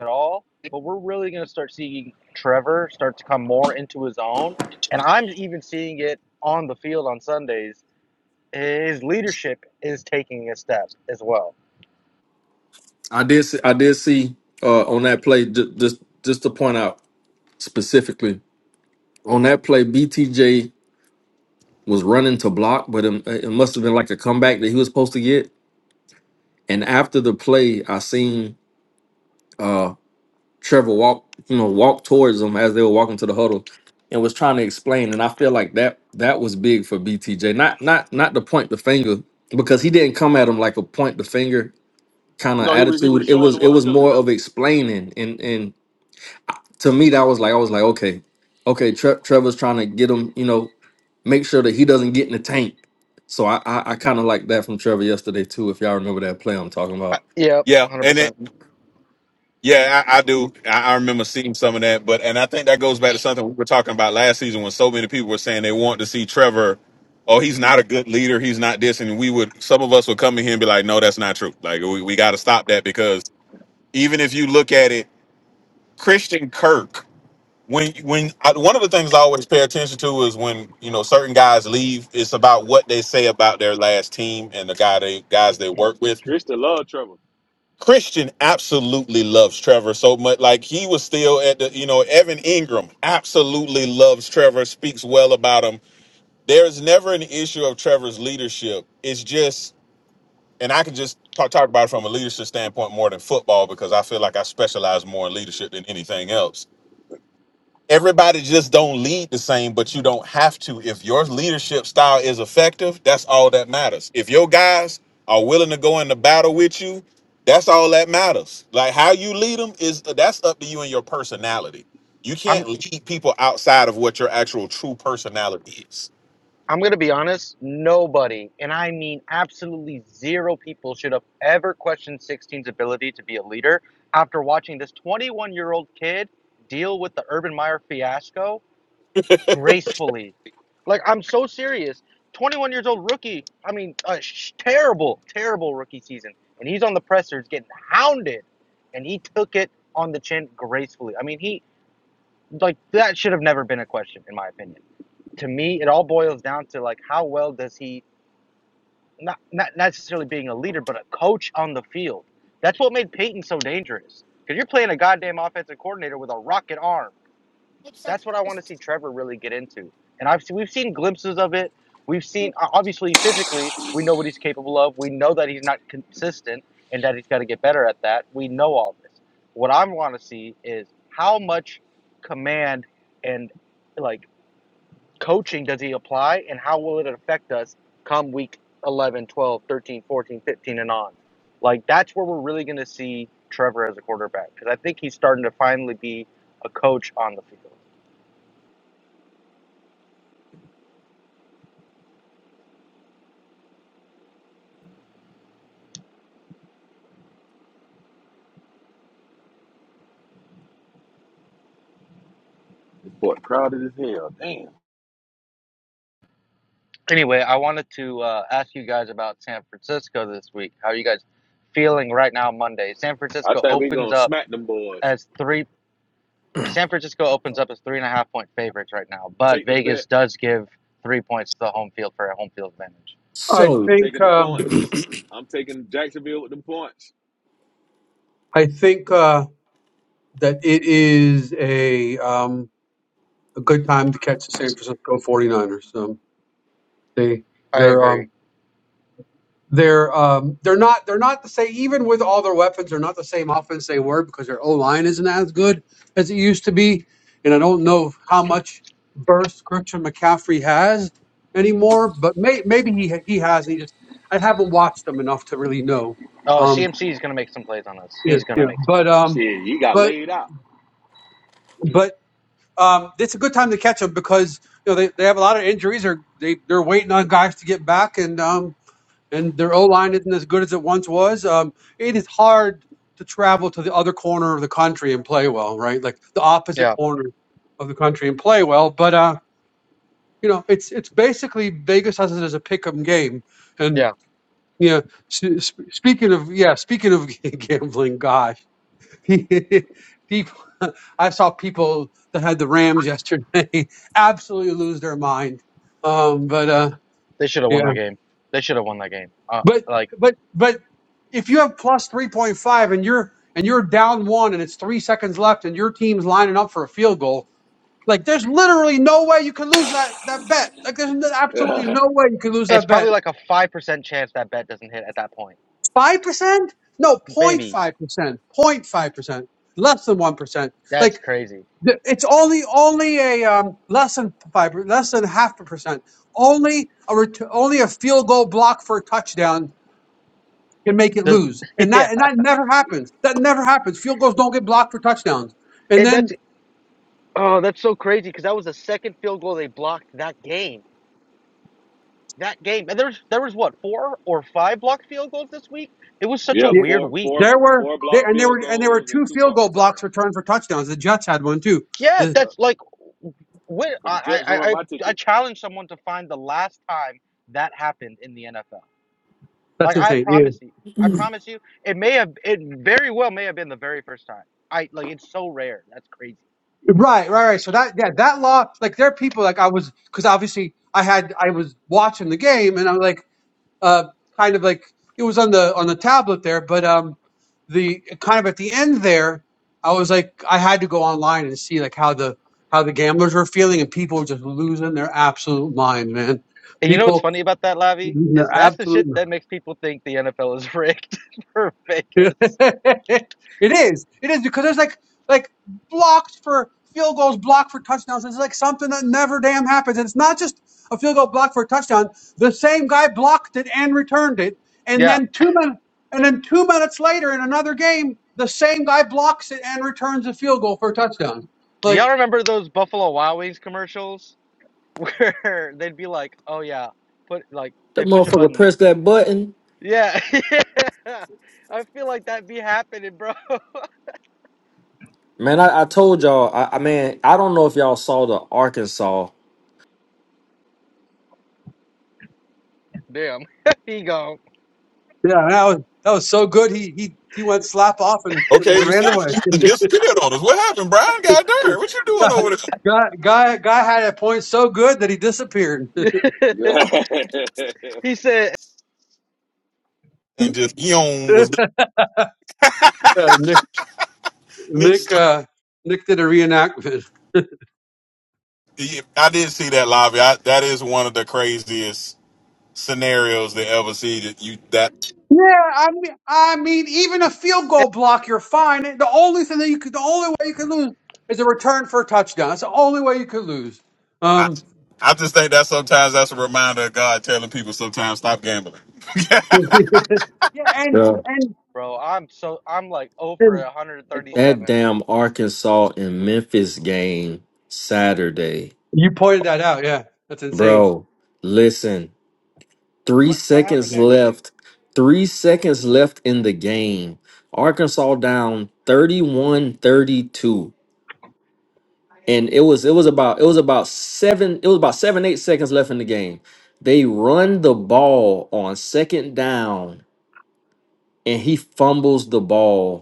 Speaker 5: at all, but we're really going to start seeing Trevor start to come more into his own. And I'm even seeing it on the field on Sundays. His leadership is taking a step as well.
Speaker 7: I did see, I did see uh, on that play ju- just just to point out specifically on that play, BTJ was running to block, but it, it must have been like a comeback that he was supposed to get. And after the play, I seen Trevor walked, you know, walked towards them as they were walking to the huddle and was trying to explain. And I feel like that that was big for BTJ. Not not not to point the finger because he didn't come at him like a point the finger kind of
Speaker 6: No, he was he was
Speaker 7: attitude. It
Speaker 6: showing
Speaker 7: was
Speaker 6: him
Speaker 7: it
Speaker 6: what to
Speaker 7: was
Speaker 6: do.
Speaker 7: more of explaining. And and to me that was like I was like okay, okay, Tre- Trevor's trying to get him, you know, make sure that he doesn't get in the tank. So I I, I kind of like that from Trevor yesterday too. If y'all remember that play I'm talking
Speaker 5: Uh,
Speaker 7: about.
Speaker 5: yep,
Speaker 4: yeah. And it,
Speaker 5: 100%.
Speaker 4: yeah, I, I do. I, I remember seeing some of that. But and I think that goes back to something we were talking about last season when so many people were saying they want to see Trevor. Oh, he's not a good leader. He's not this, and we would some of us would come in here and be like, no, that's not true. Like we, we got to stop that because even if you look at it, Christian Kirk when when I, one of the things I always pay attention to is when you know certain guys leave, it's about what they say about their last team and the guy they guys they work with.
Speaker 6: Christian love Trevor.
Speaker 4: Christian absolutely loves Trevor so much. Like he was still at the you know Evan Ingram absolutely loves Trevor, speaks well about him. There is never an issue of Trevor's leadership. It's just and I can just talk talk about it from a leadership standpoint more than football because I feel like I specialize more in leadership than anything else everybody just don't lead the same but you don't have to if your leadership style is effective that's all that matters if your guys are willing to go into battle with you that's all that matters like how you lead them is that's up to you and your personality you
Speaker 5: I'm
Speaker 4: can't lead people outside of what your actual true personality is
Speaker 5: I'm going to be honest, nobody, and I mean absolutely zero people should have ever questioned 16's ability to be a leader after watching this 21-year-old kid deal with the Urban Meyer fiasco gracefully. Like I'm so serious. 21 years old rookie. I mean, a sh- terrible, terrible rookie season, and he's on the pressers getting hounded, and he took it on the chin gracefully. I mean, he like that should have never been a question in my opinion. To me, it all boils down to like how well does he not not necessarily being a leader, but a coach on the field. That's what made Peyton so dangerous. Because you're playing a goddamn offensive coordinator with a rocket arm that's what I want to see Trevor really get into. And I've we've seen glimpses of it. We've seen obviously physically, we know what he's capable of. We know that he's not consistent and that he's got to get better at that. We know all this. What I want to see is how much command and like coaching does he apply and how will it affect us come week 11, 12, 13, 14, 15, and on. Like that's where we're really going to see Trevor as a quarterback because I think he's starting to finally be a coach on the field.
Speaker 6: Boy, crowded as hell. Damn.
Speaker 5: Anyway, I wanted to uh, ask you guys about San Francisco this week. How are you guys feeling right now, Monday? San
Speaker 6: I
Speaker 5: Francisco
Speaker 6: think we
Speaker 5: opens
Speaker 6: gonna
Speaker 5: up
Speaker 6: smack them boys.
Speaker 5: as three. San Francisco opens up as three and a half point favorites right now, but
Speaker 6: Take the bet.
Speaker 5: Vegas does give three points to the home field for a home field advantage.
Speaker 1: I
Speaker 6: I'm
Speaker 7: So
Speaker 1: think
Speaker 6: taking the
Speaker 1: um,
Speaker 6: points. I'm taking Jacksonville with them points.
Speaker 1: I think uh, that it is a um, a good time to catch the San Francisco 49ers. Um, they
Speaker 5: I
Speaker 1: they're um,
Speaker 5: agree.
Speaker 1: They're um, they're not they're not the same. Even with all their weapons, they're not the same offense they were because their O line isn't as good as it used to be. And I don't know how much burst Christian McCaffrey has anymore, but may, maybe he he has. And he just I haven't watched them enough to really know.
Speaker 5: Oh,
Speaker 1: Um,
Speaker 5: CMC is going to make some plays on us.
Speaker 1: yeah,
Speaker 5: He's going to
Speaker 1: yeah.
Speaker 5: make some
Speaker 1: But
Speaker 5: plays.
Speaker 1: um,
Speaker 6: Shit, you got
Speaker 1: but
Speaker 6: laid out.
Speaker 1: but um, it's a good time to catch them because you know they, they have a lot of injuries or they they're waiting on guys to get back and um and their O line isn't as good as it once was. Um, it is hard to travel to the other corner of the country and play well, right? Like the opposite
Speaker 5: Yeah,
Speaker 1: corner of the country and play well. But uh, you know, it's it's basically Vegas has it as a pick'em game, and
Speaker 5: yeah.
Speaker 1: yeah. You know, s- sp- speaking of yeah, speaking of gambling, gosh, people. I saw people that had the Rams yesterday absolutely lose their mind. Um, but uh,
Speaker 5: They should have
Speaker 1: yeah.
Speaker 5: won that game. They should have won that game. Uh,
Speaker 1: But
Speaker 5: like
Speaker 1: but but if you have plus three point five and you're and you're down one and it's three seconds left and your team's lining up for a field goal, like there's literally no way you can lose that that bet. Like there's n- absolutely no way you can lose
Speaker 5: it's
Speaker 1: that
Speaker 5: probably
Speaker 1: bet.
Speaker 5: like a five percent chance that bet doesn't hit at that point.
Speaker 1: Five percent? No, point
Speaker 5: Maybe
Speaker 1: 05 percent, point 05 percent, less than one percent.
Speaker 5: that's
Speaker 1: Like
Speaker 5: crazy.
Speaker 1: the, it's only only a um, less than five, per- less than half a percent. Only a ret- only a field goal block for a touchdown Can make it
Speaker 5: Does
Speaker 1: lose. And
Speaker 5: yeah.
Speaker 1: that and that never happens. That never happens. Field goals don't get blocked for touchdowns. And
Speaker 5: and that's.
Speaker 1: then
Speaker 5: Oh, that's so crazy because that was the second field goal they blocked that game. That game, and there's there was what four or five blocked field goals this week. It was such a
Speaker 6: Yeah,
Speaker 1: the-
Speaker 5: weird
Speaker 6: four
Speaker 5: week.
Speaker 6: four
Speaker 1: there were
Speaker 6: four
Speaker 1: there
Speaker 6: block
Speaker 1: and there were
Speaker 6: field
Speaker 1: and there were
Speaker 6: goals
Speaker 1: two
Speaker 6: and two
Speaker 1: field
Speaker 6: punt
Speaker 1: goal
Speaker 6: returns.
Speaker 1: blocks returned for touchdowns. The Jets had one too.
Speaker 5: Yeah,
Speaker 1: Uh,
Speaker 6: Yep.
Speaker 5: that's like when
Speaker 6: Cause the
Speaker 5: I I
Speaker 6: Jets
Speaker 5: I,
Speaker 6: ruined
Speaker 5: I
Speaker 6: my ticket.
Speaker 5: challenge someone to find the last time that happened in the NFL.
Speaker 1: That's
Speaker 5: Like I
Speaker 1: insane. Yeah.
Speaker 5: promise you, I promise you, it may have it very well may have been the very first time. I like it's so rare. That's crazy.
Speaker 1: Right, right, right. So that yeah, that law like there are people like I was because obviously I had I was watching the game and I'm like uh, kind of like it was on the on the tablet there, but um, the kind of at the end there, I was like, I had to go online and see like how the how the gamblers were feeling, and people were just losing their absolute minds, man.
Speaker 5: And you know what's
Speaker 1: People
Speaker 5: funny about that, Lavi?
Speaker 1: losing
Speaker 5: Is
Speaker 1: their
Speaker 5: that's the
Speaker 1: absolute
Speaker 5: shit that makes people think the NFL is rigged for Vegas.
Speaker 1: it is. It is because there's like like blocks for field goals, blocked for touchdowns. It's like something that never damn happens. And it's not just a field goal blocked for a touchdown. The same guy blocked it and returned it, and
Speaker 5: Yeah.
Speaker 1: then two minutes and then two minutes later in another game, the same guy blocks it and returns a field goal for a touchdown.
Speaker 5: Do y'all
Speaker 1: Like
Speaker 5: remember those Buffalo Wild Wings commercials where they'd be like, "Oh yeah, put like
Speaker 7: that
Speaker 5: they push a
Speaker 7: motherfucker
Speaker 5: button."
Speaker 7: pressed that button
Speaker 5: Yeah, yeah. I feel like that be happening, bro.
Speaker 7: Man, I, I told y'all, I, I mean, I don't know if y'all saw the Arkansas,
Speaker 5: Damn, he gone.
Speaker 1: yeah, that was that was so good. He he he went slap off and, and
Speaker 4: okay you
Speaker 1: ran
Speaker 4: see
Speaker 1: away.
Speaker 4: you disappeared on us what happened brian god darn what you doing over there
Speaker 1: Guy guy guy had a point so good that he disappeared.
Speaker 6: Yeah.
Speaker 5: he said,
Speaker 4: and just yon was
Speaker 1: Uh, Nick,
Speaker 4: mixed
Speaker 1: uh, Nick did a reenactment.
Speaker 4: i did see that lobby I, that is one of the craziest scenarios they ever see that you that
Speaker 1: Yeah, I mean, I mean, even a field goal block, you're fine. The only thing that you could, the only way you could lose is a return for a touchdown. That's the only way you could lose.
Speaker 4: I,
Speaker 1: Um,
Speaker 4: I just think that sometimes that's a reminder of God telling people sometimes stop gambling.
Speaker 1: yeah, and
Speaker 7: Yeah.
Speaker 1: and,
Speaker 5: "Bro, I'm so I'm like oh for
Speaker 1: and
Speaker 4: Like,
Speaker 7: that
Speaker 5: 137."
Speaker 7: damn Arkansas and Memphis game Saturday.
Speaker 1: You pointed that out. Yeah, that's insane.
Speaker 7: Bro, listen, three
Speaker 6: what what happened
Speaker 7: seconds
Speaker 6: that game?
Speaker 7: left, three seconds left in the game. Arkansas down 31, 32, And it was it was about it was about seven, it was about seven, eight seconds left in the game. They run the ball on second down and he fumbles the ball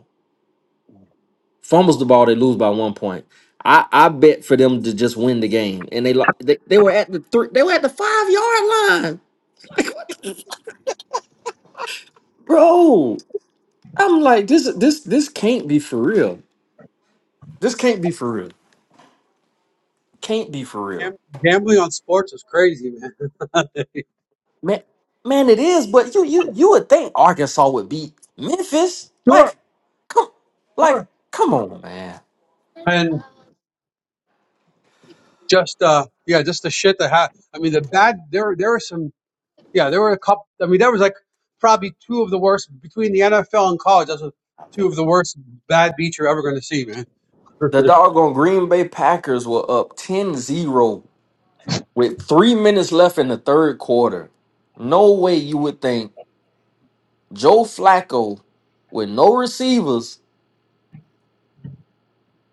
Speaker 7: fumbles the ball, they lose by one point. I, I bet for them to just win the game, and they lo- they, they were at the three, they were at the five yard line, bro. I'm like this this this can't be for real. This can't be for real. Can't be for real,
Speaker 1: Gam- Gambling on sports is crazy, man.
Speaker 7: man. Man, it is. But you you you would think Arkansas would beat Memphis. Like,
Speaker 1: sure,
Speaker 7: come like
Speaker 1: sure.
Speaker 7: come on, man.
Speaker 1: And just uh, yeah, just the shit that happened. I mean, the bad. There, there were some. Yeah, there were a couple. I mean, there was like probably two of the worst between the NFL and college. That's two of the worst bad beats you're ever going to see, man.
Speaker 7: The
Speaker 1: the
Speaker 7: doggone Green Bay Packers were up ten zero with three minutes left in the third quarter. No way you would think Joe Flacco with no receivers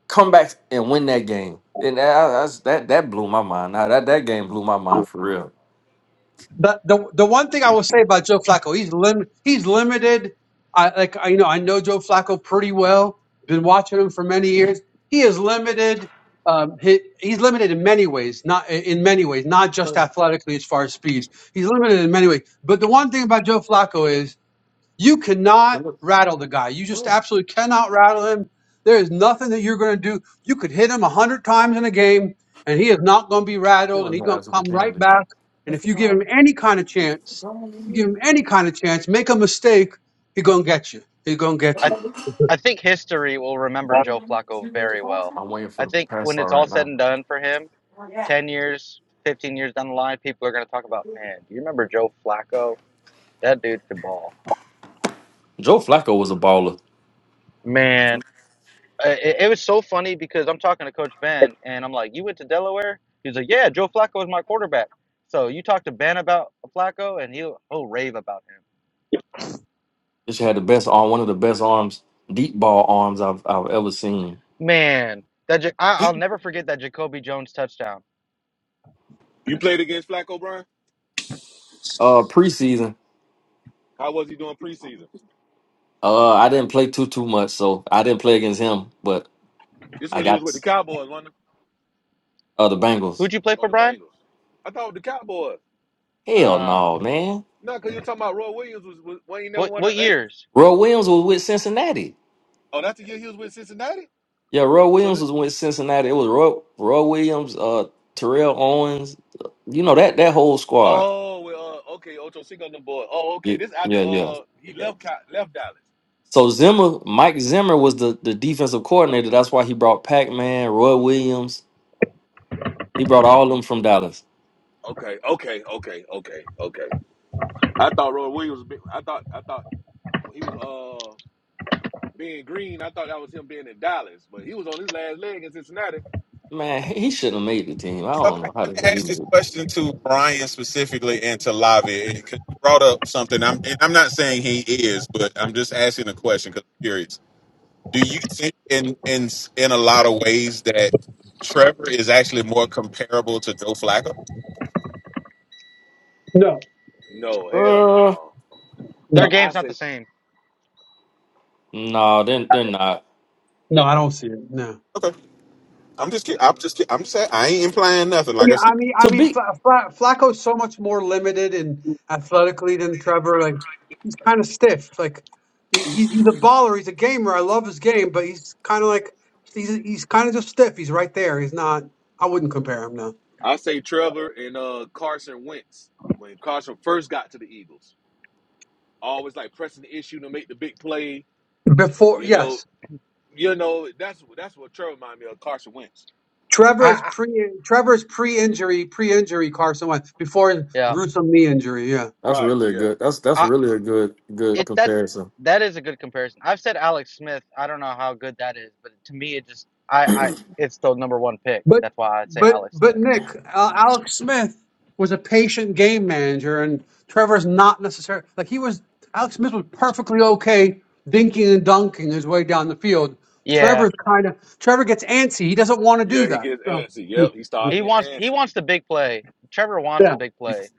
Speaker 7: come back and win that game. And that that's- that, that blew my mind. Now that, that game blew my mind for real.
Speaker 1: the the one thing I will say about Joe Flacco, he's lim- he's limited. I like I, you know I know Joe Flacco pretty well. Been watching him for many years. He is limited. Um, he, he's limited in many ways, not in many ways, not just
Speaker 7: Sure.
Speaker 1: athletically as far as speed. He's limited in many ways. But the one thing about Joe Flacco is You cannot
Speaker 7: But look,
Speaker 1: rattle the guy. You just absolutely cannot rattle him. There is nothing that you're going to do. You could hit him a hundred times in a game, and he is not going to be rattled,
Speaker 7: Who
Speaker 1: and
Speaker 7: in
Speaker 1: he's
Speaker 7: the
Speaker 1: going to
Speaker 7: eyes of a
Speaker 1: come right
Speaker 7: candy?
Speaker 1: back. And if you give him any kind of chance, you give him any kind of chance, make a mistake, he's going to get you. He's going to get
Speaker 5: I
Speaker 1: you.
Speaker 5: I think history will remember Joe Flacco very well.
Speaker 7: I'm waiting for
Speaker 5: I
Speaker 7: the
Speaker 5: think
Speaker 7: pass
Speaker 5: when
Speaker 7: all
Speaker 5: it's all
Speaker 7: right
Speaker 5: said
Speaker 7: now.
Speaker 5: and done for him, 10 years, 15 years down the line, people are gonna talk about, man, do you remember Joe Flacco? That dude could ball.
Speaker 7: Joe Flacco was a baller.
Speaker 5: Man, uh, it, it was so funny because I'm talking to Coach Ben and I'm like, "You went to Delaware?" He's like, "Yeah, Joe Flacco was my quarterback." So you talk to Ben about Flacco and he'll he'll rave about him.
Speaker 7: This had the best arm, one of the best arms, deep ball arms I've I've ever seen.
Speaker 5: Man, that Ja- I,
Speaker 4: He-
Speaker 5: I'll never forget that Jacoby Jones touchdown.
Speaker 6: You played against Flacco Brown?
Speaker 7: Uh preseason.
Speaker 6: How was he doing preseason?
Speaker 7: Uh I didn't play too too much, so I didn't play against him, but
Speaker 6: This
Speaker 7: I
Speaker 6: when you was
Speaker 7: got
Speaker 6: with the Cowboys, wasn't it?
Speaker 7: uh the Bengals.
Speaker 5: Who'd you play
Speaker 6: Or
Speaker 5: for,
Speaker 6: the
Speaker 5: Brian?
Speaker 6: Bengals? I thought the Cowboys.
Speaker 7: Hell
Speaker 5: Ah,
Speaker 7: no, man.
Speaker 6: No, cause you were talking about Roy Williams was, was well, he never
Speaker 5: what
Speaker 6: won a,
Speaker 5: what
Speaker 6: eh,
Speaker 5: years?
Speaker 7: Roy Williams was with Cincinnati.
Speaker 6: Oh, that's the year he was with Cincinnati?
Speaker 7: Yeah, Roy
Speaker 6: So
Speaker 7: Williams
Speaker 6: the,
Speaker 7: was with Cincinnati. It was Roy, Roy Williams, uh, Terrell Owens, you know that that whole squad.
Speaker 6: oh well uh, okay, Ocho Cinco on the board. Oh,
Speaker 7: Yeah,
Speaker 6: okay. This after
Speaker 7: yeah, yeah.
Speaker 6: uh he left Cal- left Dallas.
Speaker 7: So Zimmer, Mike Zimmer was the the defensive coordinator. That's why he brought Pac Man, Roy Williams. He brought all of them from Dallas.
Speaker 6: Okay, okay, okay, okay, okay. I thought Roy Williams. was big- I thought I thought when he was uh being green, I thought that was him being in Dallas, but he was on his last leg in Cincinnati.
Speaker 7: Man, he he shouldn't have made the team. I
Speaker 4: So
Speaker 7: don't
Speaker 4: let me,
Speaker 7: know how
Speaker 4: let me
Speaker 7: the hell he
Speaker 4: ask
Speaker 7: made.
Speaker 4: this
Speaker 7: it.
Speaker 4: question to Brian specifically and to Lavi because you brought up something. I'm and I'm not saying he is, but I'm just asking a question because I'm curious. Do you think in in in a lot of ways that Trevor is actually more comparable to Joe Flacco?
Speaker 1: No,
Speaker 6: No, hell
Speaker 7: Uh,
Speaker 6: no.
Speaker 5: Their
Speaker 1: no,
Speaker 6: I
Speaker 5: game's not the
Speaker 6: say
Speaker 5: same.
Speaker 7: no, they're they're not.
Speaker 1: no, I
Speaker 6: I
Speaker 1: don't see it. No.
Speaker 4: Okay, I'm just kidding. I'm just kidding. I'm saying I ain't implying nothing. Like
Speaker 1: Yeah,
Speaker 4: I said,
Speaker 1: I mean, I
Speaker 7: To
Speaker 1: mean,
Speaker 7: be
Speaker 1: Fla- Fla- Flacco's so much more limited and athletically than Trevor. Like kind of stiff. Like he, he- he's a baller. He's a gamer. I love his game, but he's kind of like he's he's kind of just stiff. He's right there. He's not. I wouldn't compare him now.
Speaker 6: I say Trevor and uh Carson Wentz when Carson first got to the Eagles. Always like pressing the issue to make the big play.
Speaker 1: Before
Speaker 6: You know,
Speaker 1: yes,
Speaker 6: you know that's that's what Trevor reminded me of Carson Wentz.
Speaker 1: Trevor
Speaker 5: I,
Speaker 1: is
Speaker 5: I
Speaker 1: pre Trevor is pre injury pre injury Carson Wentz before his
Speaker 5: yeah,
Speaker 1: gruesome knee injury. Yeah.
Speaker 7: that's
Speaker 6: Right.
Speaker 7: really a
Speaker 6: Yeah.
Speaker 7: good. That's that's
Speaker 5: I
Speaker 7: really a good good
Speaker 5: it
Speaker 4: okay.
Speaker 5: that
Speaker 7: comparison.
Speaker 5: that is a good comparison. I've said Alex Smith. I don't know how good that is, but to me, it just I I it's the number one pick.
Speaker 1: But
Speaker 5: That's why I say
Speaker 1: but
Speaker 5: Alex Smith.
Speaker 1: but Nick, uh, Alex Smith was a patient game manager, and Trevor's not necessarily like he was. Alex Smith was perfectly okay dinking and dunking his way down the field.
Speaker 5: Yeah,
Speaker 1: Trevor's kind of Trevor gets antsy. He doesn't want to do
Speaker 6: Yeah. He
Speaker 1: that.
Speaker 6: gets
Speaker 1: So
Speaker 6: antsy. Yep.
Speaker 1: yeah,
Speaker 6: He started
Speaker 5: He
Speaker 6: getting
Speaker 5: wants he
Speaker 6: antsy.
Speaker 5: wants the big play. Trevor wants the big play.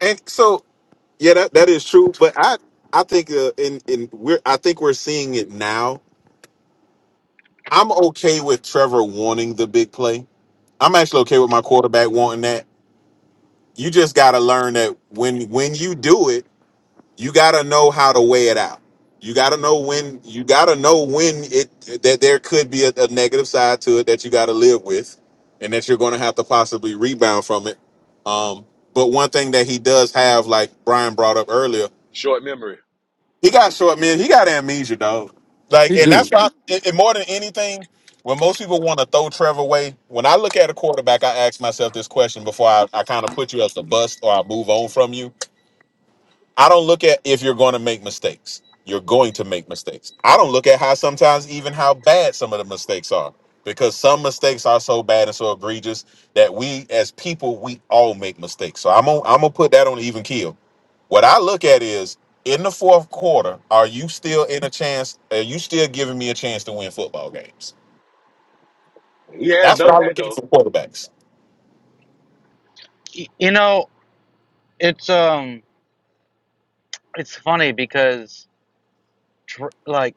Speaker 4: And so, yeah, that, that is true. But I, I think, uh, in in we're, I think we're seeing it now. I'm okay with Trevor wanting the big play. I'm actually okay with my quarterback wanting that. You just got to learn that when when you do it, you got to know how to weigh it out. You got to know when you got to know when it that there could be a, a negative side to it that you got to live with, and that you're going to have to possibly rebound from it. Um, but one thing that he does have, like Brian brought up earlier,
Speaker 6: Short memory.
Speaker 4: He got short man. He got amnesia, dog. Like,
Speaker 7: He
Speaker 4: and that's
Speaker 7: do
Speaker 4: why, and and more than anything, when most people want to throw Trevor away, when I look at a quarterback, I ask myself this question before I, I kind of put you as the bust or I move on from you. I don't look at if you're going to make mistakes. You're going to make mistakes. I don't look at how sometimes even how bad some of the mistakes are because some mistakes are so bad and so egregious that we as people we all make mistakes. So I'm gonna I'm gonna put that on an even keel. What I look at is in the fourth quarter, are you still in a chance? Are you still giving me a chance to win football games?
Speaker 6: He has
Speaker 4: That's what
Speaker 6: done
Speaker 4: I
Speaker 6: that
Speaker 4: look
Speaker 6: though.
Speaker 4: at for quarterbacks.
Speaker 5: You know, it's um it's funny because like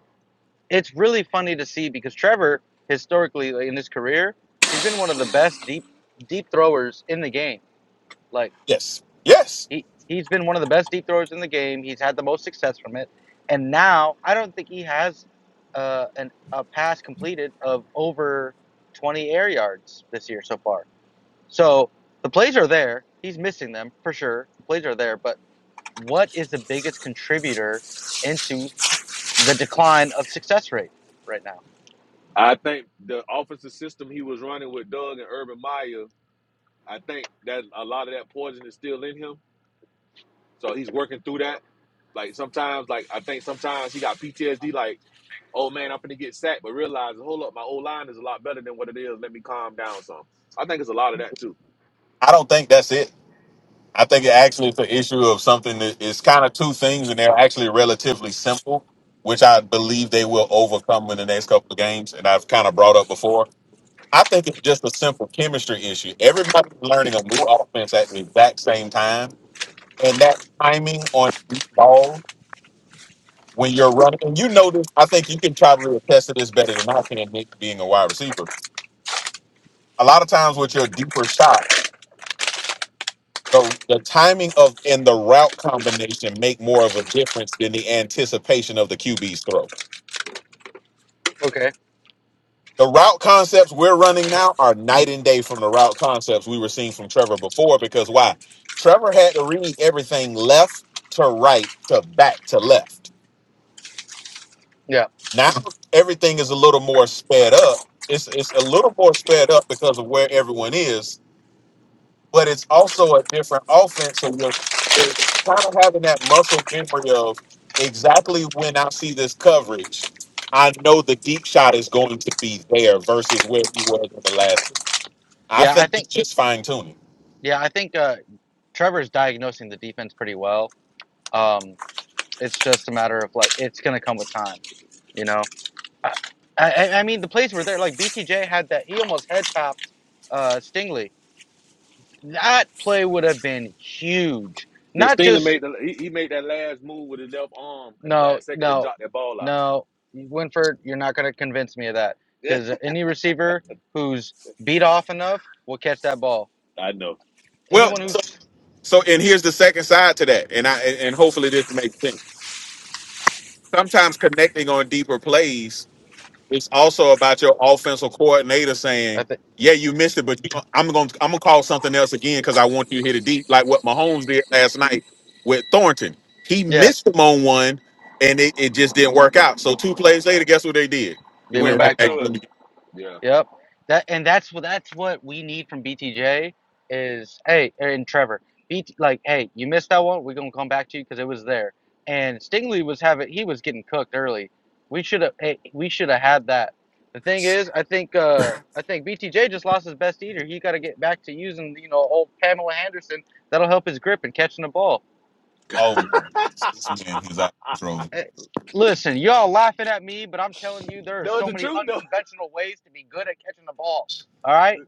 Speaker 5: it's really funny to see because Trevor historically like, in his career, he's been one of the best deep deep throwers in the game. Like
Speaker 4: Yes. Yes.
Speaker 5: he he's been one of the best deep throwers in the game. He's had the most success from it. And now I don't think he has uh an a pass completed of over 20 air yards this year so far. So the plays are there. He's missing them for sure. The plays are there, but what is the biggest contributor into the decline of success rate right now?
Speaker 6: I think the offensive system he was running with Doug and Urban Meyer, I think that a lot of that poison is still in him. So he's working through that. Like sometimes, like I think sometimes he got PTSD. Like, oh man, I'm gonna get sacked, but realize, hold up, my old line is a lot better than what it is. Let me calm down some. I think it's a lot of that too.
Speaker 4: I don't think that's it. I think it actually is an issue of something that is kind of two things, and they're actually relatively simple, which I believe they will overcome in the next couple of games. And I've kind of brought up before. I think it's just a simple chemistry issue. Everybody's learning a new offense at the exact same time, and that timing on balls when you're running, and you know this, I think you can probably attest to this better than I can, Nick, being a wide receiver. A lot of times with your deeper shot, the, the timing of and the route combination make more of a difference than the anticipation of the QB's throw.
Speaker 5: Okay.
Speaker 4: The route concepts we're running now are night and day from the route concepts we were seeing from Trevor before because why? Trevor had to read everything left to right to back to left
Speaker 5: Yeah.
Speaker 4: Now everything is a little more sped up. It's it's a little more sped up because of where everyone is, but it's also a different offense. So you're, you're kind of having that muscle memory of exactly when I see this coverage, I know the deep shot is going to be there versus where he was in the last. I
Speaker 5: Yeah, I
Speaker 4: think
Speaker 5: think
Speaker 4: it's just fine tuning.
Speaker 5: yeah, I think uh, Trevor's diagnosing the defense pretty well. Um, it's just a matter of like it's gonna come with time, you know. I I, I mean the plays were there. Like BTJ had that he almost head topped uh, Stingley. That play would have been huge.
Speaker 6: Yeah,
Speaker 5: Not
Speaker 6: Steenley
Speaker 5: just
Speaker 6: made the he, he made that last move with his left arm at the
Speaker 5: No,
Speaker 6: last second to
Speaker 5: no,
Speaker 6: jot that ball out.
Speaker 5: no. Winford, you're not going to convince me of that
Speaker 6: Yeah,
Speaker 5: because any receiver who's beat off enough will catch that ball.
Speaker 6: I know,
Speaker 4: Well,
Speaker 6: I
Speaker 5: Anyone
Speaker 6: know.
Speaker 4: so
Speaker 5: who's,
Speaker 4: so and here's the second side to that, and I and and hopefully this makes sense. Sometimes connecting on deeper plays It's also about your offensive coordinator
Speaker 5: I
Speaker 4: saying,
Speaker 5: think,
Speaker 4: "Yeah, you missed it, but you, I'm going to I'm going to call something else again because I want you to hit it deep, like what Mahomes did last night with Thornton. He
Speaker 5: yeah,
Speaker 4: missed him on one, and it, it just didn't work out. So two plays later, guess what they did?
Speaker 6: He
Speaker 4: We
Speaker 5: they went
Speaker 6: went
Speaker 4: went right
Speaker 5: back
Speaker 6: back to
Speaker 5: to
Speaker 4: back
Speaker 5: him.
Speaker 4: to
Speaker 6: it.
Speaker 4: him. again.
Speaker 6: Yeah,
Speaker 5: Yep. That and that's what that's what we need from BTJ is hey and Trevor BT like hey you missed that one we're gonna come back to you because it was there and Stingley was having he was getting cooked early we should have hey, we should have had that the thing is I think uh I think BTJ just lost his best eater he got to get back to using you know old Pamela Anderson that'll help his grip and catching the ball
Speaker 4: Oh my God, this man is out of control.
Speaker 5: Eh, listen y'all laughing at me but I'm telling you there are
Speaker 6: that was
Speaker 5: so
Speaker 6: the
Speaker 5: many
Speaker 6: truth though.
Speaker 5: unconventional ways to be good at catching the ball all right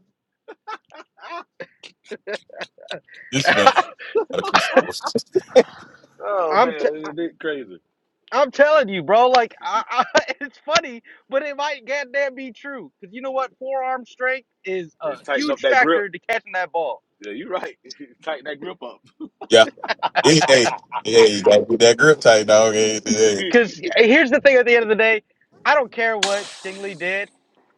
Speaker 4: This man out of control.
Speaker 6: Oh
Speaker 5: I'm t- I-
Speaker 6: man, it's crazy.
Speaker 5: I'm telling you, bro. Like, I, I, it's funny, but it might goddamn be true. Cause you know what? Forearm strength is a
Speaker 6: tighten up
Speaker 5: huge
Speaker 6: that grip.
Speaker 5: factor to catching that ball.
Speaker 6: Yeah, you're right. tighten that grip up.
Speaker 4: Yeah, hey, hey, hey, you got to get that grip tight, dog. Hey, hey.
Speaker 5: Cause here's the thing: at the end of the day, I don't care what Stingley did.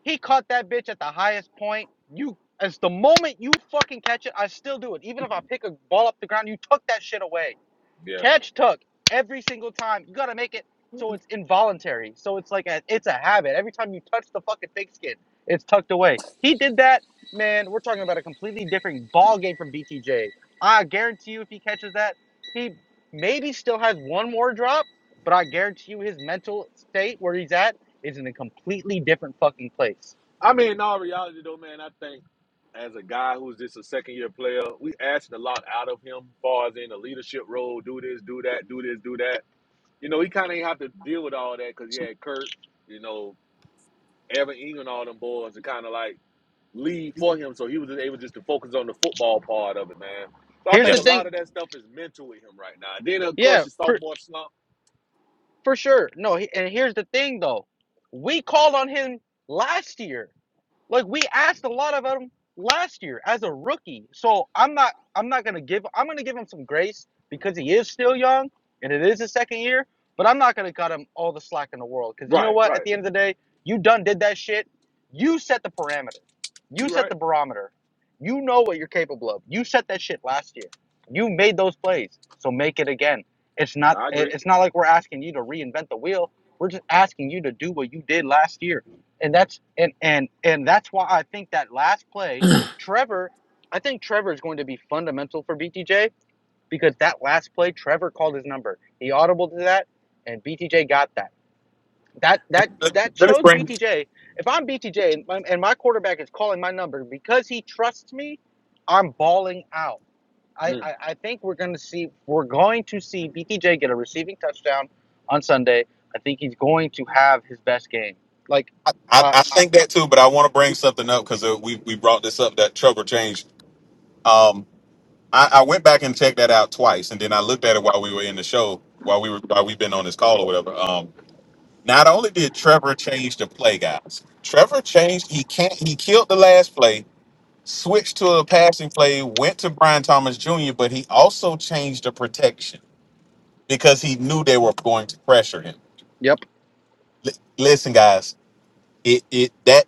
Speaker 5: He caught that bitch at the highest point. You, as the moment you fucking catch it, I still do it. Even if I pick a ball up the ground, you tuck that shit away.
Speaker 6: yeah.
Speaker 5: catch tuck every single time. You gotta make it so it's involuntary. So it's like a it's a habit. Every time you touch the fucking pig skin, it's tucked away. He did that, man. We're talking about a completely different ball game from BTJ. I guarantee you, if he catches that, he maybe still has one more drop, but I guarantee you, his mental state where he's at is in a completely different fucking place.
Speaker 6: I mean, in all reality, though, man, I think as a guy who's just a second year player, we asked a lot out of him, as far as in a leadership role, do this, do that, do this, do that. You know, he kind of ain't have to deal with all that because he had Kurt, you know, Evan Ingram, all them boys to kind of like lead for him. So he was just able just to focus on the football part of it, man. So I
Speaker 5: Here's
Speaker 4: Yeah.
Speaker 6: think
Speaker 5: the
Speaker 6: a lot
Speaker 5: thing,
Speaker 6: of that stuff is mental with him right now. And then, of course,
Speaker 5: yeah,
Speaker 6: your
Speaker 5: for
Speaker 6: sophomore slump.
Speaker 5: for sure. No, he, and here's the thing though, we called on him last year Like we asked a lot of him last year as a rookie. So I'm not I'm not gonna give I'm gonna give him some grace because he is still young and it is his second year, but I'm not gonna cut him all the slack in the world. Cause you know
Speaker 6: Right,
Speaker 5: what? At
Speaker 6: right.
Speaker 5: the end of the day, you done did that shit. You set the parameter.
Speaker 6: You
Speaker 5: You set
Speaker 6: right.
Speaker 5: the barometer. You know what you're capable of. You set that shit last year. You made those plays. So make it again. It's
Speaker 6: No,
Speaker 5: not
Speaker 6: I agree.
Speaker 5: it- it's not like we're asking you to reinvent the wheel. We're just asking you to do what you did last year and that's and and and that's why I think that last play, Trevor, I think Trevor is going to be fundamental for BTJ because that last play, Trevor called his number. He audible to that, and BTJ got that. That that
Speaker 4: Let
Speaker 5: that
Speaker 4: me
Speaker 5: shows
Speaker 4: bring
Speaker 5: BTJ. If I'm BTJ and my, and my quarterback is calling my number because he trusts me, I'm balling out. I,
Speaker 6: Mm.
Speaker 5: I, I think we're going to see we're going to see BTJ get a receiving touchdown on Sunday. I think he's going to have his best game. Like,
Speaker 4: I, I
Speaker 5: uh,
Speaker 4: I
Speaker 5: uh,
Speaker 4: think that too, but I want to bring something up because we we brought this up that trouble change. Um, I, I went back and checked that out twice, and then I looked at it while we were in the show, while we were while we've been on this call or whatever. Um, not only did Trevor change the play, guys, Trevor changed. He can't. He killed the last play, switched to a passing play, went to Brian Thomas Jr., but he also changed the protection because he knew they were going to pressure him.
Speaker 5: yep.
Speaker 4: L- listen, guys it it that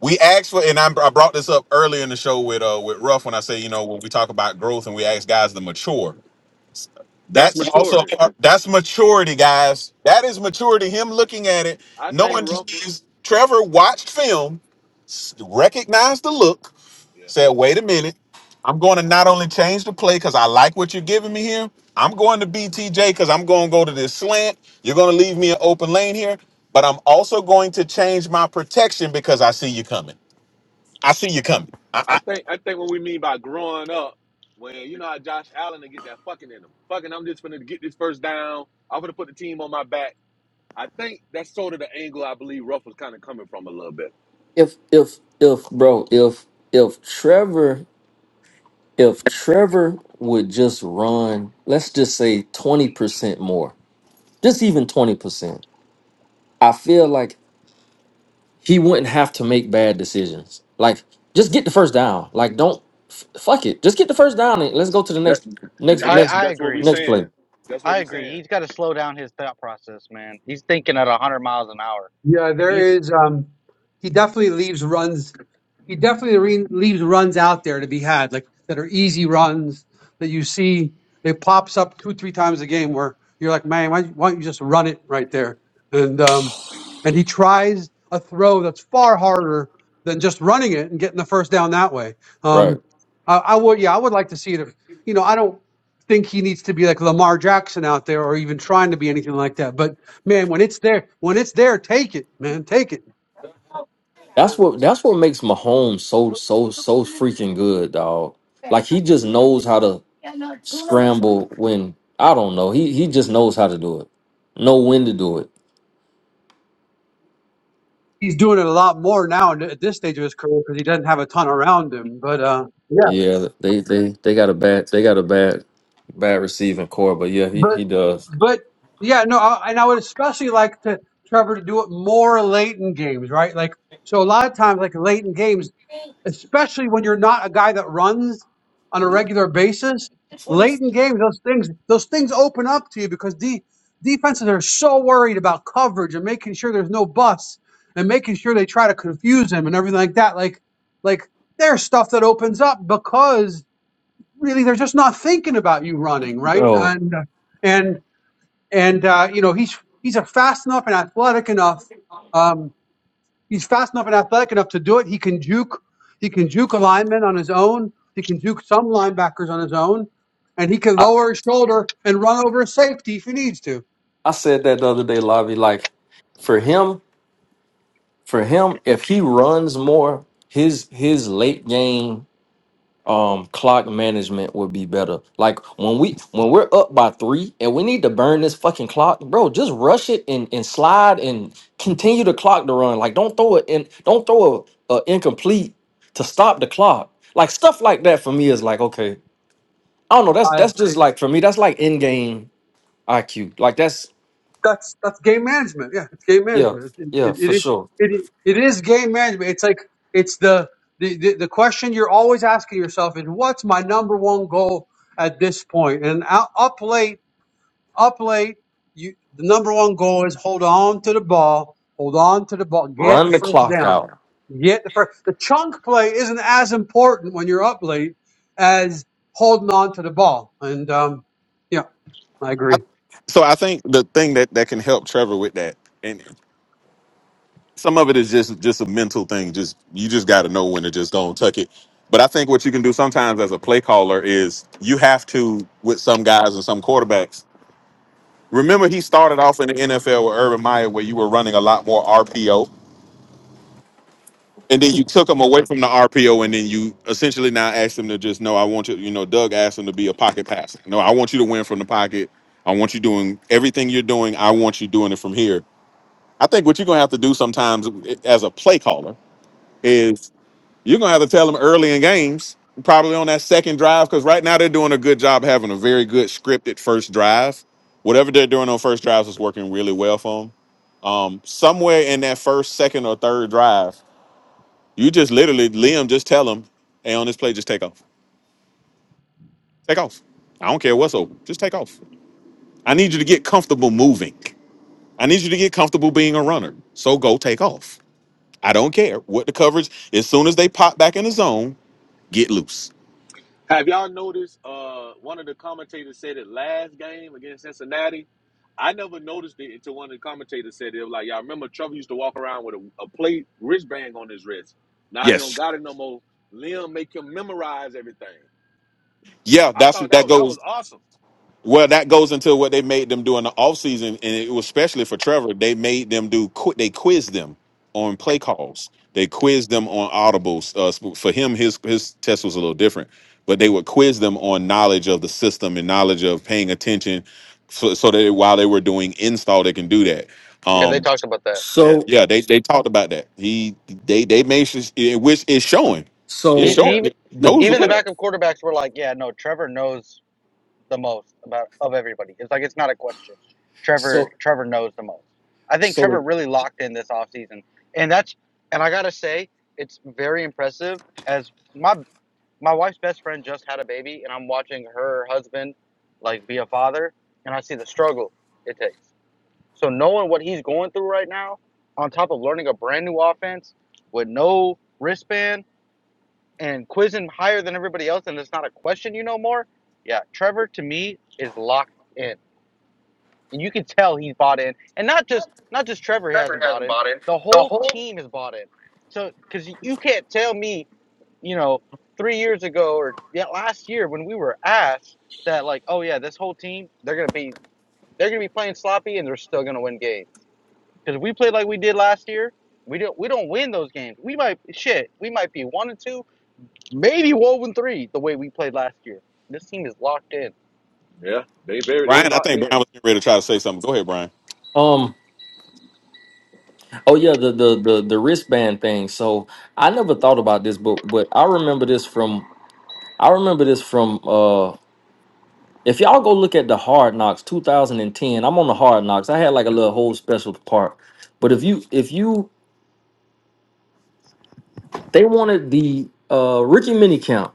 Speaker 4: we asked for and I'm, i brought this up earlier in the show with uh with ruff when i say you know when we talk about growth and we ask guys to mature
Speaker 6: That's
Speaker 4: that's also
Speaker 6: maturity.
Speaker 4: part- that's maturity guys that is maturity him looking at it
Speaker 6: I think
Speaker 4: knowing this
Speaker 6: Rufford.
Speaker 4: is- trevor watched film s- recognized the look
Speaker 6: Yeah.
Speaker 4: said, wait a minute. I'm going to not only change the play because I like what you're giving me here, I'm going to BTJ because I'm going to go to this slant. You're going to leave me an open lane here, but I'm also going to change my protection because I see you coming. I see you coming. I,
Speaker 6: I
Speaker 4: I,
Speaker 6: think I think what we mean by growing up, when you know how Josh Allen to get that fucking in him. Fucking, I'm just gonna get this first down. I'm gonna put the team on my back. I think that's sort of the angle I believe Ruff was kind of coming from a little bit.
Speaker 7: if if if bro if if Trevor if Trevor would just run, let's just say 20% more, just even 20%, I feel like he wouldn't have to make bad decisions. Like, just get the first down. Like, don't f- fuck it. Just get the first down and let's go to the
Speaker 6: That
Speaker 7: next,
Speaker 6: it,
Speaker 7: next,
Speaker 6: it-
Speaker 5: I,
Speaker 6: that's
Speaker 7: next,
Speaker 5: I
Speaker 6: that's what we
Speaker 5: agree.
Speaker 7: next play.
Speaker 6: saying. That's what
Speaker 5: I
Speaker 6: we
Speaker 5: agree.
Speaker 6: saying.
Speaker 5: He's got to slow down his thought process, man. He's thinking at 100 miles an hour.
Speaker 1: Yeah,
Speaker 5: If
Speaker 1: there
Speaker 5: you,
Speaker 1: is. Um, he definitely leaves runs. He definitely re- leaves runs out there to be had, like that are easy runs that you see. It pops up two, three times a game where you're like, man, why, why don't you just run it right there? And um, and he tries a throw that's far harder than just running it and getting the first down that way.
Speaker 7: Right.
Speaker 1: Um, I, I would, yeah, I would like to see it. If, you know, I don't think he needs to be like Lamar Jackson out there or even trying to be anything like that, but man, when it's there, when it's there, take it, man, take it.
Speaker 7: That's what that's what makes Mahomes so so so freaking good, dog. Like he just knows how to scramble when I don't know. He he just knows how to do it. Know when to do it.
Speaker 1: He's doing it a lot more now in- at this stage of his career because he doesn't have a ton around him. But uh, yeah,
Speaker 7: Yeah, they they they got a bad they got a bad bad receiving core, but yeah, he
Speaker 1: but
Speaker 7: he does.
Speaker 1: but yeah, no, I, and I would especially like to Trevor to do it more late in games, right? Like so, a lot of times, like late in games. especially when you're not a guy that runs on a regular basis. Late in games, those things those things open up to you because de- defenses are so worried about coverage and making sure there's no busts and making sure they try to confuse him and everything like that. Like like there's stuff that opens up because really they're just not thinking about you running right
Speaker 7: Bro,
Speaker 1: and and and uh, you know he's he's a fast enough and athletic enough. Um, He's fast enough and athletic enough to do it. He can juke. He can juke a lineman on his own. He can juke some linebackers on his own, and he can
Speaker 7: I
Speaker 1: lower his shoulder and run over a safety if he needs to.
Speaker 7: I said that the other day, Lobby. Like for him, for him, if he runs more, his his late game um clock management would be better. Like when we when we're up by three and we need to burn this fucking clock, bro, just rush it and, and slide and continue the clock to run. Like don't throw it in don't throw a, a incomplete to stop the clock. Like stuff like that for me is like okay. I don't know, that's
Speaker 1: I
Speaker 7: that's just like for me, that's like in game IQ. Like that's
Speaker 1: that's that's game management. Yeah, it's game
Speaker 7: yeah,
Speaker 1: management. It
Speaker 7: yeah,
Speaker 1: it
Speaker 7: for
Speaker 1: it,
Speaker 7: sure.
Speaker 1: it, it is game management. It's like it's the, the the the question you're always asking yourself is what's my number one goal at this point? And out, up late. up late. You the number one goal is hold on to the ball, hold on to the ball, get
Speaker 7: Run
Speaker 1: the
Speaker 7: the
Speaker 1: first
Speaker 7: clock
Speaker 1: down,
Speaker 7: out.
Speaker 1: get the first. The chunk play isn't as important when you're up late as holding on to the ball. And um, yeah, I
Speaker 4: I,
Speaker 1: agree.
Speaker 4: so I think the thing that, that can help Trevor with that, and some of it is just just a mental thing. Just you just got to know when to just go and tuck it. But I think what you can do sometimes as a play caller is you have to with some guys and some quarterbacks. Remember, he started off in the NFL with Urban Meyer, where you were running a lot more RPO, and then you took him away from the RPO, and then you essentially now asked him to just no. I want you, you know, Doug asked him to be a pocket passer. No, I want you to win from the pocket. I want you doing everything you're doing. I want you doing it from here. I think what you're gonna have to do sometimes eh, as a play caller is. You're gonna have to tell them early in games, probably on that second drive, because right now they're doing a good job having a very good scripted first drive. Whatever they're doing on first drives is working really well for them. Um, somewhere in that first, second, or third drive, you just literally Liam just tell them, "Hey, on this play, just take off. Take off. I don't care what's open. Just take off. I need you to get comfortable moving. I need you to get comfortable being a runner. So go take off. I don't care what the coverage. As soon as they pop back in the zone, get loose.
Speaker 6: Have y'all noticed? Uh, one of the commentators said it last game against Cincinnati. I never noticed it until one of the commentators said it. It was Like y'all remember, Trevor used to walk around with a, a plate wristband on his wrist. Now he don't
Speaker 4: Yes.
Speaker 6: got it no more. Liam make him memorize everything.
Speaker 4: Yeah,
Speaker 6: I
Speaker 4: that's
Speaker 6: thought that
Speaker 4: that
Speaker 6: was, that was
Speaker 4: goes
Speaker 6: awesome.
Speaker 4: well. That goes into what they made them do in the offseason, and it was especially for Trevor. They made them do qui- they quizzed them on play calls. They quizzed them on audibles. Uh, sp- for him, his his test was a little different, but they would quiz them on knowledge of the system and knowledge of paying attention, so, so that while they were doing install, they can do that.
Speaker 5: yeah, they
Speaker 4: Um,
Speaker 5: talked about that. Yeah.
Speaker 7: So
Speaker 4: yeah, they they talked about that. He they they made sure, which is showing, it's
Speaker 5: He,
Speaker 7: so
Speaker 4: showing.
Speaker 5: he
Speaker 6: Yeah,
Speaker 5: even
Speaker 4: He
Speaker 7: the
Speaker 4: knows the
Speaker 5: even the
Speaker 4: play.
Speaker 6: yeah,
Speaker 5: backup quarterbacks were like, yeah, no, Trevor knows the most about of everybody. It's like it's not a question. Trevor
Speaker 7: so
Speaker 5: Trevor knows the most. I think
Speaker 7: so
Speaker 5: Trevor
Speaker 7: the
Speaker 5: really locked in this offseason. and that's and I gotta say it's very impressive. As my my wife's best friend just had a baby, and I'm watching her husband like be a father, and I see the struggle it takes So knowing what he's going through right now, on top of learning a brand new offense with no wristband and quizzing higher than everybody else, and it's not a question you know more. Yeah, Trevor to me is locked in, and you can tell he's bought in, and not just not just Trevor he hasn't bought in. The whole team has bought in. So because you can't tell me, you know, three years ago or yeah, last year when we were asked that like, oh yeah, this whole team they're gonna be they're gonna be playing sloppy and they're still gonna win games. Because if we play like we did last year, we don't we don't win those games. We might shit. We might be one and two, maybe one and three. The way we played last year, this team is locked in.
Speaker 6: yeah. They very they
Speaker 4: Brian, I
Speaker 6: locked
Speaker 4: think
Speaker 6: in.
Speaker 4: Brian was getting ready to try to say something. Go ahead, Brian.
Speaker 7: um Oh yeah, the the the the wristband thing. So I never thought about this, but but I remember this from I remember this from uh if y'all go look at the Hard Knocks 2010. I'm on the Hard Knocks. I had like a little whole special part. But if you if you they wanted the uh Ricky Minicamp.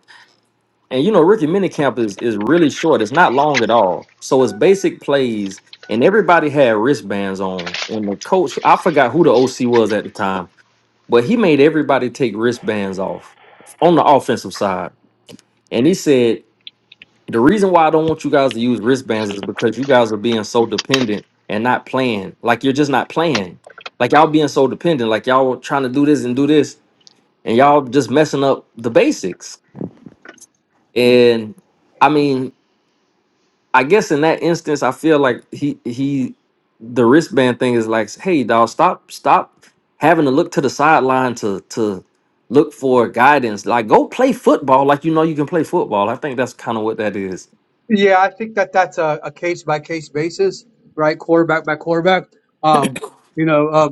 Speaker 7: And you know Ricky Minicamp is is really short. It's not long at all. So it's basic plays and everybody had wristbands on. And the coach, I forgot who the OC was at the time But he made everybody take wristbands off on the offensive side. And he said, the reason why I don't want you guys to use wristbands is because you guys are being so dependent and not playing. Like you're just not playing. Like y'all being so dependent. Like y'all trying to do this and do this. And y'all just messing up the basics. And I mean, I guess in that instance, I feel like he he the wristband thing is like, hey dog, stop stop having to look to the sideline to to look for guidance. Like go play football like you know you can play football. I think that's kind of what that is.
Speaker 1: Yeah, I think that that's a, a case by case basis, right? Quarterback by quarterback. Um, you know, uh,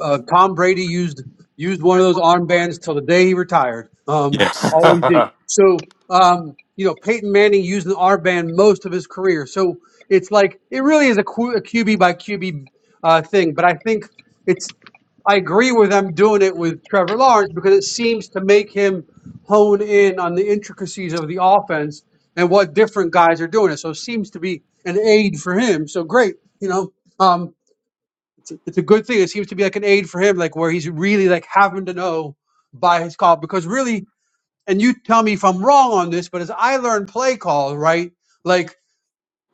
Speaker 1: uh, Tom Brady used used one of those armbands till the day he retired. Um,
Speaker 4: Yes.
Speaker 1: always did. So um, you know, Peyton Manning used an armband most of his career. So it's like it really is a, Q, a QB by QB uh, thing. But I think it's I agree with them doing it with Trevor Lawrence because it seems to make him hone in on the intricacies of the offense and what different guys are doing. It so it seems to be an aid for him. So great, you know. Um, it's a, it's a good thing. It seems to be like an aid for him, like where he's really like having to know by his call because really, and you tell me if I'm wrong on this, but as I learn play call, right? Like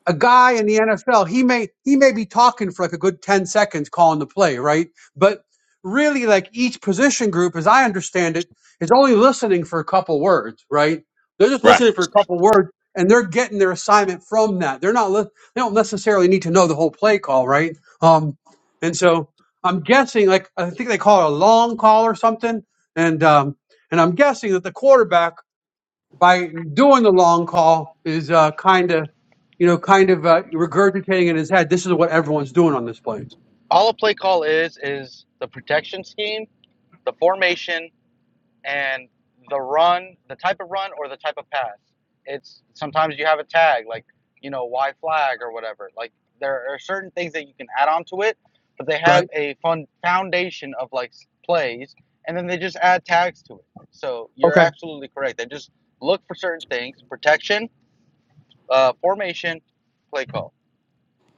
Speaker 1: a guy in the NFL, he may he may be talking for like a good 10 seconds calling the play, right? But really like each position group, as I understand it, is only listening for a couple words, right? They're just
Speaker 4: Right.
Speaker 1: listening for a couple words and they're getting their assignment from that. They're not li- they don't necessarily need to know the whole play call, right? Um and so I'm guessing like I think they call it a long call or something and um and I'm guessing that the quarterback by doing the long call is uh, kind of, you know, kind of uh, regurgitating in his head. This is what everyone's doing on this plane,
Speaker 5: All a play call is is the protection scheme, the formation, and the run, the type of run or the type of pass. It's sometimes you have a tag like you know Y flag or whatever. Like there are certain things that you can add on to it, but they have
Speaker 1: right?
Speaker 5: a fun foundation of like plays, and then they just add tags to it. So you're
Speaker 1: Okay.
Speaker 5: absolutely correct. They just look for certain things: protection, uh, formation, play call.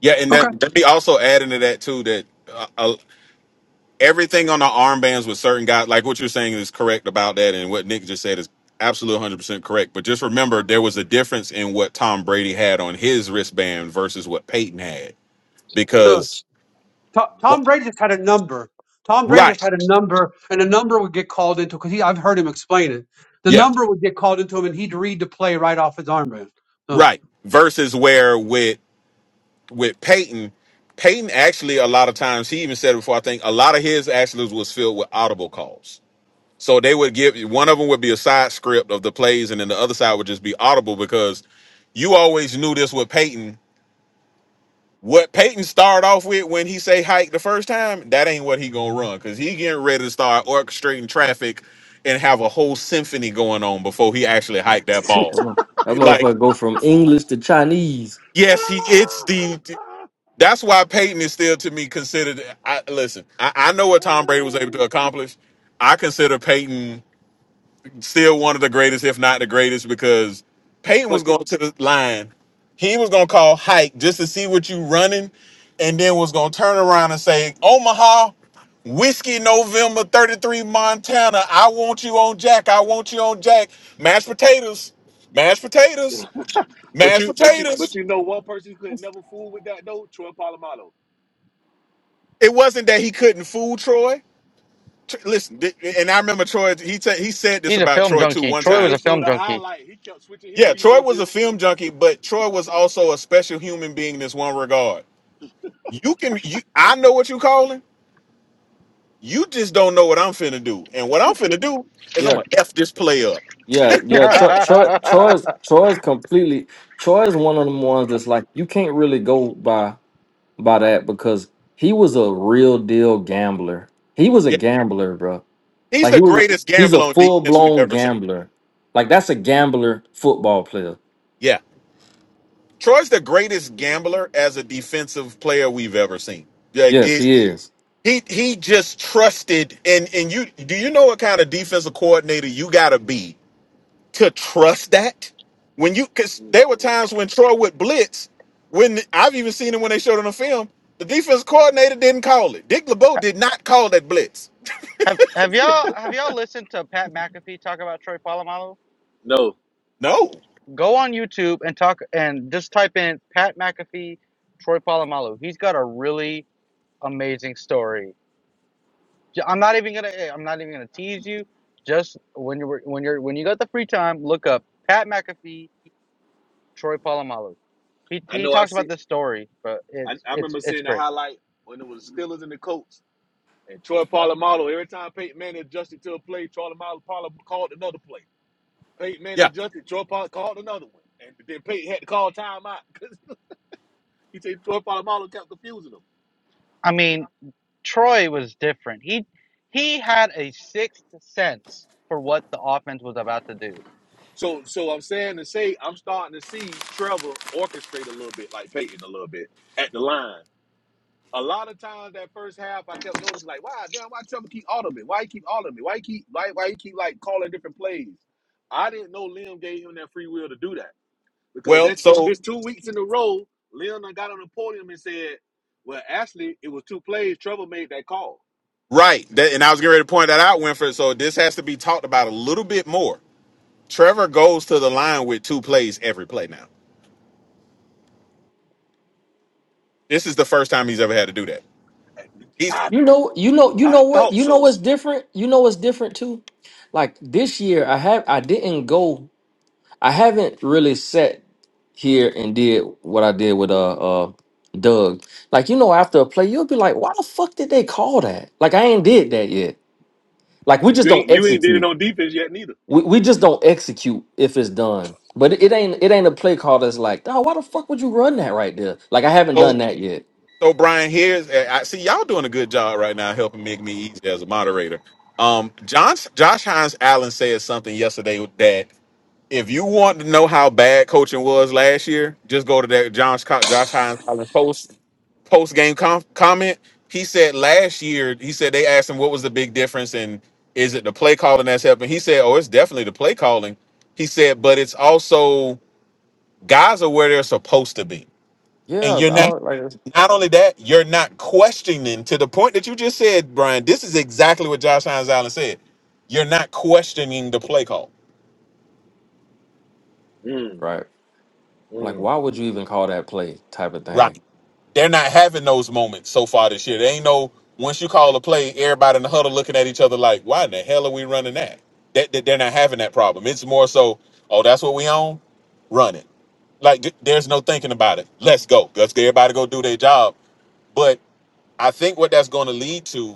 Speaker 4: Yeah, and
Speaker 1: Okay.
Speaker 4: that let me also add into that too that uh, uh, everything on the armbands with certain guys, like what you're saying, is correct about that, and what Nick just said is absolutely 100 percent correct. But just remember, there was a difference in what Tom Brady had on his wristband versus what Peyton had,
Speaker 1: So
Speaker 4: because
Speaker 1: To- Tom Brady just had a number. Tom Brady just
Speaker 4: right,
Speaker 1: had a number, and the number would get called into because he. I've heard him explain it. The
Speaker 4: yeah,
Speaker 1: number would get called into him, and he'd read the play right off his armband. So
Speaker 4: right, versus where with with Peyton. Peyton actually a lot of times he even said it before I think a lot of his actually was filled with audible calls So they would give one of them would be a side script of the plays, and then the other side would just be audible because you always knew this with Peyton. What Peyton started off with when he say hike the first time, that ain't what he gonna run because he getting ready to start orchestrating traffic and have a whole symphony going on before he actually hiked that ball.
Speaker 7: That mo- that
Speaker 4: Like,
Speaker 7: motherfucker go from English to Chinese.
Speaker 4: yes, he it's the that's why Peyton is still to me considered. I listen, I, I know what Tom Brady was able to accomplish. I consider Peyton Still one of the greatest, if not the greatest, because Peyton was
Speaker 6: but you,
Speaker 4: going to the line. He was going to call hike just to see what you running, and then was going to turn around and say, Omaha, Whiskey November 33 Montana, I want you on Jack. I want you on Jack. Mashed potatoes, mashed potatoes,
Speaker 6: but
Speaker 4: mashed
Speaker 6: you, but you, but
Speaker 4: potatoes.
Speaker 6: you know, one person could never fool with that though. Troy Polamalu.
Speaker 4: It wasn't that he couldn't fool Troy. Tr- Listen, th- and I remember Troy, he, t- he said this
Speaker 5: He's a
Speaker 4: about
Speaker 5: film
Speaker 4: Troy too
Speaker 5: junkie.
Speaker 4: one
Speaker 5: Troy
Speaker 6: It,
Speaker 5: was
Speaker 6: they
Speaker 4: time.
Speaker 5: a
Speaker 6: showed
Speaker 5: film
Speaker 6: a
Speaker 5: junkie.
Speaker 6: highlight. He kept switching his
Speaker 4: Yeah, Troy was a
Speaker 6: defenses.
Speaker 4: film junkie, but Troy was also a special human being in this one regard. You can you I know what you calling. You just don't know what I'm finna do. And what I'm finna do is I'm
Speaker 7: Yeah,
Speaker 4: gonna F this play up.
Speaker 7: yeah, yeah. Troy, Troy, Troy's,
Speaker 5: have,
Speaker 7: Troy's completely. Troy's one of them ones that's like you can't really go by. by that because he was a real deal gambler. He was a
Speaker 4: Yeah.
Speaker 7: gambler, bro.
Speaker 4: He's
Speaker 7: Like he
Speaker 4: the
Speaker 7: was
Speaker 4: greatest
Speaker 7: he's a
Speaker 4: gambler on
Speaker 7: full
Speaker 4: defense we've
Speaker 7: blown
Speaker 4: ever seen.
Speaker 7: gambler. Like that's a gambler football player.
Speaker 4: Yeah. Troy's the greatest gambler as a defensive player we've ever seen. Like
Speaker 7: Yes,
Speaker 4: it
Speaker 7: he is.
Speaker 4: he he just trusted and and you do you know what kind of defensive coordinator you gotta be to trust that when you because
Speaker 6: Mm.
Speaker 4: there were times when Troy would blitz. When I've even seen it when they showed it on the film, the defense coordinator didn't call it. Dick LeBeau did not call that blitz.
Speaker 5: have y'all have y'all listened to Pat McAfee talk about Troy Polamalu?
Speaker 6: No,
Speaker 4: No.
Speaker 5: Go on YouTube and talk and just type in Pat McAfee, Troy Polamalu. He's got a really amazing story. i I'm not even gonna. eh, I'm not even gonna tease you. Just when you're when you're when you got the free time, look up Pat McAfee, Troy Polamalu. He
Speaker 6: I
Speaker 5: he
Speaker 6: know. I
Speaker 5: talks about
Speaker 6: see.
Speaker 5: this story, but
Speaker 6: I,
Speaker 5: it's
Speaker 6: I
Speaker 5: it's
Speaker 6: remember
Speaker 5: it's
Speaker 6: seeing the
Speaker 5: great.
Speaker 6: highlight when it was Steelers and the Colts. And Troy Polamalu, every time Peyton Manning adjusted to a play, Troy Polamalu Polamalu called another play. Peyton Manning
Speaker 4: Yeah.
Speaker 6: adjusted, Troy Polamalu called another one. And then Peyton had to call timeout because he said Troy Polamalu kept confusing him.
Speaker 5: I mean, Troy was different. He he had a sixth sense for what the offense was about to do.
Speaker 6: So, so I'm saying to say, I'm starting to see Trevor orchestrate a little bit like Peyton a little bit at the line. a lot of times that first half, I kept noticing like, why damn, why Trevor keep audible? Why he keep audible? Why he keep why why he keep like calling different plays? I didn't know Liam gave him that free will to do that because
Speaker 4: Well,
Speaker 6: that's this,
Speaker 4: so
Speaker 6: this two weeks in a row. Liam done got on the podium and said, "Well, actually, it was two plays. Trevor made that call."
Speaker 4: right, that, and I was getting ready to point that out, Winford. So this has to be talked about a little bit more. Trevor goes to the line with two plays every play now. This is the first time he's ever had to do that. He's
Speaker 6: I
Speaker 7: You know, you know, you
Speaker 6: I
Speaker 7: know what?
Speaker 6: thought
Speaker 7: You know
Speaker 6: so.
Speaker 7: what's different? You know what's different too? Like this year I have I didn't go I haven't really sat here and did what I did with uh uh Doug. Like you know after a play you'll be like, "Why the fuck did they call that?" Like I ain't did that yet. Like we
Speaker 6: You
Speaker 7: just don't
Speaker 6: ain't you ain't did
Speaker 7: execute.
Speaker 6: it on defense yet neither.
Speaker 7: We we just
Speaker 6: You-
Speaker 7: don't execute if it's done. But it, it ain't it ain't a play call that's like, oh, why the fuck would you run that right there? Like I haven't
Speaker 4: so
Speaker 7: done that yet.
Speaker 4: So Brian, here's eh, I see y'all doing a good job right now helping make me easy as a moderator. Um, John, Josh Hines Allen said something yesterday that if you want to know how bad coaching was last year, just go to that Josh Josh Hines Allen post post game com- comment. He said last year, he said they asked him what was the big difference and is it the play calling that's helping? He said, oh, it's definitely the play calling. He said, but it's also guys are where they're supposed to be, and
Speaker 7: Yeah,
Speaker 4: you're not
Speaker 7: dog, like it's-
Speaker 4: not only that, you're not questioning to the point that you just said, Brian. This is exactly what Josh Hines Allen said. You're not questioning the play call.
Speaker 6: Mm,
Speaker 7: right. Like
Speaker 6: mm.
Speaker 7: why would you even call that play type of thing?
Speaker 4: Right. They're not having those moments so far this year. They ain't no once you call a play, everybody in the huddle looking at each other like, why in the hell are we running that? That, that they're not having that problem. It's more so, oh, that's what we own? Run it. Like th- there's no thinking about it. Let's go. Let's get everybody go do their job. But I think what that's going to lead to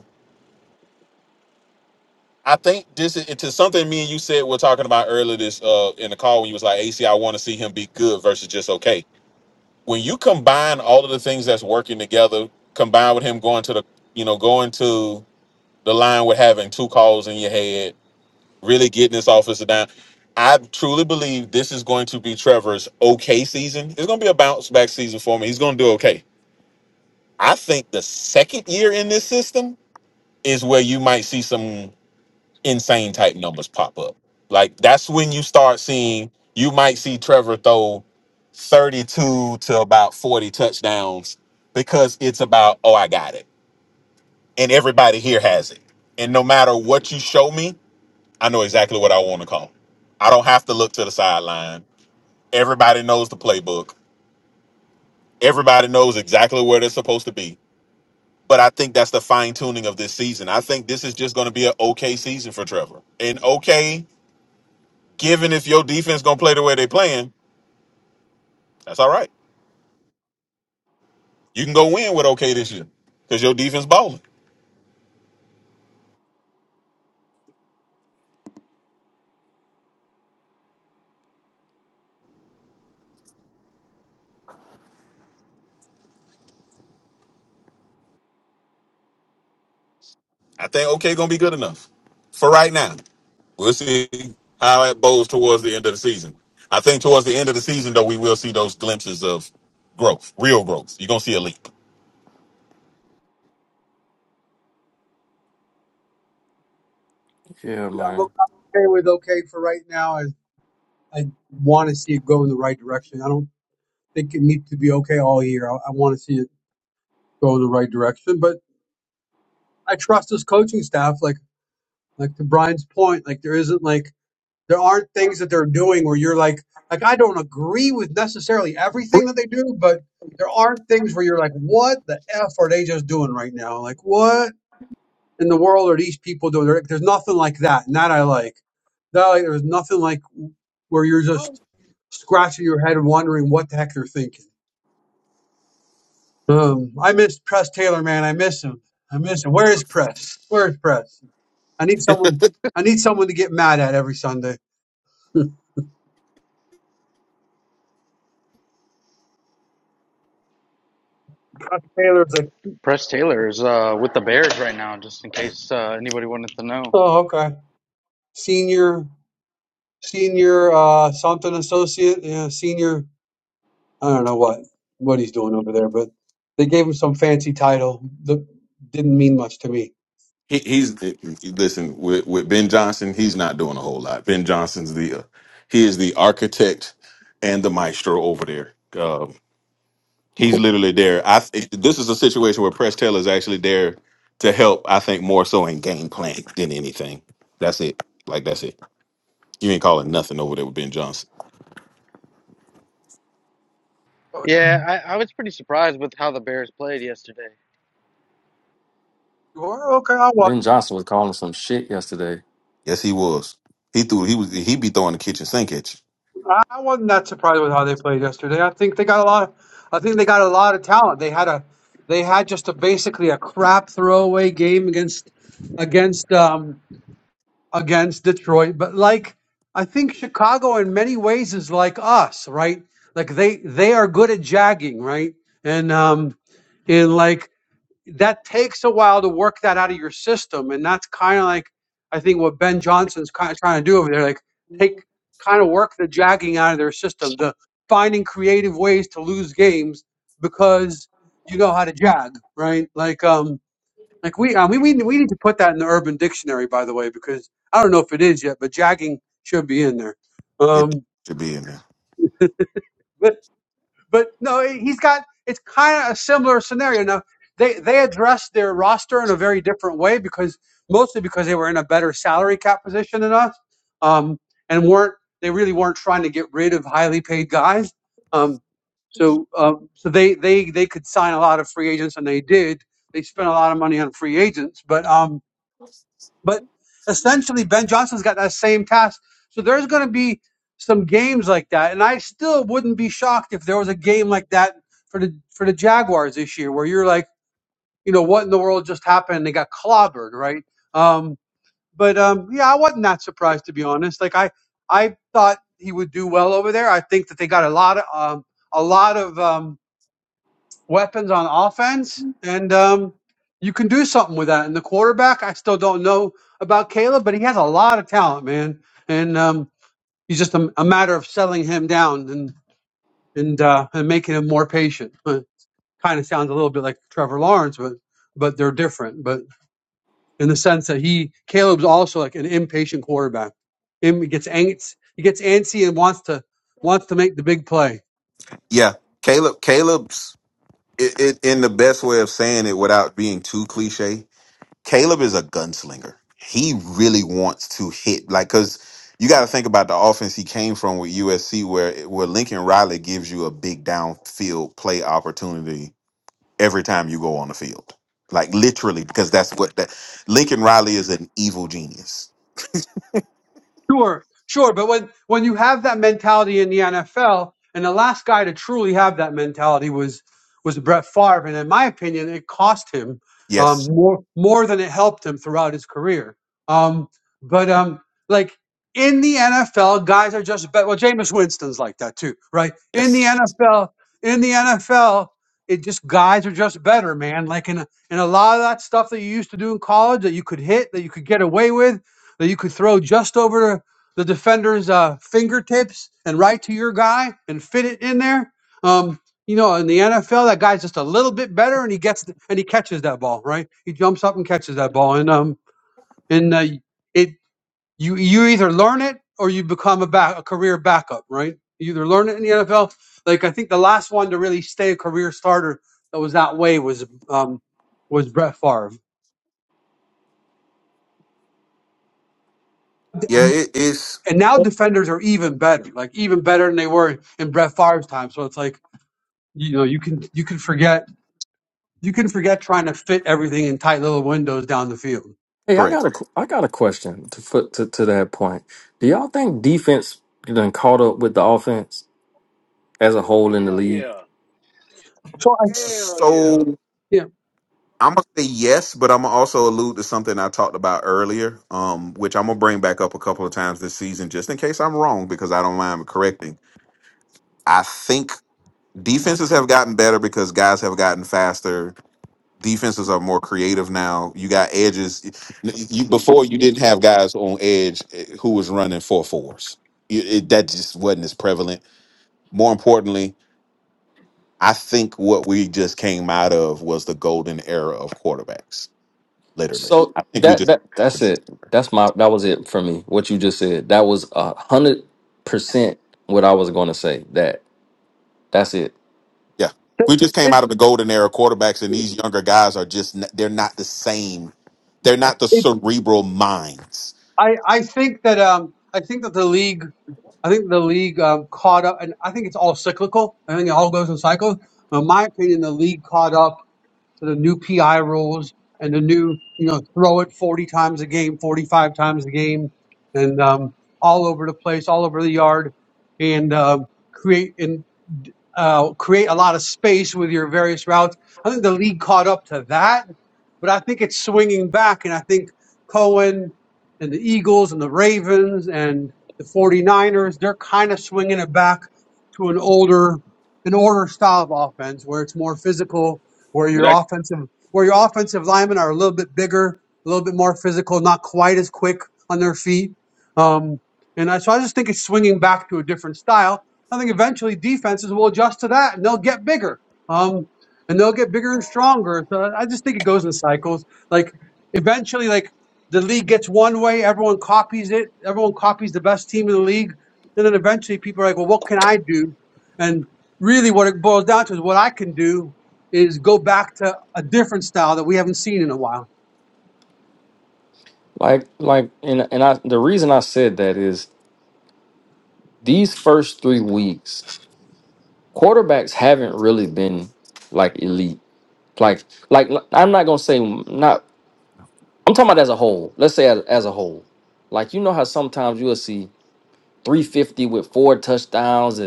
Speaker 4: I think this is to something me and you said we're talking about earlier this uh in the call when you was like AC, I want to see him be good versus just okay. When you combine all of the things that's working together, combined with him going to the you know, going to the line with having two calls in your head, really getting this officer down. I truly believe this is going to be Trevor's okay season. It's gonna be a bounce back season for me. He's gonna do okay. I think the second year in this system is where you might see some. insane type numbers pop up. Like that's when you start seeing you might see Trevor throw 32 to about 40 touchdowns because it's about, oh, I got it. And everybody here has it. And no matter what you show me, I know exactly what I want to call. I don't have to look to the sideline. Everybody knows the playbook. Everybody knows exactly where they're supposed to be. But I think that's the fine tuning of this season. I think this is just going to be an okay season for Trevor. An okay Given if your defense gonna play the way they playing, that's all right. You can go win with OK this year because your defense balling. I think OK gonna be good enough for right now. We'll see how it bows towards the end of the season. I think towards the end of the season though, we will see those glimpses of growth, real growth. You're gonna see a leap.
Speaker 7: Yeah,
Speaker 1: I'm
Speaker 7: man.
Speaker 1: o- I'm okay with okay for right now. I, I want to see it go in the right direction. I don't think it needs to be okay all year. I, I want to see it go in the right direction, but. I trust his coaching staff. Like like to Brian's point, like there isn't like there aren't things that they're doing where you're like like I don't agree with necessarily everything that they do, but there aren't things where you're like, what the f are they just doing right now? Like what in the world are these people doing? There- There's nothing like that, and that I like. That like, there's nothing like where you're just scratching your head and wondering what the heck they're thinking. Um, I miss Press Taylor, man. I miss him. I miss him. Where is Press? Where is Press? I need someone. I need someone to get mad at every Sunday. Taylor's like,
Speaker 5: Press Taylor is uh, with the Bears right now, just in case uh, anybody wanted to know.
Speaker 1: oh, okay. Senior, senior, uh, something associate, yeah, senior. I don't know what what he's doing over there, but they gave him some fancy title that didn't mean much to me.
Speaker 4: He, he's listen with, with Ben Johnson. He's not doing a whole lot. Ben Johnson's the uh, he is the architect and the maestro over there. He's literally there. I th- this is a situation where Press Taylor is actually there to help. I think more so in game plan than anything. That's it. Like that's it. You ain't calling nothing over there with Ben Johnson.
Speaker 1: Oh,
Speaker 5: Yeah, I, I was pretty surprised with how the Bears played yesterday.
Speaker 1: you are? okay. I wasn't.
Speaker 7: Ben Johnson was calling some shit yesterday.
Speaker 4: Yes, he was. He threw. He was. He be throwing the kitchen sink at you.
Speaker 1: I I wasn't that surprised with how they played yesterday. I think they got a lot. Of, I think they got a lot of talent. They had a. They had just a basically a crap throwaway game against against um, against Detroit, but like I think Chicago in many ways is like us, right? Like they they are good at jagging, right? And um and like that takes a while to work that out of your system, and that's kind of like I think what Ben Johnson's kind of trying to do over there, like take kind of work the jagging out of their system, the finding creative ways to lose games because you know how to jag, right? Like um like we, uh, we, we, we need to put that in the Urban Dictionary, by the way, because I don't know if it is yet, but jagging should be in there.
Speaker 4: It
Speaker 1: Um,
Speaker 4: should be in there.
Speaker 1: but, but no, he's got it's kind of a similar scenario. Now they they addressed their roster in a very different way because mostly because they were in a better salary cap position than us, um, and weren't they really weren't trying to get rid of highly paid guys. Um, so um, so they they they could sign a lot of free agents, and they did. They spent a lot of money on free agents, but um, But essentially, Ben Johnson's got that same task. So there's going to be some games like that, and I still wouldn't be shocked if there was a game like that for the for the Jaguars this year, where you're like, you know, what in the world just happened? They got clobbered, right? Um, but um, yeah, I wasn't that surprised to be honest. Like I, I thought he would do well over there. I think that they got a lot of um, a lot of um, weapons on offense, and um, you can do something with that. And the quarterback, I still don't know about Caleb, but he has a lot of talent, man. And um, he's just a, a matter of settling him down and and uh, and making him more patient. But kind of sounds a little bit like Trevor Lawrence, but but they're different. But in the sense that he Caleb's also like an impatient quarterback. Him he gets angst, he gets antsy and wants to wants to make the big play.
Speaker 4: Yeah, Caleb. Caleb's it, it in the best way of saying it without being too cliche. Caleb is a gunslinger. He really wants to hit like because you got to think about the offense he came from with USC, where where Lincoln Riley gives you a big downfield play opportunity every time you go on the field, like literally because that's what that Lincoln Riley is an evil genius
Speaker 1: Sure, sure. But when, when you have that mentality in the NFL, and the last guy to truly have that mentality was was Brett Favre, and in my opinion, it cost him um,
Speaker 4: Yes.
Speaker 1: more more than it helped him throughout his career. Um, but um, like in the NFL, guys are just bet. Well, Jameis Winston's like that too, right? In the
Speaker 4: Yes.
Speaker 1: NFL, in the NFL, it just guys are just better, man. Like in a, in a lot of that stuff that you used to do in college that you could hit, that you could get away with that you could throw just over the defender's uh, fingertips and right to your guy and fit it in there. Um, you know, in the NFL, that guy's just a little bit better, and he gets th- and he catches that ball, right? He jumps up and catches that ball, and um, and uh, it you you either learn it or you become a back a career backup, right? You either learn it in the NFL. Like I think the last one to really stay a career starter that was that way was um was Brett Favre
Speaker 4: Yeah, it is
Speaker 1: And now defenders are even better, like even better than they were in Brett Favre's time. So it's like you know you can you can forget you can forget trying to fit everything in tight little windows down the field.
Speaker 7: Hey, I got
Speaker 4: correct.
Speaker 7: a qu- I got a question to foot to, to that point. Do y'all think defense done caught up with the offense as a whole in the
Speaker 6: Hell
Speaker 7: league?
Speaker 6: yeah, hell yeah.
Speaker 4: So
Speaker 1: Yeah,
Speaker 4: I'm gonna say yes, but I'm gonna also allude to something I talked about earlier, um, which I'm gonna bring back up a couple of times this season, just in case I'm wrong, because I don't mind correcting. I think defenses have gotten better because guys have gotten faster defenses are more creative now. You got edges. You, before you didn't have guys on edge eh, who was running four fours. You, it, that just wasn't as prevalent. More importantly, I think what we just came out of was the golden era of quarterbacks. Literally,
Speaker 7: So
Speaker 4: I think we
Speaker 7: that
Speaker 4: just
Speaker 7: that that's it. That's my that was it for me. What you just said. That was a hundred percent what I was going to say. That that's it.
Speaker 4: yeah we just came
Speaker 1: it,
Speaker 4: out of the golden era of quarterbacks, and these younger guys are just n- they're not the same. They're not the
Speaker 1: it,
Speaker 4: cerebral minds.
Speaker 1: I I think that um I think that the league I think the league um, caught up, and I think it's all cyclical. I think it all goes in cycles. in my opinion, the league caught up to the new PI rules and the new, you know, throw it 40 times a game, 45 times a game, and um, all over the place, all over the yard, and uh, create and uh, create a lot of space with your various routes. I think the league caught up to that, but I think it's swinging back, and I think Cohen and the Eagles and the Ravens and the 49ers, they're kind of swinging it back to an older, an older style of offense where it's more physical where
Speaker 6: But
Speaker 1: your
Speaker 6: that
Speaker 1: offensive where your offensive linemen are a little bit bigger, a little bit more physical, not quite as quick on their feet. Um, and I, so I just think it's swinging back to a different style. I think eventually defenses will adjust to that and they'll get bigger. Um, and they'll get bigger and stronger. So I just think it goes in cycles. Like eventually, like the league gets one way, everyone copies it, everyone copies the best team in the league. And then eventually people are like, well, what can I do? And really what it boils down to is what I can do is go back to a different style that we haven't seen in a while.
Speaker 7: Like like and and I the reason I said that is these first three weeks quarterbacks haven't really been like elite. Like like I'm not gonna say not. I'm talking about as a whole. Let's say as, as a whole. Like you know how sometimes you'll see 350 with four touchdowns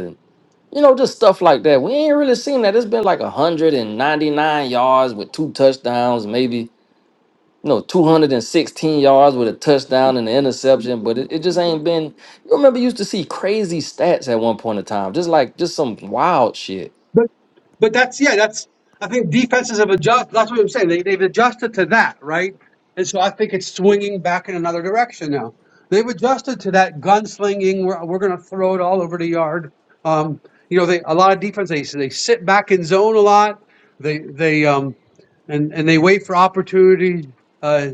Speaker 7: You know, just stuff like that. We ain't really seen that. It's been like 199 yards with two touchdowns, maybe, you know, 216 yards with a touchdown and an interception, but it, it just ain't been. You remember, you used to see crazy stats at one point in time, just like just some wild shit.
Speaker 1: But that's yeah, that's I think defenses have adjusted. That's what I'm saying. They they've adjusted to that, right? And so I think it's swinging back in another direction now. They've adjusted to that gunslinging. We're we're going to throw it all over the yard. Um, you know, they a lot of defense. They they sit back in zone a lot. They they um and and they wait for opportunities uh,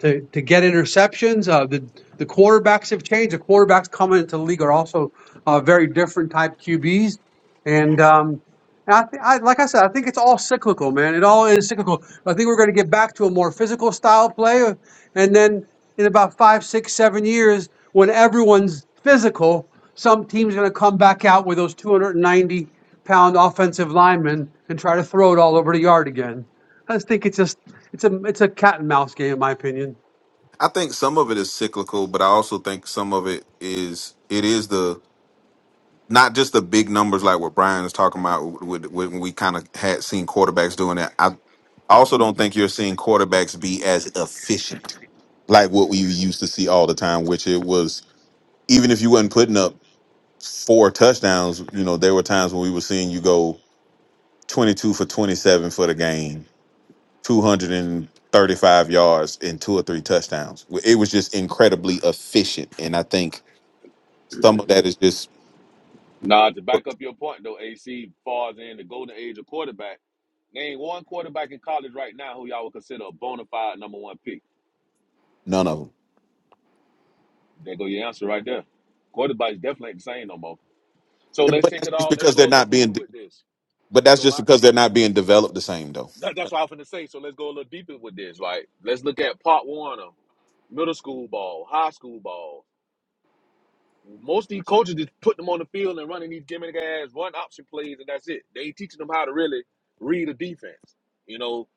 Speaker 1: to to get interceptions. Uh, the the quarterbacks have changed. The quarterbacks coming into the league are also uh, very different type QBs. And um, and I, th- I like I said, I think it's all cyclical, man. It all is cyclical. I think we're going to get back to a more physical style play, and then in about five, six, seven years, when everyone's physical, some team's going to come back out with those 290 pound offensive linemen and try to throw it all over the yard again. I just think it's just it's a it's a cat and mouse game, in my opinion.
Speaker 4: I think some of it is cyclical, but I also think some of it is it is the not just the big numbers like what Brian is talking about with, with, when we kind of had seen quarterbacks doing that. I also don't think you're seeing quarterbacks be as efficient like what we used to see all the time, which it was even if you wasn't putting up four touchdowns, you know, there were times when we were seeing you go 22 for 27 for the game 235 yards and two or three touchdowns. It was just incredibly efficient. And I think some of that is just
Speaker 6: nah to back up your point though. AC falls in the golden age of quarterbacks. Name one quarterback in college right now who y'all would consider a bona fide number one pick.
Speaker 4: none of them.
Speaker 6: There go your answer right there. Quarterbacks definitely ain't the same no more. So
Speaker 4: And-
Speaker 6: let's
Speaker 4: But
Speaker 6: take
Speaker 4: that's
Speaker 6: it
Speaker 4: just
Speaker 6: all. Let's
Speaker 4: because
Speaker 6: go
Speaker 4: they're
Speaker 6: a little
Speaker 4: not
Speaker 6: deeper
Speaker 4: being,
Speaker 6: with this.
Speaker 4: but that's
Speaker 6: So
Speaker 4: just
Speaker 6: my
Speaker 4: because they're not being developed the same though.
Speaker 6: that, that's what I was finna say. So let's go a little deeper with this. Like let's look at part one of middle school ball, high school ball. Most of these coaches just put them on the field and running these gimmick ass run option plays, and that's it. They ain't teaching them how to really read a defense. You know,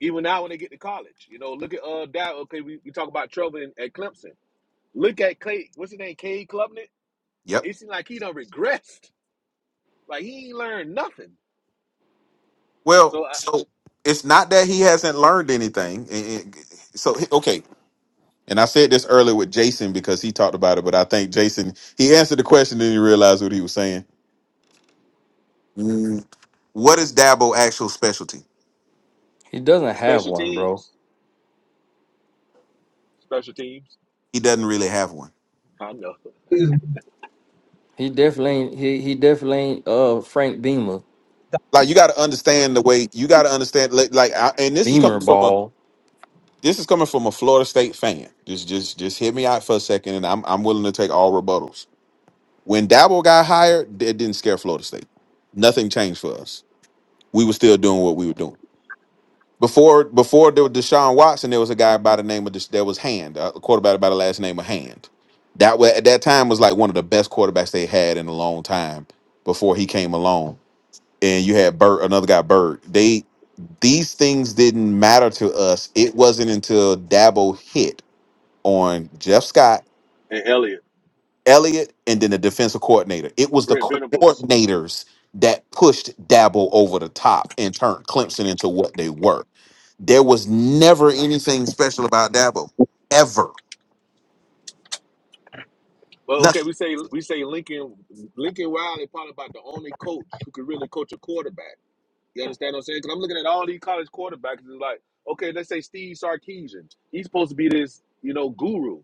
Speaker 6: even now when they get to college, you know, look at uh, Dow. Okay, we, we talk about Trevor in, at Clemson. Look at Clay, what's his name, Cade Klubnik.
Speaker 4: Yep.
Speaker 6: It seems like he done regressed. Like he ain't learned nothing.
Speaker 4: Well,
Speaker 6: So I,
Speaker 4: so it's not that he hasn't learned anything. And- and- So he- okay, and I said this earlier with Jason because he talked about it, but I think Jason he answered the question and he realized what he was saying. Mm, What is Dabo' actual specialty?
Speaker 7: He doesn't have
Speaker 6: special
Speaker 7: one, bro.
Speaker 6: teams, special teams.
Speaker 4: He doesn't really have one.
Speaker 6: I know.
Speaker 7: He definitely ain't, he, he definitely ain't uh, Frank Beamer,
Speaker 4: like you got to understand the way you got to understand like, like I, and this is
Speaker 7: Beamer
Speaker 4: coming from a
Speaker 7: ball.
Speaker 4: this is coming from a Florida State fan. Just just just hit me out for a second, and I'm I'm willing to take all rebuttals. When Dabble got hired, it didn't scare Florida State. Nothing changed for us. We were still doing what we were doing before. Before there was Deshaun Watson, there was a guy by the name of Des- there was Hand, a quarterback by the last name of Hand. That wa at that time was like one of the best quarterbacks they had in a long time before he came along and you had Bird, another guy, Bird. They These things didn't matter to us. It wasn't until Dabo hit on Jeff Scott,
Speaker 6: And Elliott,
Speaker 4: Elliott, and then the defensive coordinator. It was the
Speaker 6: Brent Venables.
Speaker 4: coordinators that pushed Dabo over the top and turned Clemson into what they were. There was never anything special about Dabo, ever.
Speaker 6: Well, okay,
Speaker 4: Nothing.
Speaker 6: we say we say Lincoln Lincoln Riley probably about the only coach who could really coach a quarterback. You understand what I'm saying? Because I'm looking at all these college quarterbacks and it's like, okay, let's say Steve Sarkeesian. He's supposed to be this, you know, guru.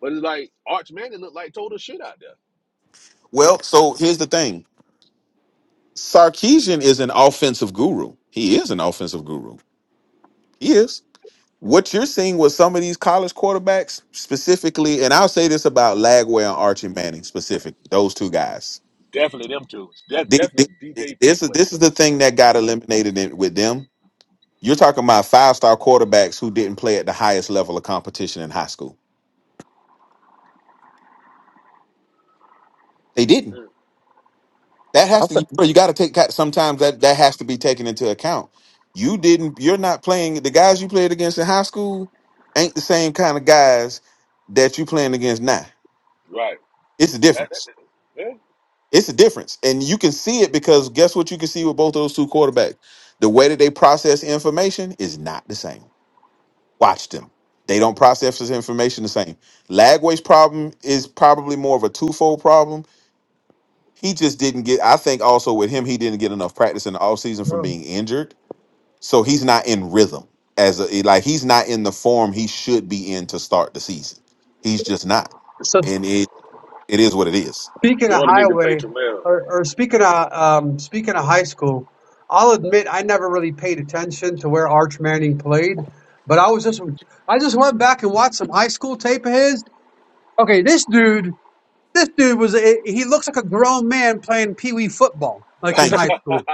Speaker 6: But it's like Arch Manning looked like total shit out there.
Speaker 4: Well, so here's the thing Sarkeesian is an offensive guru. He is an offensive guru. He is. What you're seeing with some of these college quarterbacks specifically, and I'll say this about Lagway and Archie Manning specific those two guys.
Speaker 6: Definitely them two. That's
Speaker 4: The- the-
Speaker 6: definitely DJ
Speaker 4: This
Speaker 6: Fluke
Speaker 4: is this
Speaker 6: way.
Speaker 4: is the thing that got eliminated in- with them. You're talking about five star quarterbacks who didn't play at the highest level of competition in high school. They didn't. That
Speaker 7: I
Speaker 4: has
Speaker 7: think
Speaker 4: to, bro. You got to take sometimes that that has to be taken into account. You didn't. You're not playing the guys you played against in high school ain't the same kind of guys that you playing against now.
Speaker 6: Right.
Speaker 4: It's a
Speaker 6: That, that,
Speaker 4: difference.
Speaker 6: that- yeah.
Speaker 4: It's a difference. And you can see it because guess what you can see with both those two quarterbacks? The way that they process information is not the same. Watch them. They don't process this information the same. Lagway's problem is probably more of a twofold problem. He just didn't get, I think also with him, he didn't get enough practice in the offseason from being injured. So he's not in rhythm as a, like he's not in the form he should be in to start the season. He's just not.
Speaker 1: So
Speaker 4: And it it is what it is.
Speaker 1: speaking of
Speaker 6: Florida need to play
Speaker 1: highway,
Speaker 6: Terrell.
Speaker 1: or, or speaking of um, speaking of high school, I'll admit I never really paid attention to where Arch Manning played, but I was just I just went back and watched some high school tape of his. Okay, this dude This dude was, a, he looks like a grown man playing pee wee football, like in
Speaker 4: Thank you.
Speaker 1: high school.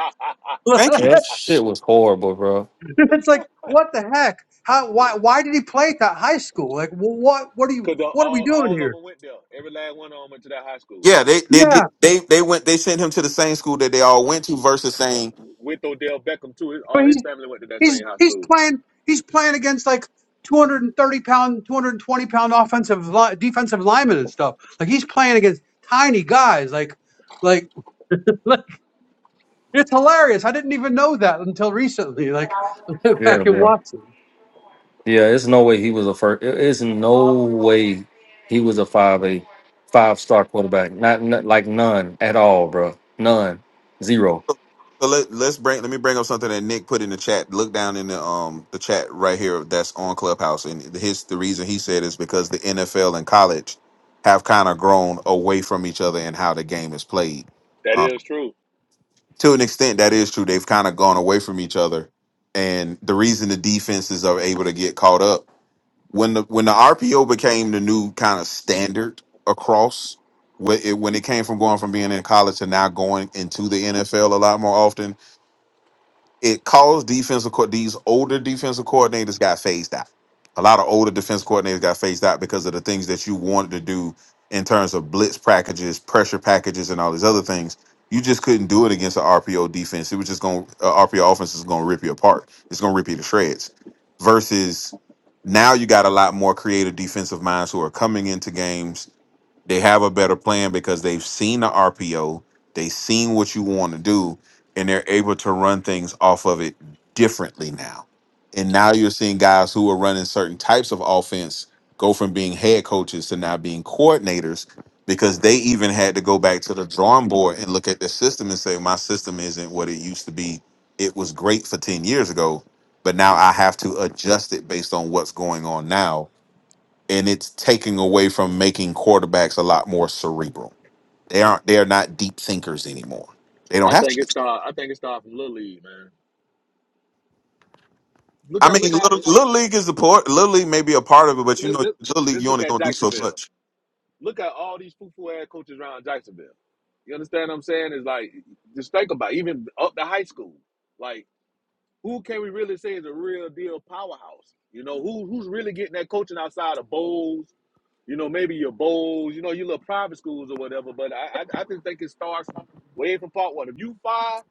Speaker 4: Thank you.
Speaker 7: that shit was horrible, bro.
Speaker 1: it's like, what the heck? How, why, why did he play at that high school? Like, wh- what, what are you,
Speaker 6: Cause the,
Speaker 1: what are we
Speaker 6: all
Speaker 1: doing
Speaker 6: all of
Speaker 1: here?
Speaker 6: them went there. Every last one of them went to that high school.
Speaker 4: Yeah, they they
Speaker 1: Yeah.
Speaker 4: did they they went they sent him to the same school that they all went to versus saying
Speaker 6: With Odell Beckham too. His-
Speaker 1: But
Speaker 6: All
Speaker 1: he's,
Speaker 6: his family went to that
Speaker 1: he's,
Speaker 6: same high
Speaker 1: he's
Speaker 6: school.
Speaker 1: playing, he's playing against like 230 pound, 220 pound offensive, li- defensive linemen and stuff. Like, he's playing against tiny guys. Like, like, like, it's hilarious. I didn't even know that until recently. Like,
Speaker 7: Yeah,
Speaker 1: back in
Speaker 7: bro.
Speaker 1: Watson.
Speaker 7: Yeah, it's no way he was a first. It's no way he was a five a five star quarterback. Not, not like none at all, bro. None, zero.
Speaker 4: so so let, let's bring let me bring up something that Nick put in the chat. Look down in the um the chat right here that's on Clubhouse and his the reason he said is because the NFL and college have kind of grown away from each other and how the game is played.
Speaker 6: That
Speaker 4: Um,
Speaker 6: is true.
Speaker 4: to an extent that is true they've kind of gone away from each other and the reason the defenses are able to get caught up when the when the rpo became the new kind of standard across when it, when it came from going from being in college to now going into the nfl a lot more often it caused defensive co- these older defensive coordinators got phased out. A lot of older defense coordinators got phased out because of the things that you wanted to do in terms of blitz packages, pressure packages, and all these other things. You just couldn't do it against an RPO defense. It was just going uh, RPO offense is going to rip you apart. It's going to rip you to shreds. Versus now, you got a lot more creative defensive minds who are coming into games they have a better plan because they've seen the RPO, they've seen what you want to do, and they're able to run things off of it differently now. And now you're seeing guys who are running certain types of offense go from being head coaches to now being coordinators because they even had to go back to the drawing board and look at the system and say, My system isn't what it used to be. It was great for 10 years ago, but now I have to adjust it based on what's going on now and it's taking away from making quarterbacks a lot more cerebral. They aren't. They are not deep thinkers anymore. They don't
Speaker 6: I
Speaker 4: have to.
Speaker 6: think it
Speaker 4: be.
Speaker 6: start. I think it started from Little League, man. Look
Speaker 4: I
Speaker 6: at look
Speaker 4: mean,
Speaker 6: how
Speaker 4: little, little league is the part. Little league may be a part of it,
Speaker 6: look,
Speaker 4: but you
Speaker 6: look,
Speaker 4: know,
Speaker 6: look,
Speaker 4: little league
Speaker 6: let's
Speaker 4: you
Speaker 6: look
Speaker 4: only
Speaker 6: at
Speaker 4: gonna do so
Speaker 6: Jacksonville.
Speaker 4: much.
Speaker 6: Look at all these foo foo ass coaches around Jacksonville. You understand what I'm saying? It's like just think about it. even up to high school. Like who can we really say is a real deal powerhouse? You know, who who's really getting that coaching outside of Bowles? You know, maybe your Bowles, you know, your little private schools or whatever. But I I, I just think it starts from way from part one. If you fire,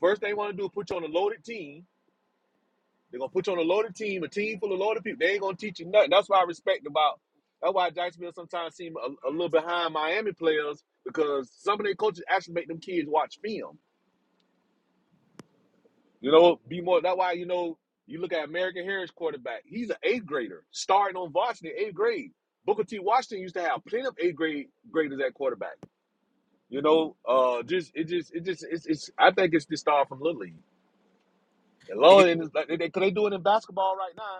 Speaker 6: first they want to do is put you on a loaded team. They're gonna put you on a loaded team, a team full of loaded people. They ain't gonna teach you nothing. That's why I respect about that's why Jacksonville sometimes seem a, a little behind Miami players because some of their coaches actually make them kids watch film You know, be more. That's why you know you look at American Harris quarterback. He's an eighth grader starting on varsity eighth grade. Booker T. Washington used to have plenty of eighth grade graders at quarterback. You know, uh, just it just it just it's, it's I think it's the star from Little League. And long and like they, they, 'cause they do it in basketball right now.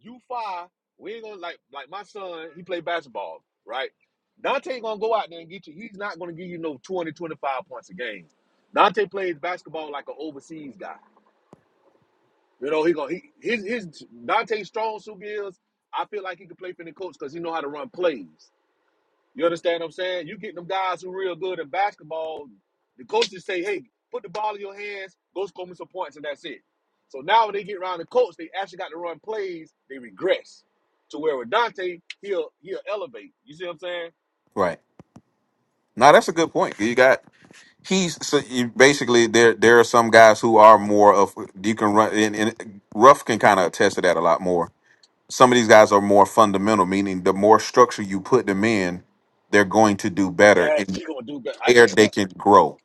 Speaker 6: You five, we ain't gonna like like my son. He play basketball, right? Dante gonna go out there and get you. He's not gonna give you no 20, twenty-five points a game. Dante plays basketball like an overseas guy. You know, he gonna he his his Dante strong suit is I feel like he could play for the coach because he know how to run plays. You understand what I'm saying? You get them guys who real good at basketball, the coaches say, hey, put the ball in your hands, go score me some points, and that's it. So now when they get around the coach, they actually got to run plays, they regress. To where with Dante, he'll he'll elevate. You see what I'm saying?
Speaker 4: Right. Now that's a good point. You got he's so you, basically there. There are some guys who are more of you can run and, and Ruff can kind of attest to that a lot more. Some of these guys are more fundamental, meaning the more structure you put them in, they're going to do better,
Speaker 6: That
Speaker 4: and
Speaker 6: he gonna do better. I
Speaker 4: there
Speaker 6: can't.
Speaker 4: they can grow.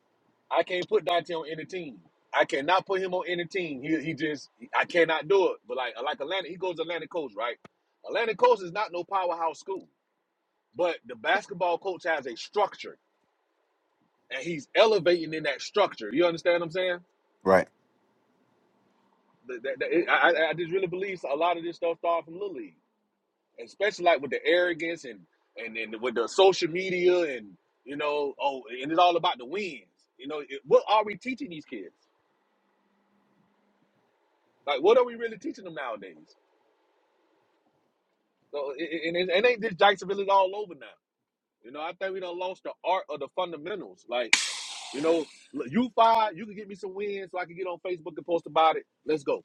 Speaker 6: I can't put Dante on any team. I cannot put him on any team. He, he just I cannot do it. But like like Atlanta, he goes to Atlantic Coast, right? Atlantic Coast is not no powerhouse school, but the basketball coach has a structure, and he's elevating in that structure. You understand what I'm saying?
Speaker 4: right?
Speaker 6: That- that- that- it- I, I I just really believe a lot of this stuff started from Little League, especially like with the arrogance and and and with the social media and you know oh and it's all about the wins. You know it, what are we teaching these kids? Like what are we really teaching them nowadays? So it, it, and it, ain't this Jacksonville is all over now. You know, I think we done lost the art of the fundamentals. Like, you know, look, you five, you can get me some wins so I can get on Facebook and post about it. Let's go.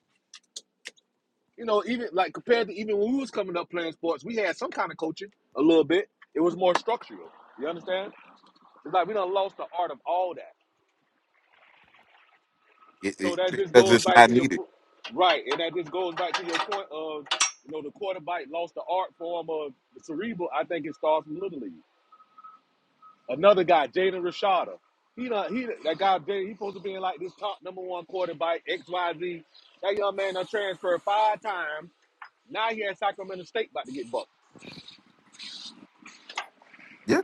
Speaker 6: You know, even like compared to even when we was coming up playing sports, we had some kind of coaching a little bit. It was more structural. You understand? It's like we done lost the art of all that.
Speaker 4: It,
Speaker 6: So
Speaker 4: it,
Speaker 6: that just
Speaker 4: because
Speaker 6: goes
Speaker 4: it's
Speaker 6: back
Speaker 4: not
Speaker 6: to your
Speaker 4: needed.
Speaker 6: po- right, and that just goes back to your point of you know the quarterback lost the art form of the cerebral. I think it starts from little league. Another guy, Jaden Rashada. He done, he that guy Jaden, he supposed to be in like this top number one quarterback, XYZ. That young man done transferred five times. Now he at Sacramento State about to get bucked.
Speaker 4: Yeah,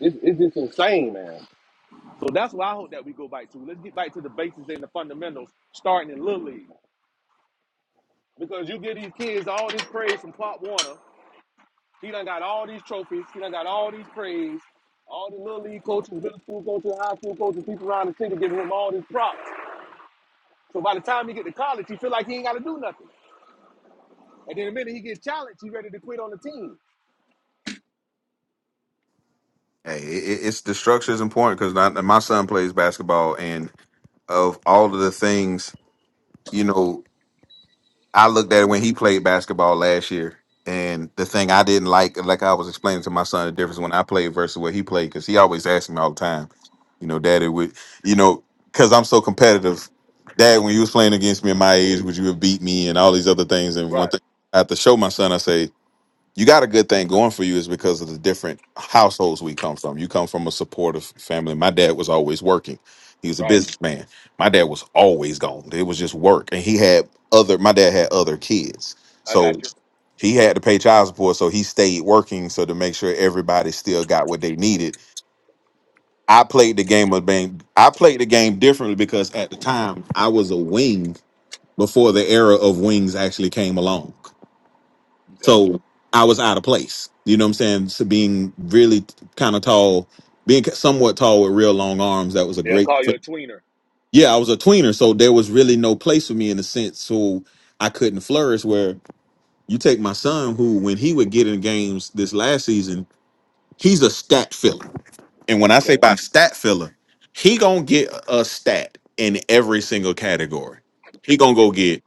Speaker 6: It's, it's just insane, man. So that's what I hope that we go back to. Let's get back to the basics and the fundamentals, starting in Little League. Because you get these kids all this praise from Pop Warner. He done got all these trophies. He done got all these praise. All the Little League coaches, middle school coaches, high school coaches, people around the city giving him all these props. So by the time he get to college, he feel like he ain't got to do nothing. And then the minute he gets challenged, he ready to quit on the team.
Speaker 4: hey, it, it- it's the structure is important because my son plays basketball, and of all of the things, you know, I looked at it when he played basketball last year, and the thing I didn't like, like I was explaining to my son, the difference when I played versus what he played, because he always asked me all the time, you know, Daddy, would you know, because I'm so competitive, Dad, when you was playing against me at my age, would you have beat me and all these other things? And one
Speaker 6: Right,
Speaker 4: thing I have to show my son, I say. you got a good thing going for you is because of the different households we come from. You come from a supportive family. My dad was always working. He was a
Speaker 6: right.
Speaker 4: businessman. My dad was always gone. It was just work. And he had other my dad had other kids.
Speaker 6: I got
Speaker 4: So
Speaker 6: you.
Speaker 4: he had to pay child support. So he stayed working so to make sure everybody still got what they needed. I played the game of being I played the game differently because at the time I was a wing before the era of wings actually came along.
Speaker 6: Okay.
Speaker 4: So I was out of place. You know what I'm saying? So being really kind of tall, being somewhat tall with real long arms, that was a
Speaker 6: They'll
Speaker 4: great
Speaker 6: call you
Speaker 4: thing.
Speaker 6: a tweener.
Speaker 4: Yeah, I was a tweener, so there was really no place for me in a sense. So I couldn't flourish. Where you take my son, who when he would get in games this last season, he's a stat filler. And when I say
Speaker 6: Okay.
Speaker 4: by stat filler, he gonna get a stat in every single category. He gonna go get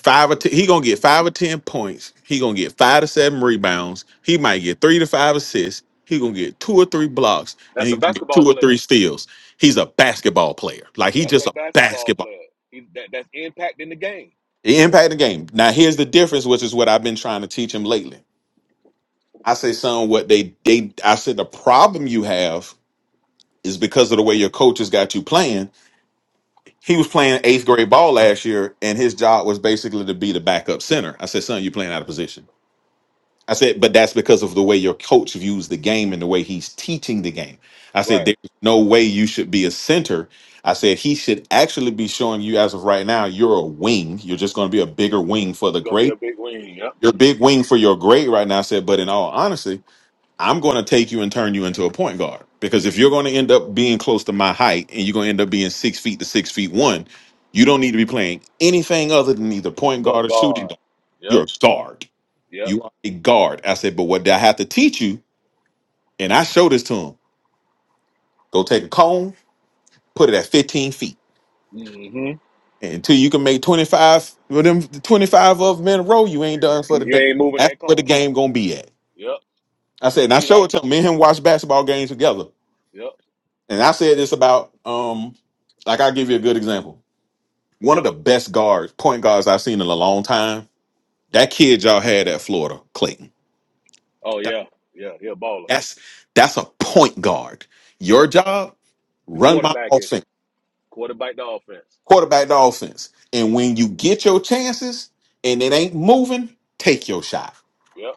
Speaker 4: five or ten, he gonna get five or ten points. He gonna get five to seven rebounds. He might get three to five assists. He gonna get two or three blocks, and
Speaker 6: That's a
Speaker 4: he gonna get
Speaker 6: basketball
Speaker 4: two or
Speaker 6: player.
Speaker 4: three steals. He's a basketball player. Like he's
Speaker 6: That's a
Speaker 4: just a
Speaker 6: basketball
Speaker 4: basketball.
Speaker 6: player. He, that, that's impact in the game.
Speaker 4: He impact the game. Now here's the difference, which is what I've been trying to teach him lately. I say, son, what they they I said the problem you have is because of the way your coaches got you playing. He was playing eighth grade ball last year, and his job was basically to be the backup center. I said, son, you're playing out of position I said, but that's because of the way your coach views the game and the way he's teaching the game. I said,
Speaker 6: Right.
Speaker 4: there's no way you should be a center. I said, he should actually be showing you as of right now, you're a wing. You're just going to be a bigger wing for the
Speaker 6: Gonna be a
Speaker 4: great.
Speaker 6: big wing. Yep.
Speaker 4: You're a big wing for your great right now. I said, but in all honesty, I'm going to take you and turn you into a point guard because if you're going to end up being close to my height and you're going to end up being six feet to six feet one, you don't need to be playing anything other than either point
Speaker 6: But
Speaker 4: guard or shooting
Speaker 6: God.
Speaker 4: guard.
Speaker 6: Yep.
Speaker 4: You're a guard.
Speaker 6: Yep.
Speaker 4: You are a guard. I said, but what I have to teach you, and I show this to him. Go take a cone, put it at 15 feet.
Speaker 6: Mm-hmm.
Speaker 4: And until you can make 25, well, them 25 of them in a row, you ain't done for the
Speaker 6: You
Speaker 4: day.
Speaker 6: ain't moving
Speaker 4: That's
Speaker 6: that
Speaker 4: where the
Speaker 6: cone.
Speaker 4: game gonna be at.
Speaker 6: Yep.
Speaker 4: I said, and
Speaker 6: And
Speaker 4: I
Speaker 6: see
Speaker 4: showed
Speaker 6: right.
Speaker 4: it to him. Me and him watch basketball games together.
Speaker 6: Yep.
Speaker 4: And I said this about um, like I'll give you a good example. One of the best guards, point guards I've seen in a long time, that kid y'all had at Florida, Clayton.
Speaker 6: Oh
Speaker 4: That-
Speaker 6: yeah. Yeah. He a baller.
Speaker 4: That's that's a point guard. Your
Speaker 6: Yep.
Speaker 4: job,
Speaker 6: The
Speaker 4: run my
Speaker 6: quarterback is
Speaker 4: offense.
Speaker 6: quarterback the offense.
Speaker 4: quarterback the offense. And when you
Speaker 6: hmm
Speaker 4: get your chances and it ain't moving, take your shot.
Speaker 6: Yep.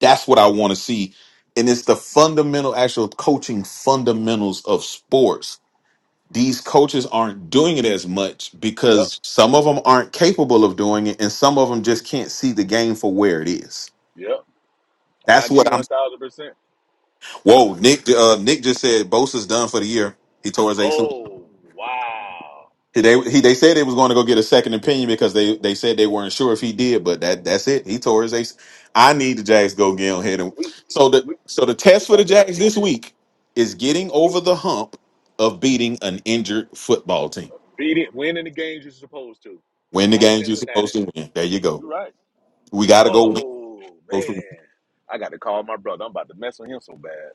Speaker 4: That's what I want to see. And it's the fundamental, actual coaching fundamentals of sports. These coaches aren't doing it as much
Speaker 6: Yep.
Speaker 4: because some of them aren't capable of doing it, and some of them just can't see the game for where it is.
Speaker 6: Yep. I
Speaker 4: That's
Speaker 6: agree
Speaker 4: what I'm.
Speaker 6: one thousand percent.
Speaker 4: Whoa, Nick! Uh, Nick just said Bosa's done for the year. He tore his ACL.
Speaker 6: Oh wow,
Speaker 4: They he they said they was going to go get a second opinion because they they said they weren't sure if he did, but that that's it. He tore his ace. I need the Jags to go get on hit him.
Speaker 6: we
Speaker 4: So the
Speaker 6: we
Speaker 4: so the
Speaker 6: we
Speaker 4: test for the
Speaker 6: got the win.
Speaker 4: Jags this week is
Speaker 6: We got
Speaker 4: getting over the hump of beating an injured football team.
Speaker 6: beat it, winning the games you're supposed to,
Speaker 4: Win the
Speaker 6: like
Speaker 4: games you're
Speaker 6: Cincinnati.
Speaker 4: supposed to win. There you go.
Speaker 6: You right.
Speaker 4: We got to go win.
Speaker 6: Oh
Speaker 4: Supposed to win.
Speaker 6: man, I got to call my brother. I'm about to mess with him so bad.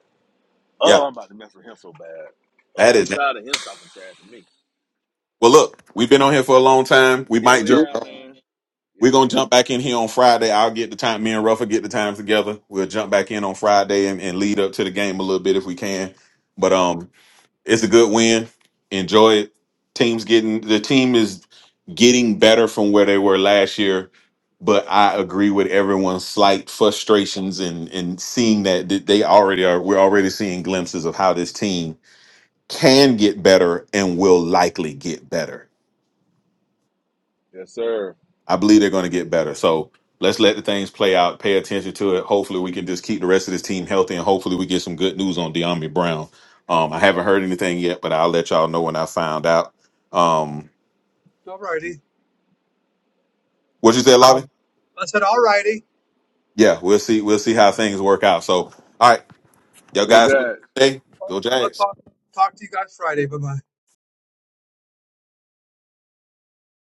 Speaker 4: Yeah,
Speaker 6: Oh, I'm about to mess with him so bad. Oh,
Speaker 4: that
Speaker 6: I'm
Speaker 4: is.
Speaker 6: tired of him talking trash to me.
Speaker 4: Well, look, we've been on here for a long time. We
Speaker 6: Yeah,
Speaker 4: might
Speaker 6: we
Speaker 4: joke.
Speaker 6: have, man. Yeah,
Speaker 4: We're
Speaker 6: we
Speaker 4: gonna
Speaker 6: have.
Speaker 4: jump back in here on Friday. I'll get the time. Me and Ruffin get the times together. We'll jump back in on Friday and, and lead up to the game a little bit if we can. But um, it's a good win. Enjoy it. Team's getting the team is getting better from where they were last year. But I agree with everyone's slight frustrations and and seeing that th- they already are. We're already seeing glimpses of how this team can get better and will likely get better
Speaker 6: Yes, sir.
Speaker 4: I believe they're going to get better. So let's let the things play out. Pay attention to it. Hopefully, we can just keep the rest of this team healthy, and hopefully, we get some good news on De'Ami Brown. Um, I haven't heard anything yet, but I'll let y'all know when I found out. Um, what you said, Lobby? Yeah, we'll see. We'll see how things work out. So, all right, y'all
Speaker 6: Go
Speaker 4: guys,
Speaker 6: Jags.
Speaker 4: hey, go Jags.